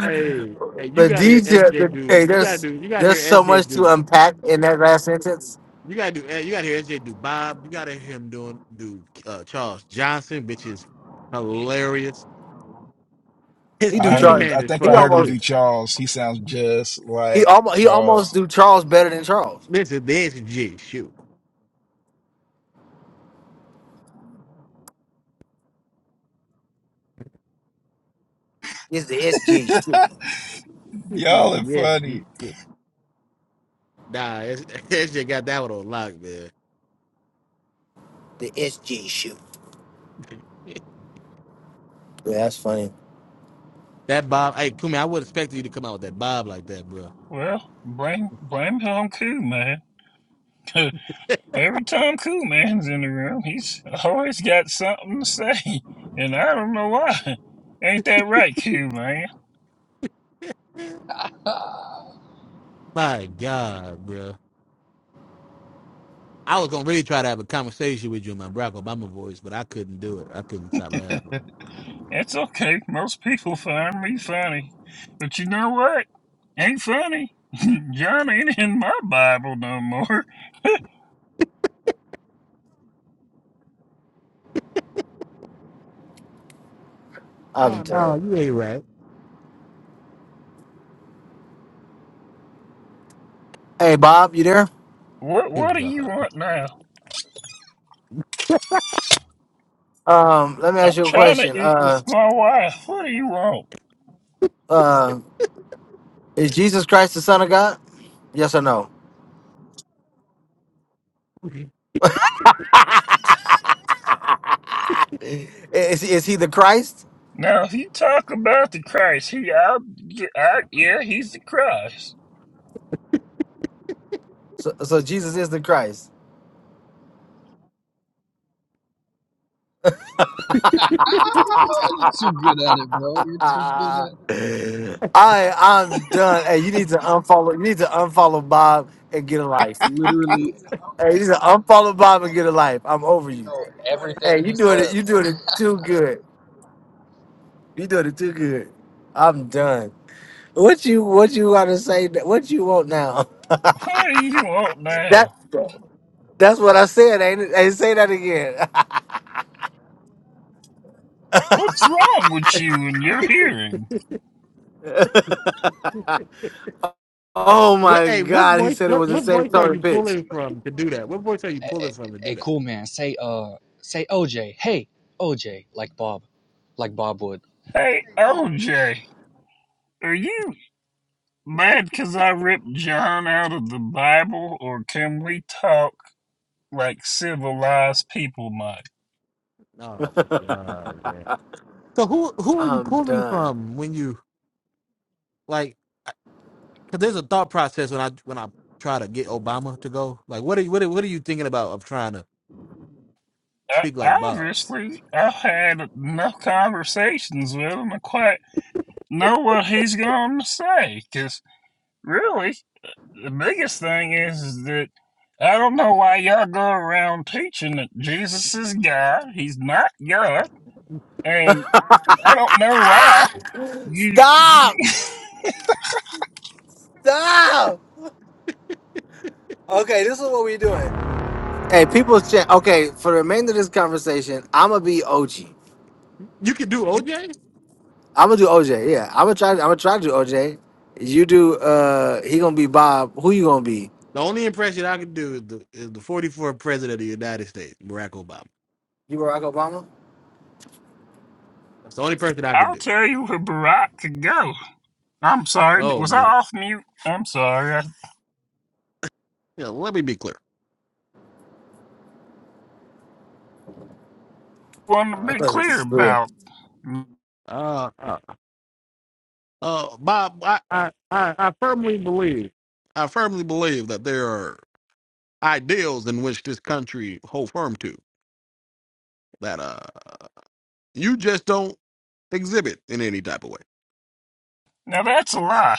Hey, hey, you The gotta hear detail. SJ The, do, hey, you gotta there's do, you gotta hear there's so much SJ to do, unpack in that last sentence. you gotta do, eh, you gotta hear SJ do Bob. You gotta hear him doing do uh, Charles Johnson, which is hilarious. His He I do heard kitty him. Charles. man I is think He I funny heard him almost do too. Charles. He sounds just he like almost he almost Charles. do Charles better than Charles. Listen, this is G shoot. It's the SJ shoot. This is Y'all are funny. SG shoot. Nah, S- SJ got that one on lock, man. The SJ shoot. Yeah, that's funny. That Bob, hey, Kumi, I would expect you to come out with that Bob like that, bro. Well, blame blame Tom Coon, man. Every time Cool Man's in the room, he's always got something to say, and I don't know why. Ain't that right, Cool Man? My God, bro. I was gonna really try to have a conversation with you in my Barack Obama voice, but I couldn't do it. I couldn't stop laughing. It's okay. Most people find me funny, but you know what? Ain't funny. John ain't in my Bible no more. I'm Oh no, tired. you ain't right. Hey, Bob, you there? What Dear What do you God. want now? Um, let me ask I'm you a trying to question. eat with Uh, my wife. What do you want? uh, is Jesus Christ the Son of God? Yes or no? is, he, is he the Christ? Now, if you talk about the Christ, he, I, yeah, I, yeah, he's the Christ. So, so Jesus is the Christ. too good at it, bro. You're too good Ah, at it. I I'm done. Hey, you need to unfollow. You need to unfollow Bob and get a life. Hey, you need to unfollow Bob and get a life. I'm over you. Hey, you doing it? You doing it too good. You doing it too good. I'm done. What you What you want to say? What you want now? What do you want now? That That's what I said. Ain't it? Hey, say that again. What's wrong with you and your hearing? Oh What my hey, what God, he voice said it what, was the what same voice are color you pitch. pulling from to do that? What voice are you Hey, pulling from to do hey, that? cool man, say uh, say OJ. Hey, OJ, like Bob, like Bob would. Hey, LJ, are you mad 'cause I ripped John out of the Bible, or can we talk like civilized people might? Oh my god, man. So who who are you I'm pulling done. from when you like because there's a thought process when I when I try to get Obama to go. Like, what are you what are, what are you thinking about of trying to I, speak like Bob? obviously, I've had enough conversations with him to quite know what he's going to say, 'cause really, the biggest thing is, is that I don't know why y'all go around teaching that Jesus is God. He's not God. And I don't know why. Ah! You, Stop! Stop! Okay, this is what we're doing. Hey, people's chat. Okay, for the remainder of this conversation, I'm gonna be OG. You could do OJ. I'm gonna do OJ. Yeah, I'm gonna try. I'm gonna try to do OJ. You do. Uh, he gonna be Bob. Who you gonna be? The only impression I could do is the, is the 44th president of the United States, Barack Obama. You Barack Obama? That's the only person I could I'll do. tell you where Barack to go. I'm sorry, Oh was I no. off mute? I'm sorry. I Yeah, let me be clear. want to be Uh, clear yeah. about. Now uh, uh, uh, Bob, I, I, I, I firmly believe, I firmly believe that there are ideals in which this country hold firm to that uh you just don't exhibit in any type of way. that's a lie.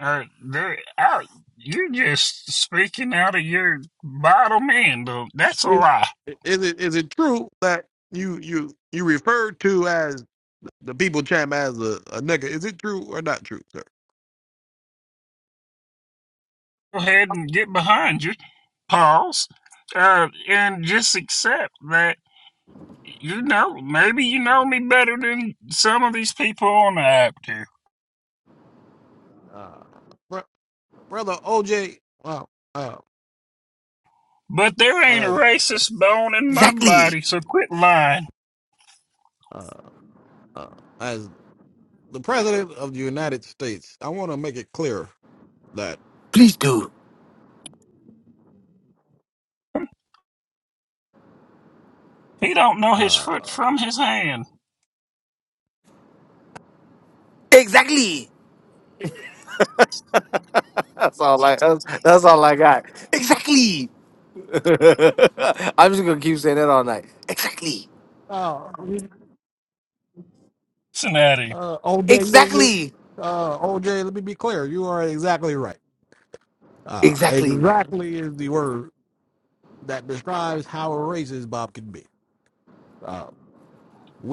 Uh, there, I, you're just speaking out of your bottom end. Uh, that's a Is, lie. is it is it true that you you you referred to as the people champ as a, a nigga? Is it true or not true, sir? Go ahead and get behind you. Pause. Uh, and just accept that. You know, maybe you know me better than some of these people on the app do. Uh, br- brother OJ, well, uh, But there ain't a as racist bone in my Exactly. body, so quit lying. uh, uh, as the president of the United States, I want to make it clear that Please do. He don't know his foot uh, from his hand. Exactly. That's all I. That's, that's all I got. Exactly. I'm just gonna keep saying that all night. Exactly. uh, Cincinnati. Uh, OJ, you're, you're, Exactly. uh, OJ, let me be clear. You are exactly right. Uh, Exactly. exactly is the word that describes how racist Bob can be. Uh,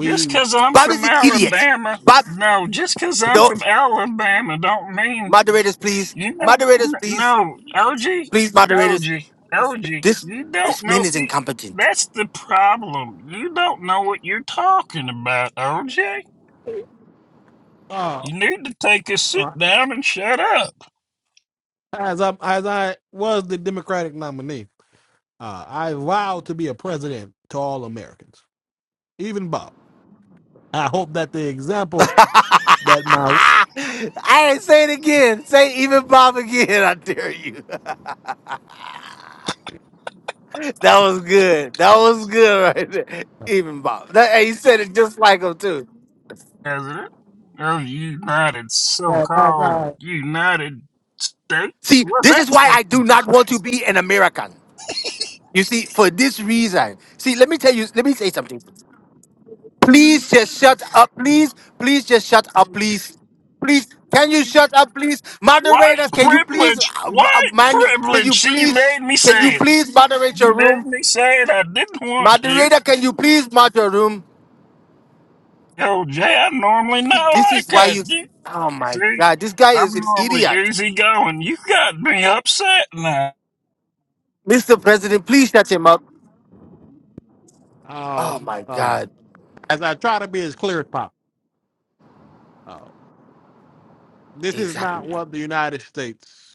Just i I'm Bob from is an idiot. Alabama, Bob, no, Just i I'm no. from Alabama don't mean, Moderators, please. you know, Moderators, n- please. no, OG, Please, moderators. OG, OG, This you don't this know, man is see, incompetent. that's the problem. You don't know what you're talking about, OJ. uh, You need to take a sit uh, down and shut up, as I as I was the Democratic nominee, uh, I vowed to be a president to all Americans, even Bob. I hope that the example that my I ain't say it again. Say even Bob again. I dare you. That was good. That was good right there. Even Bob. That, and he said it just like him too. President of the United that as so-called I United States. See, What's this is that why supposed I do not want to be an American. You see, for this reason, see, let me tell you, let me say something. Please just shut up, please. Please just shut up, please. Please, can you shut up, please? White Moderators, can you please, privilege, uh, uh, white man, you- can privilege. you See, you made please, me can you say it. please moderate You your made room? me say it. I didn't want to. Moderator, can you please mod your room? Yo, Jay, I normally know See, This I is why cut you, you. oh my See, God, this guy I'm is an normally idiot. easygoing. You got me upset now. Mr. President, please shut him up. Oh um my uh, God, as I try to be as clear as possible. Uh, this is exactly. not what the United States.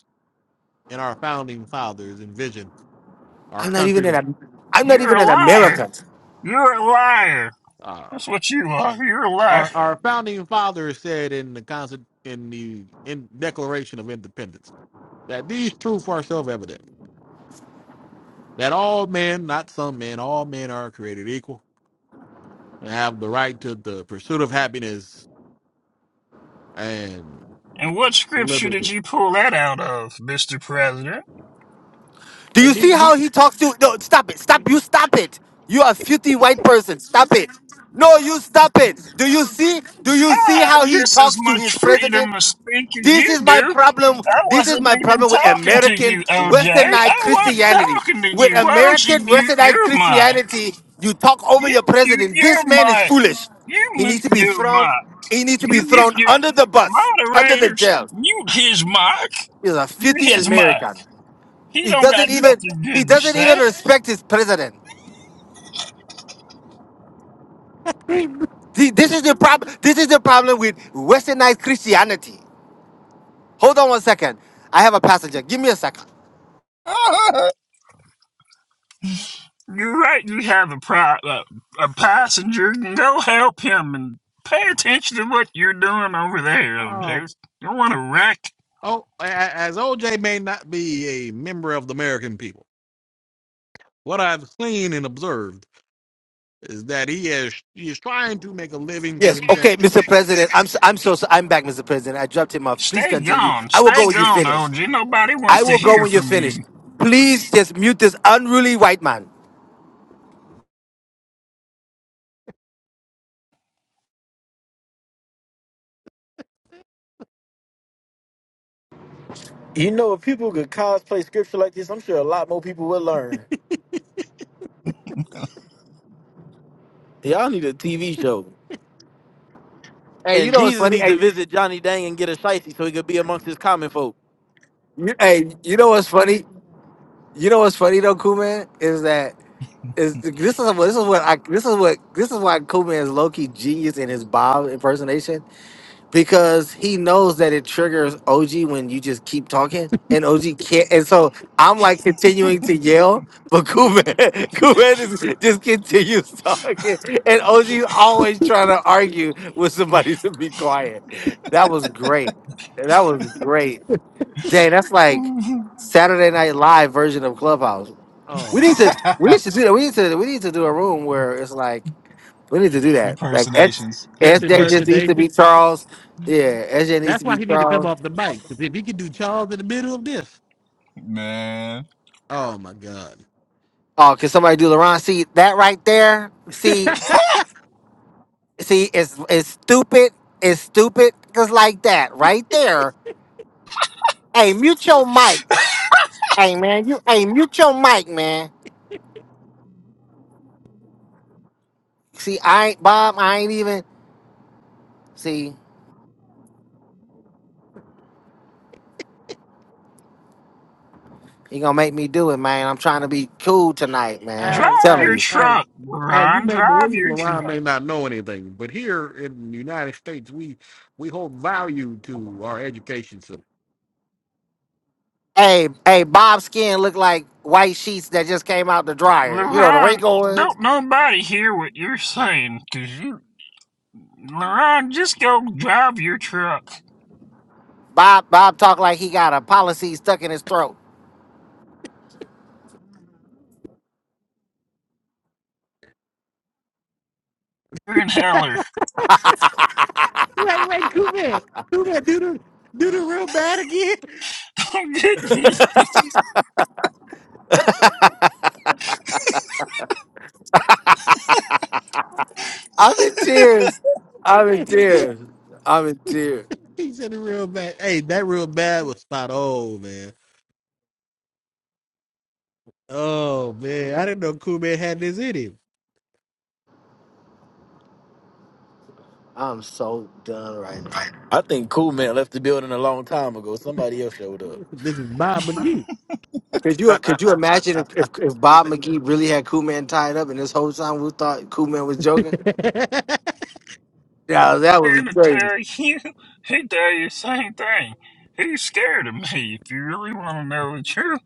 and our founding fathers envisioned our I'm not even country to an, be. Am- I'm not You're even a an liar. American. You're a liar. Uh, That's what you are. You're a liar. our our founding fathers said in the constant in the in Declaration of Independence that these truths are self-evident that all men, not some men, all men are created equal and have the right to the pursuit of happiness and And what scripture did liberty. you pull that out of, Mr. Uh, President? Do you and the- see the- how he talks to? No, stop it. Stop. Green. You stop it. You are a filthy white person. Stop it. No, you stop it. Do you see? Do you I see how have he just as talks to much his president? freedom to speak as This you is my do. problem. I This is wasn't my even problem with talking to American you, OJ. westernized I wasn't Christianity. talking to With you. Why don't you American mute westernized your mic? Christianity, you talk over You your mute president. This man is mic. foolish. You He needs mute to be thrown. mic. He needs to You be thrown mute under the bus, monitors. under the jail. Mute his mic. He's a You filthy mic. American. He He don't got doesn't even nothing he doesn't even there. respect his president. See, this is the problem. This is the problem with Westernized Christianity. Hold on one second. I have a passenger. Give me a second. You're a, a passenger. Go help him and pay attention to what you're doing, OJ. Um, Rick, oh, a- a- as OJ may not be a member of the American people, what I've seen and observed is that he is he is trying to make a living for Yes. himself. Okay, Mr. President. I'm i I'm so, so I'm back, Mr. President. I dropped him off. Please stay continue. gone. I will Stay go when you gone, finish. OJ. Nobody wants I to will go hear when you're from finished. you. Please just mute this unruly white man. you know, if people could cosplay scripture like this, I'm sure a lot more people would learn. Y'all need a TV show. Hey, you And know what's Jesus funny? needs to Hey, visit Johnny Dang and get a shicey so he could be amongst his common folk. you, hey, you know what's funny? You know what's funny though, cool man, is that is this is what this is what I this is what this is why Kobe is low key genius in his Bob impersonation because he knows that it triggers OG when you just keep talking and OG can't and so I'm like continuing to yell but Kobe Kobe just, just continues talking and OG's always trying to argue with somebody to be quiet. That was great. That was great. Dang, that's like Saturday Night Live version of Clubhouse. Oh, We need to we need to do that. We need to we need to do a room where it's like we need to do that. Like S- Impersonations, just SJ just impressions, needs to impersonation. be Charles. Yeah, SJ needs That's to why be he need to come Charles. off the mic. Because if he can do Charles in the middle of this, man. oh my God. Oh, can somebody do LeBron? See that right there? See see it's it's stupid. It's stupid. Just like that right there. Hey, mute your mic. Hey man, you hey mute your mic, man. See, I ain't Bob, I ain't even see, you gonna make me do it, man. I'm trying to be cool tonight, man. I'm Drop, as, telling as, you. as, drive as you may believe, your LeBron may not know anything, but here in the United States, we we hold value to our education Hey, hey, Bob's skin looked like white sheets that just came out the dryer. You know the Leron. wrinkles. Don't nobody hear what you're saying, 'cause you, Leron, joke drunk. Bob Bob talked like he got a policy stuck in his throat. You're in heller. Wait, wait, Kuman. Kuman, do the do the real bad again. Get me I'm in tears. I'm in tears. I'm in tears. he said the real bad. Hey, that real bad was spot on, man. Oh man, I didn't know Kuman had this in him. I'm so done right now. I think Cool Man left the building a long time ago. Somebody else showed up. This is Bob McGee. Could you could you imagine if, if, if Bob McGee really had Kool Man tied up and this whole time we thought Kool Man was joking? Yeah, that would be crazy. sanitary. You, he tell you the same thing. He's scared of me. If you really want to know the truth,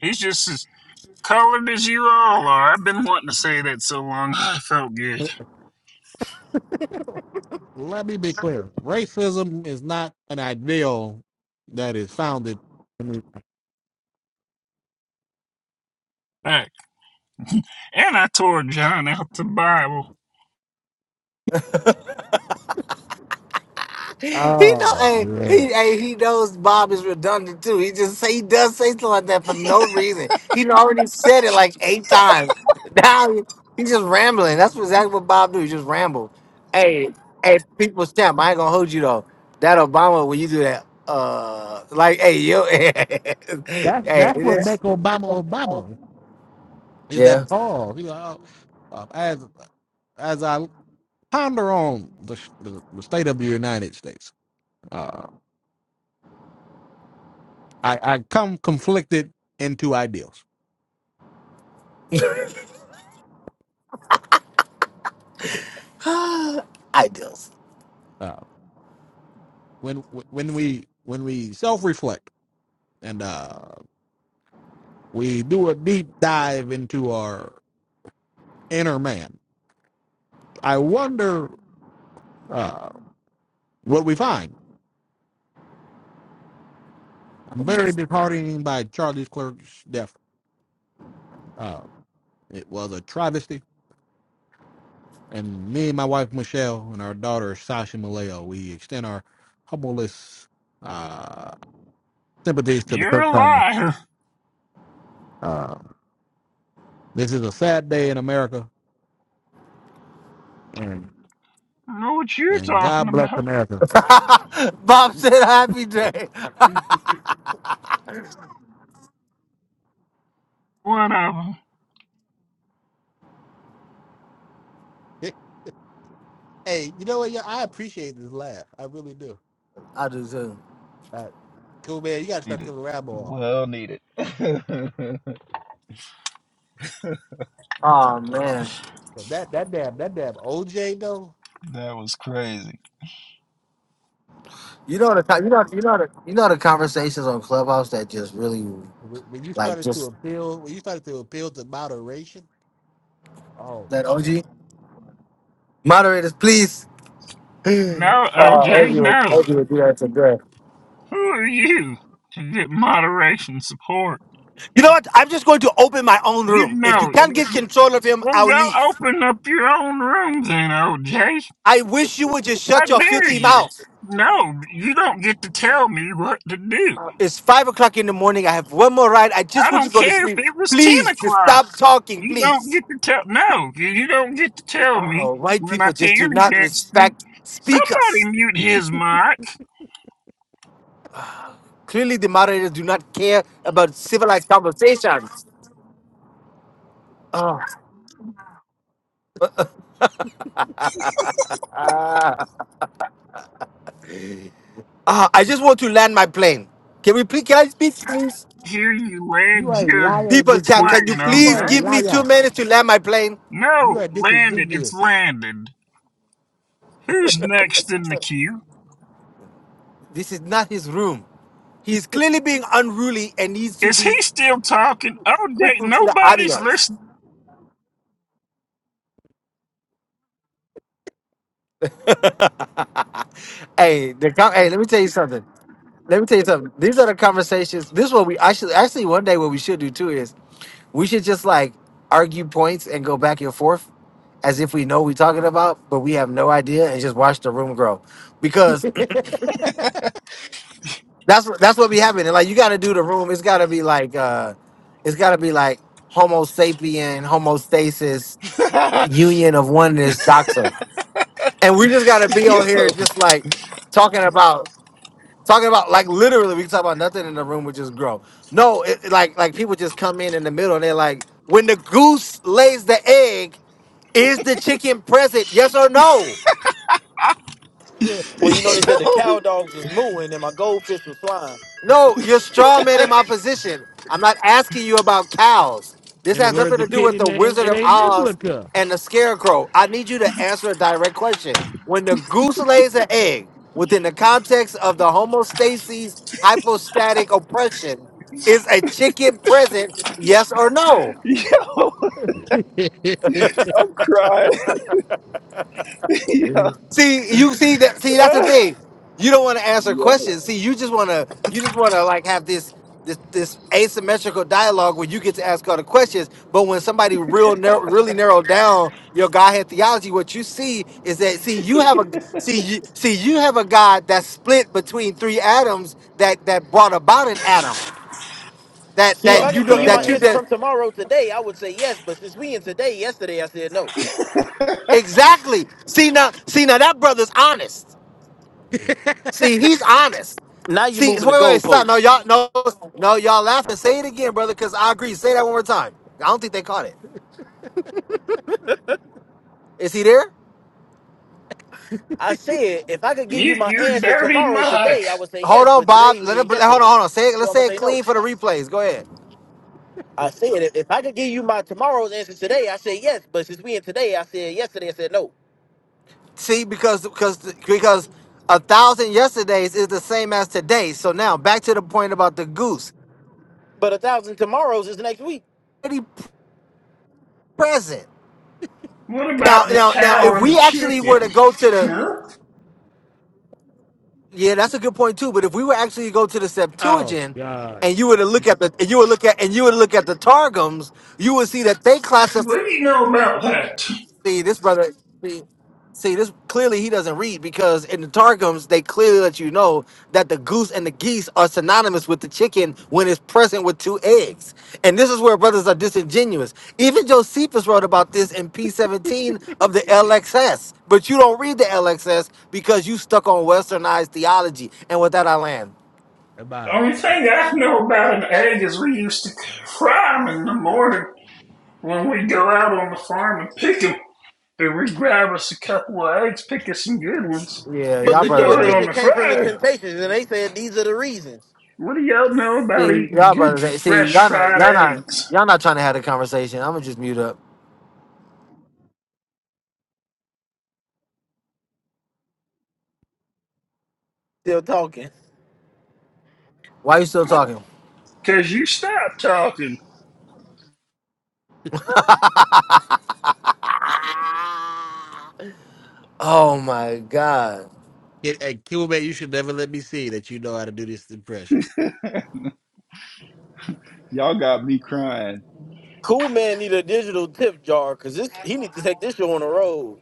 he's just as colored as you all are. I've been wanting to say that so long. I felt good. Let me be clear. Racism is not an ideal that is founded. Heck, And I tore John out the Bible. He know, Oh hey, man. he, hey, he knows Bob is redundant too. He just say he does say something like that for no reason. He done already said it like eight times. Now he, he just rambling. That's what- exactly what Bob do. He just ramble. Hey, hey, people's champ. I ain't gonna hold you though. That Obama when you do that, uh, like, hey, yo, hey, That's it that's what is, make Obama Obama. Is that yeah. pause. You know, uh, as as I ponder on the, sh- the, the state of the United States. Uh, I, I come conflicted into ideals. I do. Uh, when when we when we self reflect and uh, we do a deep dive into our inner man, I wonder uh, what we find. I'm very disheartened by Charlie Clerk's death. Uh, it was a travesty, and me and my wife Michelle and our daughter Sasha Maleo, we extend our humblest uh, sympathies to the You're Kirk a family. liar. Uh, this is a sad day in America, and I know what you're and talking God bless about. America. Bob said happy day. One of 'em. hey, you know what? Yeah, I appreciate this laugh. I really do. I do too. Uh, cool man, you gotta start Needed. killing rap off. Well needed. that Oh Oh, man. man. 'Cause that that damn that damn OJ though. was crazy. You know the co- you know you know the you know the conversations on Clubhouse that just really When when you like started to just appeal, when you started to appeal to moderation, oh that my OG moderators please. No, Uh, OG OJ, would no. OG would do that to Griff. Who are you to get moderation support? You know what? I'm just going to open my own You room. If you know, can't you, god. get you- control of him, well, I'll go leave. open up your own room then, OJ. I wish you would just I shut your dare filthy you. mouth. No, you don't get to tell me what to do. It's five o'clock in the morning. I have one more ride. I I just want don't to go to care if sleep. it was 10 Please, just o'clock. stop talking, You don't please. get to tell, no, you don't get to tell me Oh, white when I people just do can and not can't speak. respect Somebody speakers. mute his mic. Clearly, the moderators do not care about civilized conversations. Ah, ah, I just want to land my plane. Can we please, can I speak, please? Here you You land are a your liar. People, This, chat, this can you plane, you are please a OJ. give me two liar. minutes to land my plane? You No, are landed. It's disambiguous. landed. Who's next in the queue? This is not his room. He is clearly being unruly and needs to Is he be still talking? Oh, dang, crippled to the nobody's audience. listening. hey, the com- hey, let me tell you something. Let me tell you something. These are the conversations. This is what we actually, actually, one day what we should do too is we should just like argue points and go back and forth as if we know what we're talking about, but we have no idea and just watch the room grow. That's what that's what be happening. Like you got to do the room. It's got to be like uh, it's got to be like Homo sapien, homostasis, yo, union of oneness, doctrine. And we just got to be on here just like talking about talking about like literally we can talk about nothing in the room. We just grow. No, it, it- like like people just come in in the middle and they're like, when the goose lays the egg, is the chicken present? Yes or no? Well, you know, they said the yo, cow dogs was mooing and my goldfish was flying. No, you're straw man in my position. I'm not asking you about cows. This In the has words nothing to of do with Kitty the Man, Wizard it of ain't Oz biblical. and the Scarecrow. I need you to answer a direct question. When the goose lays an egg within the context of the homostasis hypostatic oppression, is a chicken present? Yes or no? yo, I'm crying. See, you see that. See, that's the Uh, thing. You don't want to answer yo. questions. See, you just want to. You just want to like have this this this asymmetrical dialogue where you get to ask all the questions. But when somebody real narrow, really narrow down your Godhead theology, what you see is that see you have a see you see you have a God that's split between three atoms that that brought about an atom that See, if I that you could give know you my that you answer did from tomorrow today, I would say yes. But since we in today, yesterday, I said no. exactly. See now, see now that brother's honest. See, he's honest. Now you're See, moving so the wait, wait, stop. goalposts. No, y'all, no, no, y'all laughing. Say it again, brother, because I agree. Say that one more time. I don't think they caught it. Is he there? I said, if I could give you Mute my your answer dirty tomorrow mic. today, I would say yes. Hold on, But Bob. today, Let we it. in Hold yesterday. on, hold on. Say it. So Let's I'm going to say it say no. clean for the replays. Go ahead. I said, if if I could give you my tomorrow's answer today, I said yes. But since we in today, I said yesterday, I said no. See, because because because a thousand yesterdays is the same as today. So now back to the point about the goose. But a thousand tomorrows is next week. Pretty present. What Now, about the now, now, cow if or the we actually were to chicken? go to the Huh? Yeah, that's a good point too. But if we were actually to go to the Oh Septuagint, God. and you were to My look at the, and you would look at, and you would look at the Targums, you would see that they classify. What do you know about that? See, this brother, see, see, this clearly he doesn't read because in the Targums they clearly let you know that the goose and the geese are synonymous with the chicken when it's present with two eggs. And this is where brothers are disingenuous. Even Josephus wrote about this in P17 of the LXS, but you don't read the LXS because you stuck on westernized theology. And with that, I land. God. Only thing I know about an egg is we used to fry 'em in the morning When we go out on the farm and pick 'em, then we grab us a couple of eggs, pick us some good ones, Yeah, But and y'all the we new brothers throw it ain't. on edition the came from the fry. Temptations, and they said these are the reasons. What do y'all know about See, eating y'all good brothers ain't. See, fresh y'all not, fried y'all not, eggs? y'all not trying to have a conversation. I'm gonna just mute up. Still talking. Why you still talking? Cause you stop talking. Oh my god. Kid- Hey, Kimberman, you should never let me see that you know how to do this impression. Y'all got me crying. Cool man need a digital tip jar, cause this he need to take this show on the road.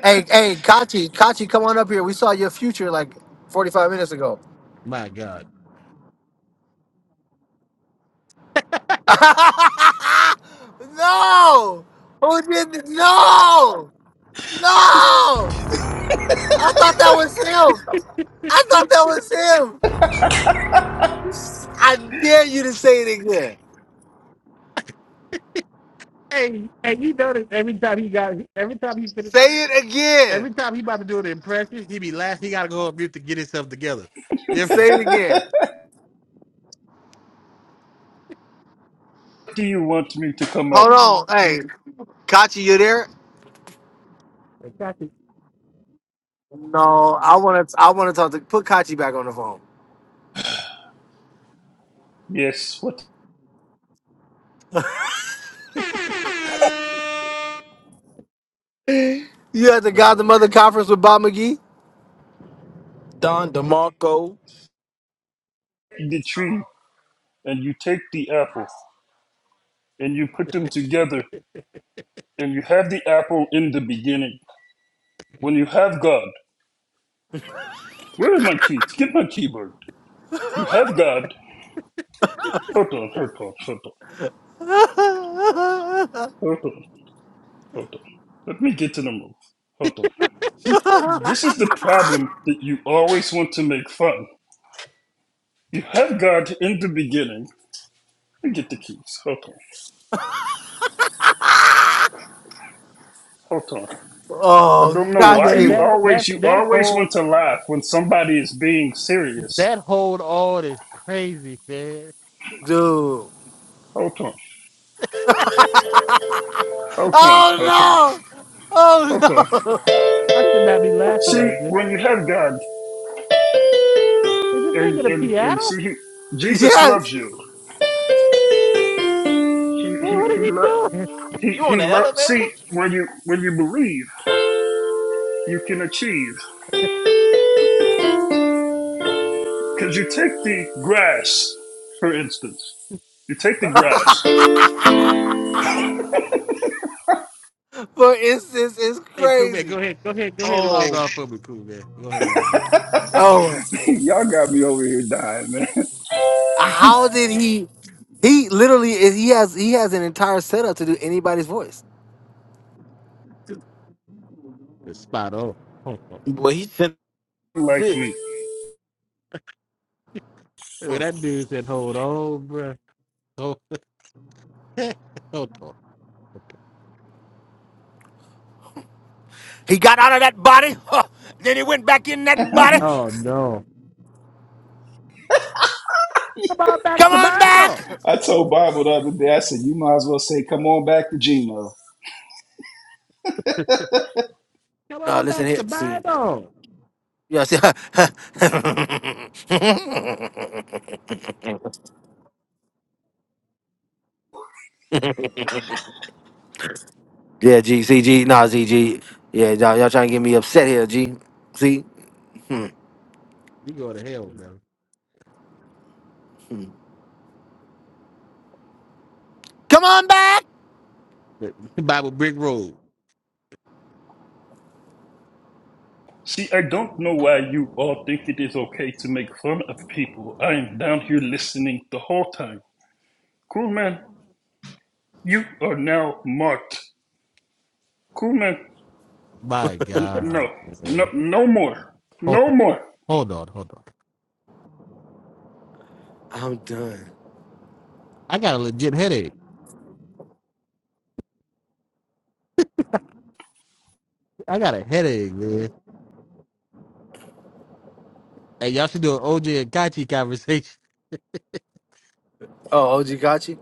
Hey, hey, Kachi, Kachi, come on up here. We saw your future like 45 minutes ago. My God. no! Who did th- No! No! I thought that was him. I thought that was him. I dare you to say it again. Hey, hey, you notice every time he got every time he finished Say it again. every time he about to do an impression, he be last he gotta go on mute to get himself together. You ever- Say it again. What do you want me to come up? Hold on. Hey, Kachi, you there? No, I want to. I want to talk to. Put Kachi back on the phone. Yes, what You at the God the Man. Mother conference with Bob McGee? Don DeMarco, the tree and you take the apple and you put them together and you have the apple in the beginning. When you have God, where is my keys? Get my keyboard. You have God. Hold on, hold on, hold on, hold on, hold on. Let me get to the move. Hold on. See, this is the problem that you always want to make fun. You have God in the beginning. Let me get the keys. Hold on, hold on. I Oh, don't know Hey got why man, you you, that that always you that always hold want to laugh when somebody is being serious. that hold on is crazy, man. dude. Hold on, hold on, hold on, Oh no! Oh hold no! on. I should not be laughing See, like this. when you have God Is this and nigga the and and piano? see, he, Jesus Yes, loves you. He Man, he what he is he loves. doing? He, you on he the loves. elevator? See, when you when you believe. you can achieve. Because you take the grass, for instance. You take the grass, for instance, it's Hey, cool man, go crazy. ahead, go ahead, go ahead, and log Oh, off for me, cool man. Go ahead and log off. oh! Y'all got me over here dying, man. How did he? He literally is. He has he has an entire setup to do anybody's voice. It's spot on. Hold on. Boy, he sent like six. me. Look, that dude said, "Hold on, bro." Hold hold on. Hold on. He got out of that body, huh, then he went back in that body. Oh no! Come on back Come to on back. Bible. I told Bible the other day, I said, you might as well say, come on back to Gmail. Come No, on listen back to here. See, Bible. yeah, see. yeah, G, C, G, nah, Z, G. Yeah, y'all, y'all trying to get me upset here, G. See. You go to hell, man. Come on back. The the Bible brick road. See, I don't know why you all think it is okay to make fun of people. I am down here listening the whole time. Cool man, you are now marked. Crewman, My n- no, God. no, Man. no more. Hold No on, more. hold on, hold on. I'm done. I got a legit headache. I got a headache, man. Hey, y'all should do an OJ and Kachi conversation. Oh, OG got you.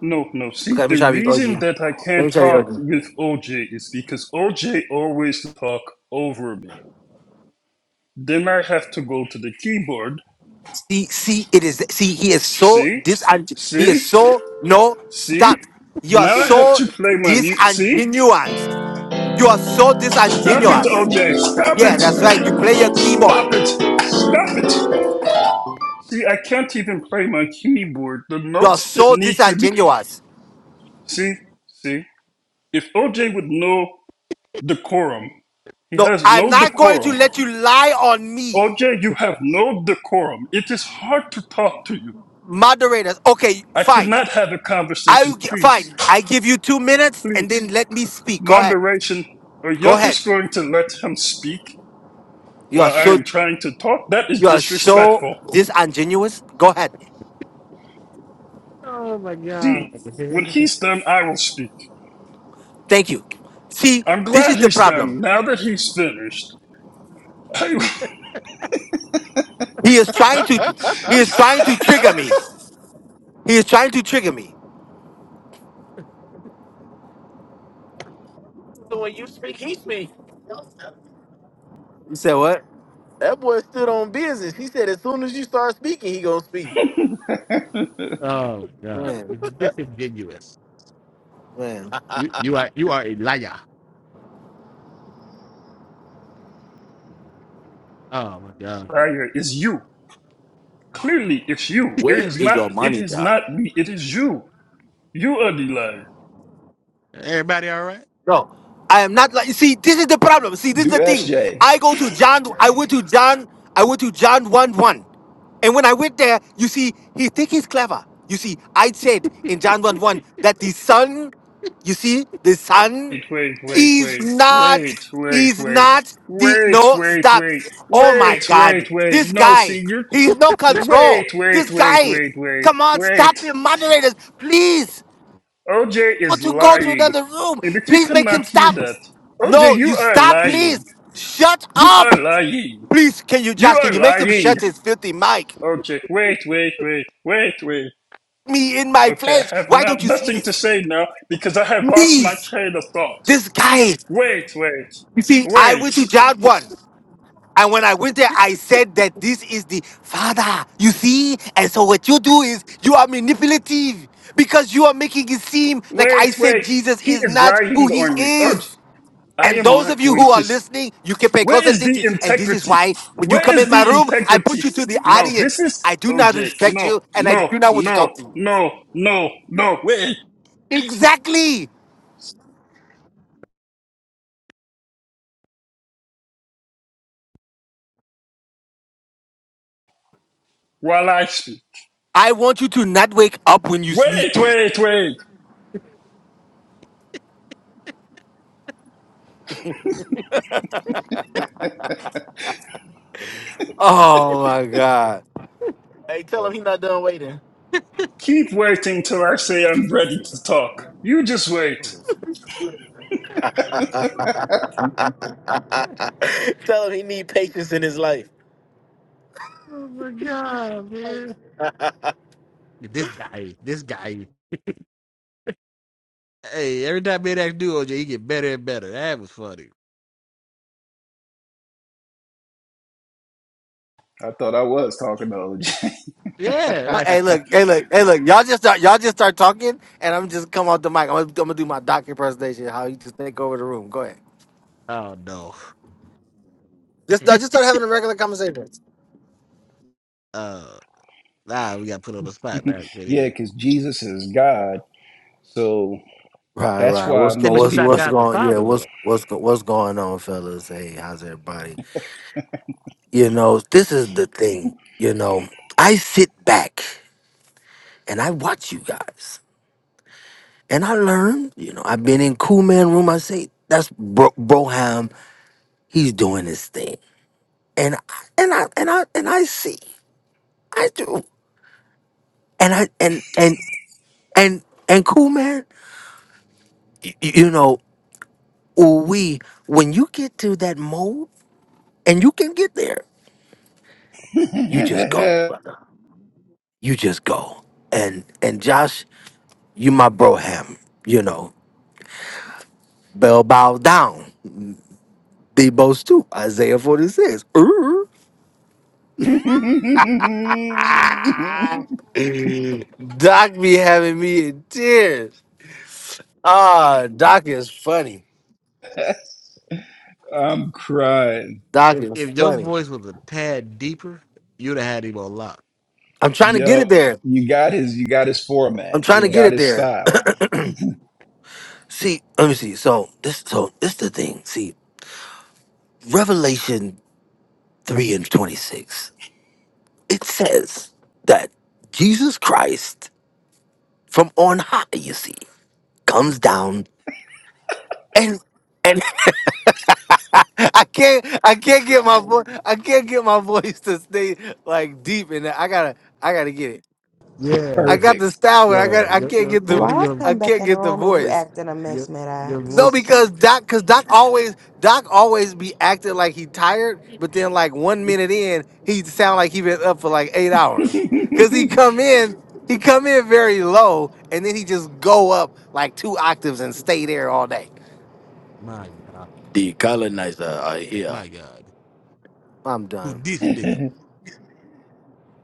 No, no. See, Okay, let me the try to be reason OG. that I Let can't me try to be talk OG. with OJ is because OJ always talk over me. Then I have to go to the keyboard. See, see, it is. See, he is so See? dis. He is See? so no See? stop. You are Now I have so to play my mute. See? disingenuous. You are so Stop it, disingenuous. OJ. Stop Yeah, it. that's right. You play your keyboard. Stop it. Stop it. See, I can't even play my keyboard. The You are notes that so need to be. disingenuous. See? See? If OJ would know decorum, he No, has I'm no not going to decorum. let you lie on me. OJ, you have no decorum. It is hard to talk to you. Moderators, okay, I fine. cannot have a I conversation. will gi- Please, fine. I give you two minutes and then please. let me speak. Go ahead. Moderation, or Go you're ahead. just going to let him speak You are while I so am trying to talk? That is you are so disrespectful. disingenuous. Go ahead. Oh my god. See, when he's done, I will speak. Thank you. See, I'm this glad is the he's problem. done. Now that he's finished, I He is trying to he is trying to trigger me. He is trying to trigger me. When you speak, he speak. You said what? That boy stood on business. He said as soon as you start speaking, he gonna speak. oh my god. Man, This is disingenuous. man. You you are you are a liar. Oh my god. fire is you. Clearly, it's you. It Where is is not. your It money, is guy? not me. It is you. You are the liar. Everybody all right? No, I am not like. See, this is the problem. See, this Do is the thing. SJ. I go to John. I went to John. I went to John one one, and when I went there, you see, he think he's clever. You see, I said in John one one that the son, you see, the son, wait, wait, wait, is wait, not, wait, wait, wait, is not the wait, no wait, stop. Oh my wait, wait, God, wait, wait. this No, guy, see, you're. he's no control. Wait, wait, This wait, guy, wait, wait, come on, stop wait. him, moderators, please OJ want is to go to lying. another room. And if you Please make cannot him hear stop. that, OJ, No, you you are stop, lying. please. Shut You up. are lying. Please, can you, You Josh, can are you make him lying. shut his filthy mic? OJ, wait, wait, wait, wait, wait. Me in my Okay, flesh. I have Why not don't you see nothing to this? say now because I have lost my Please. train of thought. This guy. Wait, wait, You see, I went wait. to John 1. And when I went there, I said that this is the father. You see? And so what you do is you are manipulative because you are making it seem like I Wait, said wait. Jesus He is is not who lying he on me. Oh, is. I And am those not of you going who to. are s- listening, you can pay close Where is the attention. And this is integrity? why when you Where come is in my the room, I integrity? put you to the No, this audience. is I do not OJ. respect No, you and I no, do not want to talk no, to you. no, no, no. Wait Exactly. while I speak. I want you to not wake up when you sleep. Wait, wait, wait. Oh my God. Hey, tell him he not done waiting. Keep waiting till I say I'm ready to talk. You just wait. tell him he need patience in his life. Oh my god, man. This guy, this guy. Hey, every time Mid X do OJ, he get better and better. That was funny. Yeah, No, like hey, look, hey, look, hey, look. Y'all just start, y'all just start talking, and I'm just come off the mic. I'm gonna, I'm gonna do my doctor presentation. How you just take over the room? Go ahead. oh no. No, just say that. uh nah, we got put on the spot now. Can't Yeah, even because Jesus is God. So Right, that's right. why What's Hey, going? but most he's What's not what's people. God the going? Yeah, Father what's though. what's go, what's going on, fellas? Hey, how's everybody? You know, this is the thing. You know, I sit back and I watch you guys, and I learn. You know, I've been in Cool Man Room. I say that's Bro- Broham. He's doing his thing, and I- and I and I and I see. I do, and I and and and and Cool Man. y- y- You know, we when you get to that mode, and you can get there, you just go. you just go. And and Josh, you my bro ham, you know. Bell bow down. Debo's too. Isaiah 46. Ooh. Doc be having me in tears. Ah, Doc is funny. I'm crying. Doc If is if your funny. voice was a tad deeper, you'd have had him on lock. I'm trying to get it Yup. there. You got his you got his format. I'm trying to You Yeah. get got it his there. style. see, let me see. So this so this the thing. See, Revelation 3 and 26. It says that Jesus Christ from on high, you see, comes down and and I can't I can't get my voice I can't get my voice to stay like deep in that. I gotta I gotta get it. Yeah. I got Perfect. the style, but I Yeah, got I your, can't your, get I the Why think I your I come back can't in the get the room and you voice. acting a your mess, your No, voice. Maddox? because Doc, cause Doc always Doc always be acting like he tired, but then like one minute in, he sound like he been up for like eight hours. Cause he come in, he come in very low, and then he just go up like two octaves and stay there all day. My God, The colonizer are here. my God, I'm who done. this nigga?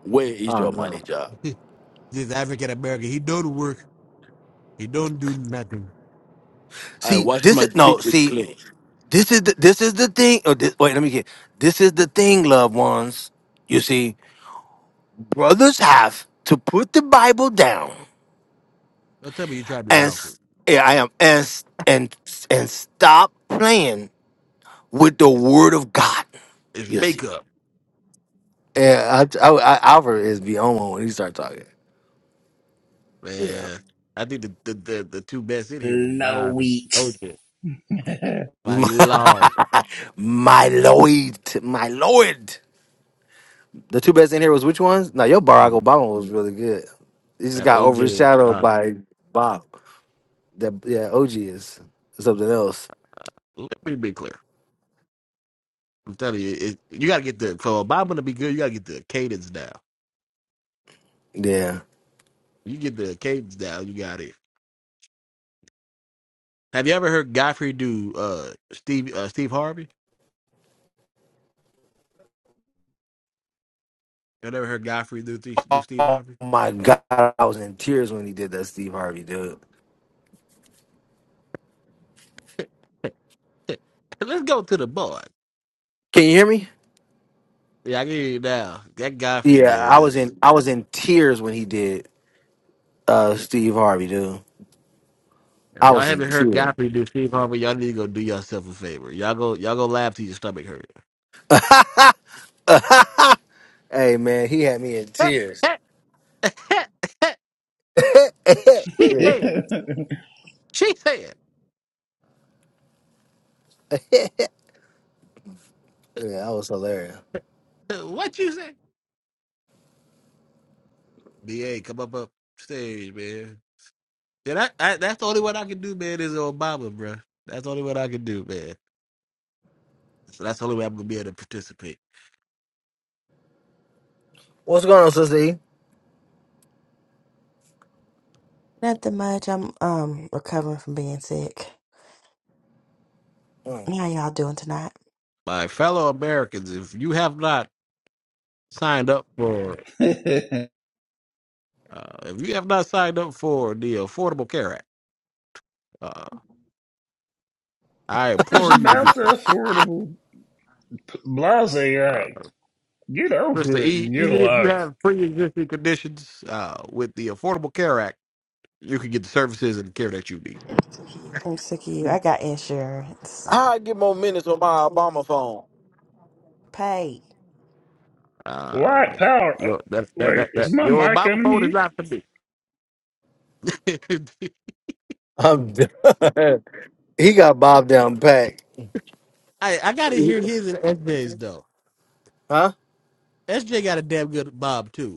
Where is Oh your no. manager? this African American, he don't work, he don't do nothing. I See, wash this my is no. feet with See, clay. this is the, this is the thing. Oh, this, wait, let me get. This is the thing, loved ones. You see, brothers have to put the Bible down Don't tell me you try to do and Alfred. s- yeah, I am and s- and s- and stop playing with the It's, Word of God. it's You see, makeup, yeah, I, I, I, Alfred is beyond one when he start talking. Yeah, man. I think the the, the the two best in here was Low Bob and wheat. OJ. My lord, my Lord, my Lord. The two best in here was which ones? No, your Barack man. Obama was really good. It just that got OJ. is overshadowed God. by Bob. That yeah, OG is something else. Let me be clear. I'm telling you, it, you got to get the for Obama to be good. You got to get the cadence down. Yeah. You get the cadence down. You got it. Have you ever heard Godfrey do uh Steve uh, Steve Harvey? You ever heard Godfrey do th- do Steve Oh Harvey? my god, I was in tears when he did that Steve Harvey dude. Let's go to the board. Can you hear me? Yeah, I can hear you now. That Godfrey Yeah, man I was is. in I was in tears when he did uh Steve Harvey dude. If I y'all was in haven't heard tears. Godfrey do Steve Harvey, y'all need to go do yourself a favor. Y'all go y'all go laugh till your stomach hurt. Hey man, he had me in tears. she Yeah. said. She said. Yeah, that was hilarious. "Uh, What you say? Ba, come up up stage, man. Yeah, that, I, that's the only one I can do, man. Is Obama, bro. That's the only one I can do, man. So that's the only way I'm gonna be able to participate. What's going on, Sister E? Nothing much. I'm um recovering from being sick. Mm. How y'all doing tonight? my fellow Americans, if you have not signed up for, uh, if you have not signed up for the Affordable Care Act, uh, I It's implore you to about do the so. Affordable Blase Uh, Act. Get Mr. over it and E, get a even if you life. have pre-existing conditions uh, with the Affordable Care Act, you can get the services and the care that you need. I'm sick of you. I got insurance. Uh, I get more minutes on my Obama phone? Pay. White uh, power. uh, your that, that, Wait, that, is that my your mic Bible on phone is mute? not for me. I'm done. he got Bob down pat. I, I gotta hear his and S J's though. Huh? SJ got a damn good Bob too.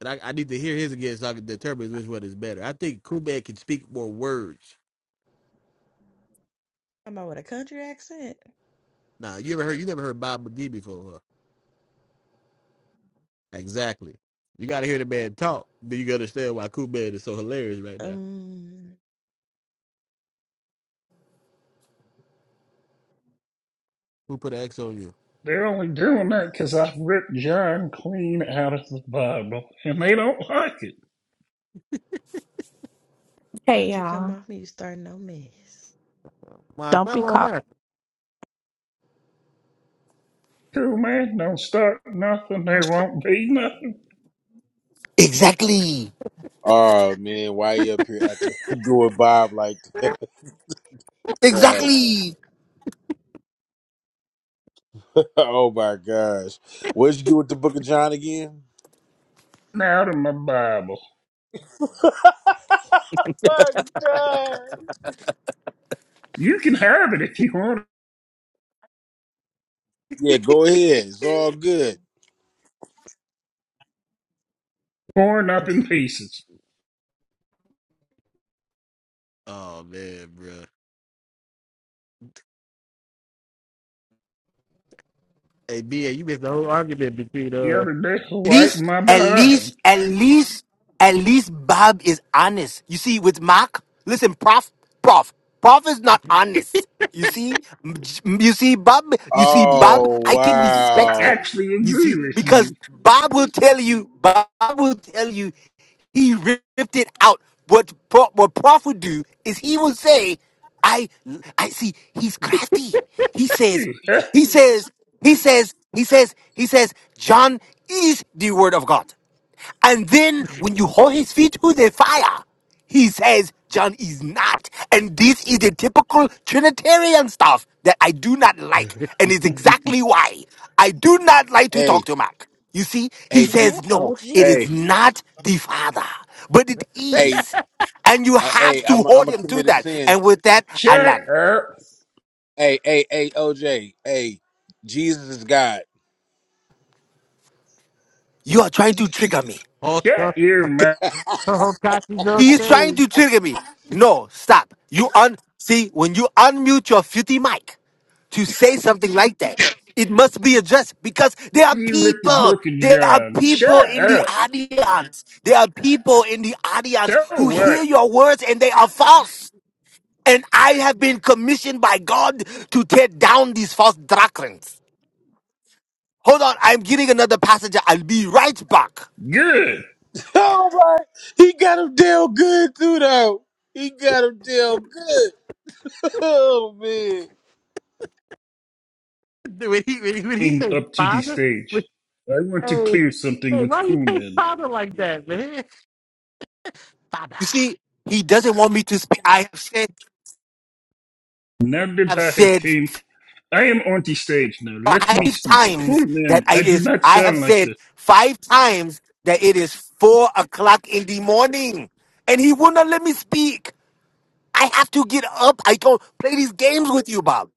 And I, I need to hear his again so I can determine which one is better. I think Kubek can speak more words. Am I with a country accent? Nah, you ever heard you never heard Bob McGee before. Huh? Exactly. You gotta hear the man talk. Then you gotta understand why Kubek is so hilarious right now. Um, Who put an X on you? They're only doing that 'cause I've ripped John clean out of the Bible, and they don't like it. Hey don't you come y'all, off me? You starting no mess. My don't be fellow caught. American. Cool, man. Don't start nothing. There won't be nothing Exactly. Oh man, why you up here acting doing Bob like that? God. Exactly. oh my gosh. What did you do with the Book of John again? out of my Bible. my God. You can have it if you want, it, Yeah, go ahead. It's all good. torn up in pieces. oh man, bro. Hey BA, you missed the whole argument between the uh other day At for right least, my at behind. least, at least, at least Bob is honest. You see, with Mark, listen, Prof, Prof, Prof is not honest. You see, M- you see, Bob, you see, Bob, Oh I can I respect wow. him. actually You agree see, with because you. Bob will tell you, Bob will tell you He ripped it out. What Pro- what Prof would do is he would say, "I I see." He's crafty. He says, he says, he says, he says, he says, John is the word of God. And then when you hold his feet to the fire, he says John is not. And this is the typical Trinitarian stuff that I do not like. And it's exactly why I do not like to Hey, talk to Mark. You see, he hey, Is G- that says, no, OG? it is hey, not the Father, but it hey, is. And you hey, have hey, I'm to a, I'm hold a him to committed that. sin. And with that, Shut Alan, up. Hey, hey, hey, OJ. Hey, Jesus is God. you are trying to trigger me. all Shut the your mouth. Hokashi's on He is trying stage. to trigger me. No, stop. You un see when you unmute your filthy mic to say something like that, it must be addressed because there are You with the people. book of There are John. people Shut in the up. audience. There are people in the audience So who what? hear your words and they are false. And I have been commissioned by God to tear down these false doctrines. Hold on, I'm getting another passenger. I'll be right back. Good. oh my, he got him deal good too though. He got him deal good. Oh man. Dude, When he when he, when he Came says up to the father, when, stage. I want to hey, clear something hey, with why do you say Coolman. father like that, man? Father. You see, he doesn't want me to speak. I have said, Now I that have I have said came, I am on the stage now. Let me five speak. times Coolman, that I I do is not I have sound like said this. five times that it is four o'clock in the morning, and he will not let me speak. I have to get up. I can't play these games with you, Bob.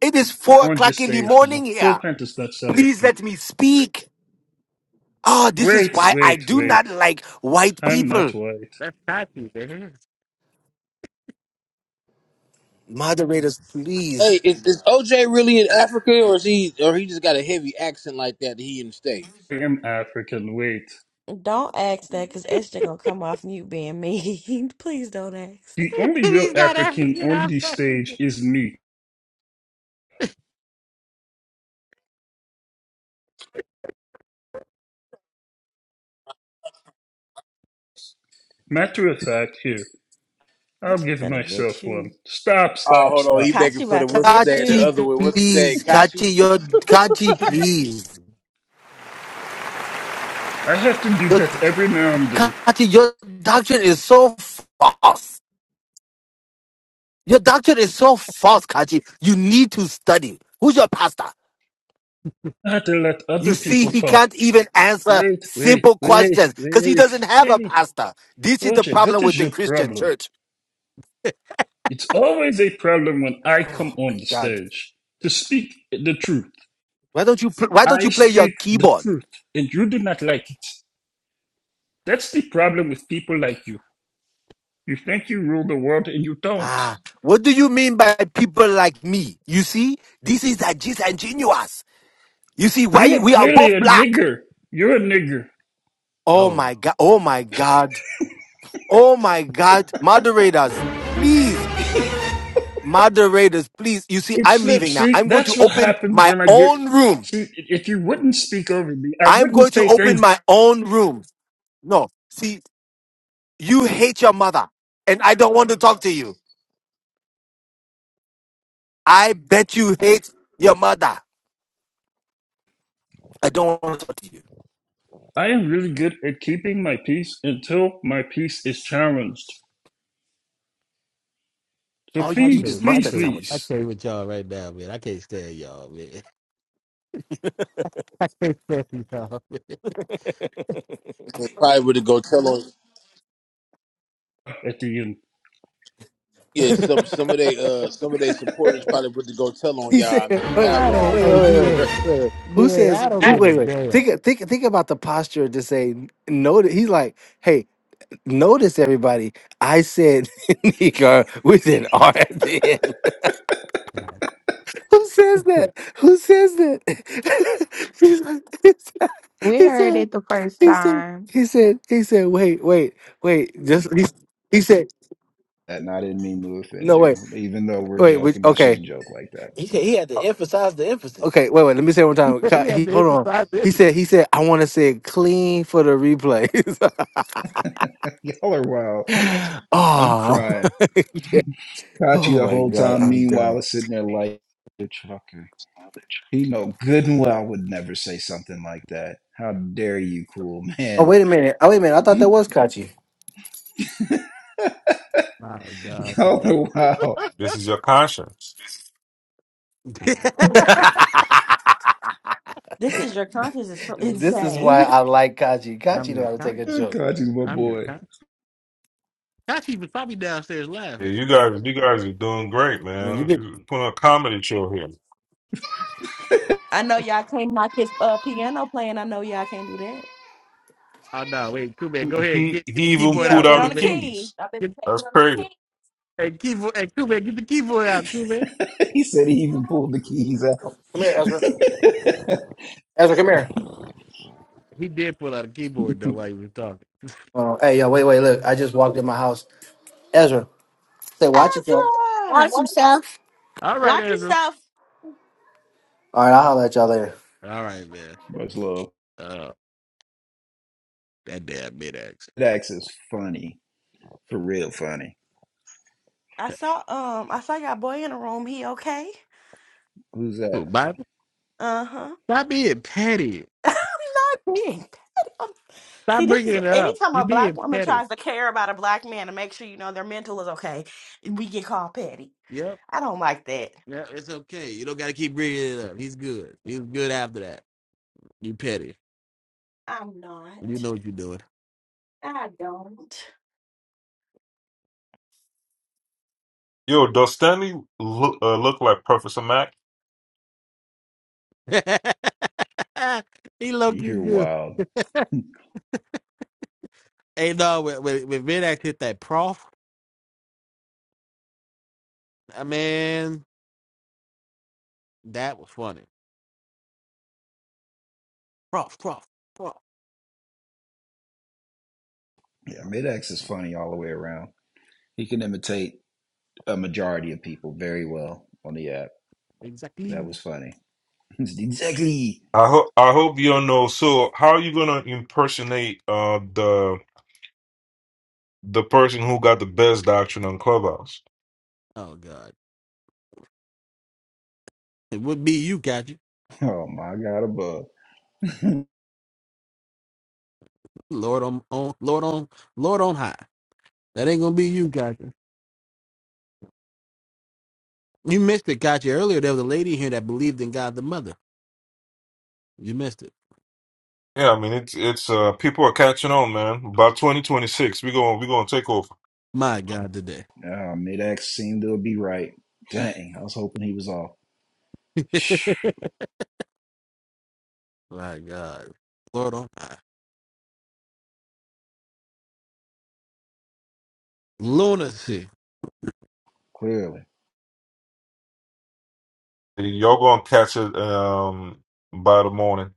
It is I'm four on the o'clock in the stage now. morning here. Coolman does not sound like Please me. let me speak. Oh, this is Wait, why I wait, do wait. not like white I'm not people. white. That's happy, man. Moderators, please. Hey, is, is OJ really in Africa, or is he, or he just got a heavy accent like that? that He in the states. I am African, wait. Don't ask that, cause SJ gonna come off you being mean. Please don't ask The that. only real He's not African African. on I'm the African. stage is me. Matter of fact, here, I'll Kachi's give gonna myself get one. you. Stop, Oh, stop, hold on. stop. He making Kachi for the about to what's his get name? The you. Kachi, other one. What's his name? please. Kachi. Kachi, your Kachi, please. I have to do Your that every now and then. Kachi, your doctrine is so false. Your doctrine is so false, Kachi. You need to study. Who's your pastor? I have to let You other see, people he talk. can't even answer Wait, wait, simple wait, questions because he wait. doesn't have a Hey, pastor. This is the OJ, what problem is with the your Christian problem? church. It's always a problem when I Oh come on my the God! stage to speak the truth. Why don't you pl- Why don't I you play your speak the keyboard? truth, and you do not like it. That's the problem with people like you. You think you rule the world and you don't. Ah, what do you mean by people like me? You see, this is that disingenuous. You see, You why are we are clearly both a black. nigger. You're a nigger. Oh Oh, my God! my God. Oh my God! Oh my God! Moderators, please moderators, please. You see, It I'm slips. leaving now. See, I'm going that's to what open happens my when I get. own room. See, if you wouldn't speak over me, I I'm wouldn't going to say open things. my own room. No, see, you hate your mother, and I don't want to talk to you. I bet you hate your mother. I don't want to talk to you. I am really good at keeping my peace until my peace is challenged. So I, All you I eat please, is can't, I please, mustard can't, I sandwiches. please, can't with y'all right now, man. I can't stand y'all, man. I can't stand y'all. man. They probably would have go tell on. at the end. Yeah, some some of they uh some of their supporters probably would have go tell on y'all, wait, man. Y'all wait, I wait, wrong don't, wait, for hey, that. wait, wait, BA, wait. don't Who- give a Wait, wait. damn. Think, think, think about the posture to say notice. He's like, hey, notice everybody. I said Nika with an R Who says that? Who says that? He We heard said, it the first he said, he said, time. he said, he said, wait, wait, wait. Just he, he said, That and I didn't mean to offend no, you. wait, Even though we're wait, which, joking, I okay, shouldn't joke like that. He said he had to emphasize the emphasis. okay, wait, wait. Let me say it one time. God, he had He, to hold on. emphasize this. He said, he said, I want to say it clean for the replays. Y'all are wild. I'm oh, crying. Caught you oh the my whole God, time. I'm done. Meanwhile, with it's sitting there like a trucker. He know good and well I would never say something like that. How dare you, cool man? you. My God, Y'all today. know wild. This is your conscience. This is your conscience is so This is insane. why I like Kachi. I'm Kachi know your how to take a content. joke. God, you my I'm your boy. content. Kashi was probably downstairs Yeah, laughing. you guys, you guys are doing great, When you man. get, You Put on a comedy show here. I know y'all can't knock his uh, piano playing. I know y'all can't do that. Oh, no, wait, Cool Man, go ahead. He Get, get the he even keyboard Yeah, pulled out, get out the on Cool the Man. key. keys. I have been Get, That's taking on the crazy. key. hey, keyboard, hey, Cool Man, get the keyboard out, Cool Man. he said he even pulled the keys out. come here, Ezra. Ezra, come here. He did pull out a keyboard, though, while he was talking. Oh, hey, yo, wait, wait, look. I just walked in my house. Ezra. Say, watch yourself. Ezra, Watch What? himself. All right, watch Ezra. yourself. All right, I'll holler at y'all later. All right, man. Much love. Uh, that damn mid accent. Mid-X is funny. For real funny. I saw um, I saw y'all boy in the room. He okay? Who's that? Cool, Bible. Uh huh. Stop being petty. Not me. See, Stop this bringing is it up. anytime You're a black being woman petty. tries to care about a black man and make sure you know their mental is okay, we get called petty. Yo. I don't like that. Yeah, it's okay. You don't got to keep bringing it up. He's good. He's good after that. You petty. I'm not. You know what you're doing. I don't. Yo, does Stanley look uh, look like Professor Mac? he low You key hear good. wild. Hey, no, when, when, when Vid hit that prof, I mean, that was funny. Prof, prof, prof. Yeah, Mid-X is funny all the way around. He can imitate a majority of people very well on the app. That Exactly. was funny. exactly. I hope I hope you don't know. So, how are you gonna impersonate uh the the person who got the best doctrine on Clubhouse? Oh, God. It would be you, gotcha. Oh my God, above. Lord on, on, Lord on, Lord on high. That ain't gonna be you, gotcha. You missed it, gotcha. Earlier, there was a lady here that believed in God the Mother. You missed it. Yeah, I mean it's it's uh people are catching on, man. By twenty twenty six, we gonna we gonna take over. My God, today. Uh, mid-X seemed to be right. Dang, I was hoping he was off. My God. Lord on high. Lunacy. Clearly. Y'all gonna catch it um by the morning.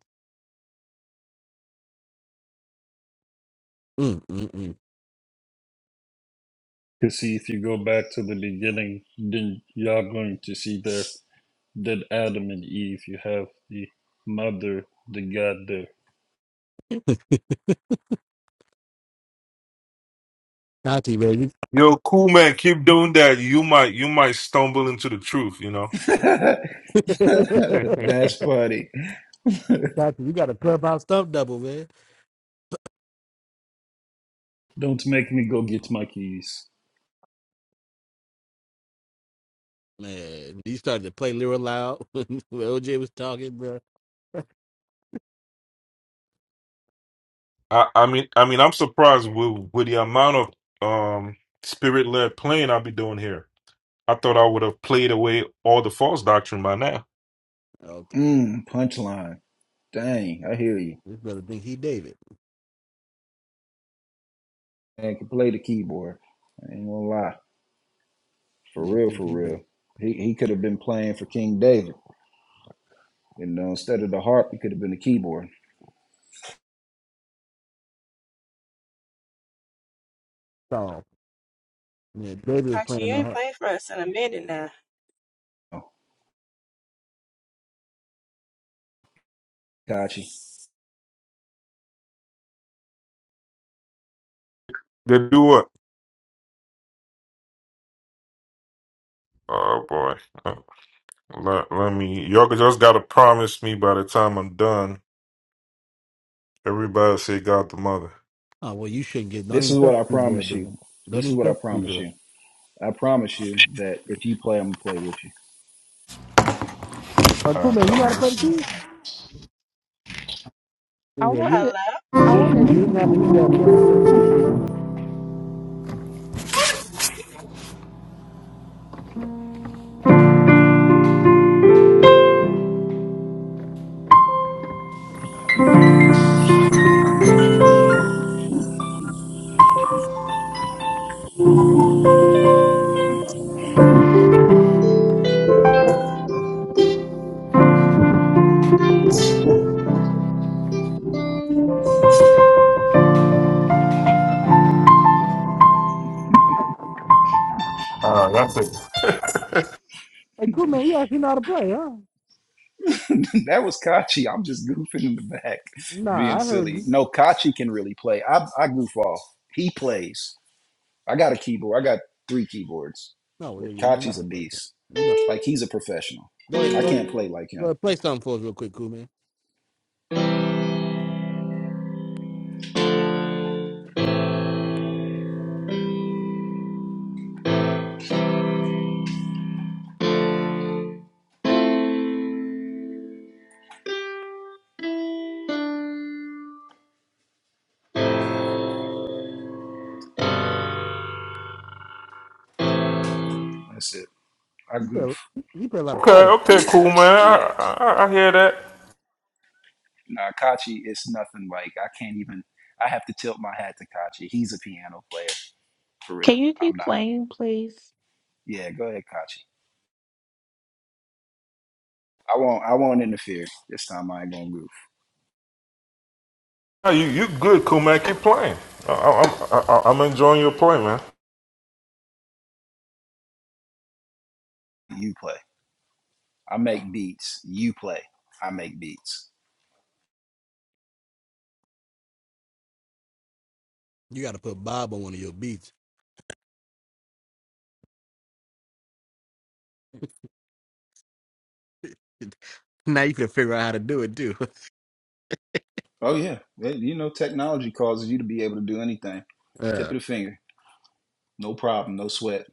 Mm, mm, Because see, if you go back to the beginning, then y'all going to see there that Adam and Eve, you have the mother, the God mm. Tati, baby. Yo, cool man, keep doing that. You might you might stumble into the truth, you know. there. That's funny. Tati, you got a clubhouse stuff double, man. Don't make me go get my keys. Man, you started to play Lyra Loud when OJ was talking, bro. I, I mean I mean I'm surprised with with the amount of um spirit led playing I'll be doing here. I thought I would have played away all the false doctrine by now. Okay. Mm, punchline. Dang, I hear you. This brother think he David. Man can play the keyboard. I ain't gonna lie. For Man, real, think for he David. real. He he could have been playing for King David. You know, instead of the harp, he could have been the keyboard. Saul. Man, David was Archie, playing you the ain't heart. played for us in a minute now. Kachi, They do what? Oh boy. Uh, Let, let me y'all just gotta promise me by the time I'm done, everybody say God the mother. Oh, well, you shouldn't get, don't this even is touch what I the boy, promise dude. you. Don't This is even what I touch the promise boy. you. I promise you that if you play, I'm gonna play with you. Uh, cool, man, you know how to play the keys? I Yeah, want you, to, Hello? I you, want to. you didn't have to do that. We understood what you meant. Uh, that's it. Hey, cool, man, you actually know how to play, huh? that was Kachi. I'm just goofing in the back, being Nah, I heard silly. you. No, Kachi can really play. I, I goof off. He plays. I got a keyboard. I got three keyboards. No, But nigga, you're Kachi's not a a player. beast. You know. Like he's a professional. Go ahead. I Go, can't play like go him. ahead. Play something for us real quick, cool man. That's it. I You goof. play. You play a lot of Okay, I, chords. okay, cool man. yeah. I, I, I hear that. Nah, Kachi is nothing like. I can't even. I have to tilt my hat to Kachi. He's a piano player for real. Can you I'm keep not. playing, please? Yeah, go ahead, Kachi. I won't. I won't interfere this time. I ain't gonna goof. No, you you good, cool man. Keep playing. I, I, I, I- I'm enjoying your play, man. You play. I make beats. You play. I make beats. You got to put Bob on one of your beats. now you can figure out how to do it too. Oh yeah. Well, you know, technology causes you to be able to do anything. Tip Yeah. of the finger. No problem. No sweat.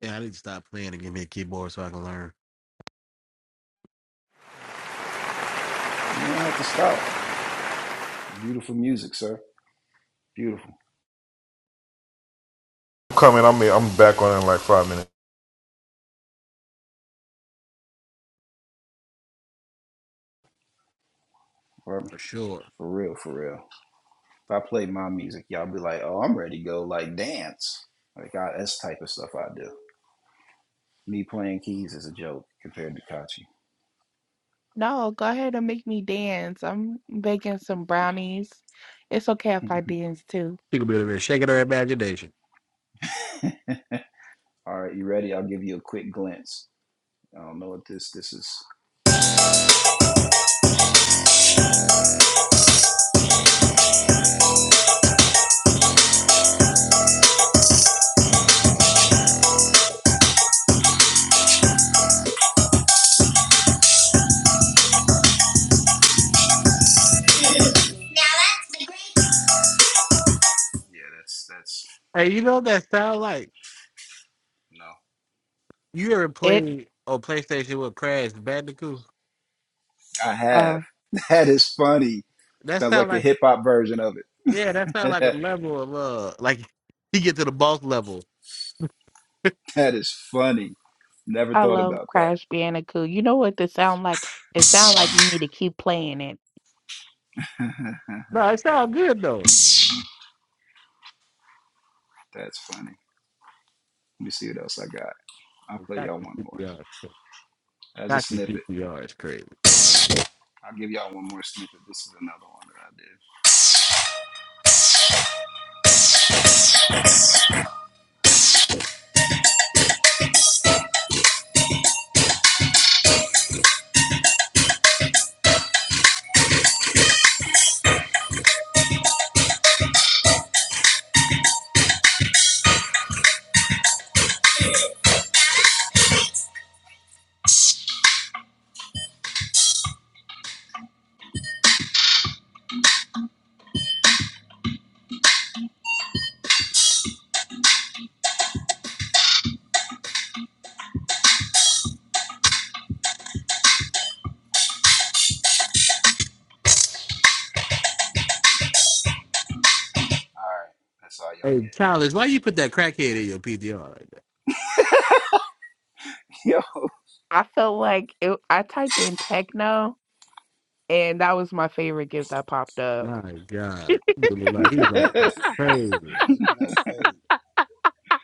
yeah, I need to stop playing and give me a keyboard so I can learn You ain't have to stop. Beautiful music, sir. Beautiful. I'm coming. I'm I'm back on in like five minutes. For, for sure. for real. For real. If I play my music, y'all be like, "Oh, I'm ready to go." Like dance. Like I, that's the type of stuff I do. Me playing keys is a joke compared to Kachi. No, go ahead and make me dance. I'm baking some brownies. It's okay if I dance too. She could be over there shaking her imagination. All right, you ready? I'll give you a quick glance. I don't know what this this is. Yeah, that's that's Hey, you know what that sound like? no. You ever It, played on PlayStation with Crash Bandicoot? I have. uh, That is funny. That Sounds sound like the like hip hop version of it. yeah, that sound like a level of uh, like you get to the boss level. that is funny. Never I thought love about that. Crash Bandicoot. You know what this sound like? It sound like you need to keep playing it. No, it sound good though. that's funny. Let me see what else I got. I'll And play y'all cocky one more PTR. as a Cocky snippet. PTR is crazy. I'll give y'all one more snippet. This is another one that I did. All Hey, Childish, why you put that crackhead in your PTR like that? right, I felt like it, I typed in techno, and that was my favorite gift that popped up. My God. Dude look like he was that's all on y'all get. something Yo, crazy. Hey, can I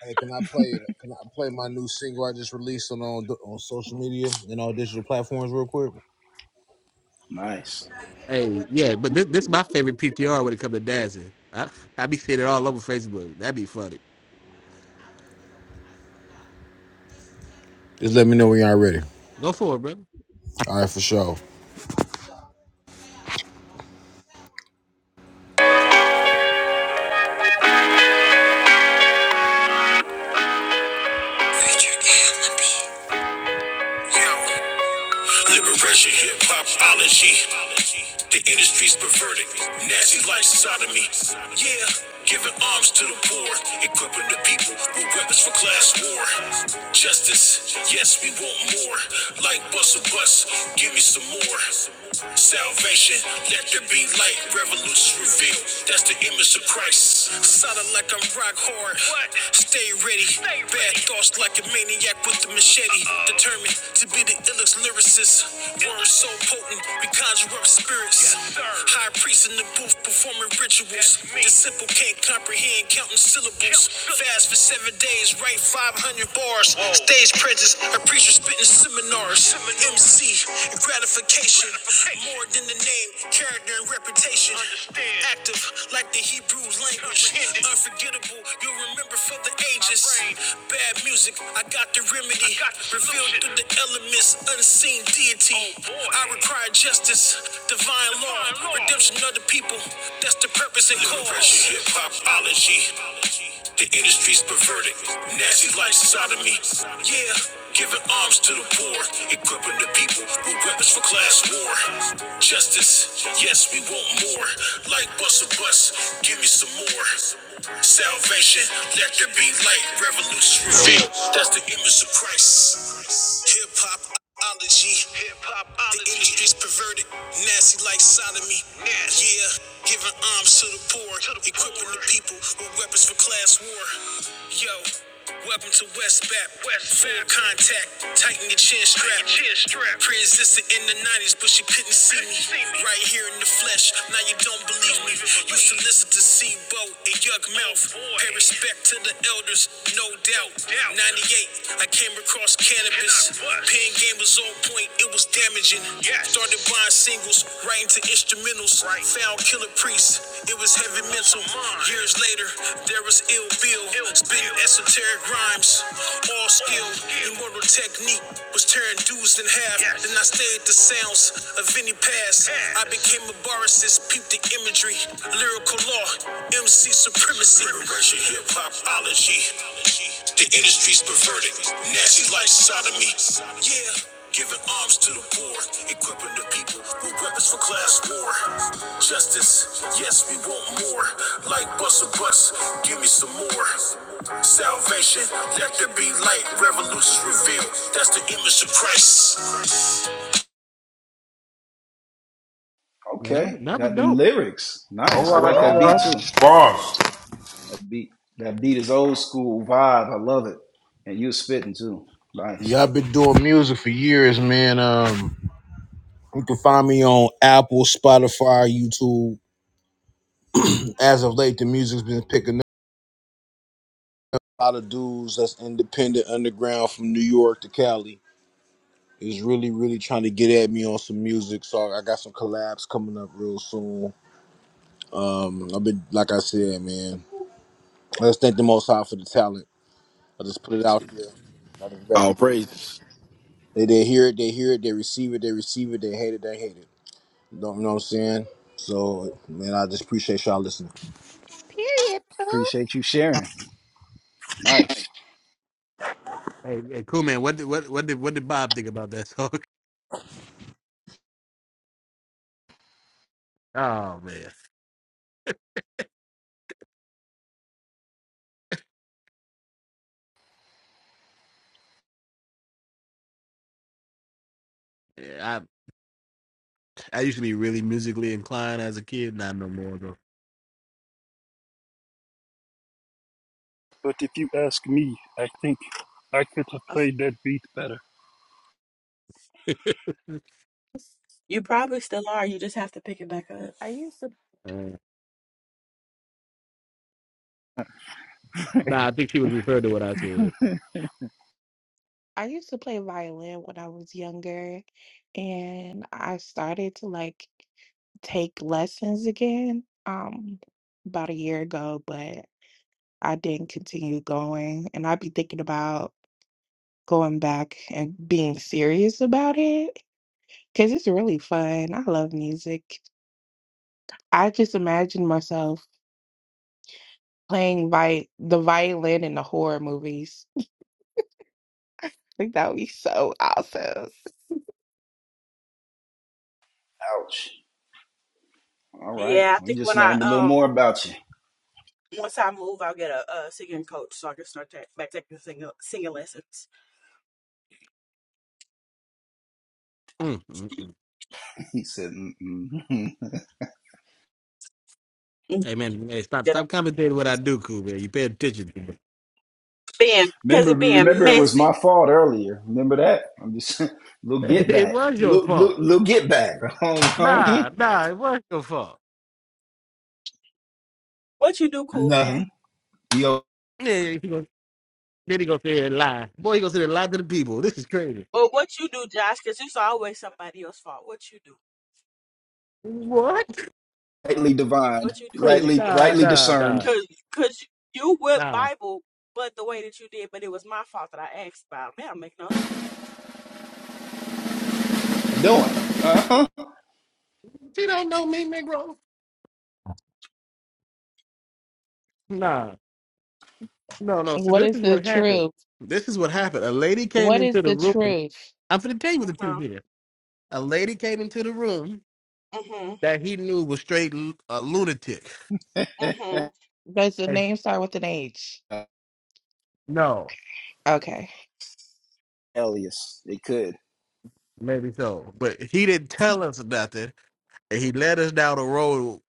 hey, can I play can I play my new single I just released on on, on social media and all digital platforms real quick? nice. Hey, yeah, but this this my favorite PTR when it comes to dancing. I I be seeing it all over Facebook. That'd be funny. Just let me know when y'all ready. Go for it, brother. All right, for sure. Liberation, hip hopology. The industry's perverted. Nazi like sodomy. Yeah, giving arms to the poor, equipping the people with weapons for class war. Justice, yes, we want more. Like bus or bus, give me some more. Salvation, let there be light. Revolution revealed. That's the image of Christ. Solid like I'm rock hard. What? Stay ready. Stay Bad ready. thoughts like a maniac with the machete. Uh-oh. Determined to be the illest lyricist. Words so potent, we conjure up spirits. Yes, High priest in the booth performing rituals. That's The simple can't comprehend counting syllables. Count. Fast for seven days, write 500 bars. Whoa. Stage presence, a preacher spitting seminars. Seminars. MC, gratification. Patient, more than the name, character and reputation. Understand. Active, like the Hebrew language. Unforgettable, you'll remember for the ages. Bad music, I got the remedy. got the Revealed through the elements, unseen deity. Oh, I require justice, divine, law, Divine law. law, redemption of the people. That's the purpose and cause. Hip hopology. The industry's perverted. Nasty life sodomy. Yeah, giving arms to the poor, equipping the people with weapons for class class war. Justice, yes, we want more. Like bus a bus, give me some more. Salvation, let there be light. Revolution revealed, that's the image of Christ. Hip hopology. the industry's perverted, nasty like sodomy. Yeah, giving arms to the poor, equipping the people with weapons for class war. Yo, Welcome to West Bat. West Full contact. Tighten your chin strap. chin strap. Pre-existed in the 90s, but she couldn't see me. Right here in the flesh. Now you don't believe me. Used to listen to Sebo and Yug Mouth. Oh, Pay respect to the elders, no doubt. 98, I came across cannabis. Cannot Pen game was on point, it was damaging. Yes. Started Started buying singles, writing to instrumentals. Right. Found killer priests, it was heavy mental. Years later, there was ill bill, spitting esoteric rhymes. All skill, immortal technique was tearing dudes in half. Yes. Then I stayed the sounds of any past. I became a barist, peeped the imagery, lyrical law, MC supremacy. Reversion hip hopology. The industry's perverted, nasty life sodomy. Yeah. Giving arms to the poor, equipping the people with weapons for class war. Justice, yes, we want more. Like bus or bus, give me some more. Salvation, let there be light. Revolutions revealed. That's the image of Christ. Man, that was, Okay, that was got them dope. lyrics. All Nice. I Woo! right, like all that beat too. right. Bombs. That beat, that beat is old school vibe. I love it. And you was spitting too. Nice. Yeah, I've been doing music for years, man. Um, you can find me on Apple, Spotify, YouTube. As of late, the music's been picking up. A lot of dudes that's independent underground from New York to Cali. is really really trying to get at me on some music so i got some collabs coming up real soon um i've been like i said man let's thank the most high for the talent i just put it out there I just let All people praises. they, they hear it they hear it they receive it they receive it they hate it they hate it you know, you know what i'm saying so man i just appreciate y'all listening Period. Pooh. Appreciate you sharing. Nice. Hey, hey, cool man. What did what what did what did Bob think about that song? Oh man, yeah, I I used to be really musically inclined as a kid. Not no more though. But if you ask me, I think I could have Awesome. played that beat better. You probably still are. You just have to pick it back up. I used to. Uh, nah, I think she was referring to what I said. I used to play violin when I was younger, and I started to like take lessons again um about a year ago, but I didn't continue going, and I'd be thinking about going back and being serious about it because it's really fun. I love music. I just imagine myself playing vi the violin in the horror movies. Like that would be so awesome. Ouch. All right. Yeah, I We think just when I learned a little um more about you. once I move, I'll get a, a singing coach so I can start ta- back taking singing singing lessons. Mm, mm, mm. He said, Mm-mm. Mm, Hey man, hey, stop Get a stop commentating what I do, cool man. You pay attention to me. being because remember, it being remember it was messy. my fault earlier. Remember that? I'm just little get it back. was your Little, little, fault. little get back. Nah, nah, it was your fault. What you do, cool man? Nothing. You Yeah, he gonna, then he gonna sit here and lie. Boy, he gonna sit here and lie to the people. This is crazy. But what you do, Josh, because it's always somebody else's fault. What you do, What? rightly divined, what you do, because Hey, you rightly, would, nah, rightly because nah, nah, discerned. because because you would nah. Bible, but the way that you did, but it was my fault that I asked about. That don't make no sense. Doing. Uh She don't know me, Negro. Nah. No, no. So What this is is the what happened. truth? This is what happened. A lady came What is into the the room. truth? I'm finna tell you what the truth Mhm, is. A lady came into the room mhm, that he knew was straight lu- a lunatic. mhm. Does the And name start with an H? huh. no. Okay. Elias. They could. Maybe so. But he didn't tell us nothing and he led us down a road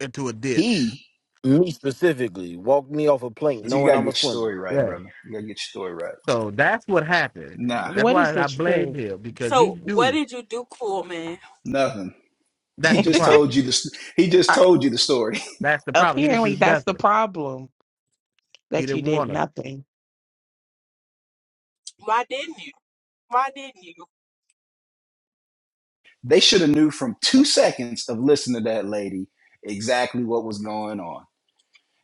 into a ditch. He, Me specifically walked me off a plank, you knowing gotta get I'm a your swimmer. story right, Yeah. brother. You gotta get your story right. So that's what happened. Nah, That's What is why the I blamed truth? him because he So what knew did you do, cool man? nothing. He that's the just I- told problem. you the. He just told you the story. That's the problem. He didn't do Apparently, that's the nothing. problem He that you didn't did want us. nothing. Why didn't you? Why didn't you? They should have knew from two seconds of listening to that lady exactly what was going on.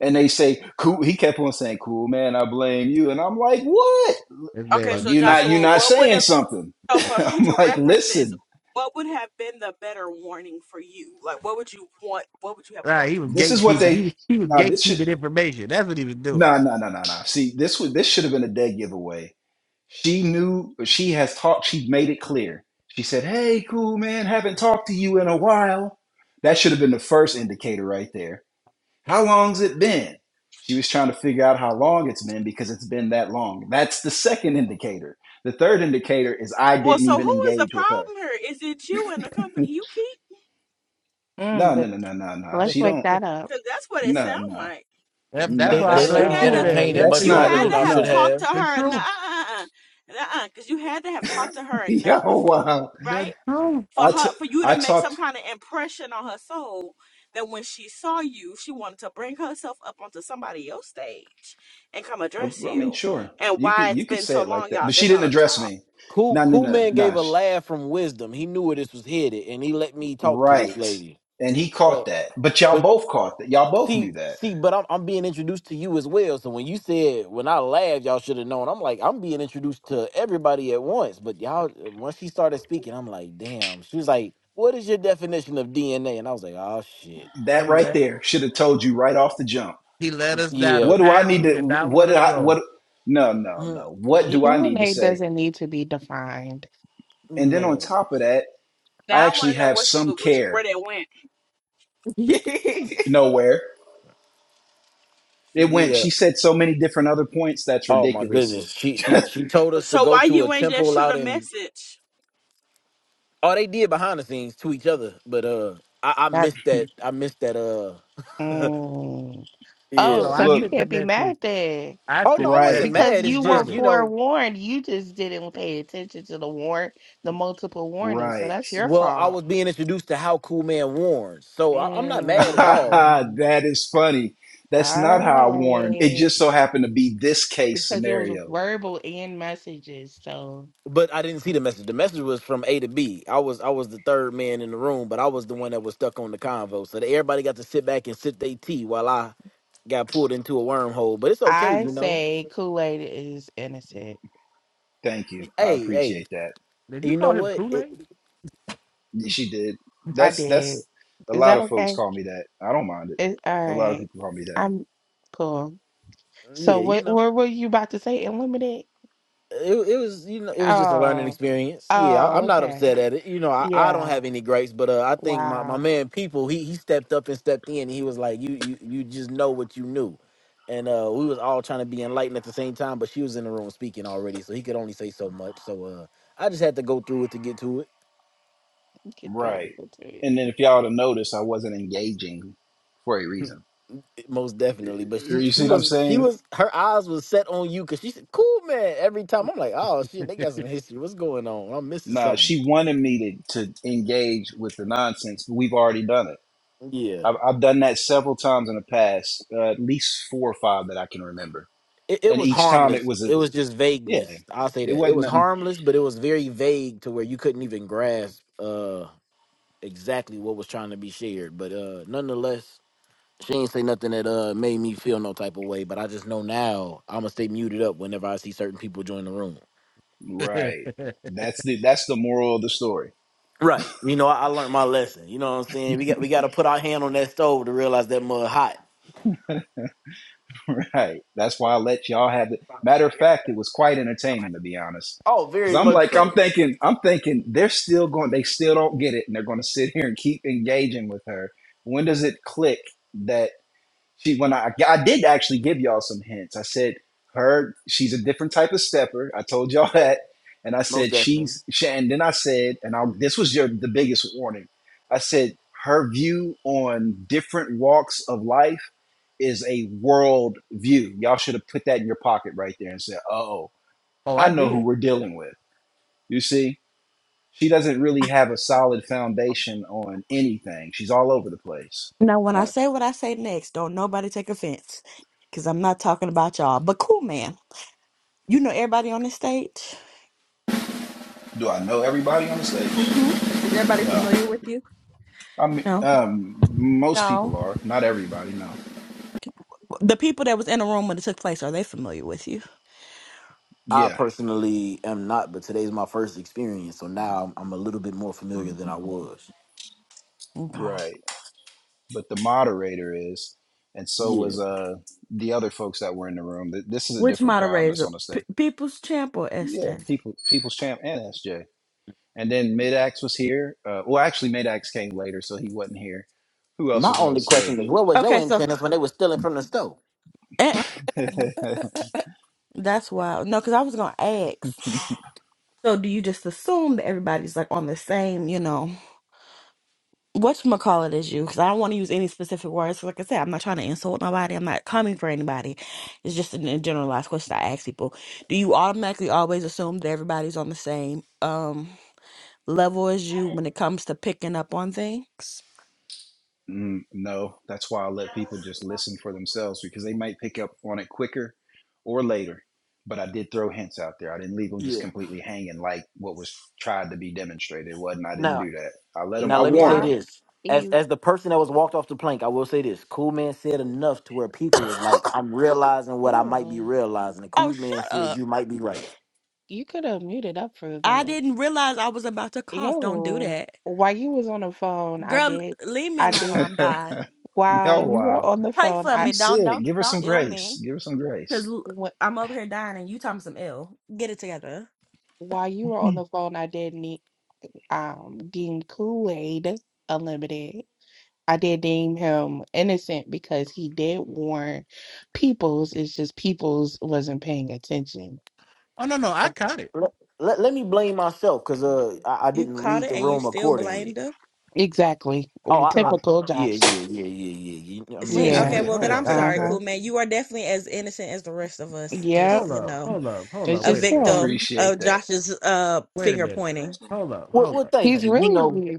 And they say, "Cool." He kept on saying, "Cool, man. I blame you." And I'm like, "What? This man, Okay, Like so you're this, not you're Joshua, not what would saying have something." so for I'm future like, references? "Listen, What would have been the better warning for you? Like, what would you want? What would you have right, he wanted was Cool this is Man to what say? gatekeeping. He they. was he was Nah, this should. gatekeeping information. That's what he was doing. Nah, nah, nah, nah, nah. See, this was this should have been a dead giveaway She knew, she has talked, she made it clear. She said, Hey, cool man, haven't talked to you in a while. That should have been the first indicator right there. How long's it been? She was trying to figure out how long it's been because it's been that long. That's the second indicator. The third indicator is I Well, didn't so even who is the engage with her. problem here? Is it you and the company you keep? Mm. No, no, no, no, no, no. Let's She wake don't. that up. Because that's what it No, sounds no, like. Yep, that's no. They why I Uh they Because That's let you blame me had True to, oh. Man. entertain it Yep, that's much see you the not. longer had than to truth, I have should No, talked to have. the her truth, enough, because you had to have talked to her yo, enough, wow. the right? truth. For I t- her, for you to I make talked. some kind of impression on her soul that when she saw you, she wanted to bring herself up onto somebody else's stage and come Well, address well, I mean, you. sure. And You could why it's you could been say so it like long, that, y'all, but she that y'all didn't have address talked. me. Cool No, no, Cool no, Man gave no. a sh- laugh from wisdom. He knew where this was headed, and he let me talk to this Right. lady. And he Uh, caught that. But but y'all both caught that. Y'all both knew See, that. see, but I'm I'm being introduced to you as well. So when you said when I laughed, y'all should have known. I'm like, I'm being introduced to everybody at once. But y'all, once she started speaking, I'm like, damn. She was like, "What is your definition of DNA?" And I was like, "Oh shit, That He right let there should have told you right off the jump. he led us down a yeah, What do I path need we to did not what want did to I go. what no, no, Mm, no. What he- do I need to Urinate say? doesn't need to be defined. And then on man, top of that, I Now I want actually to know have what she, some what, she, where care. they went. Nowhere. It went yeah." she said so many different other points that's Oh my ridiculous. goodness, she she she told us to So go why to a you ain't just temple shoot out a in. message? Oh, they did behind the scenes to each other, but uh, I, I That missed that. I missed that. Uh, mm. Oh Oh, no, yeah. so I Look, you sent the can't be message mad then. I Oh sent no, I the wasn't right, message Because mad. It's you were just you confirming. know. forewarned. You just didn't pay attention to the warn the multiple warnings. So right. that's your Well, I fault. was being introduced to how Cool Man warns, so I, I'm not mad at all. Mm. that is funny. That's All not how I warned. It right. just so happened to be this case Because it was scenario. verbal and messages. So But I didn't see the message. The message was from A to B. I was I was the third man in the room, but I was the one that was stuck on the convo. So that everybody got to sit back and sip their tea while I got pulled into a wormhole. But it's okay, I you know. say Kool-Aid is innocent. Thank you. I Hey, hey, appreciate that. Did you you know call him what? Kool It, Yeah, She did. I That's did. that's a Is lot that of okay? folks call me that. I don't mind it. It, all A lot of right. people call me that. I'm cool. So yeah, you what know. what were you about to say? Unlimited? it, it was you know it was just a learning Oh. experience. Yeah, I, Oh, I'm not okay. upset at it. You know, I, I don't Yeah. have any gripes, but uh, I think my, my Wow. man people he he stepped up and stepped in. And he was like, you you you just know what you knew, and uh, we was all trying to be enlightened at the same time. But she was in the room speaking already, so he could only say so much. So uh, I just had to go through it to get to Get through the Right. good to it. And then if y'all would have noticed, I wasn't engaging for a it, reason. most definitely. But she You see she what I'm was she saying? was her eyes was set on you because she said, "Cool man." Every time I'm like, "Oh shit, they got some history. What's going on? I'm missing Nah, something." she wanted me to, to engage with the nonsense, but we've already done it. Yeah. I've, I've done that several times in the past, uh, at least four or five that I can remember it, it and was each time it harmless. was a It was just yeah, vagueness. I'll say it that. It wasn't was nothing. harmless, but it was very vague to where you couldn't even grasp uh exactly what was trying to be shared. But uh nonetheless, she ain't say nothing that uh made me feel no type of way. But I just know now I'ma stay muted up whenever I see certain people join the room. Aid? Right. That's the that's the moral of the story. Right. You know, I, I learned my lesson. You know what I'm saying? We got we gotta put our hand on that stove to realize that mud hot. Right. That's why I let y'all have it. Matter of fact, it was quite entertaining to be honest. Oh, Cause very I'm much like so. I'm thinking I'm thinking they're still going they still don't get it and they're going to sit here and keep engaging with her. When does it click that? she when I I did actually give y'all some hints. I said her she's a different type of stepper. I told y'all that, and I Most said definitely. she's she, and then I said and I this was your the biggest warning. I said her view on different walks of life is a world view. Y'all should have put that in your pocket right there and said, "Oh, oh, I I know who did. we're dealing with." You see, she doesn't really have a solid foundation on anything. She's all over the place. Now, when I say what I say next, don't nobody take offense because I'm not talking about y'all. But cool, man. You know everybody on the stage? Do I know everybody on the stage? hmm Is everybody No, familiar with you? I mean, No. um, most No. people are, not everybody. No, The people that was in the room when it took place, are they familiar with you? I yeah, personally am not, but today's my first experience, so now I'm, I'm a little bit more familiar Mm, than I was. Okay. right. But the moderator is, and so Yeah. was uh the other folks that were in the room. Th- This is a Which different crowd that's on moderator? the stage. P- People's Champ or Yeah, SJ? people, people's champ and SJ, and then Midax was here. Uh, well, actually, Midax came later, so he wasn't here. Who else My was on the only question is, what was your Okay, so antennas when they were stealing from the stove? eh, Mm. stage? that's wild. No, because I was going to ask. So do you just assume that everybody's like on the same, you know? whatchamacallit is you because I don't want to use any specific words. Like I said, I'm not trying to insult nobody. I'm not coming for anybody. It's just a a generalized question I ask people. Do you automatically always assume that everybody's on the same um level as you when it comes to picking up on things? Mm, no, that's why I let people just listen for themselves because they might pick up on it quicker or later. But I did throw hints out there. I didn't leave them just Yeah. completely hanging, like what was tried to be demonstrated. It wasn't. I didn't Now, do that. I let them. now I You let me say what warned this: as you as the person that was walked off the plank, I will say this: Cool Man said enough to where people was like, "I'm realizing what I might be ew. realizing." The Oh, Cool Man shut said, up. "You might be right." You could have muted up for I that. didn't realize I was about to cough. Don't do Yo. that. While you was on the phone, I Girl, did leave me I alone did while I'm them. dying. Yo, while wow, you were wild. on the Pray phone, for I She me. Don't said, don't "Give her don't some ill me. grace. Give her some Cause grace." l- wh- I'm over here dying and you talking some ill. Get it together. while you were on the phone, I did need um Dean Kool-Aid Unlimited. I did deem him innocent because he did warn Peoples. It's just Peoples wasn't paying attention. Oh no, no, I caught it. Let, let, let me blame myself because uh, I, I You didn't caught read it the and you room still blamed accordingly. her? Exactly. Oh, Well, I, I So typical yeah, jobs. yeah, yeah, yeah, yeah. yeah. I mean. See, wait a Yeah. hey. okay, minute. well then Hold I'm up. Uh sorry, huh. cool man. You are definitely as innocent as the rest of us and Yep. just, Hold you up. know, Hold up. Hold It's up. a Wait just a minute. him. victim of Appreciate that. Josh's uh Wait a finger minute. pointing. Hold up. Well, Hold well, up. thank Hold He's up. you. You know, really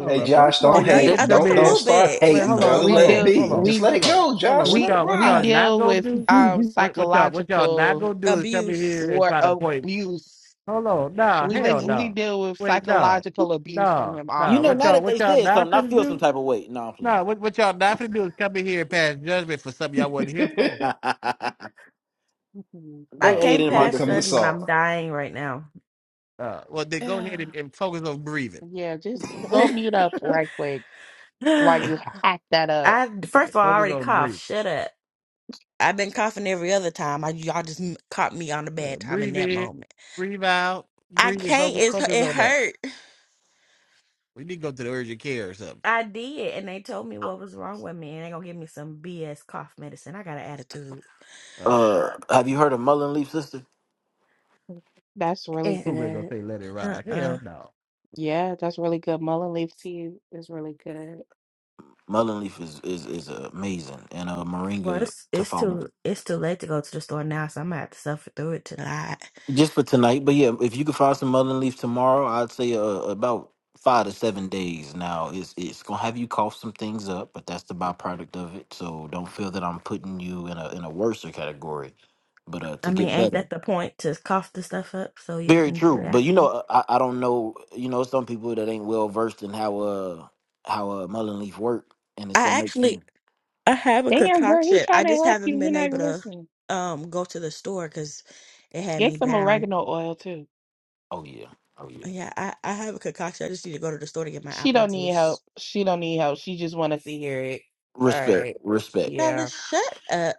hold Hey, up. First Josh, of all, don't it- y'all ain't Again, that, gonna hate. uh, come just Don't a don't in. little start bit, Wait. just hating, Hold a on. brother. little We Hold Let it bit. on. deal Hold be. on. Just we let Hold it on. go, Hold on. Josh. What Let we it y'all? What we y'all ride. not deal gonna with do? um What? What y'all? What y'all not psychological gonna do is come in Abuse. here and war try to point. abuse. Hold on. Nah. We Hell no. li- hmm we Nah. deal with Wait. No. psychological No. No. abuse from Nah. him you Nah. know. What Now often. y'all? that What they y'all said not something, I gonna feel do? some type of weight. No, I'm No, playing. what, what y'all not finna do is come in here and pass judgment for something y'all wasn't here for. I they Uh, aid came in my Here past come the judgment. defense. salt. I'm dying right now. uh, well, then go ahead and, and focus on breathing. Yeah, just go mute up right quick while you hack that up. I first Yeah, of all, I Focus already on coughed. breathing. Shut up. I've been coughing every other time. I y'all just m- caught me on a Yeah, bad time in breathe that in, moment. breathe out, I breathe in, can't. focus, It's focus it on that. hurt. We need to go to the urgent care or something. I did, and they told me what was wrong with me, and they gonna give me some BS cough medicine. I got an attitude. Uh, Uh, have you heard of Mullen Leaf, sister? That's really Eh, who better gonna good. say let it ride? Uh-uh. Hell no. Yeah, that's really good. Mullen leaf tea is really good. Mullen Leaf is is is amazing, and uh, Well, moringa it's to it's follow. too it's too late to go to the store now, so I'm gonna have to suffer through it tonight. Just for tonight, but yeah, if you could find some Mullen Leaf tomorrow, I'd say uh, about five to seven days. Now, it's it's gonna have you cough some things up, but that's the byproduct of it. So don't feel that I'm putting you in a in a worser category. But uh, to I mean, get ain't better. that the point to cough the stuff up so you Very can get true, it out? but of you know, you? uh, I, I don't know. You know, some people that ain't well versed in how uh how uh mullen leaf work, and it's gonna I make them. actually I have a Damn, girl, he concoction. I trying to just help haven't you. You're been not able to listening. um go to the store because it had me Get some down. oregano oil too. Oh yeah, oh yeah. Yeah, I I have a concoction. I just need to go to the store to get my She apple don't need help. juice. She don't need help. She just wanted to hear it. All Respect, right. respect. Carla, Yeah. shut up.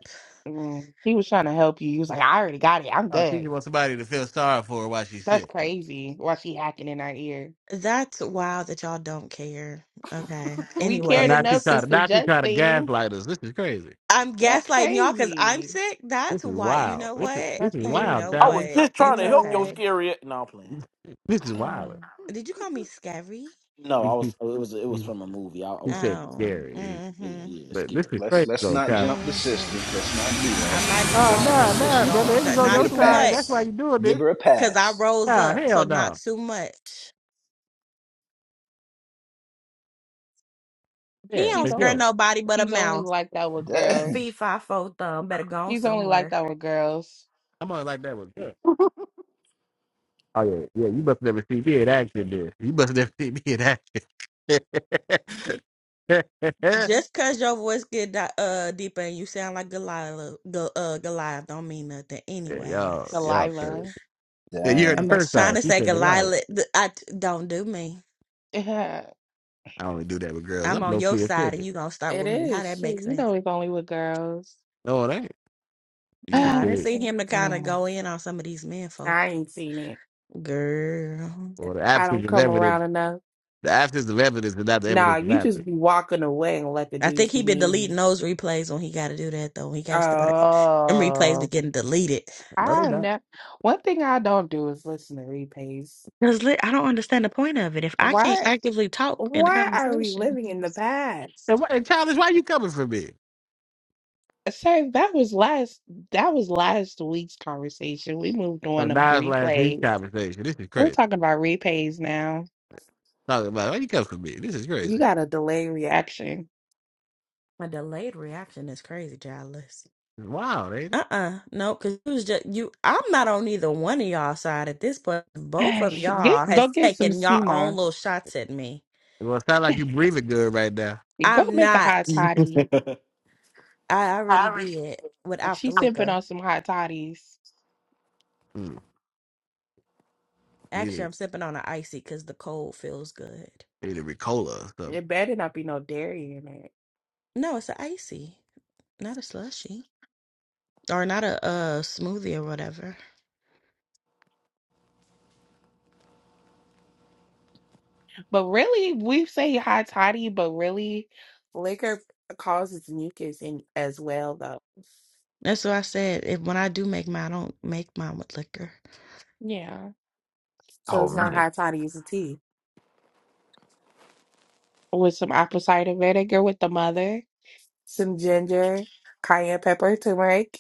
Mm. He was trying to help you. He was like, I already got it. I'm Oh, she good. just wants somebody to feel sorry for her while she's That's sick. crazy. Why she hacking in our ear? That's wild that y'all don't care. Okay. We Uh, cared now she enough Anyways, to try to, now she suggest try to things. gaslight us. This is crazy. I'm That's gaslighting y'all because I'm crazy. sick. This That's is why. You wild. know This is, what? this That's is You crazy. wild, know I was Tyler. what? just And trying You It's to help know your okay. what? scary. a- No, I'm playing. This is wild. Um, Did you call me scary? No, I He, he, was. It was. It was he, from a movie. I he always said be Oh, something scary. serious. Yeah, mm-hmm. yeah, yeah, But this scary. is Let's crazy let's though, not child. jump the Mm-hmm. sister. Let's not do I that. might be Oh taller Sis, nah, than you. sis, nah, you brother. It Don't, fine. was n- on You not get a your too side. That's pass. why much you doing Give this. her a because I pass. rose Nah, up. So hell not no. too much. He Yeah, don't He's for scare only sure. nobody but a he's only mouse. like that with Dang, Feet, girls. five, four, thumb. Better go on He's only like somewhere. that with girls. I'm on like that with her. Oh yeah, yeah. You must never see me in action then. You must never see me in action. yeah, Just cause your voice get di- uh deeper and you sound like Goliath, Go, uh, Goliath don't mean nothing. y'all, Anyways, y'all Delilah. crazy. Yeah, you heard the I'm dang. just first trying time. to She say said the Delilah. Goliath. th- I t- don't do me. Yeah, I only do that with girls. I'm I'm on low your key side, and offended. you gonna start it with me. How is. that Shit, makes you sense? know it's only with girls. No, it ain't. You should Nah, I do didn't it. see him to kind of Girl, go in on some of these men folk. I ain't seen it. Girl, Or the I absence don't of come evidence. around enough. The absence of evidence is not the Nah, evidence of you just absence. be walking away and let the I dudes think be he been deleting mean. those replays when he got to do that though. he got to step out of them replays, be Oh, getting deleted. No, they're I not. never. One thing I don't do is listen to repays. Because li- I don't understand the point of it. If I can't Why? actively talk in a Why are we conversation, living in the And, past? why, and childish, why you coming for me? Sir, that was last that was last week's conversation. We moved on Like to Nas last week's replays. conversation. This is We're crazy. talking about repays now. Talking about why you come for me. This is You crazy. got a delay reaction. a delayed reaction is crazy, childless. It's wild, ain't it? Uh uh no, because it was just you. I'm not on either one of y'all side at this point. Both of Get y'all has go get some taken sea y'all own little moss. shots at me. Well, it sound like you breathing good right now. Go I'm make a hot not. toddy. I already did without the She's sipping liquor. on some hot toddies. Mm, need Actually, I'm a sipping on an icy because the cold feels good. need a Ricola or something. It better not be no dairy in it. No, it's an icy, not a slushy or not a uh smoothie or whatever. But really, we say hot toddy, but really, Liquor causes mucus in as well, though. That's what I said. If when I do make mine, I don't make mine with liquor. yeah. So Oh it's not man, hot toddy, it's a tea. with some apple cider vinegar with the mother. Some ginger, cayenne pepper, turmeric.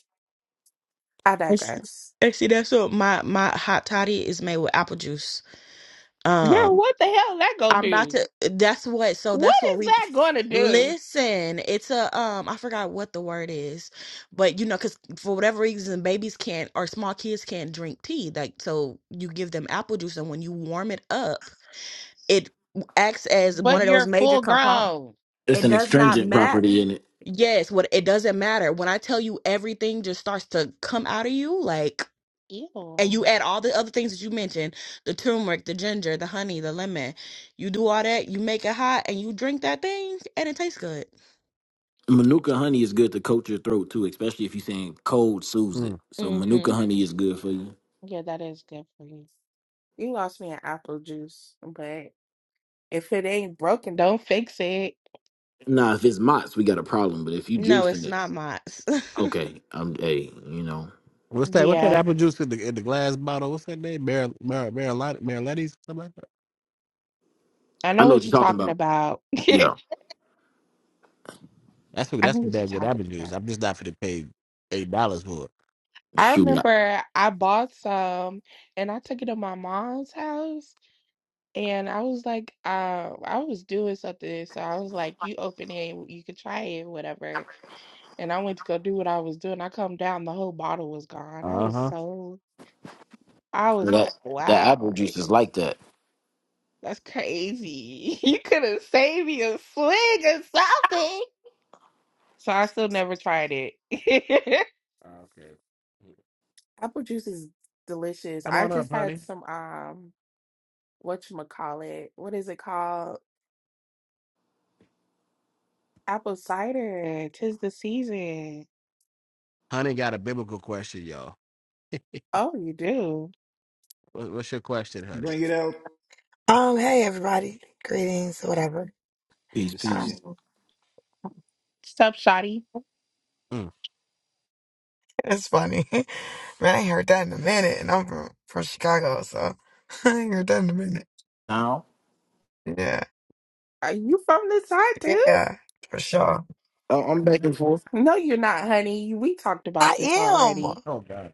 I It's- digress. And see, that's what my my hot toddy is made with apple juice. Girl, Um. what the hell that gonna I'm about do? to that's what so What that's what is we that gonna do? listen. It's a um I forgot what the word is, but you know, because for whatever reason babies can't or small kids can't drink tea. Like so you give them apple juice and when you warm it up, it acts as one But of those you're major full components. grown. it's It an does not astringent matter. property in it. Yes, what it doesn't matter. When I tell you everything just starts to come out of you, like Ew. and you add all the other things that you mentioned the turmeric the ginger the honey the lemon you do all that you make it hot and you drink that thing and it tastes good Manuka honey is good to coat your throat too, especially if you're saying cold soothes it. Mm. So hmm Manuka honey is good for you. Yeah, that is good for you. You lost me an apple juice, but if it ain't Broken, don't fix it. Nah, if it's Mott's, we got a problem. But if you no juicing it's it. not mott's Okay, I'm hey, you know, What's that? What's that Yeah, apple juice in the in the glass bottle? What's that name? Mar Mar Marilat Mariletti's or something like that. I I know know what what you're you're talking talking about. about. Yeah, I That's what that's know some what you're damn good talking apple juice. about. I'm just not for to pay eight dollars for it. I shoot, I- remember I bought some and I took it to my mom's house and I was like, uh, I was doing something, so I was like, you open it, you can try it, whatever. And I went to go do what I was doing. I come down, the whole bottle was gone. I Uh was huh. so, I was that like, that apple wow, juice like is like that. that's crazy. You could have saved me a swig or something. So I still never tried it. Okay. Apple juice is delicious. Come I on up, just had honey. some um. whatchamacallit, what is it called? Apple cider. Tis the season. Honey got a biblical question, y'all. Oh, you do. What, what's your question, honey? Bring it out. Um, hey everybody, greetings, whatever. Good Peace, to see you. Um, peace. Sup, Shotty? Mm. it's funny, man. I ain't heard that in a minute, and I'm from, from Chicago, so I ain't heard that in a minute. Now Yeah, Are you from the side too? yeah, for sure. I- I'm back and forth. No, you're not, honey. We talked I about this am. already. Oh God.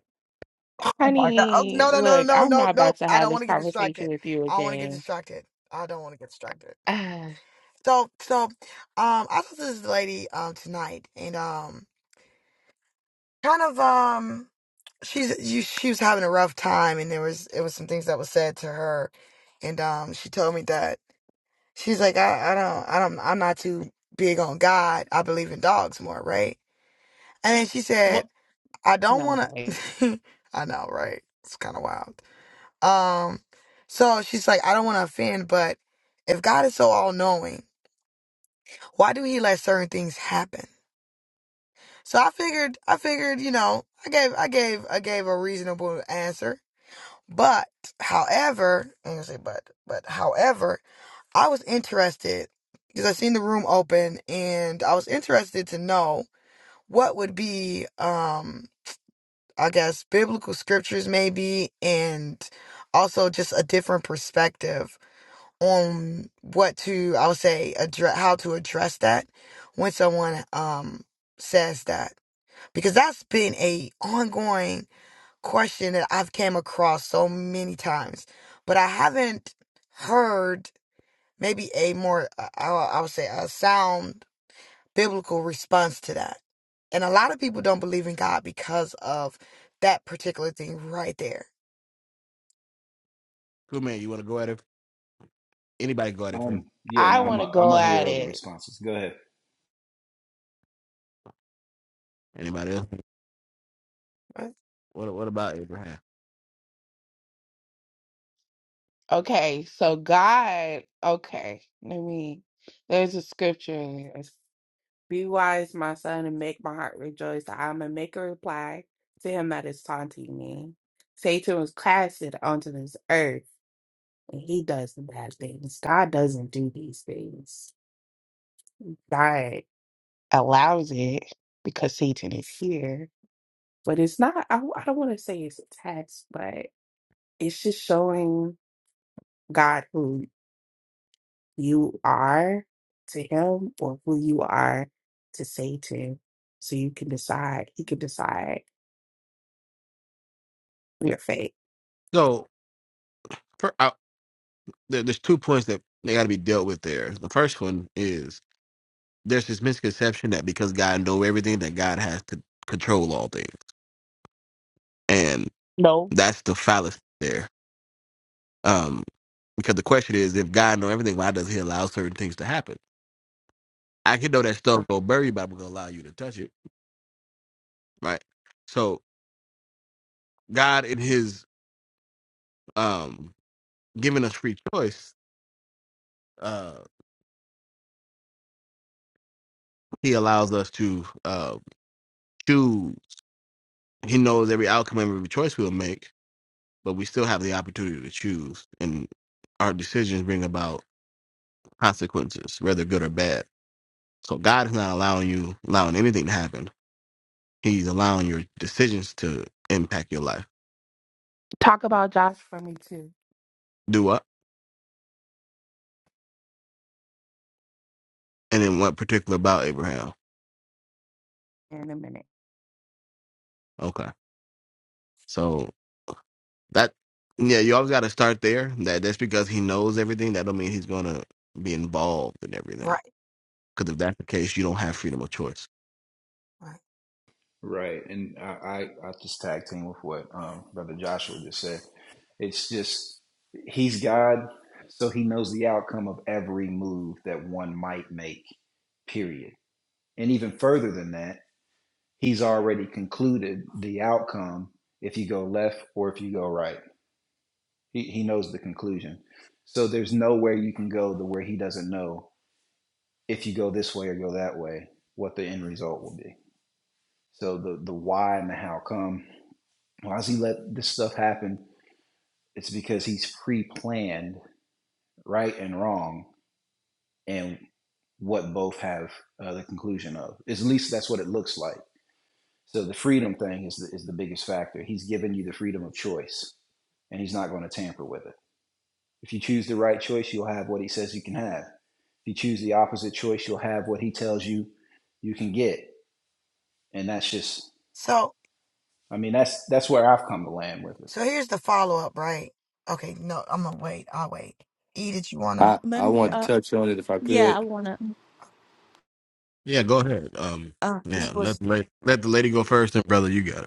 Oh my god! Oh, Honey, no, no, no, no, look, no, I'm no! not about nope. to I have don't want this to get conversation distracted. with you I don't want to get again. distracted. I don't want to get distracted. Ah, So, so, um, I talked to this lady um tonight, and um, kind of um. she's you, she was having a rough time and there was it was some things that was said to her and um she told me that she's like I, I don't I don't I'm not too big on God. I believe in dogs more, right? And then she said, well, I don't wanna no. I know, right? It's kinda wild. Um so she's like, I don't wanna offend, but if God is so all knowing, why do he let certain things happen? So I figured I figured, you know, I gave I gave I gave a reasonable answer. But, however, I am gonna say but, but however, I was interested because I seen the room open and I was interested to know what would be, um, I guess, biblical scriptures maybe, and also just a different perspective on what to, I would say, address, how to address that when someone, um, says that because that's been a ongoing question that I've came across so many times, but I haven't heard maybe a more uh, I, I would say a sound biblical response to that. And a lot of people don't believe in God because of that particular thing right there. Cool man, you want to go at it? Anybody go at it first? Um, yeah, I no, Yeah. I'm want a, to I'm go gonna hear at other it. responses. Go ahead. Anybody else? Right, What What about Abraham? Okay, so God, okay, let me, there's a scripture. Be wise, my son, and make my heart rejoice. I am a make a reply to him that is taunting me. Satan was casted onto this earth, and he does the bad things. God doesn't do these things. God allows it because Satan is here. But it's not, I, I don't want to say it's a test, but it's just showing God who you are to him or who you are to Satan. So you can decide, he can decide your fate. So per, I, there, there's two points that they got to be dealt with there. The first one is there's this misconception that because God knows everything, that God has to control all things, and No. that's the fallacy there. Um, because the question is, if God knows everything, why does He allow certain things to happen? I can know that stuff go buried, but I'm gonna allow you to touch it, right? So God, in His um, giving us free choice, uh, He allows us to uh, choose He knows every outcome, and every choice we'll make, but we still have the opportunity to choose, and our decisions bring about consequences, whether good or bad. So God is not allowing you allowing anything to happen. He's allowing your decisions to impact your life. Talk about Josh for me too Do what? And then what particular about Abraham? in a minute. Okay, so that yeah, you always got to start there. That that's because he knows everything. That don't mean he's gonna be involved in everything. right. Because if that's the case, you don't have freedom of choice. right. Right, and I, I I just tag team with what um brother Joshua just said. It's just he's God, so he knows the outcome of every move that one might make. Period. And even further than that he's already concluded the outcome if you go left or if you go right. He, he knows the conclusion. So there's nowhere you can go to where he doesn't know if you go this way or go that way, what the end result will be. So the, the why and the how come, why does he let this stuff happen? It's because he's pre planned right and wrong and what both have uh, the conclusion of. At least that's what it looks like. So the freedom thing is the, is the biggest factor. He's given you the freedom of choice and he's not going to tamper with it. If you choose the right choice, you'll have what he says you can have. If you choose the opposite choice, you'll have what he tells you you can get. And that's just So I mean that's that's where I've come to land with it. So here's the follow up, right? Okay, no, I'm gonna wait. I'll wait. E, did you wanna? I, Let I me, Yeah. wanted to uh, touch on it if I yeah, I could. wanna, Yeah, go ahead. Um, uh, E yeah, let was. the lady, let the lady go first, and brother, you got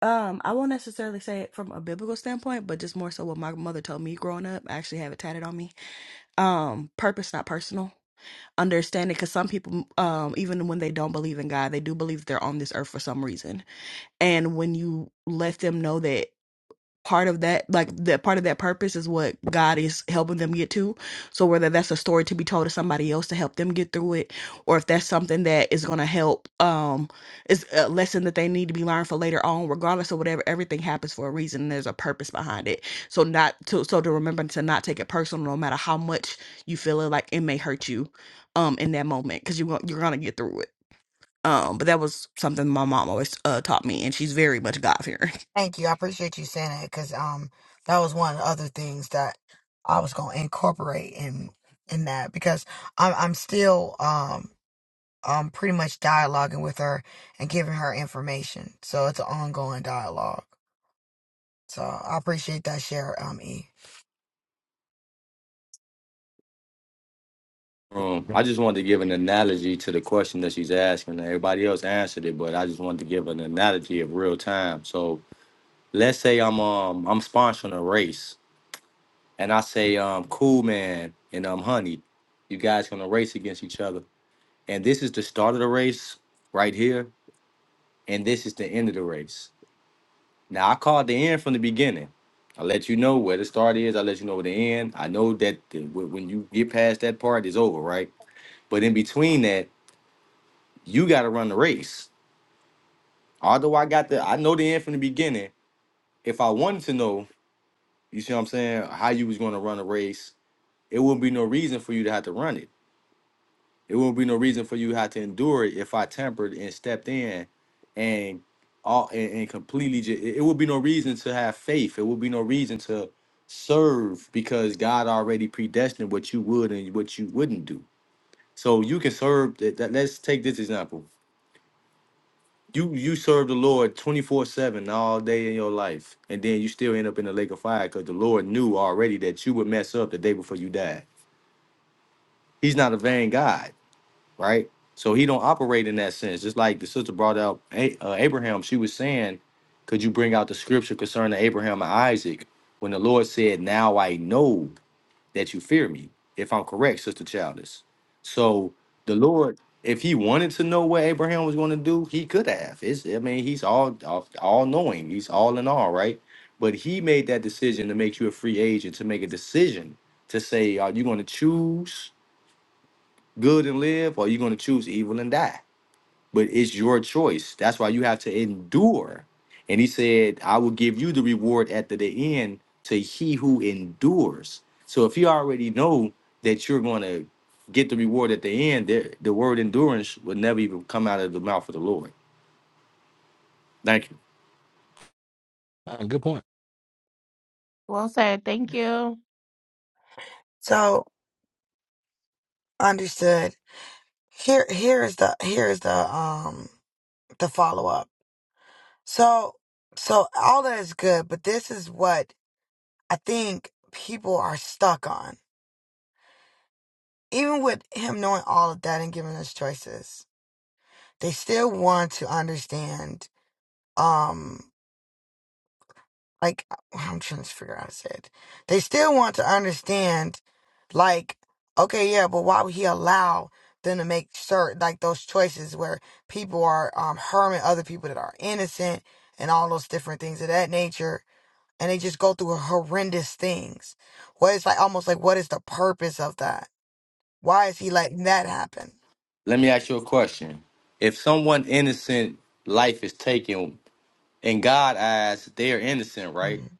um, I won't necessarily say it from a biblical standpoint, but just more so what my mother told me growing up. I actually have it tatted on me. Um, purpose, not personal. Understanding, because some people, um, even when they don't believe in God, they do believe they're on this earth for some reason. And when you let them know that. part of that like that part of that purpose is what god is helping them get to so whether that's a story to be told to somebody else to help them get through it or if that's something that is going to help um is a lesson that they need to be learned for later on regardless of whatever everything happens for a reason and there's a purpose behind it so not to so to remember to not take it personal no matter how much you feel it like it may hurt you um in that moment because you, gon- you're gonna get through it um, but that was something my mom always uh, taught me, and she's very much God fearing. Thank you. I appreciate you saying that because um that was one of the other things that I was gonna incorporate in in that because I'm I'm still um um pretty much dialoguing with her and giving her information. So it's an ongoing dialogue. So I appreciate that share, um E. Um, it. I just wanted to give an analogy to the question that she's asking. Everybody else answered it, but I just wanted to give an analogy of real time. So let's say I'm um I'm sponsoring a race, and I say um Cool Man and um Honey, you guys gonna race against each other, and this is the start of the race right here, and this is the end of the race. Now I called the end from the beginning. I let you know where the start is. I let you know where the end. I know that the, when when you get past that part, it's over, right? But in between that, you got to run the race. Although I got the, I know the end from the beginning. If I wanted to know, you see what I'm saying, how you was going to run a race, it wouldn't be no reason for you to have to run it. It wouldn't be no reason for you to have to endure it if I tempered and stepped in and all and, and completely just, it it would be no reason to have faith. It would be no reason to serve because God already predestined what you would and what you wouldn't do. So you can serve that, that let's take this example You you serve the Lord twenty four seven all day in your life, and then you still end up in the lake of fire because the Lord knew already that you would mess up the day before you died. He's not a vain God, right? So he don't operate in that sense. Just like the sister brought out A- uh, Abraham, she was saying, "Could you bring out the scripture concerning Abraham and Isaac?" When the Lord said, "Now I know." that you fear me, if I'm correct, Sister Childish. So the Lord, if he wanted to know what Abraham was going to do, he could have. It's, I mean, he's all all all knowing. He's all in all, right? But he made that decision to make you a free agent, to make a decision to say, are you going to choose good and live, or are you going to choose evil and die? but it's your choice. That's why you have to endure. And he said, I will give you the reward at the, the end to he who endures. So if you already know that you're going to get the reward at the end, the, the word endurance would never even come out of the mouth of the Lord. Thank you. Uh, good point. Well said. Thank you. So understood. Here here is the here is the um the follow up. So so all that is good, but this is what I think people are stuck on. Even with him knowing all of that and giving us choices. they still want to understand um like uh, i'm trying to figure out how to say it they still want to understand like okay yeah but why would he allow them to make certain like those choices where people are um harming other people that are innocent and all those different things of that nature and they just go through horrendous things what is like almost like what is the purpose of that why is he letting that happen Let me ask you a question. If someone innocent life is taken, in God's eyes, they are innocent, right? Mhm.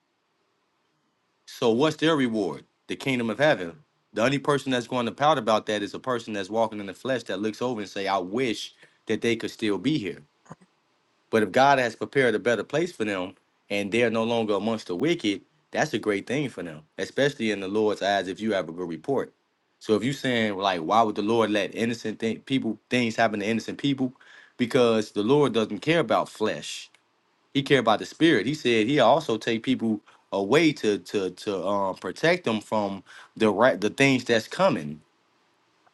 So what's their reward? The kingdom of heaven. The only person that's going to pout about that is a person that's walking in the flesh that looks over and say, I wish that they could still be here. But if God has prepared a better place for them and they're no longer amongst the wicked, that's a great thing for them, especially in the Lord's eyes if you have a good report. So if you're saying like, why would the Lord let innocent thing, people things happen to innocent people? Because the Lord doesn't care about flesh. He care about the spirit. He said he also take people away to to to um protect them from the right the things that's coming.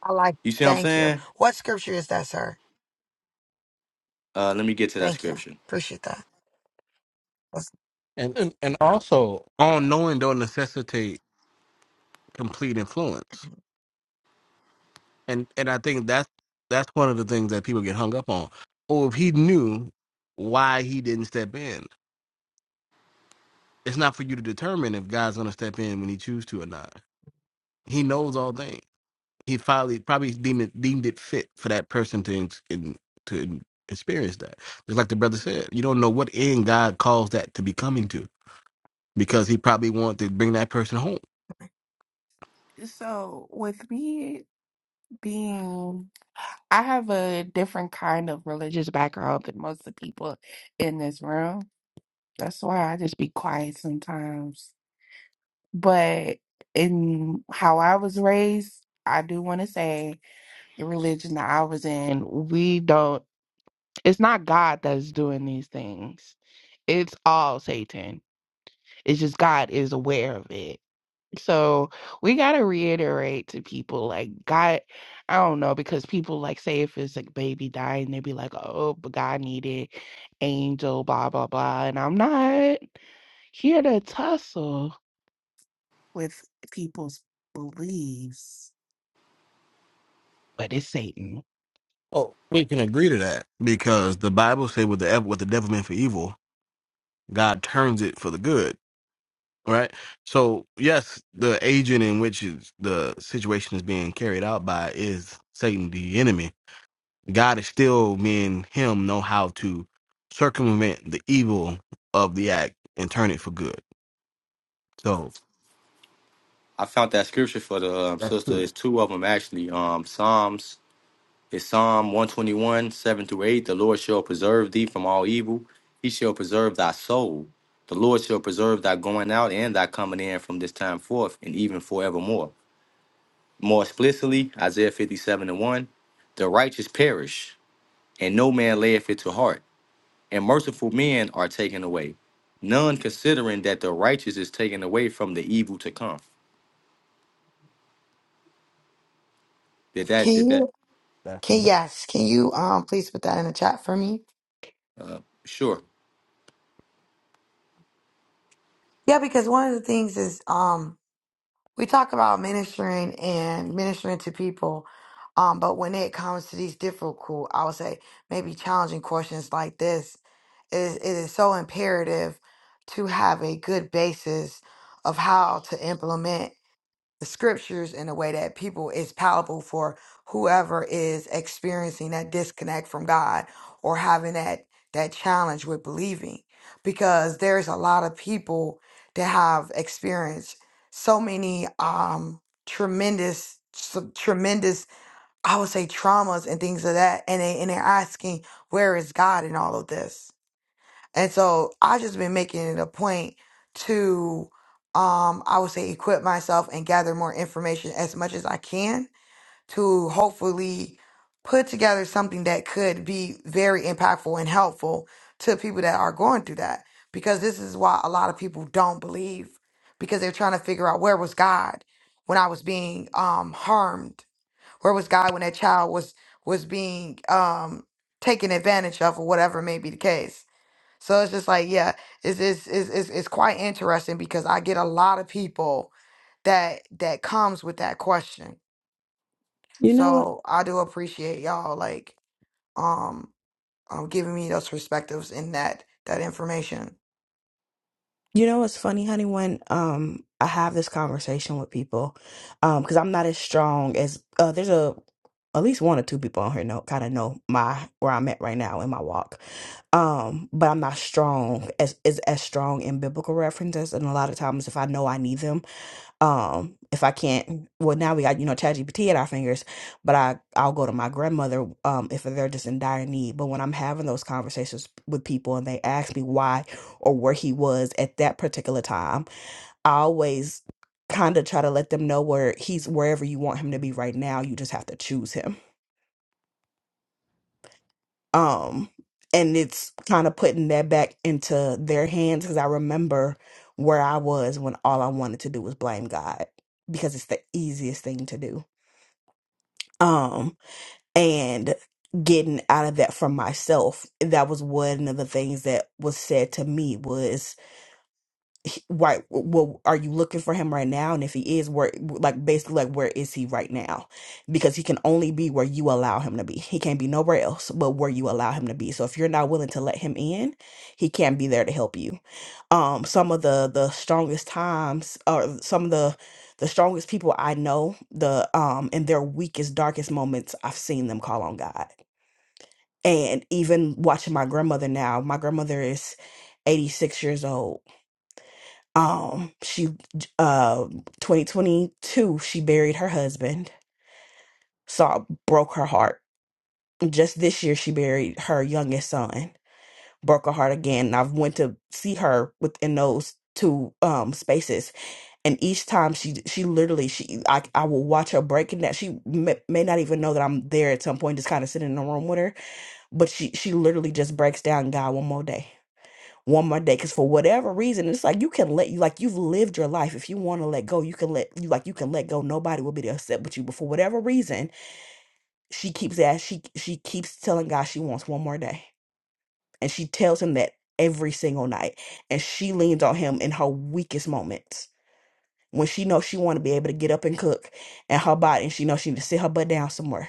i like You see what I'm thank you saying? what scripture is that sir Uh, let me get to that Thank you. scripture. Appreciate that. That's- And, and and also, All knowing don't necessitate complete influence, and and I think that's that's one of the things that people get hung up on. Oh, if he knew why he didn't step in, it's not for you to determine if God's going to step in when he chooses to or not. He knows all things. he finally probably deemed it, deemed it fit for that person to ins- in, to experience that. Just like the brother said, you don't know what end God calls that to be coming to, because He probably wanted to bring that person home. So, with me being, I have a different kind of religious background than most of the people in this room. That's why I just be quiet sometimes. But in how I was raised, I do want to say the religion that I was in, we don't, it's not God that's doing these things. It's all Satan. It's just God is aware of it So we got to reiterate to people like God, I don't know, because people like say if it's like baby dying, they be like, oh, but God needed angel, blah, blah, blah. And I'm not here to tussle with people's beliefs, but it's Satan. Oh, we can agree to that because the Bible said, with the ev- what the devil meant for evil, God turns it for the good." Right. So yes, the agent in which is, the situation is being carried out by is Satan, the enemy God is still me and him know how to circumvent the evil of the act and turn it for good. So I found that scripture for the um, that's sister. true. It's two of them actually. Um, Psalms. It's Psalm 121, 7 through 8. The Lord shall preserve thee from all evil. He shall preserve thy soul. The Lord shall preserve thy going out and thy coming in from this time forth and even forevermore. More explicitly, Isaiah 57 and 1. The righteous perish, and no man layeth it to heart. And merciful men are taken away, none considering that the righteous is taken away from the evil to come. Did that? Can Did that? you? That's the Can best. yes? Can you um please put that in the chat for me? Uh, sure. Yeah, because one of the things is um we talk about ministering and ministering to people, um, but when it comes to these difficult, I would say maybe challenging questions like this, it is, it is so imperative to have a good basis of how to implement. the scriptures in a way that people is palatable for whoever is experiencing that disconnect from God or having that that challenge with believing because there's a lot of people that have experienced so many um tremendous some tremendous I would say traumas and things of that and they and they're asking where is God in all of this and so I just been making it a point to um I would say equip myself and gather more information as much as I can to hopefully put together something that could be very impactful and helpful to people that are going through that because this is why a lot of people don't believe because they're trying to figure out where was God when I was being um harmed where was God when that child was was being um taken advantage of or whatever may be the case so it's just like, yeah, it's it's it's it's, it's quite interesting because I get a lot of people that that comes with that question. You know what? So I do appreciate y'all like um um giving me those perspectives and that that information. You know what's funny, honey? When um I have this conversation with people, um, because I'm not as strong as uh there's a at least one or two people on here know kind of know my where I'm at right now in my walk. Um, but I'm not strong as is as strong in biblical references, and a lot of times if I know I need them um if i can't well now we got you know chat gpt at our fingers but i i'll go to my grandmother um if they're just in dire need but when i'm having those conversations with people and they ask me why or where he was at that particular time i always kind of try to let them know where he's wherever you want him to be right now you just have to choose him um and it's kind of putting that back into their hands because i remember where i was when all i wanted to do was blame god because it's the easiest thing to do um and getting out of that for myself that was one of the things that was said to me was he- right well are you looking for him right now and if he is where like basically like where is he right now because he can only be where you allow him to be he can't be nowhere else but where you allow him to be so if you're not willing to let him in he can't be there to help you um some of the the strongest times or some of the the strongest people i know the um in their weakest darkest moments i've seen them call on god and even watching my grandmother now my grandmother is 86 years old um, she uh 2022 she buried her husband. Saw broke her heart. Just this year she buried her youngest son. Broke her heart again. And I've went to see her within those two um spaces and each time she she literally she I I will watch her breaking that she may, may not even know that I'm there at some point just kind of sitting in the room with her but she she literally just breaks down God one more day one more day because for whatever reason it's like you can let you like you've lived your life if you want to let go you can let you like you can let go nobody will be upset with you but for whatever reason she keeps as she she keeps telling god she wants one more day and she tells him that every single night and she leans on him in her weakest moments when she knows she want to be able to get up and cook and her body and she knows she need to sit her butt down somewhere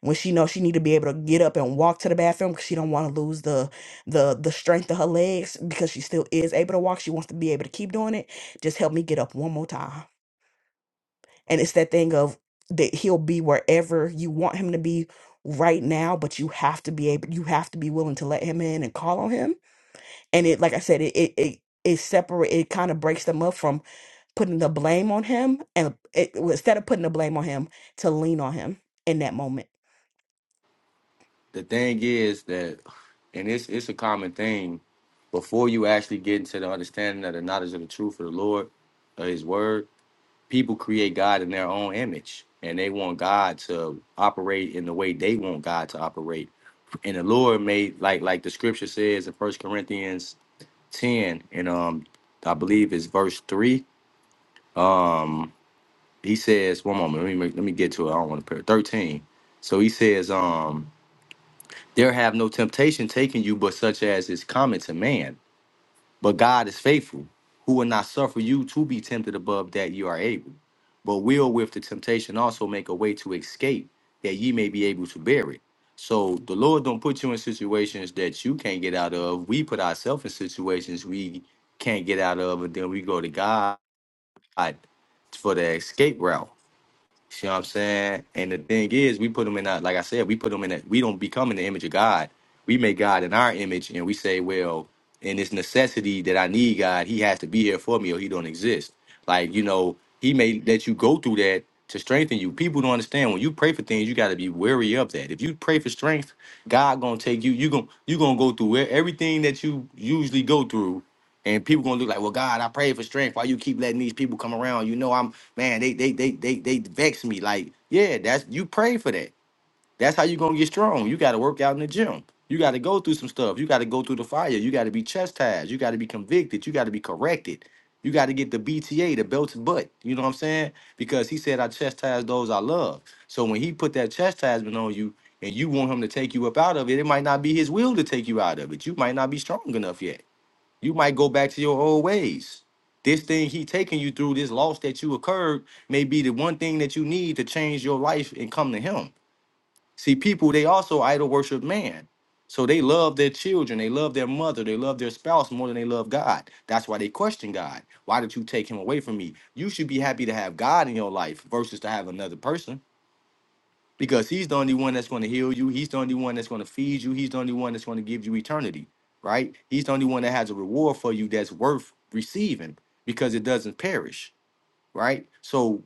when she knows she need to be able to get up and walk to the bathroom because she don't want to lose the the the strength of her legs because she still is able to walk she wants to be able to keep doing it just help me get up one more time and it's that thing of that he'll be wherever you want him to be right now but you have to be able you have to be willing to let him in and call on him and it like i said it it it, it separate it kind of breaks them up from putting the blame on him and it, well, instead of putting the blame on him to lean on him in that moment The thing is that, and it's it's a common thing. Before you actually get into the understanding of the knowledge of the truth of the Lord, of His Word, people create God in their own image, and they want God to operate in the way they want God to operate. And the Lord made like like the Scripture says in First Corinthians 10 and um i believe it's verse 3 um he says one moment let me make, let me get to it i don't want to pray 13 so he says um there have no temptation taken you but such as is common to man but God is faithful, who will not suffer you to be tempted above that you are able, but will with the temptation also make a way to escape, that ye may be able to bear it. So the Lord don't put you in situations that you can't get out of. We put ourselves in situations we can't get out of, and then we go to God for the escape route. See what I'm saying? And the thing is, we put them in that, like I said, we put them in that, we don't become in the image of God. We make God in our image and we say, well, in this necessity that I need God, he has to be here for me or he don't exist. Like, you know, he may let you go through that to strengthen you. People don't understand when you pray for things, you got to be wary of that. If you pray for strength, God going to take you, you going to you going to go through e- everything that you usually go through and people gonna look like, well, God, I pray for strength. Why you keep letting these people come around? You know, I'm man, they they they they they vex me. Like, yeah, that's you pray for that. That's how you gonna get strong. You gotta work out in the gym. You gotta go through some stuff. You gotta go through the fire. You gotta be chastised. You gotta be convicted. You gotta be corrected. You gotta get the BTA, the belted butt. You know what I'm saying? Because he said, I chastise those I love. So when he put that chastisement on you and you want him to take you up out of it, it might not be his will to take you out of it. You might not be strong enough yet. You might go back to your old ways. This thing he taking you through, this loss that you occurred, may be the one thing that you need to change your life and come to him. See, people, they also idol worship man. So they love their children, they love their mother, they love their spouse more than they love God. That's why they question God. Why did you take him away from me? You should be happy to have God in your life versus to have another person because he's the only one that's going to heal you. He's the only one that's going to feed you. He's the only one that's going to give you eternity, right? He's the only one that has a reward for you that's worth receiving because it doesn't perish, right? So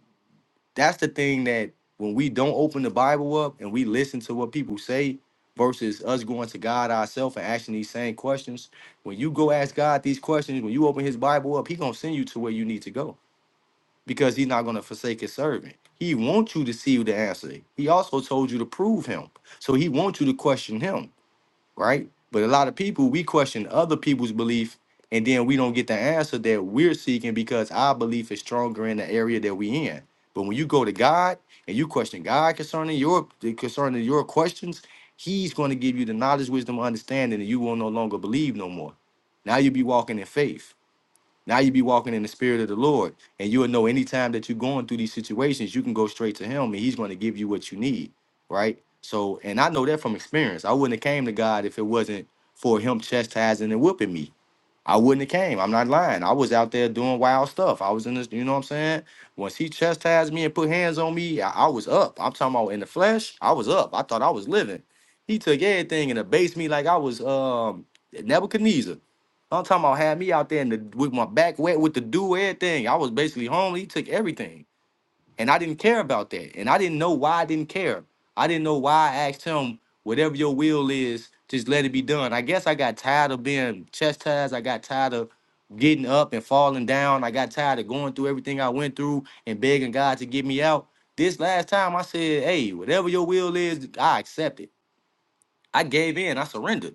that's the thing that when we don't open the Bible up and we listen to what people say versus us going to God ourselves and asking these same questions, when you go ask God these questions, when you open his Bible up, he going to send you to where you need to go because he's not going to forsake his servant. He wants you to see the answer. He also told you to prove him. So he wants you to question him, right? But a lot of people, we question other people's belief and then we don't get the answer that we're seeking because our belief is stronger in the area that we in. But when you go to God and you question God concerning your concerning your questions, he's going to give you the knowledge, wisdom, understanding, and you will no longer believe no more. Now you'll be walking in faith. Now you be walking in the spirit of the Lord, and you'll know anytime that you're going through these situations, you can go straight to Him, and He's going to give you what you need, right? So, and I know that from experience. I wouldn't have came to God if it wasn't for Him chastising and whipping me. I wouldn't have came. I'm not lying. I was out there doing wild stuff. I was in this, you know what I'm saying? Once he chastised me and put hands on me, I, I was up. I'm talking about in the flesh, I was up. I thought I was living. He took everything and abased me like I was um Nebuchadnezzar. I'm talking about had me out there in the, with my back wet with the dew, everything. I was basically homely. He took everything. And I didn't care about that. And I didn't know why I didn't care. I didn't know why I asked him, whatever your will is, just let it be done. I guess I got tired of being chastised. I got tired of getting up and falling down. I got tired of going through everything I went through and begging God to get me out. This last time I said, hey, whatever your will is, I accept it. I gave in, I surrendered.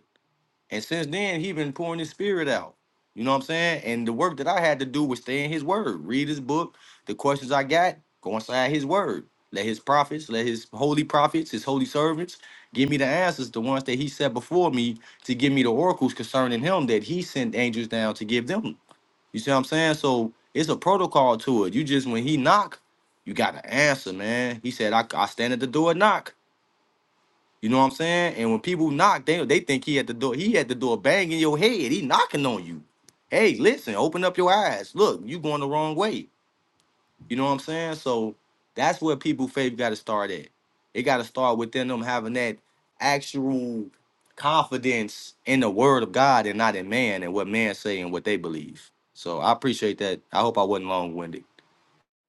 And since then, he been pouring his spirit out. You know what I'm saying? And the work that I had to do was stay in his word, read his book, the questions I got, go inside his word. Let his prophets, let his holy prophets, his holy servants give me the answers, the ones that he set before me to give me the oracles concerning him that he sent angels down to give them. You see what I'm saying? So it's a protocol to it. You just, when he knock, you got to answer, man. He said, I, I stand at the door and knock. You know what I'm saying? And when people knock, they they think he at the door. He at the door banging your head. He knocking on you. Hey, listen, open up your eyes. Look, you going the wrong way. You know what I'm saying? So that's where people faith got to start at. It got to start within them having that actual confidence in the word of God and not in man and what man say and what they believe. So I appreciate that. I hope I wasn't long winded.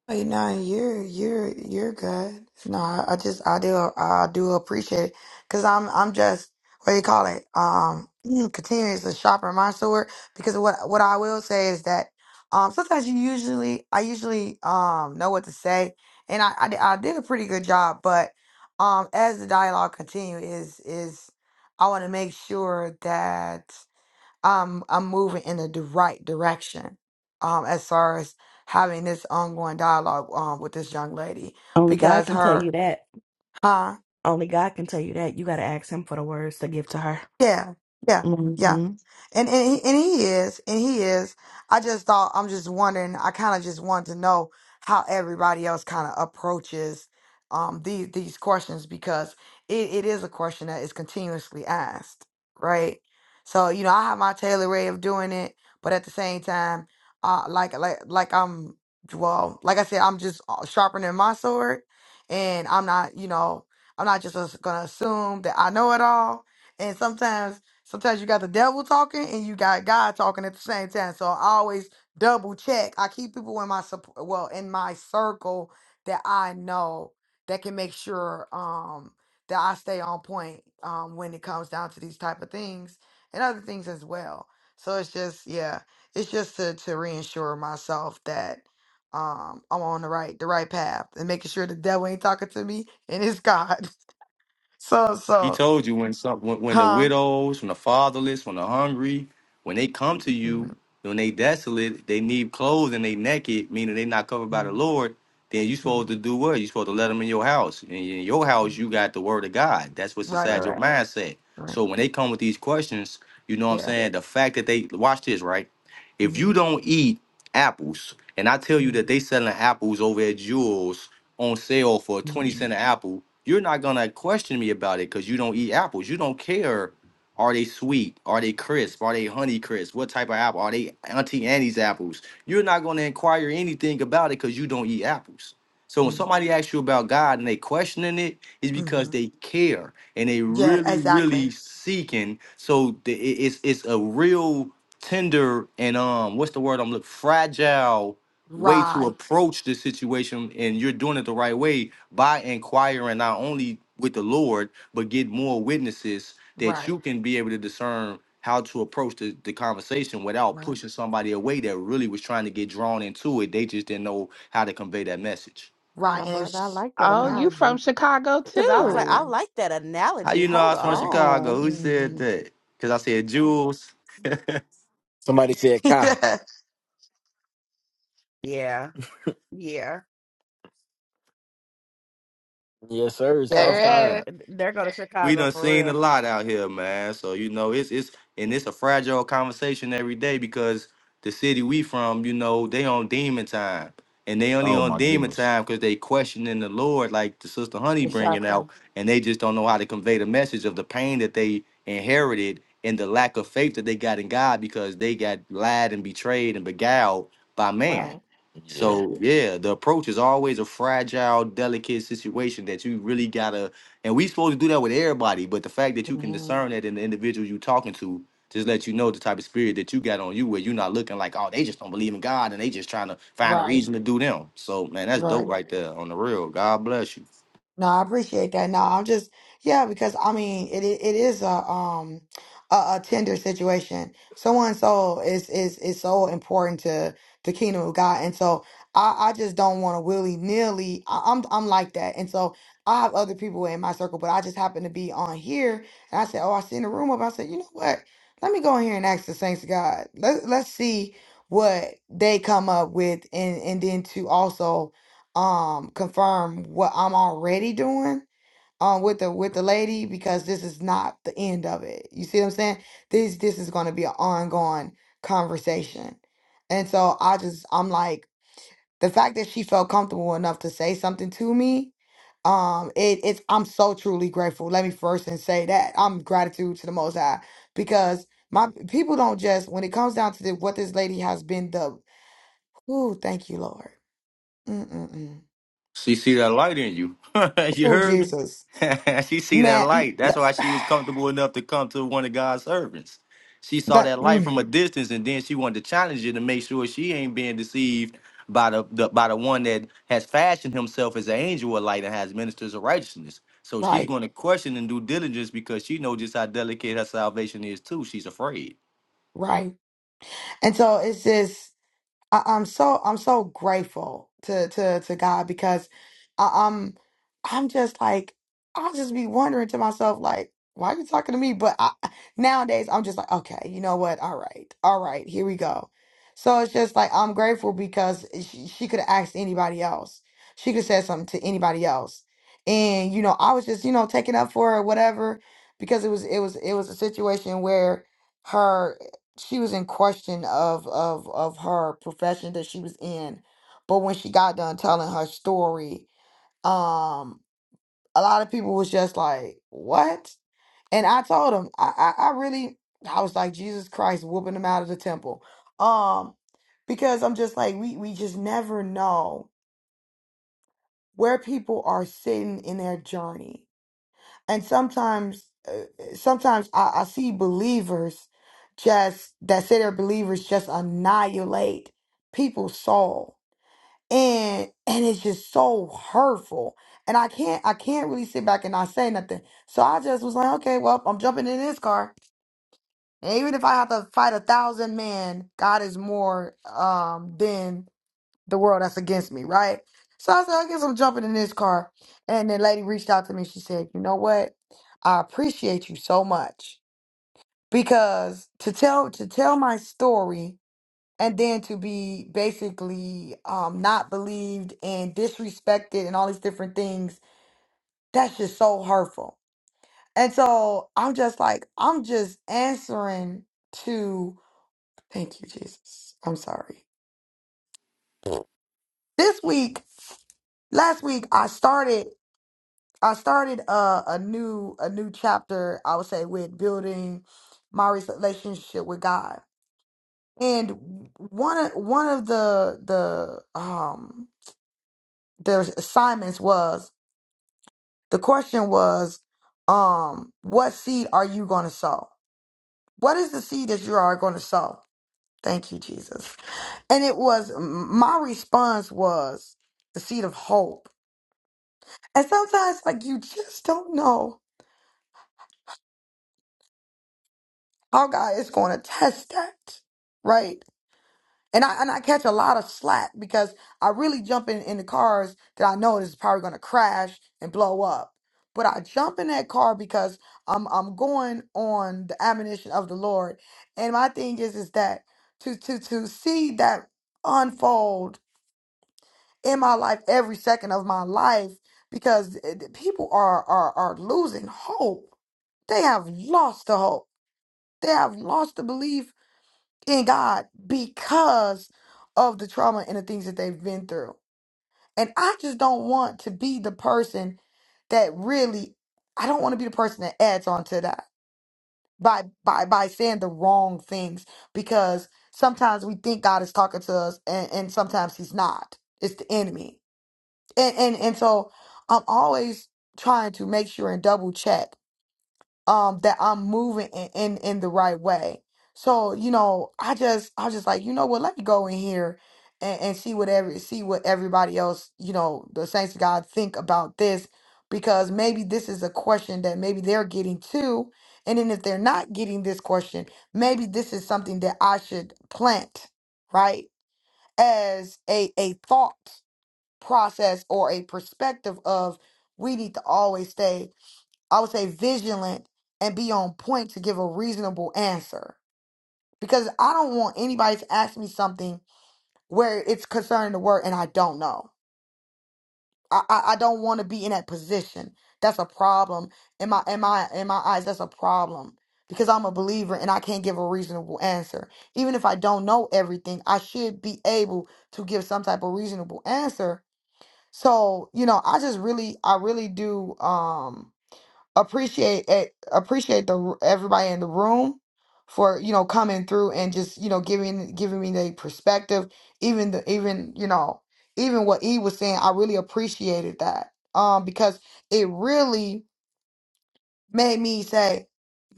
Wait, no, you're you're you're good. No, I, I just I do I do appreciate it because I'm I'm just what do you call it? Um, mm, continuous a shopper mindset because what what I will say is that um sometimes you usually I usually um know what to say and I I, di- I did a pretty good job, but um as the dialogue continue is is I want to make sure that. I'm I'm moving in the right direction um as far as having this ongoing dialogue um with this young lady only god because can tell her you that huh only god can tell you that you got to ask him for the words to give to her yeah yeah yeah hmm And and he, and he is, and he is. I just thought I'm just wondering. I kind of just wanted to know how everybody else kind of approaches um these these questions because it, it is a question that is continuously asked, right? So you know, I have my tailored way of doing it, but at the same time, uh, like like like I'm well, like I said, I'm just uh, sharpening my sword, and I'm not, you know, I'm not just gonna assume that I know it all, and sometimes. Sometimes you got the devil talking and you got God talking at the same time. So I always double check. I keep people in my sup- well in my circle that I know that can make sure um that I stay on point um when it comes down to these type of things and other things as well. So it's just yeah, it's just to to reassure myself that um I'm on the right the right path and making sure the devil ain't talking to me and it's God. So He so told you when some when, when the huh. widows, when the fatherless, when the hungry, when they come to Mm, you, when they desolate, they need clothes and they naked, meaning they not covered by the mm, Lord. Then you supposed mm. to do what? You supposed to let them in your house. And in your house, you got the word of God. That's what's Right, right, inside your right, mindset. right. So when they come with these questions, you know what I'm Yeah. saying. The fact that they watch this right. If hmm you don't eat apples, and I tell you mm that they selling apples over at Jewel's on sale for a 20 Yeah. cent an apple, you're not gonna question me about it because you don't eat apples. You don't care. Are they sweet? Are they crisp? Are they honey crisp? What type of apple? Are they Auntie Annie's apples? You're not gonna inquire anything about it because you don't eat apples. So when somebody asks you about God and they questioning it, it's because Mm-hmm. they care and they Yeah, really, really exactly. seeking. So the, it- it's it's a real tender and um, what's the word I'm looking? Fragile way to Right, approach the situation and you're doing it the right way by inquiring not only with the lord but get more witnesses that right, you can be able to discern how to approach the, the conversation without right, pushing somebody away that really was trying to get drawn into it they just didn't know how to convey that message right. now And brother i it's like that Oh, right, you from analogy Chicago because i was right, like i too. like that how analogy you know i hold was from right. chicago on who said hmm that because i said jules Somebody said, "Ka." yeah, Yeah. Yeah. Yes, sir. It's All yeah, oh right. outside. they're going to we chicago done for seen a real lot out here, man. So you know, it's it's and it's a fragile conversation every day because the city we from, you know, they on demon time, and they only Oh on my demon goodness. time because they questioning the Lord, like the sister Honey bringing exactly. out, and they just don't know how to convey the message of the pain that they inherited and the lack of faith that they got in God because they got lied and betrayed and beguiled by man. Right, Yeah, right, So yeah, the approach is always a fragile, delicate situation that you really gotta and we supposed to do that with everybody, but the fact that you can hmm discern that in the individual you talking to just let you know the type of spirit that you got on you, where you're not looking like, oh, they just don't believe in God and they just trying to find a right, reason to do them. So man, that's right, dope right there on the real. God bless you. No, I appreciate that. No, I'm just yeah, because I mean it i- it is a um a, a tender situation. Someone's soul is is is so important to the kingdom of God, and so I I just don't want to willy nilly. I'm I'm like that, and so I have other people in my circle, but I just happen to be on here, and I said, oh, I seen the room up. I said, you know what? Let me go in here and ask the saints of God. Let let's see what they come up with, and and then to also um confirm what I'm already doing um with the with the lady because this is not the end of it. You see what I'm saying? This this is going to be an ongoing conversation. And so I just I'm like the fact that she felt comfortable enough to say something to me um it, it's I'm so truly grateful. Let me first and say that. I'm gratitude to the most high because my people don't just when it comes down to the, what this lady has been the oh thank you Lord. Mm-mm-mm. She see that light in you. you Oh heard me? Jesus. she see that man, light. That's why she was that, comfortable enough to come to one of God's servants. She saw that that light mm, from a distance, and then she wanted to challenge you to make sure she ain't being deceived by the, the by the one that has fashioned himself as an angel of light and has ministers of righteousness. So she's right, going to question and do diligence because she knows just how delicate her salvation is too. She's afraid. right. And so it's just. I, I'm so I'm so grateful to to to God because I, I'm I'm just like I'll just be wondering to myself like why are you talking to me? But I, nowadays I'm just like okay, you know what? All right, all right, here we go. So it's just like I'm grateful because she, she could have asked anybody else. She could have said something to anybody else, and you know I was just you know taking up for her or whatever because it was it was it was a situation where she was in question of of of her profession that she was in but when she got done telling her story um a lot of people was just like what and i told them i i, I really i was like jesus christ whooping them out of the temple um because i'm just like we we just never know where people are sitting in their journey and sometimes uh, sometimes I, I see believers just that say they're believers just annihilate people's soul and and it's just so hurtful and i can't i can't really sit back and not say nothing so i just was like okay well i'm jumping in this car and even if i have to fight a thousand men god is more um than the world that's against me, right? So I said, I guess I'm jumping in this car. And the lady reached out to me. She said, You know what? I appreciate you so much. Because to tell to tell my story and then to be basically um not believed and disrespected and all these different things, that's just so hurtful. And so I'm just like, I'm just answering to thank you, Jesus. I'm sorry. This week, last week, I started. I started uh, a new a new chapter. I would say with building my relationship with God, and one of one of the the um the assignments was the question was um what seed are you going to sow? What is the seed that you are going to sow? Thank you, Jesus. And it was my response was the seed of hope. And sometimes, like you just don't know how God is going to test that, right? And I and I catch a lot of slack because I really jump in, in the cars that I know is probably gonna crash and blow up. But I jump in that car because I'm I'm going on the admonition of the Lord. And my thing is is that to to to see that unfold in my life every second of my life because eh, the people are are are losing hope. They have lost the hope. They have lost the belief in God because of the trauma and the things that they've been through. And I just don't want to be the person that really I don't want to be the person that adds on to that by by by saying the wrong things because sometimes we think God is talking to us and, and sometimes he's not. It's the enemy. And and and so I'm always trying to make sure and double check um that I'm moving in, in in the right way. So, you know, I just I was just like, you know what, let me go in here and, and see what every see what everybody else, you know, the saints of God think about this because maybe this is a question that maybe they're getting too. And then if they're not getting this question, maybe this is something that I should plant, right? As a a thought process or a perspective of we need to always stay I would say vigilant and be on point to give a reasonable answer because I don't want anybody to ask me something where it's concerning the word and I don't know. I, I, I don't want to be in that position. That's a problem in my in my in my eyes. That's a problem because I'm a believer and I can't give a reasonable answer. Even if I don't know everything, I should be able to give some type of reasonable answer. So you know, I just really I really do. Um, appreciate it, appreciate the everybody in the room for you know coming through and just you know giving giving me the perspective even the even you know even what he was saying i really appreciated that um because it really made me say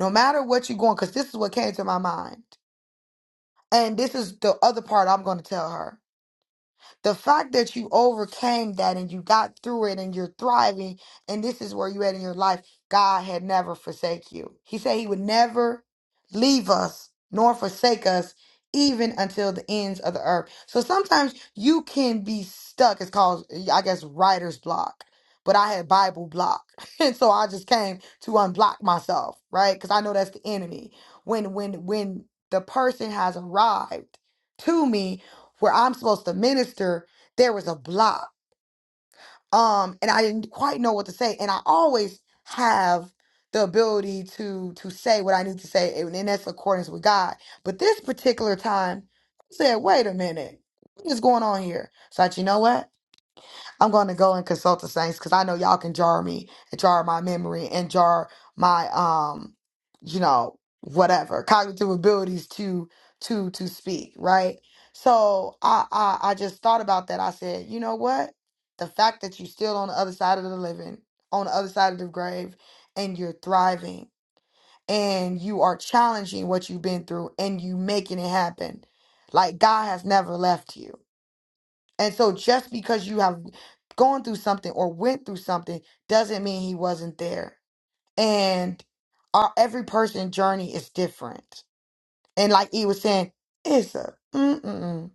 no matter what you're going because this is what came to my mind and this is the other part i'm going to tell her the fact that you overcame that and you got through it and you're thriving, and this is where you at in your life, God had never forsake you. He said he would never leave us nor forsake us even until the ends of the earth. So sometimes you can be stuck. It's called, I guess, writer's block. But I had Bible block. And so I just came to unblock myself, right? Because I know that's the enemy. When when when the person has arrived to me where I'm supposed to minister, there was a block. Um, and I didn't quite know what to say. And I always have the ability to to say what I need to say, and, and that's accordance with God. But this particular time, I said, wait a minute, what is going on here? So I, said, you know what? I'm going to go and consult the saints because I know y'all can jar me, jar my memory, and jar my um, you know, whatever cognitive abilities to to to speak, right? So I I, I just thought about that. I said, you know what? The fact that you're still on the other side of the living, on the other side of the grave, and you're thriving, and you are challenging what you've been through, and you making it happen. Like God has never left you and so just because you have gone through something or went through something doesn't mean he wasn't there. And our every person journey is different. And like he was saying, it's a mm-mm,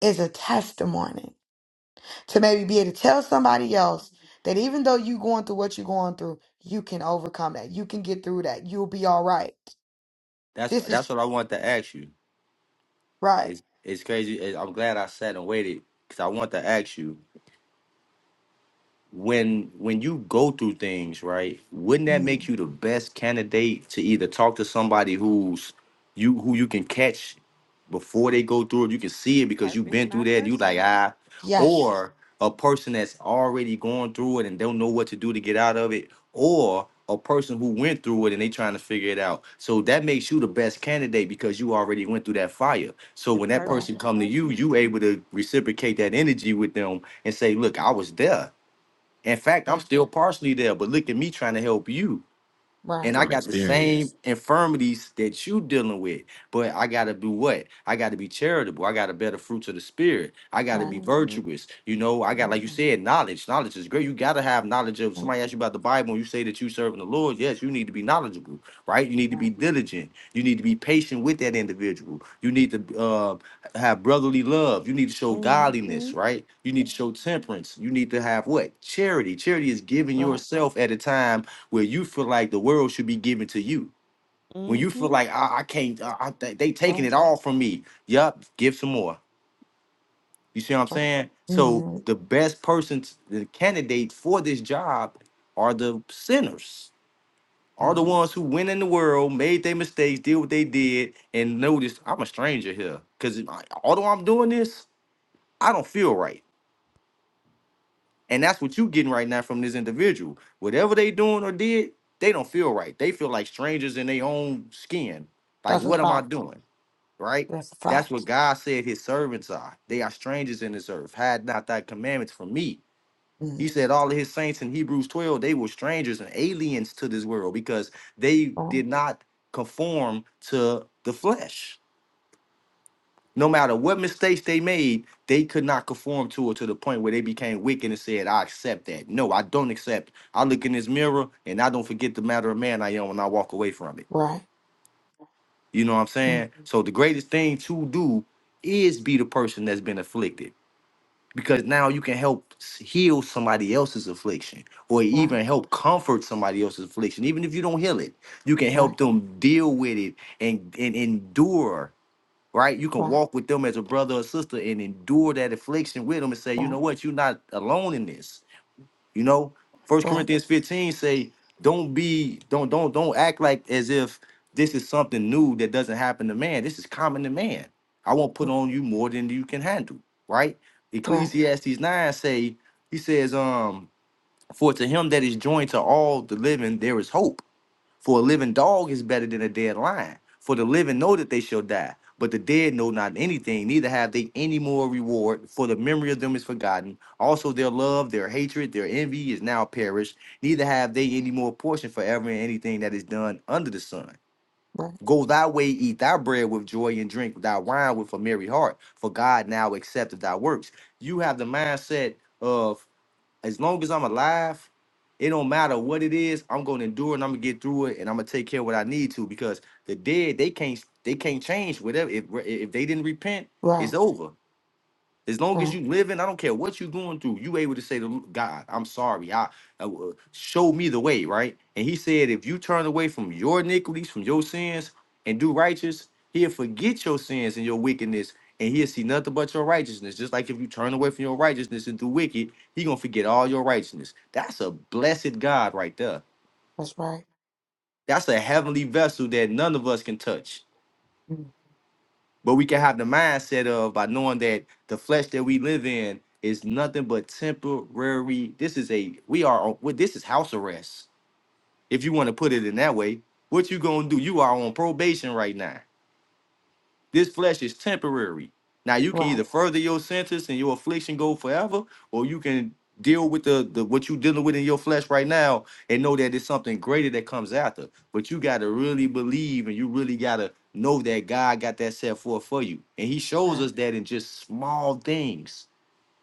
it's a testimony to maybe be able to tell somebody else that even though you going through what you're going through, you can overcome that. You can get through that. You'll be all right. That's This that's is what I want to ask you. right. It's it's crazy. It- I'm glad I sat and waited because I want to ask you when when you go through things right wouldn't that Mhm. make you the best candidate to either talk to somebody who's you who you can catch before they go through it you can see it because you've purpose been through not that and you like personal ah Yes. or a person that's already gone through it and don't know what to do to get out of it or a person who went through it and they trying to figure it out so that makes you the best candidate because you already went through that fire so the when that Right. purpose person not come to you personal you able to reciprocate that energy with them and say look i was there in fact, I'm Right. still partially there, but look at me trying to help you Right. and I from got the same experience. infirmities that you dealing with. But I gotta do what? I gotta be charitable. I gotta bear the fruits of the spirit. I gotta Right. be virtuous. You know, I got like you Mhm. said, knowledge. Knowledge is great. You gotta have knowledge of somebody asks you about the Bible and you say that you serving the Lord. Yes, you need to be knowledgeable, right? You need to be Right. diligent. You need to be patient with that individual. You need to uh, have brotherly love. You need to show Mm-hmm. godliness, right? You need to show temperance. You need to have what? Charity. Charity is giving Right. yourself at a time where you feel like the world should be given to you. When you feel Mm-hmm. like I, I can't, I, I, they they taking Right. it all from me. Yup, give some more. You see what I'm saying? So Mm-hmm. the best persons, the candidate for this job, are the sinners, are the hmm ones who went in the world, made their mistakes, did what they did, and noticed I'm a stranger here. Cause although I'm doing this, I don't feel right. And that's what you getting right now from this individual. Whatever they doing or did, they don't feel right. They feel like strangers in their own skin. Like, That's a what am I fact. doing? Right? That's a That's what fact. God said his servants are. They are strangers in this earth. Had not thy commandments from me. Mm-hmm. He said all of his saints in Hebrews 12, they were strangers and aliens to this world because they Right. did not conform to the flesh. No matter what mistakes they made, they could not conform to it to the point where they became wicked and said, I accept that. No, I don't accept. I look in this mirror and I don't forget the matter of man I am when I walk away from it. Right. You know what I'm saying? Mm-hmm. So the greatest thing to do is be the person that's been afflicted because now you can help s- heal somebody else's affliction or Right. even help comfort somebody else's affliction. Even if you don't heal it, you can Right. help them deal with it and, and endure right? You can Right. walk with them as a brother or sister and endure that affliction with them and say, you know what, you're not alone in this. You know, First Right. Right. Corinthians 15 say, don't be, don't, don't, don't act like as if this is something new that doesn't happen to man. This is common to man. I won't put mm, on you more than you can handle, right? Right. Ecclesiastes 9 say, he says, um, for to him that is joined to all the living, there is hope for a living dog is better than a dead lion. For the living know that they shall die, but the dead know not anything, neither have they any more reward, for the memory of them is forgotten. Also their love, their hatred, their envy is now perished, neither have they any more portion forever in anything that is done under the sun. Go thy way, eat thy bread with joy, and drink thy wine with a merry heart, for God now accepteth thy works. You have the mindset of as long as I'm alive, it don't matter what it is, I'm gonna endure and I'm gonna get through it and I'm gonna take care of what I need to because the dead they can't they can't change whatever if if they didn't repent, Right. it's Right. over. As long as you Right. living, I don't care what you going through. You able to say to God, "I'm sorry. I, I uh, show me the way." Right? And He said, if you turn away from your iniquities, from your sins, and do righteous, He'll forget your sins and your wickedness, and He'll see nothing but your righteousness. Just like if you turn away from your righteousness and do wicked, He gonna forget all your righteousness. That's a blessed God right there. That's right. That's a heavenly vessel that none of us can touch. Mm-hmm. But we can have the mindset of by knowing that the flesh that we live in is nothing but temporary. This is a we are on well, this is house arrest, if you want to put it in that way. What you gonna do? You are on probation right now. This flesh is temporary. Now you can Right. either further your sentence and your affliction go forever, or you can deal with the, the what you dealing with in your flesh right now and know that it's something greater that comes after. But you gotta really believe and you really gotta know that God got that set forth for you. And he shows Right. us that in just small things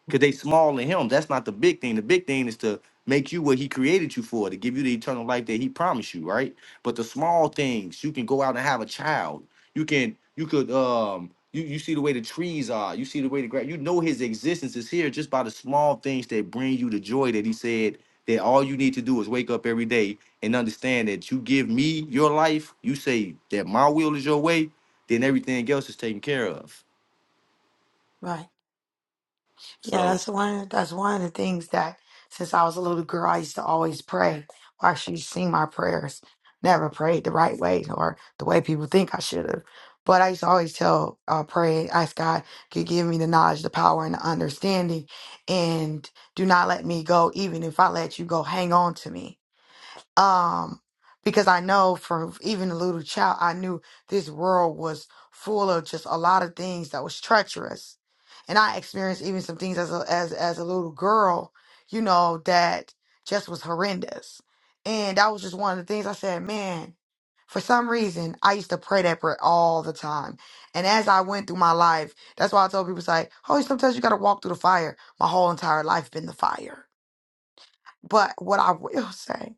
because they Mm-hmm. small in him. That's not the big thing. The big thing is to make you what he created you for, to give you the eternal life that he promised you, right? But the small things, you can go out and have a child. You can, you could, um, you, you see the way the trees are. You see the way the grass. You know his existence is here just by the small things that bring you the joy that he said that all you need to do is wake up every day and understand that you give me your life. You say that my will is your way, then everything else is taken care of. Right. Yeah, So that's one. That's one of the things that since I was a little girl, I used to always pray. Or actually sing my prayers. Never prayed the right way or the way people think I should have. But I used to always tell, uh, pray, ask God to give me the knowledge, the power, and the understanding, and do not let me go. Even if I let you go, hang on to me um because i know from even a little child i knew this world was full of just a lot of things that was treacherous and i experienced even some things as a as, as a little girl you know that just was horrendous and that was just one of the things i said man for some reason i used to pray that prayer all the time and as i went through my life that's why i told people it's like oh sometimes you gotta walk through the fire my whole entire life been the fire but what i will say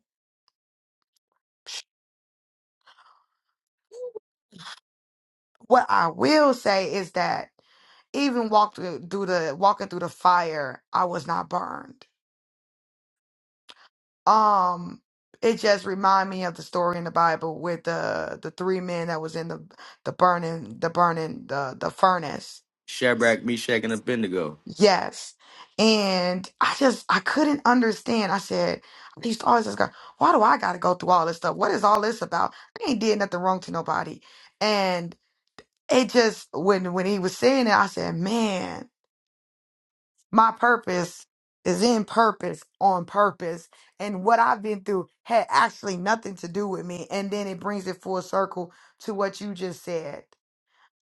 What I will say is that even walk through, through the walking through the fire, I was not burned. Um, it just reminded me of the story in the Bible with the the three men that was in the the burning the burning the the furnace. Shadrach, Meshach, and Abednego. Yes, and I just I couldn't understand. I said I used to always just go, why do I got to go through all this stuff? What is all this about? I ain't did nothing wrong to nobody, and it just when when he was saying it, I said, man my purpose is in purpose on purpose and what i've been through had actually nothing to do with me and then it brings it full circle to what you just said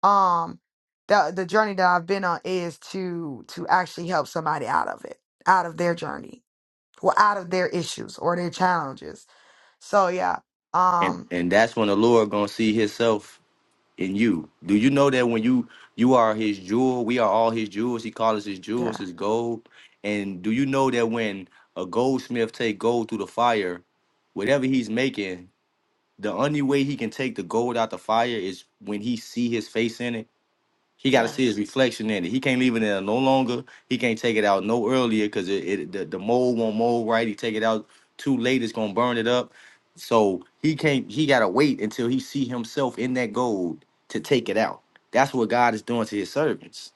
um the the journey that i've been on is to to actually help somebody out of it out of their journey or out of their issues or their challenges so yeah and um and that's when the Lord gonna see Himself in you. Do you know that when you you are His jewel, we are all His jewels. He calls us His yeah jewels, His gold. And do you know that when a goldsmith take gold through the fire, whatever he's making, the only way he can take the gold out the fire is when he see His face in it. He got to see his yes reflection in it. He can't leave it in there no longer. He can't take it out no earlier because it, it the, the mold won't mold right. He take it out too late, it's gonna burn it up. So he can't. He gotta wait until he see himself in that gold to take it out. That's what God is doing to His servants.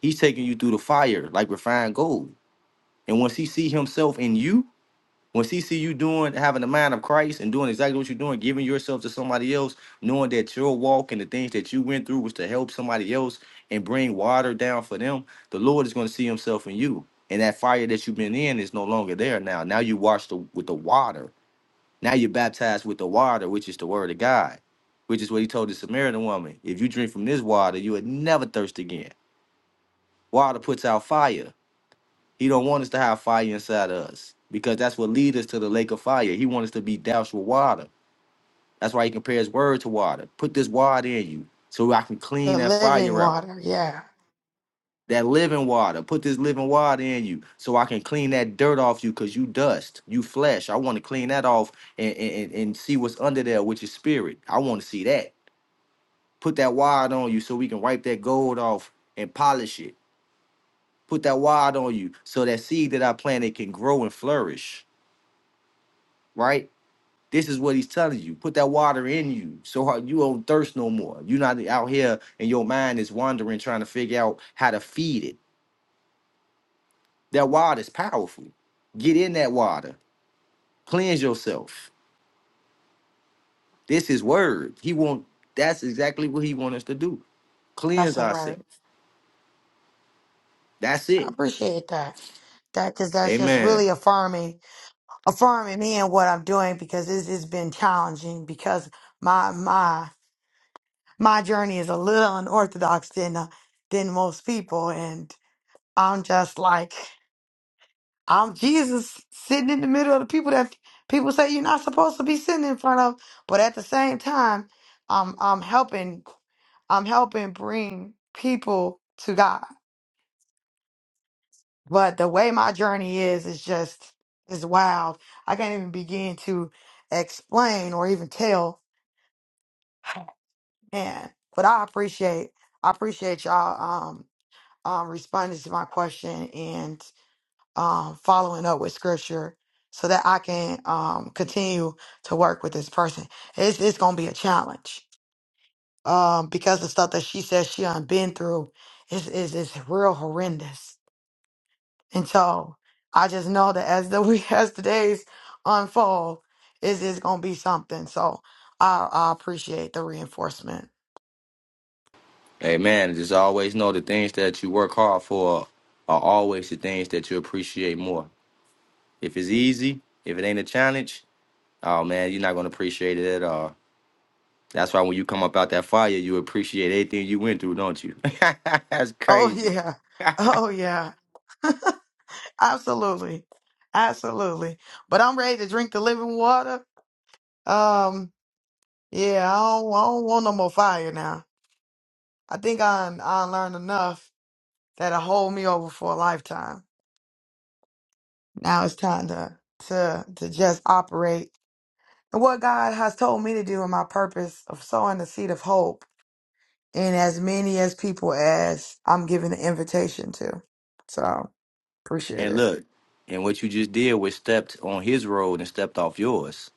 He's taking you through the fire like refined gold. And once He see Himself in you, when she see you doing, having the mind of Christ and doing exactly what you're doing, giving yourself to somebody else, knowing that your walk and the things that you went through was to help somebody else and bring water down for them, the Lord is going to see Himself in you. And that fire that you've been in is no longer there now. Now you washed the, with the water. Now you're baptized with the water, which is the word of God, which is what He told the Samaritan woman. If you drink from this water, you would never thirst again. Water puts out fire. He don't want us to have fire inside of us because that's what leads us to the lake of fire. He wants us to be doused with water. That's why he compares word to water. Put this water in you so I can clean the that living fire out. water yeah That living water. Put this living water in you so I can clean that dirt off you because you dust, you flesh. I want to clean that off and, and, and see what's under there, which is spirit. I want to see that. Put that water on you so we can wipe that gold off and polish it. Put that water on you so that seed that I planted can grow and flourish right? This is what he's telling you. Put that water in you. So hard you don't thirst no more. You're not out here and your mind is wandering trying to figure out how to feed it. That water is powerful. Get in that water. Cleanse yourself. This is word. He want that's exactly what he wants us to do. Cleanse that's all right ourselves. That's i it. appreciate that that because that's just Amen. really affirming affirming me and what I'm doing because this has been challenging because my my my journey is a little unorthodox than uh, than most people and I'm just like I'm Jesus sitting in the middle of the people that people say you're not supposed to be sitting in front of but at the same time I'm I'm helping I'm helping bring people to God but the way my journey is is just is wild I can't even begin to explain or even tell Man, but I appreciate I appreciate y'all um um responding to my question and um following up with scripture so that I can um continue to work with this person. It's it's gonna be a challenge. Um because the stuff that she says she done been through is is is real horrendous. And so I just know that as the week as the days unfold, is is gonna be something. So I I appreciate the reinforcement. Amen. Just always know the things that you work hard for are always the things that you appreciate more. If it's easy, if it ain't a challenge, oh man, you're not gonna appreciate it at all. That's why when you come up out that fire, you appreciate everything you went through, don't you? That's Oh crazy. yeah. Oh yeah. Absolutely. Absolutely. But I'm ready to drink the living water. Um, yeah, I don't, I don't want no more fire now. I think I I learned enough that'll hold me over for a lifetime. Now it's time to to to just operate and what God has told me to do in my purpose of sowing the seed of hope in as many as people as I'm given the invitation to. So appreciate and it. look, and what you just did was stepped on his road and stepped off yours.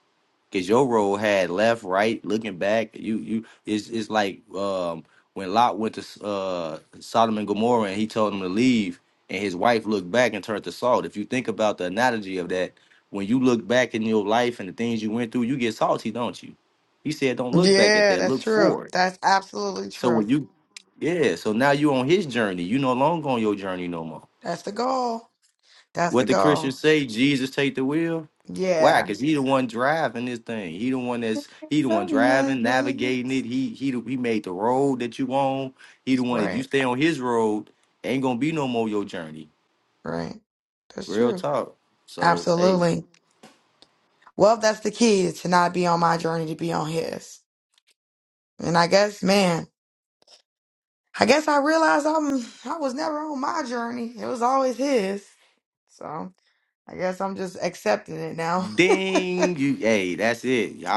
Cause your road had left, right, looking back. You you it's it's like um when Lot went to uh Sodom and Gomorrah and he told him to leave and his wife looked back and turned to salt. If you think about the analogy of that, when you look back in your life and the things you went through, you get salty, don't you? He said, Don't look back at Yeah, that, that's look true. forward That's absolutely So true. when you, yeah, so now you on his journey. You no longer on your journey no more. That's the goal. That's the What the goal. Christians say, Jesus take the wheel. Why? Yeah. Cause he the one driving this thing. He the one that's he the one From my driving, navigating hands. it. He he the, he made the road that you on. He the one. If you Right, stay on his road, ain't gonna be no more your journey. right. That's Real true. talk. So hey, Absolutely. Well, that's the key is to not be on my journey, to be on his. And I guess, man, I guess I realized I'm I was never on my journey. It was always his. So I guess I'm just accepting it now. ding you. Hey, that's it. Y'all.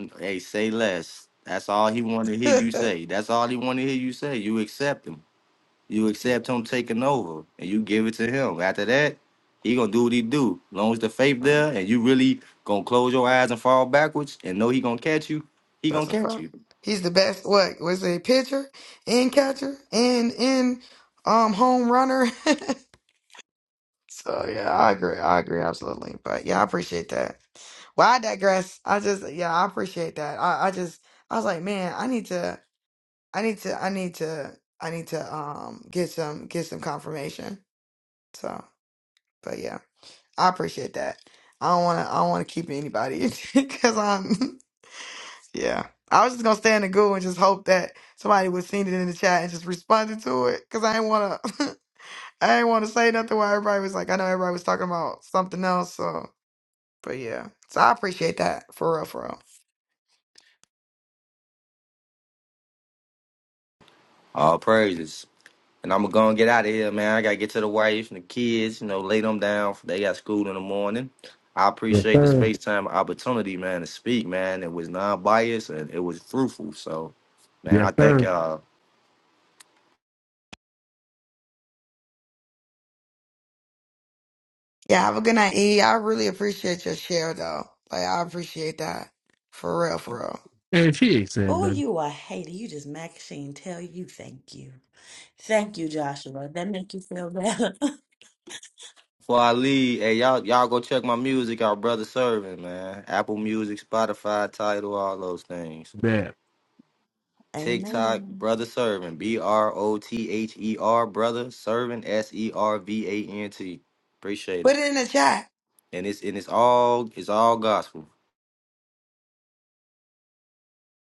I, I, hey, say less. That's all he want to hear you yeah, say. That's all he want to hear you say. You accept him. You accept him taking over and you give it to him. After that, he gonna do what he do. long as the faith right. there and you really gonna close your eyes and fall backwards and know he gonna catch you, he gonna That's a catch fact. you. He's the best. What was it? Pitcher and catcher and in um home runner So yeah, I agree. I agree absolutely. But yeah, I appreciate that. Well, I digress. I just yeah, I appreciate that. I, I just I was like, man, I need to I need to I need to I need to um get some get some confirmation. So but yeah, I appreciate that. I don't wanna I don't wanna keep anybody because I'm yeah. I was just gonna stay in the goo and just hope that somebody was seen it in the chat and just responded to it. Cause I didn't wanna I didn't wanna say nothing while everybody was like I know everybody was talking about something else, so But yeah, so I appreciate that for real, for real. All praises. And I'm gonna go and get out of here, man. I gotta get to the wife and the kids, you know, lay them down. They got school in the morning. I Yes, appreciate the sir. space time opportunity, man, to speak, man. It was non biased and it was fruitful. So, man, I Yes, thank sir. y'all. Yeah, have a good night, E. I really appreciate your share though. Like I appreciate that for real, for real. And she ain't said Oh, nothing you are hater. You just Maxine tell you thank you. Thank you, Joshua. That make you feel better. Before I leave, hey y'all, y'all go check my music out, brother serving, man. Apple Music, Spotify, title, all those things. bad. TikTok, Amen. brother serving, B R O T H E R, brother serving, S E R V A N T. Appreciate Put it, it in the chat. and it's and it's all it's all gospel.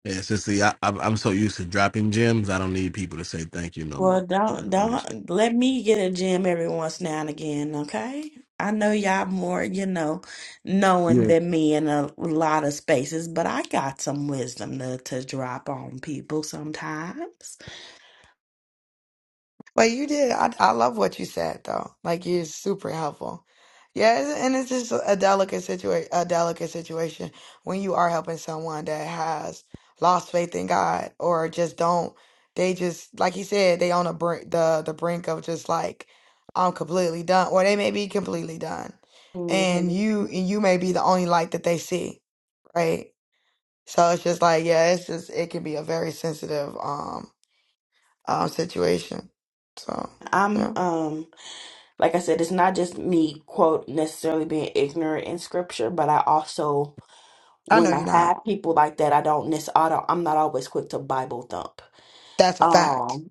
Yeah, so see, I, I'm I'm so used to dropping gems, I don't need people to say thank you no Well, more. I, don't I'm just don't let me get a gym every once now and again, okay? I know y'all more, you know, knowing yeah. than me in a lot of spaces, but I got some wisdom to, to drop on people sometimes. But you did. I, I love what you said though. Like you're super helpful. Yeah, it's- and it's just a delicate situation. A delicate situation when you are helping someone that has lost faith in God or just don't. They just like you said. They on the brink, the the brink of just like I'm completely done, or they may be completely done, and hmm you and you may be the only light that they see, right? So it's just like yeah, it's just it can be a very sensitive um um situation. So I'm yeah. um Mm-hmm. like I said, it's not just me, quote, necessarily being ignorant in scripture, but I also, I know when you're I not. have people like that, I don't necessarily, I don't, I'm not always quick to Bible thump. That's a fact, Um,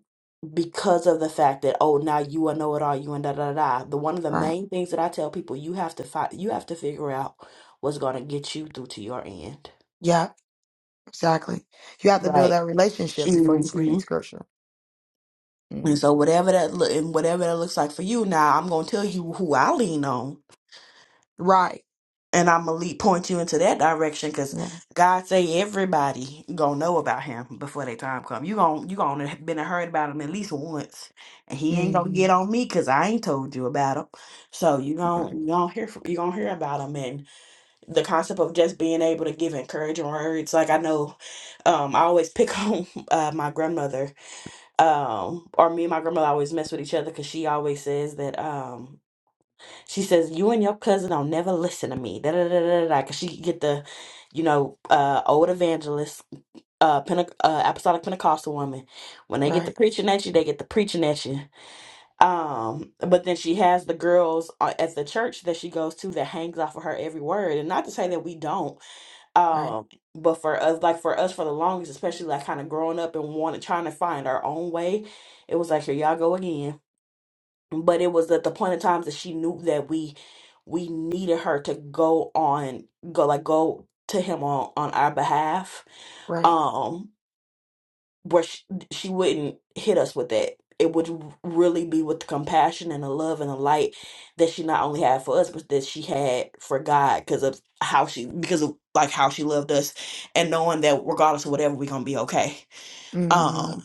because of the fact that, oh, now you a know it all, you and da da da. da. The one of the right? main things that I tell people, you have to fight, you have to figure out what's going to get you through to your end. Yeah, exactly. You have to build Like, that relationship before you bring in mhm. scripture. Mm. and so whatever that look and whatever that looks like for you now, I'm gonna tell you who I lean on Right. and I'm gonna lead, point you into that direction because Yeah. God say everybody gonna know about him before their time come. You gonna you gonna have been heard about him at least once, and he ain't gonna hmm get on me because I ain't told you about him. So you Right. gon' you gonna hear from, you gonna hear about him and the concept of just being able to give encouraging words. Like I know, um, I always pick on uh, my grandmother, um, or me and my grandmother always mess with each other because she always says that um she says, "You and your cousin don't never listen to me." Da da da da da. da, Cause she could get the, you know, uh, old evangelist, uh, Pente- uh, apostolic Pentecostal woman. When they get the Right. preaching at you, they get the preaching at you. Um, but then she has the girls uh, at the church that she goes to that hangs off of her every word. And not to say that we don't, Right. um, but for us, like for us, for the longest, especially like kind of growing up and wanting trying to find our own way, it was like here y'all go again but it was at the point of times that she knew that we we needed her to go on go like go to him on on our behalf Right. um where she, she wouldn't hit us with that it would really be with the compassion and the love and the light that she not only had for us but that she had for god because of how she because of like how she loved us and knowing that regardless of whatever we're gonna be okay hmm um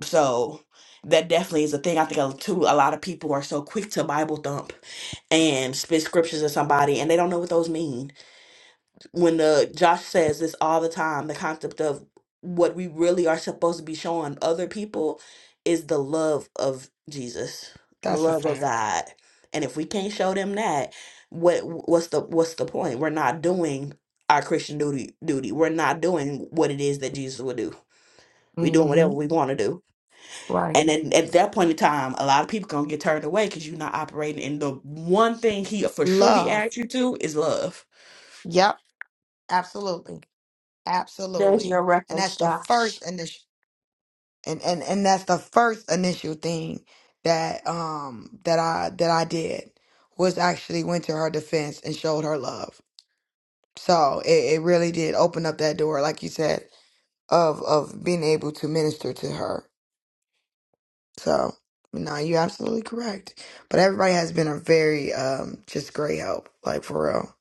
so that definitely is a thing i think uh, too a lot of people are so quick to bible thump and spit scriptures at somebody and they don't know what those mean. When the Josh says this all the time, the concept of what we really are supposed to be showing other people is the love of Jesus, the That's a love of fact. God. And if we can't show them that, what what's the what's the point? We're not doing our Christian duty duty. We're not doing what it is that Jesus would do. We doing hmm whatever we want to do. Right. And then at that point in time, a lot of people gonna get turned away because you're not operating. And the one thing he for sure he Love. asked you to is love. Yep. Absolutely. There's Absolutely. your And that's reference, the Josh. first initial, and, and and that's the first initial thing that um that I that I did was actually went to her defense and showed her love So it, it really did open up that door, like you said, of of being able to minister to her. So no, you're absolutely correct. But everybody has been a very um just great help, like for real.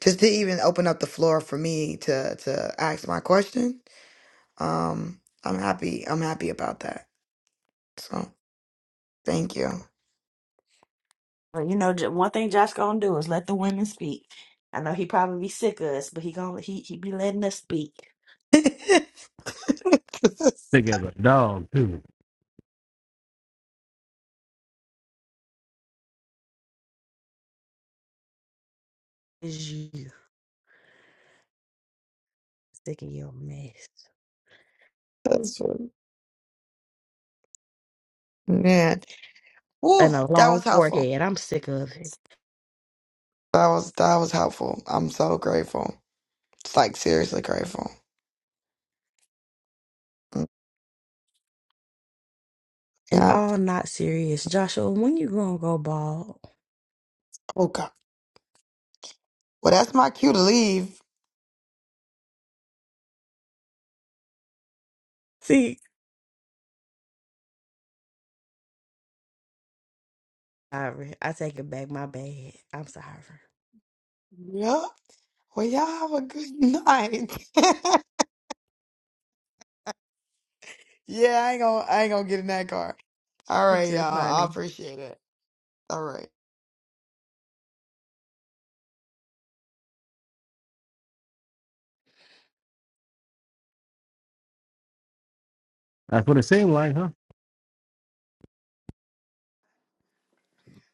Just to even open up the floor for me to to ask my question. Um, I'm happy. I'm happy about that. So thank you. Well, you know, J- one thing Josh gonna do is let the women speak. I know he probably be sick of us, but he gonna he he be letting us speak. that's, Think as a dog too. Is you sick of your mess that's funny. man. Woo, and a that was long helpful. forehead? I'm sick of it. That was that was helpful. I'm so grateful. It's like seriously grateful. Mm, And Yeah. all not serious, Joshua. When you gonna go bald? Oh God. Well, that's my cue to leave. See, sorry, I take it back. My bad. I'm sorry. Yeah. Well, y'all have a good night. yeah, I ain't gonna I ain't gonna get in that car. All You right, too, y'all. I honey. appreciate it. All right. That's what it seemed like, huh?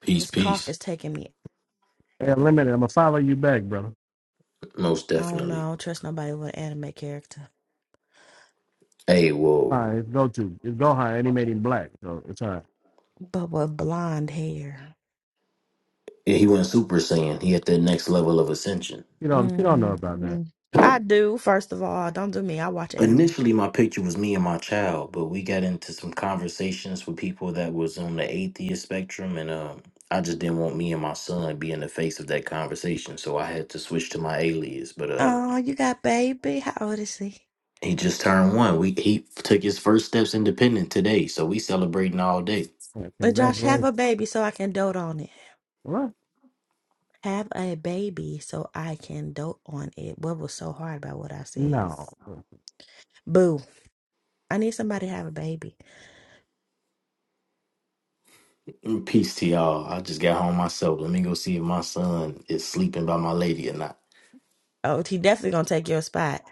Peace, This cough peace. is taking me. Hey, limited. I'm gonna follow you back, brother. Most I don't know. I definitely. don't trust nobody with an anime character, Hey, All well, right, it's go to it's go high, and he made him black, so it's all right. but with blonde hair. yeah, he went super saiyan. He at that next level of ascension. You don't you don't hmm know about that. I do. First of all, don't do me. I watch anime. Initially, my picture was me and my child, but we got into some conversations with people that was on the atheist spectrum, and um, I just didn't want me and my son be in the face of that conversation, so I had to switch to my alias. But uh, Oh, you got baby. How old is he? he just turned one. We he took his first steps independent today, so we celebrating all day. Yeah, Uh, Josh, have congratulations. a baby so I can dote on it. Have a baby so I can dote on it. What was so hard about what I said? No. Boo. I need somebody to have a baby. Mm, Peace to y'all. I just got home myself. Let me go see if my son is sleeping by my lady or not. Oh, he definitely gonna take your spot.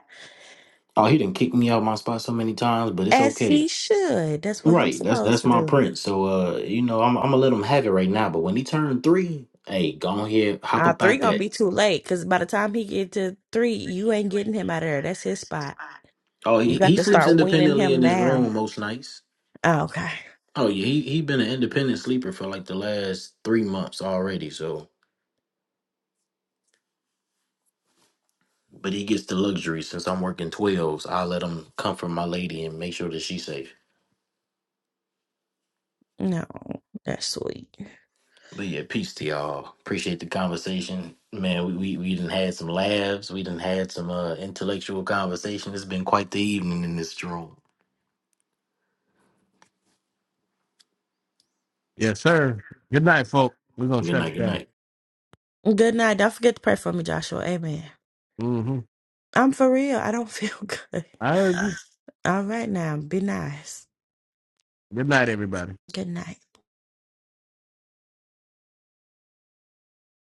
Oh, he didn't kick me out my spot so many times, but it's As okay. he should. That's what him Right, that's supposed that's to my do. prince. So uh, you know, I'm I'm gonna let him have it right now. But when he turned three, hey, go on here, hop Uh, up three out gonna that. be too late because by the time he get to three, you ain't getting him out of there. That's his spot. Oh, You he, got he to sleeps start weaning independently him in his now. room most nights. Oh, okay. Oh yeah, he he been an independent sleeper for like the last three months already. So, but he gets the luxury since I'm working twelves. I let him comfort my lady and make sure that she's safe. No, that's sweet. But yeah, peace to y'all. Appreciate the conversation, man. We we we done had some laughs. We done had some uh intellectual conversation. It's been quite the evening in this room. Yes, sir. Good night, folk. We're gonna Good shut night. it Good down. night. Good night. Don't forget to pray for me, Joshua. Amen. Mm-hmm. I'm for real. I don't feel good. I heard you. All right now. Be nice. Good night, everybody. Good night.